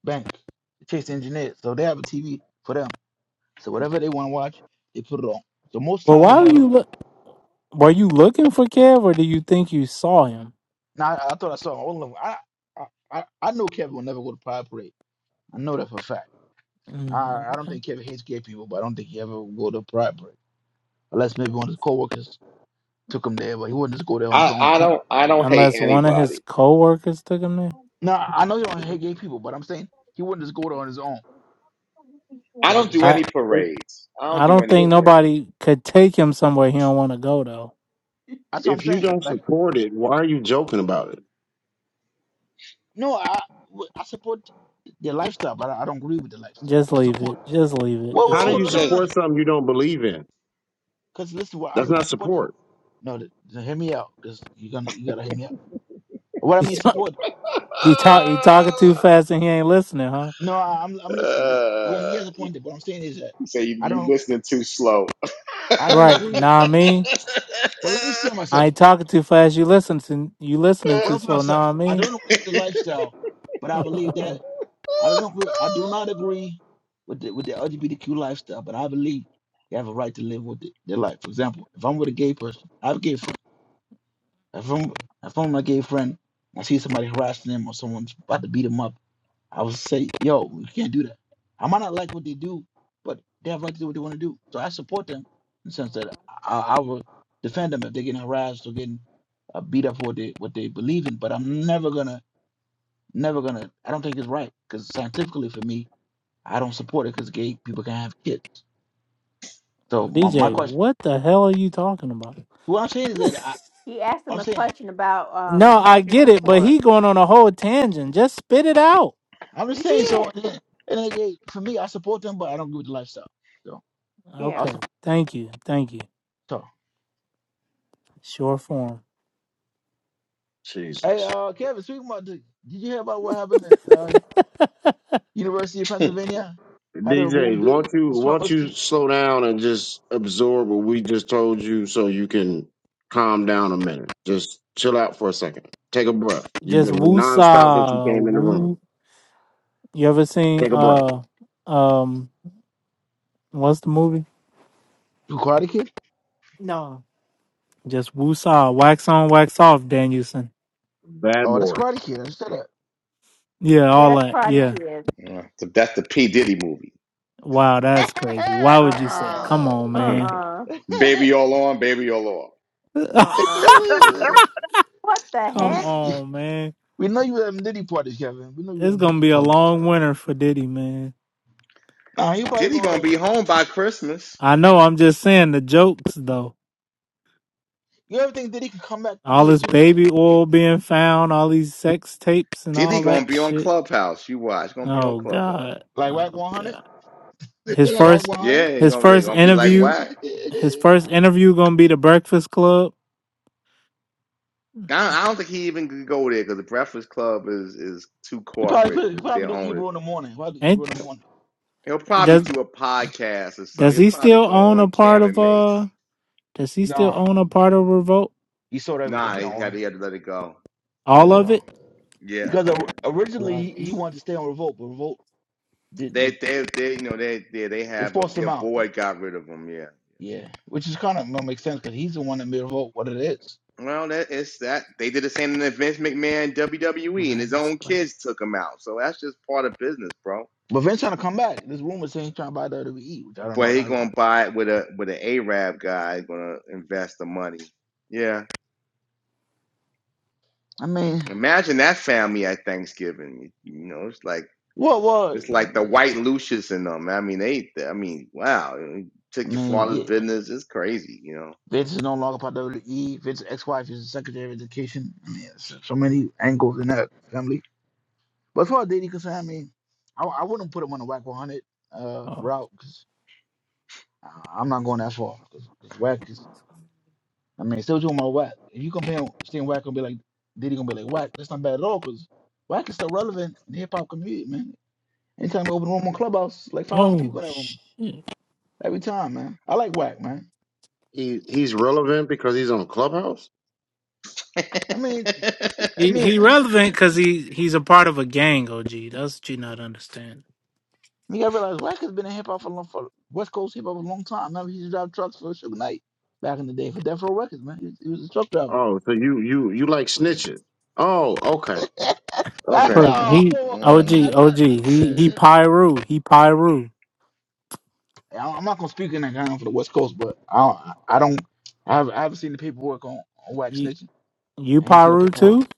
Speaker 15: Bank, Chase engineers. So they have a TV for them. So whatever they want to watch, they put it on. So most
Speaker 1: Well,
Speaker 15: times they
Speaker 1: why were
Speaker 15: have it on.
Speaker 1: you look? Were you looking for Kev, or do you think you saw him?
Speaker 15: Now I, I thought I saw all of them. I I, I I know Kevin will never go to Pride Parade. I know that for a fact. I
Speaker 1: Mm,
Speaker 15: I don't
Speaker 1: okay.
Speaker 15: think Kevin hates gay people, but I don't think he ever will go to Pride Parade unless maybe one of his coworkers took him there, but he wouldn't just go there on his own.
Speaker 1: Uh, unless one of his coworkers took him there.
Speaker 15: Now I know he don't hate gay people, but I'm saying he wouldn't just go there on his own. Like it's
Speaker 1: I
Speaker 15: almost,
Speaker 3: If,
Speaker 1: I don't think
Speaker 3: if you
Speaker 1: nobody could take him somewhere he don't want to go though.
Speaker 15: that's what I'm
Speaker 3: if you
Speaker 15: saying.
Speaker 3: don't
Speaker 15: Like
Speaker 3: support it, why are you joking about it?
Speaker 15: no, I I support their lifestyle, but I, I don't agree with the lifestyle.
Speaker 1: Just
Speaker 15: I
Speaker 1: leave
Speaker 15: support.
Speaker 1: it. Just leave it.
Speaker 15: Wait, wait,
Speaker 3: How
Speaker 1: It's
Speaker 3: do
Speaker 15: hold
Speaker 3: you
Speaker 15: on, no,
Speaker 1: okay.
Speaker 15: no,
Speaker 3: support something you don't believe in?
Speaker 15: because listen, what I,
Speaker 3: That's
Speaker 15: I
Speaker 3: not
Speaker 15: support.
Speaker 3: support.
Speaker 15: No, th- th- hear me out, cause you're gonna you gotta hear me out. What I mean, support.
Speaker 1: He
Speaker 15: I,
Speaker 1: talk he talking too fast and he ain't listening, huh?
Speaker 15: no, I, I'm I'm listening. What, yeah, he has a point there. What I'm saying is that I don't I don't
Speaker 1: Right.
Speaker 15: agree with
Speaker 1: Nah I
Speaker 15: with.
Speaker 1: mean.
Speaker 15: But let me explain
Speaker 1: I
Speaker 15: myself.
Speaker 1: ain't talking too fast, you listen to you listening
Speaker 15: What
Speaker 1: too
Speaker 15: I'm for
Speaker 1: slow,
Speaker 15: myself,
Speaker 1: nah I
Speaker 15: I
Speaker 1: mean.
Speaker 15: don't agree with the lifestyle, but I believe that I don't agree. I do not agree with the with the LGBTQ lifestyle, but I believe they have a right to live with the, their life. For example, if I'm with a gay person, I have a gay friend. If I'm if I'm with my gay friend, I see somebody harassing them or someone's about to beat them up. I would say, yo, we can't do that. I might not like what they do, but they have right to do what they want to do. So I support them in the sense that
Speaker 11: mhm.
Speaker 15: I, I will defend them if they're getting harassed or getting uh, beat up for what they what they believe in. But I'm never gonna, never gonna. I don't think it's right because scientifically for me, I don't support it because gay people can have kids. So my, my
Speaker 1: DJ,
Speaker 15: question,
Speaker 1: what the hell are you talking about?
Speaker 15: what I'm saying is that I,
Speaker 11: He asked him
Speaker 15: I'm
Speaker 11: a
Speaker 15: saying,
Speaker 11: question about um
Speaker 1: No,
Speaker 11: he
Speaker 1: I
Speaker 11: doesn't
Speaker 1: get it, but
Speaker 11: support.
Speaker 1: he going on a whole tangent. Just spit it out.
Speaker 15: I'm just
Speaker 11: He
Speaker 15: saying. So
Speaker 11: did.
Speaker 15: and then, and then, yeah, for me, I support them, but I don't agree with the lifestyle. So I
Speaker 11: Yeah,
Speaker 1: Okay.
Speaker 15: support.
Speaker 1: Thank you. Thank you. Short form.
Speaker 15: Hey,
Speaker 3: Jesus.
Speaker 15: uh, Kevin, speaking about the, did you hear about what happened at uh, University of Pennsylvania? How they removed
Speaker 3: DJ,
Speaker 15: the
Speaker 3: won't you won't
Speaker 15: swimmers to
Speaker 3: you slow down and just absorb what we just told you so you can calm down a minute. Just chill out for a second. Take a breath. You've
Speaker 1: Just
Speaker 3: been
Speaker 1: woo
Speaker 3: nonstop since you
Speaker 1: saw
Speaker 3: came in the room.
Speaker 1: Woo. You ever seen
Speaker 3: Take a breath.
Speaker 1: uh um what's the movie?
Speaker 15: to Karate Kid?
Speaker 1: No. Just woo saw Wax on, wax off, Danielson.
Speaker 3: Bad
Speaker 15: Oh, that's
Speaker 3: boy.
Speaker 15: Karate Kid. I just said
Speaker 1: Yeah, all
Speaker 11: that's
Speaker 1: that.
Speaker 11: Party
Speaker 1: Yeah.
Speaker 11: Kid.
Speaker 1: Wow, that's crazy.
Speaker 15: that.
Speaker 1: Why
Speaker 11: Uh
Speaker 1: would you say?
Speaker 11: uh-uh.
Speaker 1: Come on, man.
Speaker 11: uh Uh-uh. What the
Speaker 1: Come
Speaker 15: we,
Speaker 11: heck?
Speaker 1: on, man.
Speaker 15: we know you were having Diddy parties, Kevin. We know you were
Speaker 1: It's
Speaker 15: having
Speaker 1: gonna
Speaker 15: Diddy
Speaker 1: be a
Speaker 15: parties.
Speaker 1: long winter for Diddy, man.
Speaker 15: Nah, you probably gonna.
Speaker 1: I know. I'm just saying the jokes though.
Speaker 15: You ever think Diddy could come back to
Speaker 1: All
Speaker 15: be a
Speaker 1: this
Speaker 15: super
Speaker 1: baby oil being found, all these sex tapes and all that shit. Oh god.
Speaker 15: like Rack
Speaker 1: Oh
Speaker 15: 100?
Speaker 1: god. His
Speaker 15: like Rack
Speaker 1: first,
Speaker 15: 100?
Speaker 1: his first interview,
Speaker 15: he
Speaker 1: his first interview gonna be the Breakfast Club.
Speaker 15: probably could. He probably do Ebro in the morning. Why do Ebro
Speaker 1: Ain't
Speaker 15: in the morning.
Speaker 1: does does he still own a part of uh? Does he still
Speaker 15: Nah,
Speaker 1: own a part of Revolt?
Speaker 15: he sold everything. He don't own it. He
Speaker 1: All
Speaker 15: let it
Speaker 1: of
Speaker 15: go.
Speaker 1: it?
Speaker 15: Because or- originally he, he wanted to stay on Revolt, but Revolt did, did they forced him out. Yeah, which is kind of don't make sense because he's the one that made Revolt what it is. But Vince trying to come back. There's rumors saying he's trying to buy WWE, which I don't know. How's I mean, well, well, I mean, yeah. Vince is no longer part of WWE. Vince's ex-wife is the Secretary of Education. I mean, so, so many angles in that family. But as far as dating concerned, I mean, I, I wouldn't put him on the whack 100 uh,
Speaker 1: Oh.
Speaker 15: route because I'm not going that far. 'cause- 'cause Whack is I mean, still talking about whack. If you compare seeing whack gonna be like Diddy gonna be like whack, that's not bad at all because whack is still relevant in the hip hop community, man. Anytime I open a room on Clubhouse, like five hundred
Speaker 1: Oh
Speaker 15: people in that room
Speaker 1: shit.
Speaker 15: every time, man. I like whack, man.
Speaker 3: He he's relevant because he's on Clubhouse.
Speaker 15: I mean, I
Speaker 1: He
Speaker 15: mean,
Speaker 1: he relevant because he he's a part of a gang. OG, that's what you not understand.
Speaker 15: you gotta realize whack has been in hip hop for, a long- for West Coast hip hop for a long time. Remember, he used to drive trucks for Suge Knight back in the day for Death Row Records, man. He was, he was a truck driver.
Speaker 3: Oh, so you you you like snitching? Oh, okay, okay.
Speaker 1: Look, he
Speaker 15: Wow.
Speaker 1: OG OG. He he Pyru. He Pyru.
Speaker 15: I- I'm not gonna speak in that ground for the West Coast, but I I don't I haven't, I haven't seen the paperwork on, on wax
Speaker 1: You
Speaker 15: snitching.
Speaker 1: you
Speaker 15: I ain't seen no
Speaker 1: Pyru
Speaker 15: paperwork.
Speaker 1: too?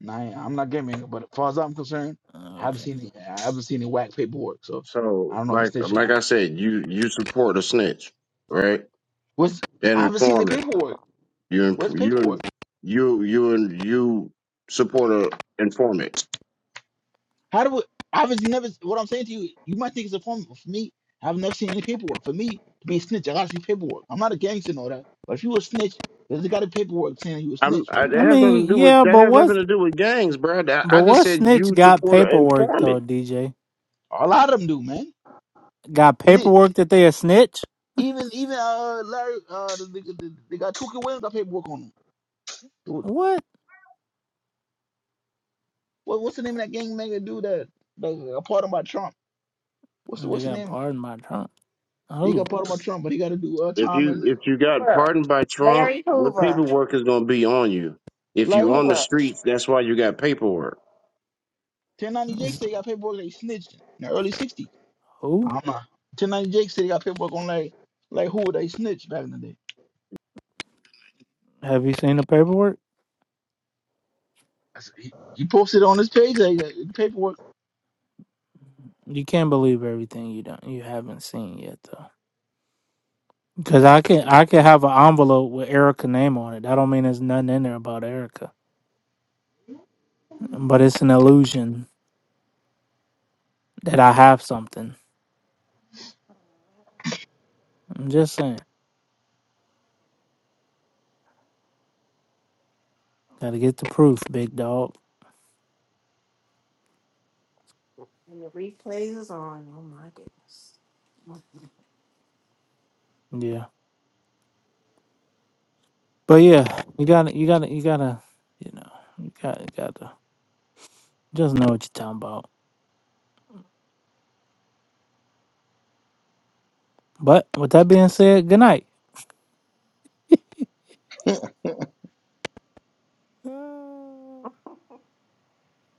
Speaker 15: And I ain't- I'm not gaming, but as far as I'm concerned, I haven't
Speaker 1: Okay.
Speaker 15: seen the, I haven't seen the wax paperwork. So I
Speaker 3: So
Speaker 15: don't know if he's
Speaker 3: like
Speaker 15: snitching.
Speaker 3: like
Speaker 15: Out.
Speaker 3: I said, you you support a snitch, right?
Speaker 15: What's
Speaker 3: An
Speaker 15: I haven't seen the
Speaker 3: informant.
Speaker 15: paperwork.
Speaker 3: You imp-
Speaker 15: Where's the
Speaker 3: you
Speaker 15: paperwork?
Speaker 3: you you and you support a informant.
Speaker 15: How do we, I've never what I'm saying to you. You might think it's a form but for me. I've never seen any paperwork. For me to be a snitch, I gotta see paperwork. I'm not a gangster and all that, but if you a snitch, there's got a paperwork saying you a
Speaker 3: I'm
Speaker 15: snitch,
Speaker 3: I,
Speaker 15: right?
Speaker 1: I
Speaker 3: that has
Speaker 1: mean,
Speaker 3: nothing to do with
Speaker 1: yeah,
Speaker 3: that
Speaker 1: but
Speaker 3: has
Speaker 1: what
Speaker 3: nothing to do with gangs, bro. I,
Speaker 1: but
Speaker 3: I just
Speaker 1: what
Speaker 3: said
Speaker 1: snitch
Speaker 3: you
Speaker 1: got
Speaker 3: support an
Speaker 1: paperwork though?
Speaker 3: informant.
Speaker 1: DJ
Speaker 15: A lot of them do, man.
Speaker 1: got paperwork that they a snitch.
Speaker 15: Even even uh Larry uh the, the, the, they got Tuka Williams got paperwork on him. Dude,
Speaker 1: What?
Speaker 15: what, what's the name of that gang nigga dude that that got part of by Trump? What's the
Speaker 1: They
Speaker 15: what's the
Speaker 1: got
Speaker 15: name?
Speaker 1: pardoned by Trump.
Speaker 15: He got
Speaker 1: Who?
Speaker 15: part of by Trump, but he got to do uh
Speaker 3: If
Speaker 15: time
Speaker 3: you
Speaker 15: and
Speaker 3: if you got
Speaker 11: Hoover.
Speaker 3: pardoned by Trump,
Speaker 11: Larry
Speaker 3: what
Speaker 11: Hoover.
Speaker 3: paperwork is going to be on you? If
Speaker 15: like
Speaker 3: you're on the
Speaker 15: Hoover.
Speaker 11: Hoover.
Speaker 3: streets, that's why you got paperwork.
Speaker 15: 1090 Jake
Speaker 1: It's-
Speaker 15: said he got paperwork that he snitched in the early 60s.
Speaker 1: Who?
Speaker 15: I'm not. 1090 Jake said he got paperwork on like like Hoover that he snitched back in the day.
Speaker 1: Have you seen the paperwork?
Speaker 15: That's- He, he posted on his page like uh, paperwork.
Speaker 1: You can't believe everything you don't you haven't seen yet though. Cause I can I can have an envelope with Erica name on it. That don't mean there's nothing in there about Erica, but it's an illusion that I have something. I'm just saying, gotta get the proof, big dog.
Speaker 11: And the replay is on. Oh my goodness.
Speaker 1: Yeah, but yeah, you gotta you gotta you gotta you know you gotta you gotta just know what you're talking about. But with that being said, good night.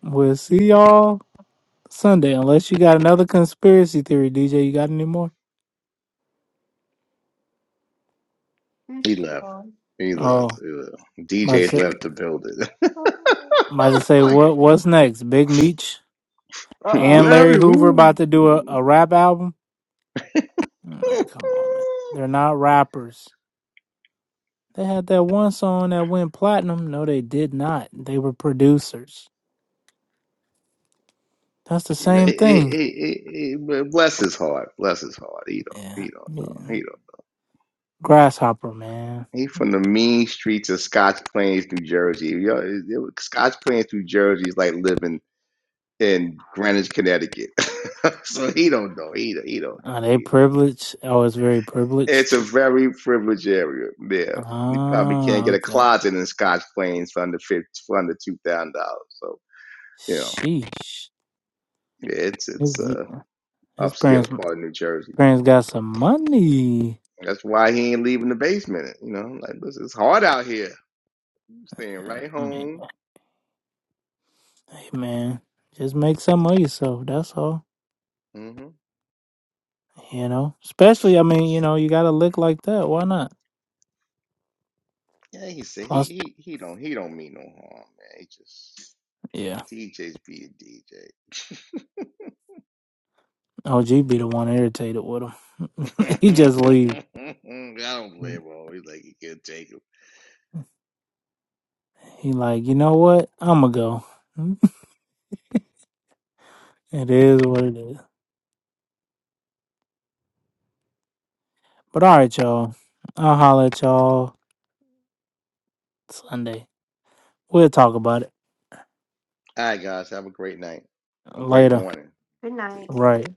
Speaker 1: we'll see y'all Sunday, unless you got another conspiracy theory, DJ. You got any more?
Speaker 11: Here's Claude.
Speaker 1: Oh, might say might just say what what's next? Big Meech and
Speaker 11: Uh-oh.
Speaker 1: Larry Hoover about to do a, a rap album. I'm like, come on, man. They're not rappers. They had that one song that went platinum. No, they did not. They were producers. That's the same thing. Yeah. yeah. Grasshopper, man. Are they privileged? Oh, it's very privileged. Ah, okay. Sheesh. His, his parents parents got some money. I mean, hey man, just make some of yourself. That's all. You know, especially I mean, you know, you got to lick like that. Why not? Us- yeah, OG be the one irritated with him. he just leave. He like, you know what? I'ma go. it is what it is. But all right, y'all. I'll holler at y'all Sunday. We'll talk about it later.
Speaker 11: Good night.
Speaker 1: Right.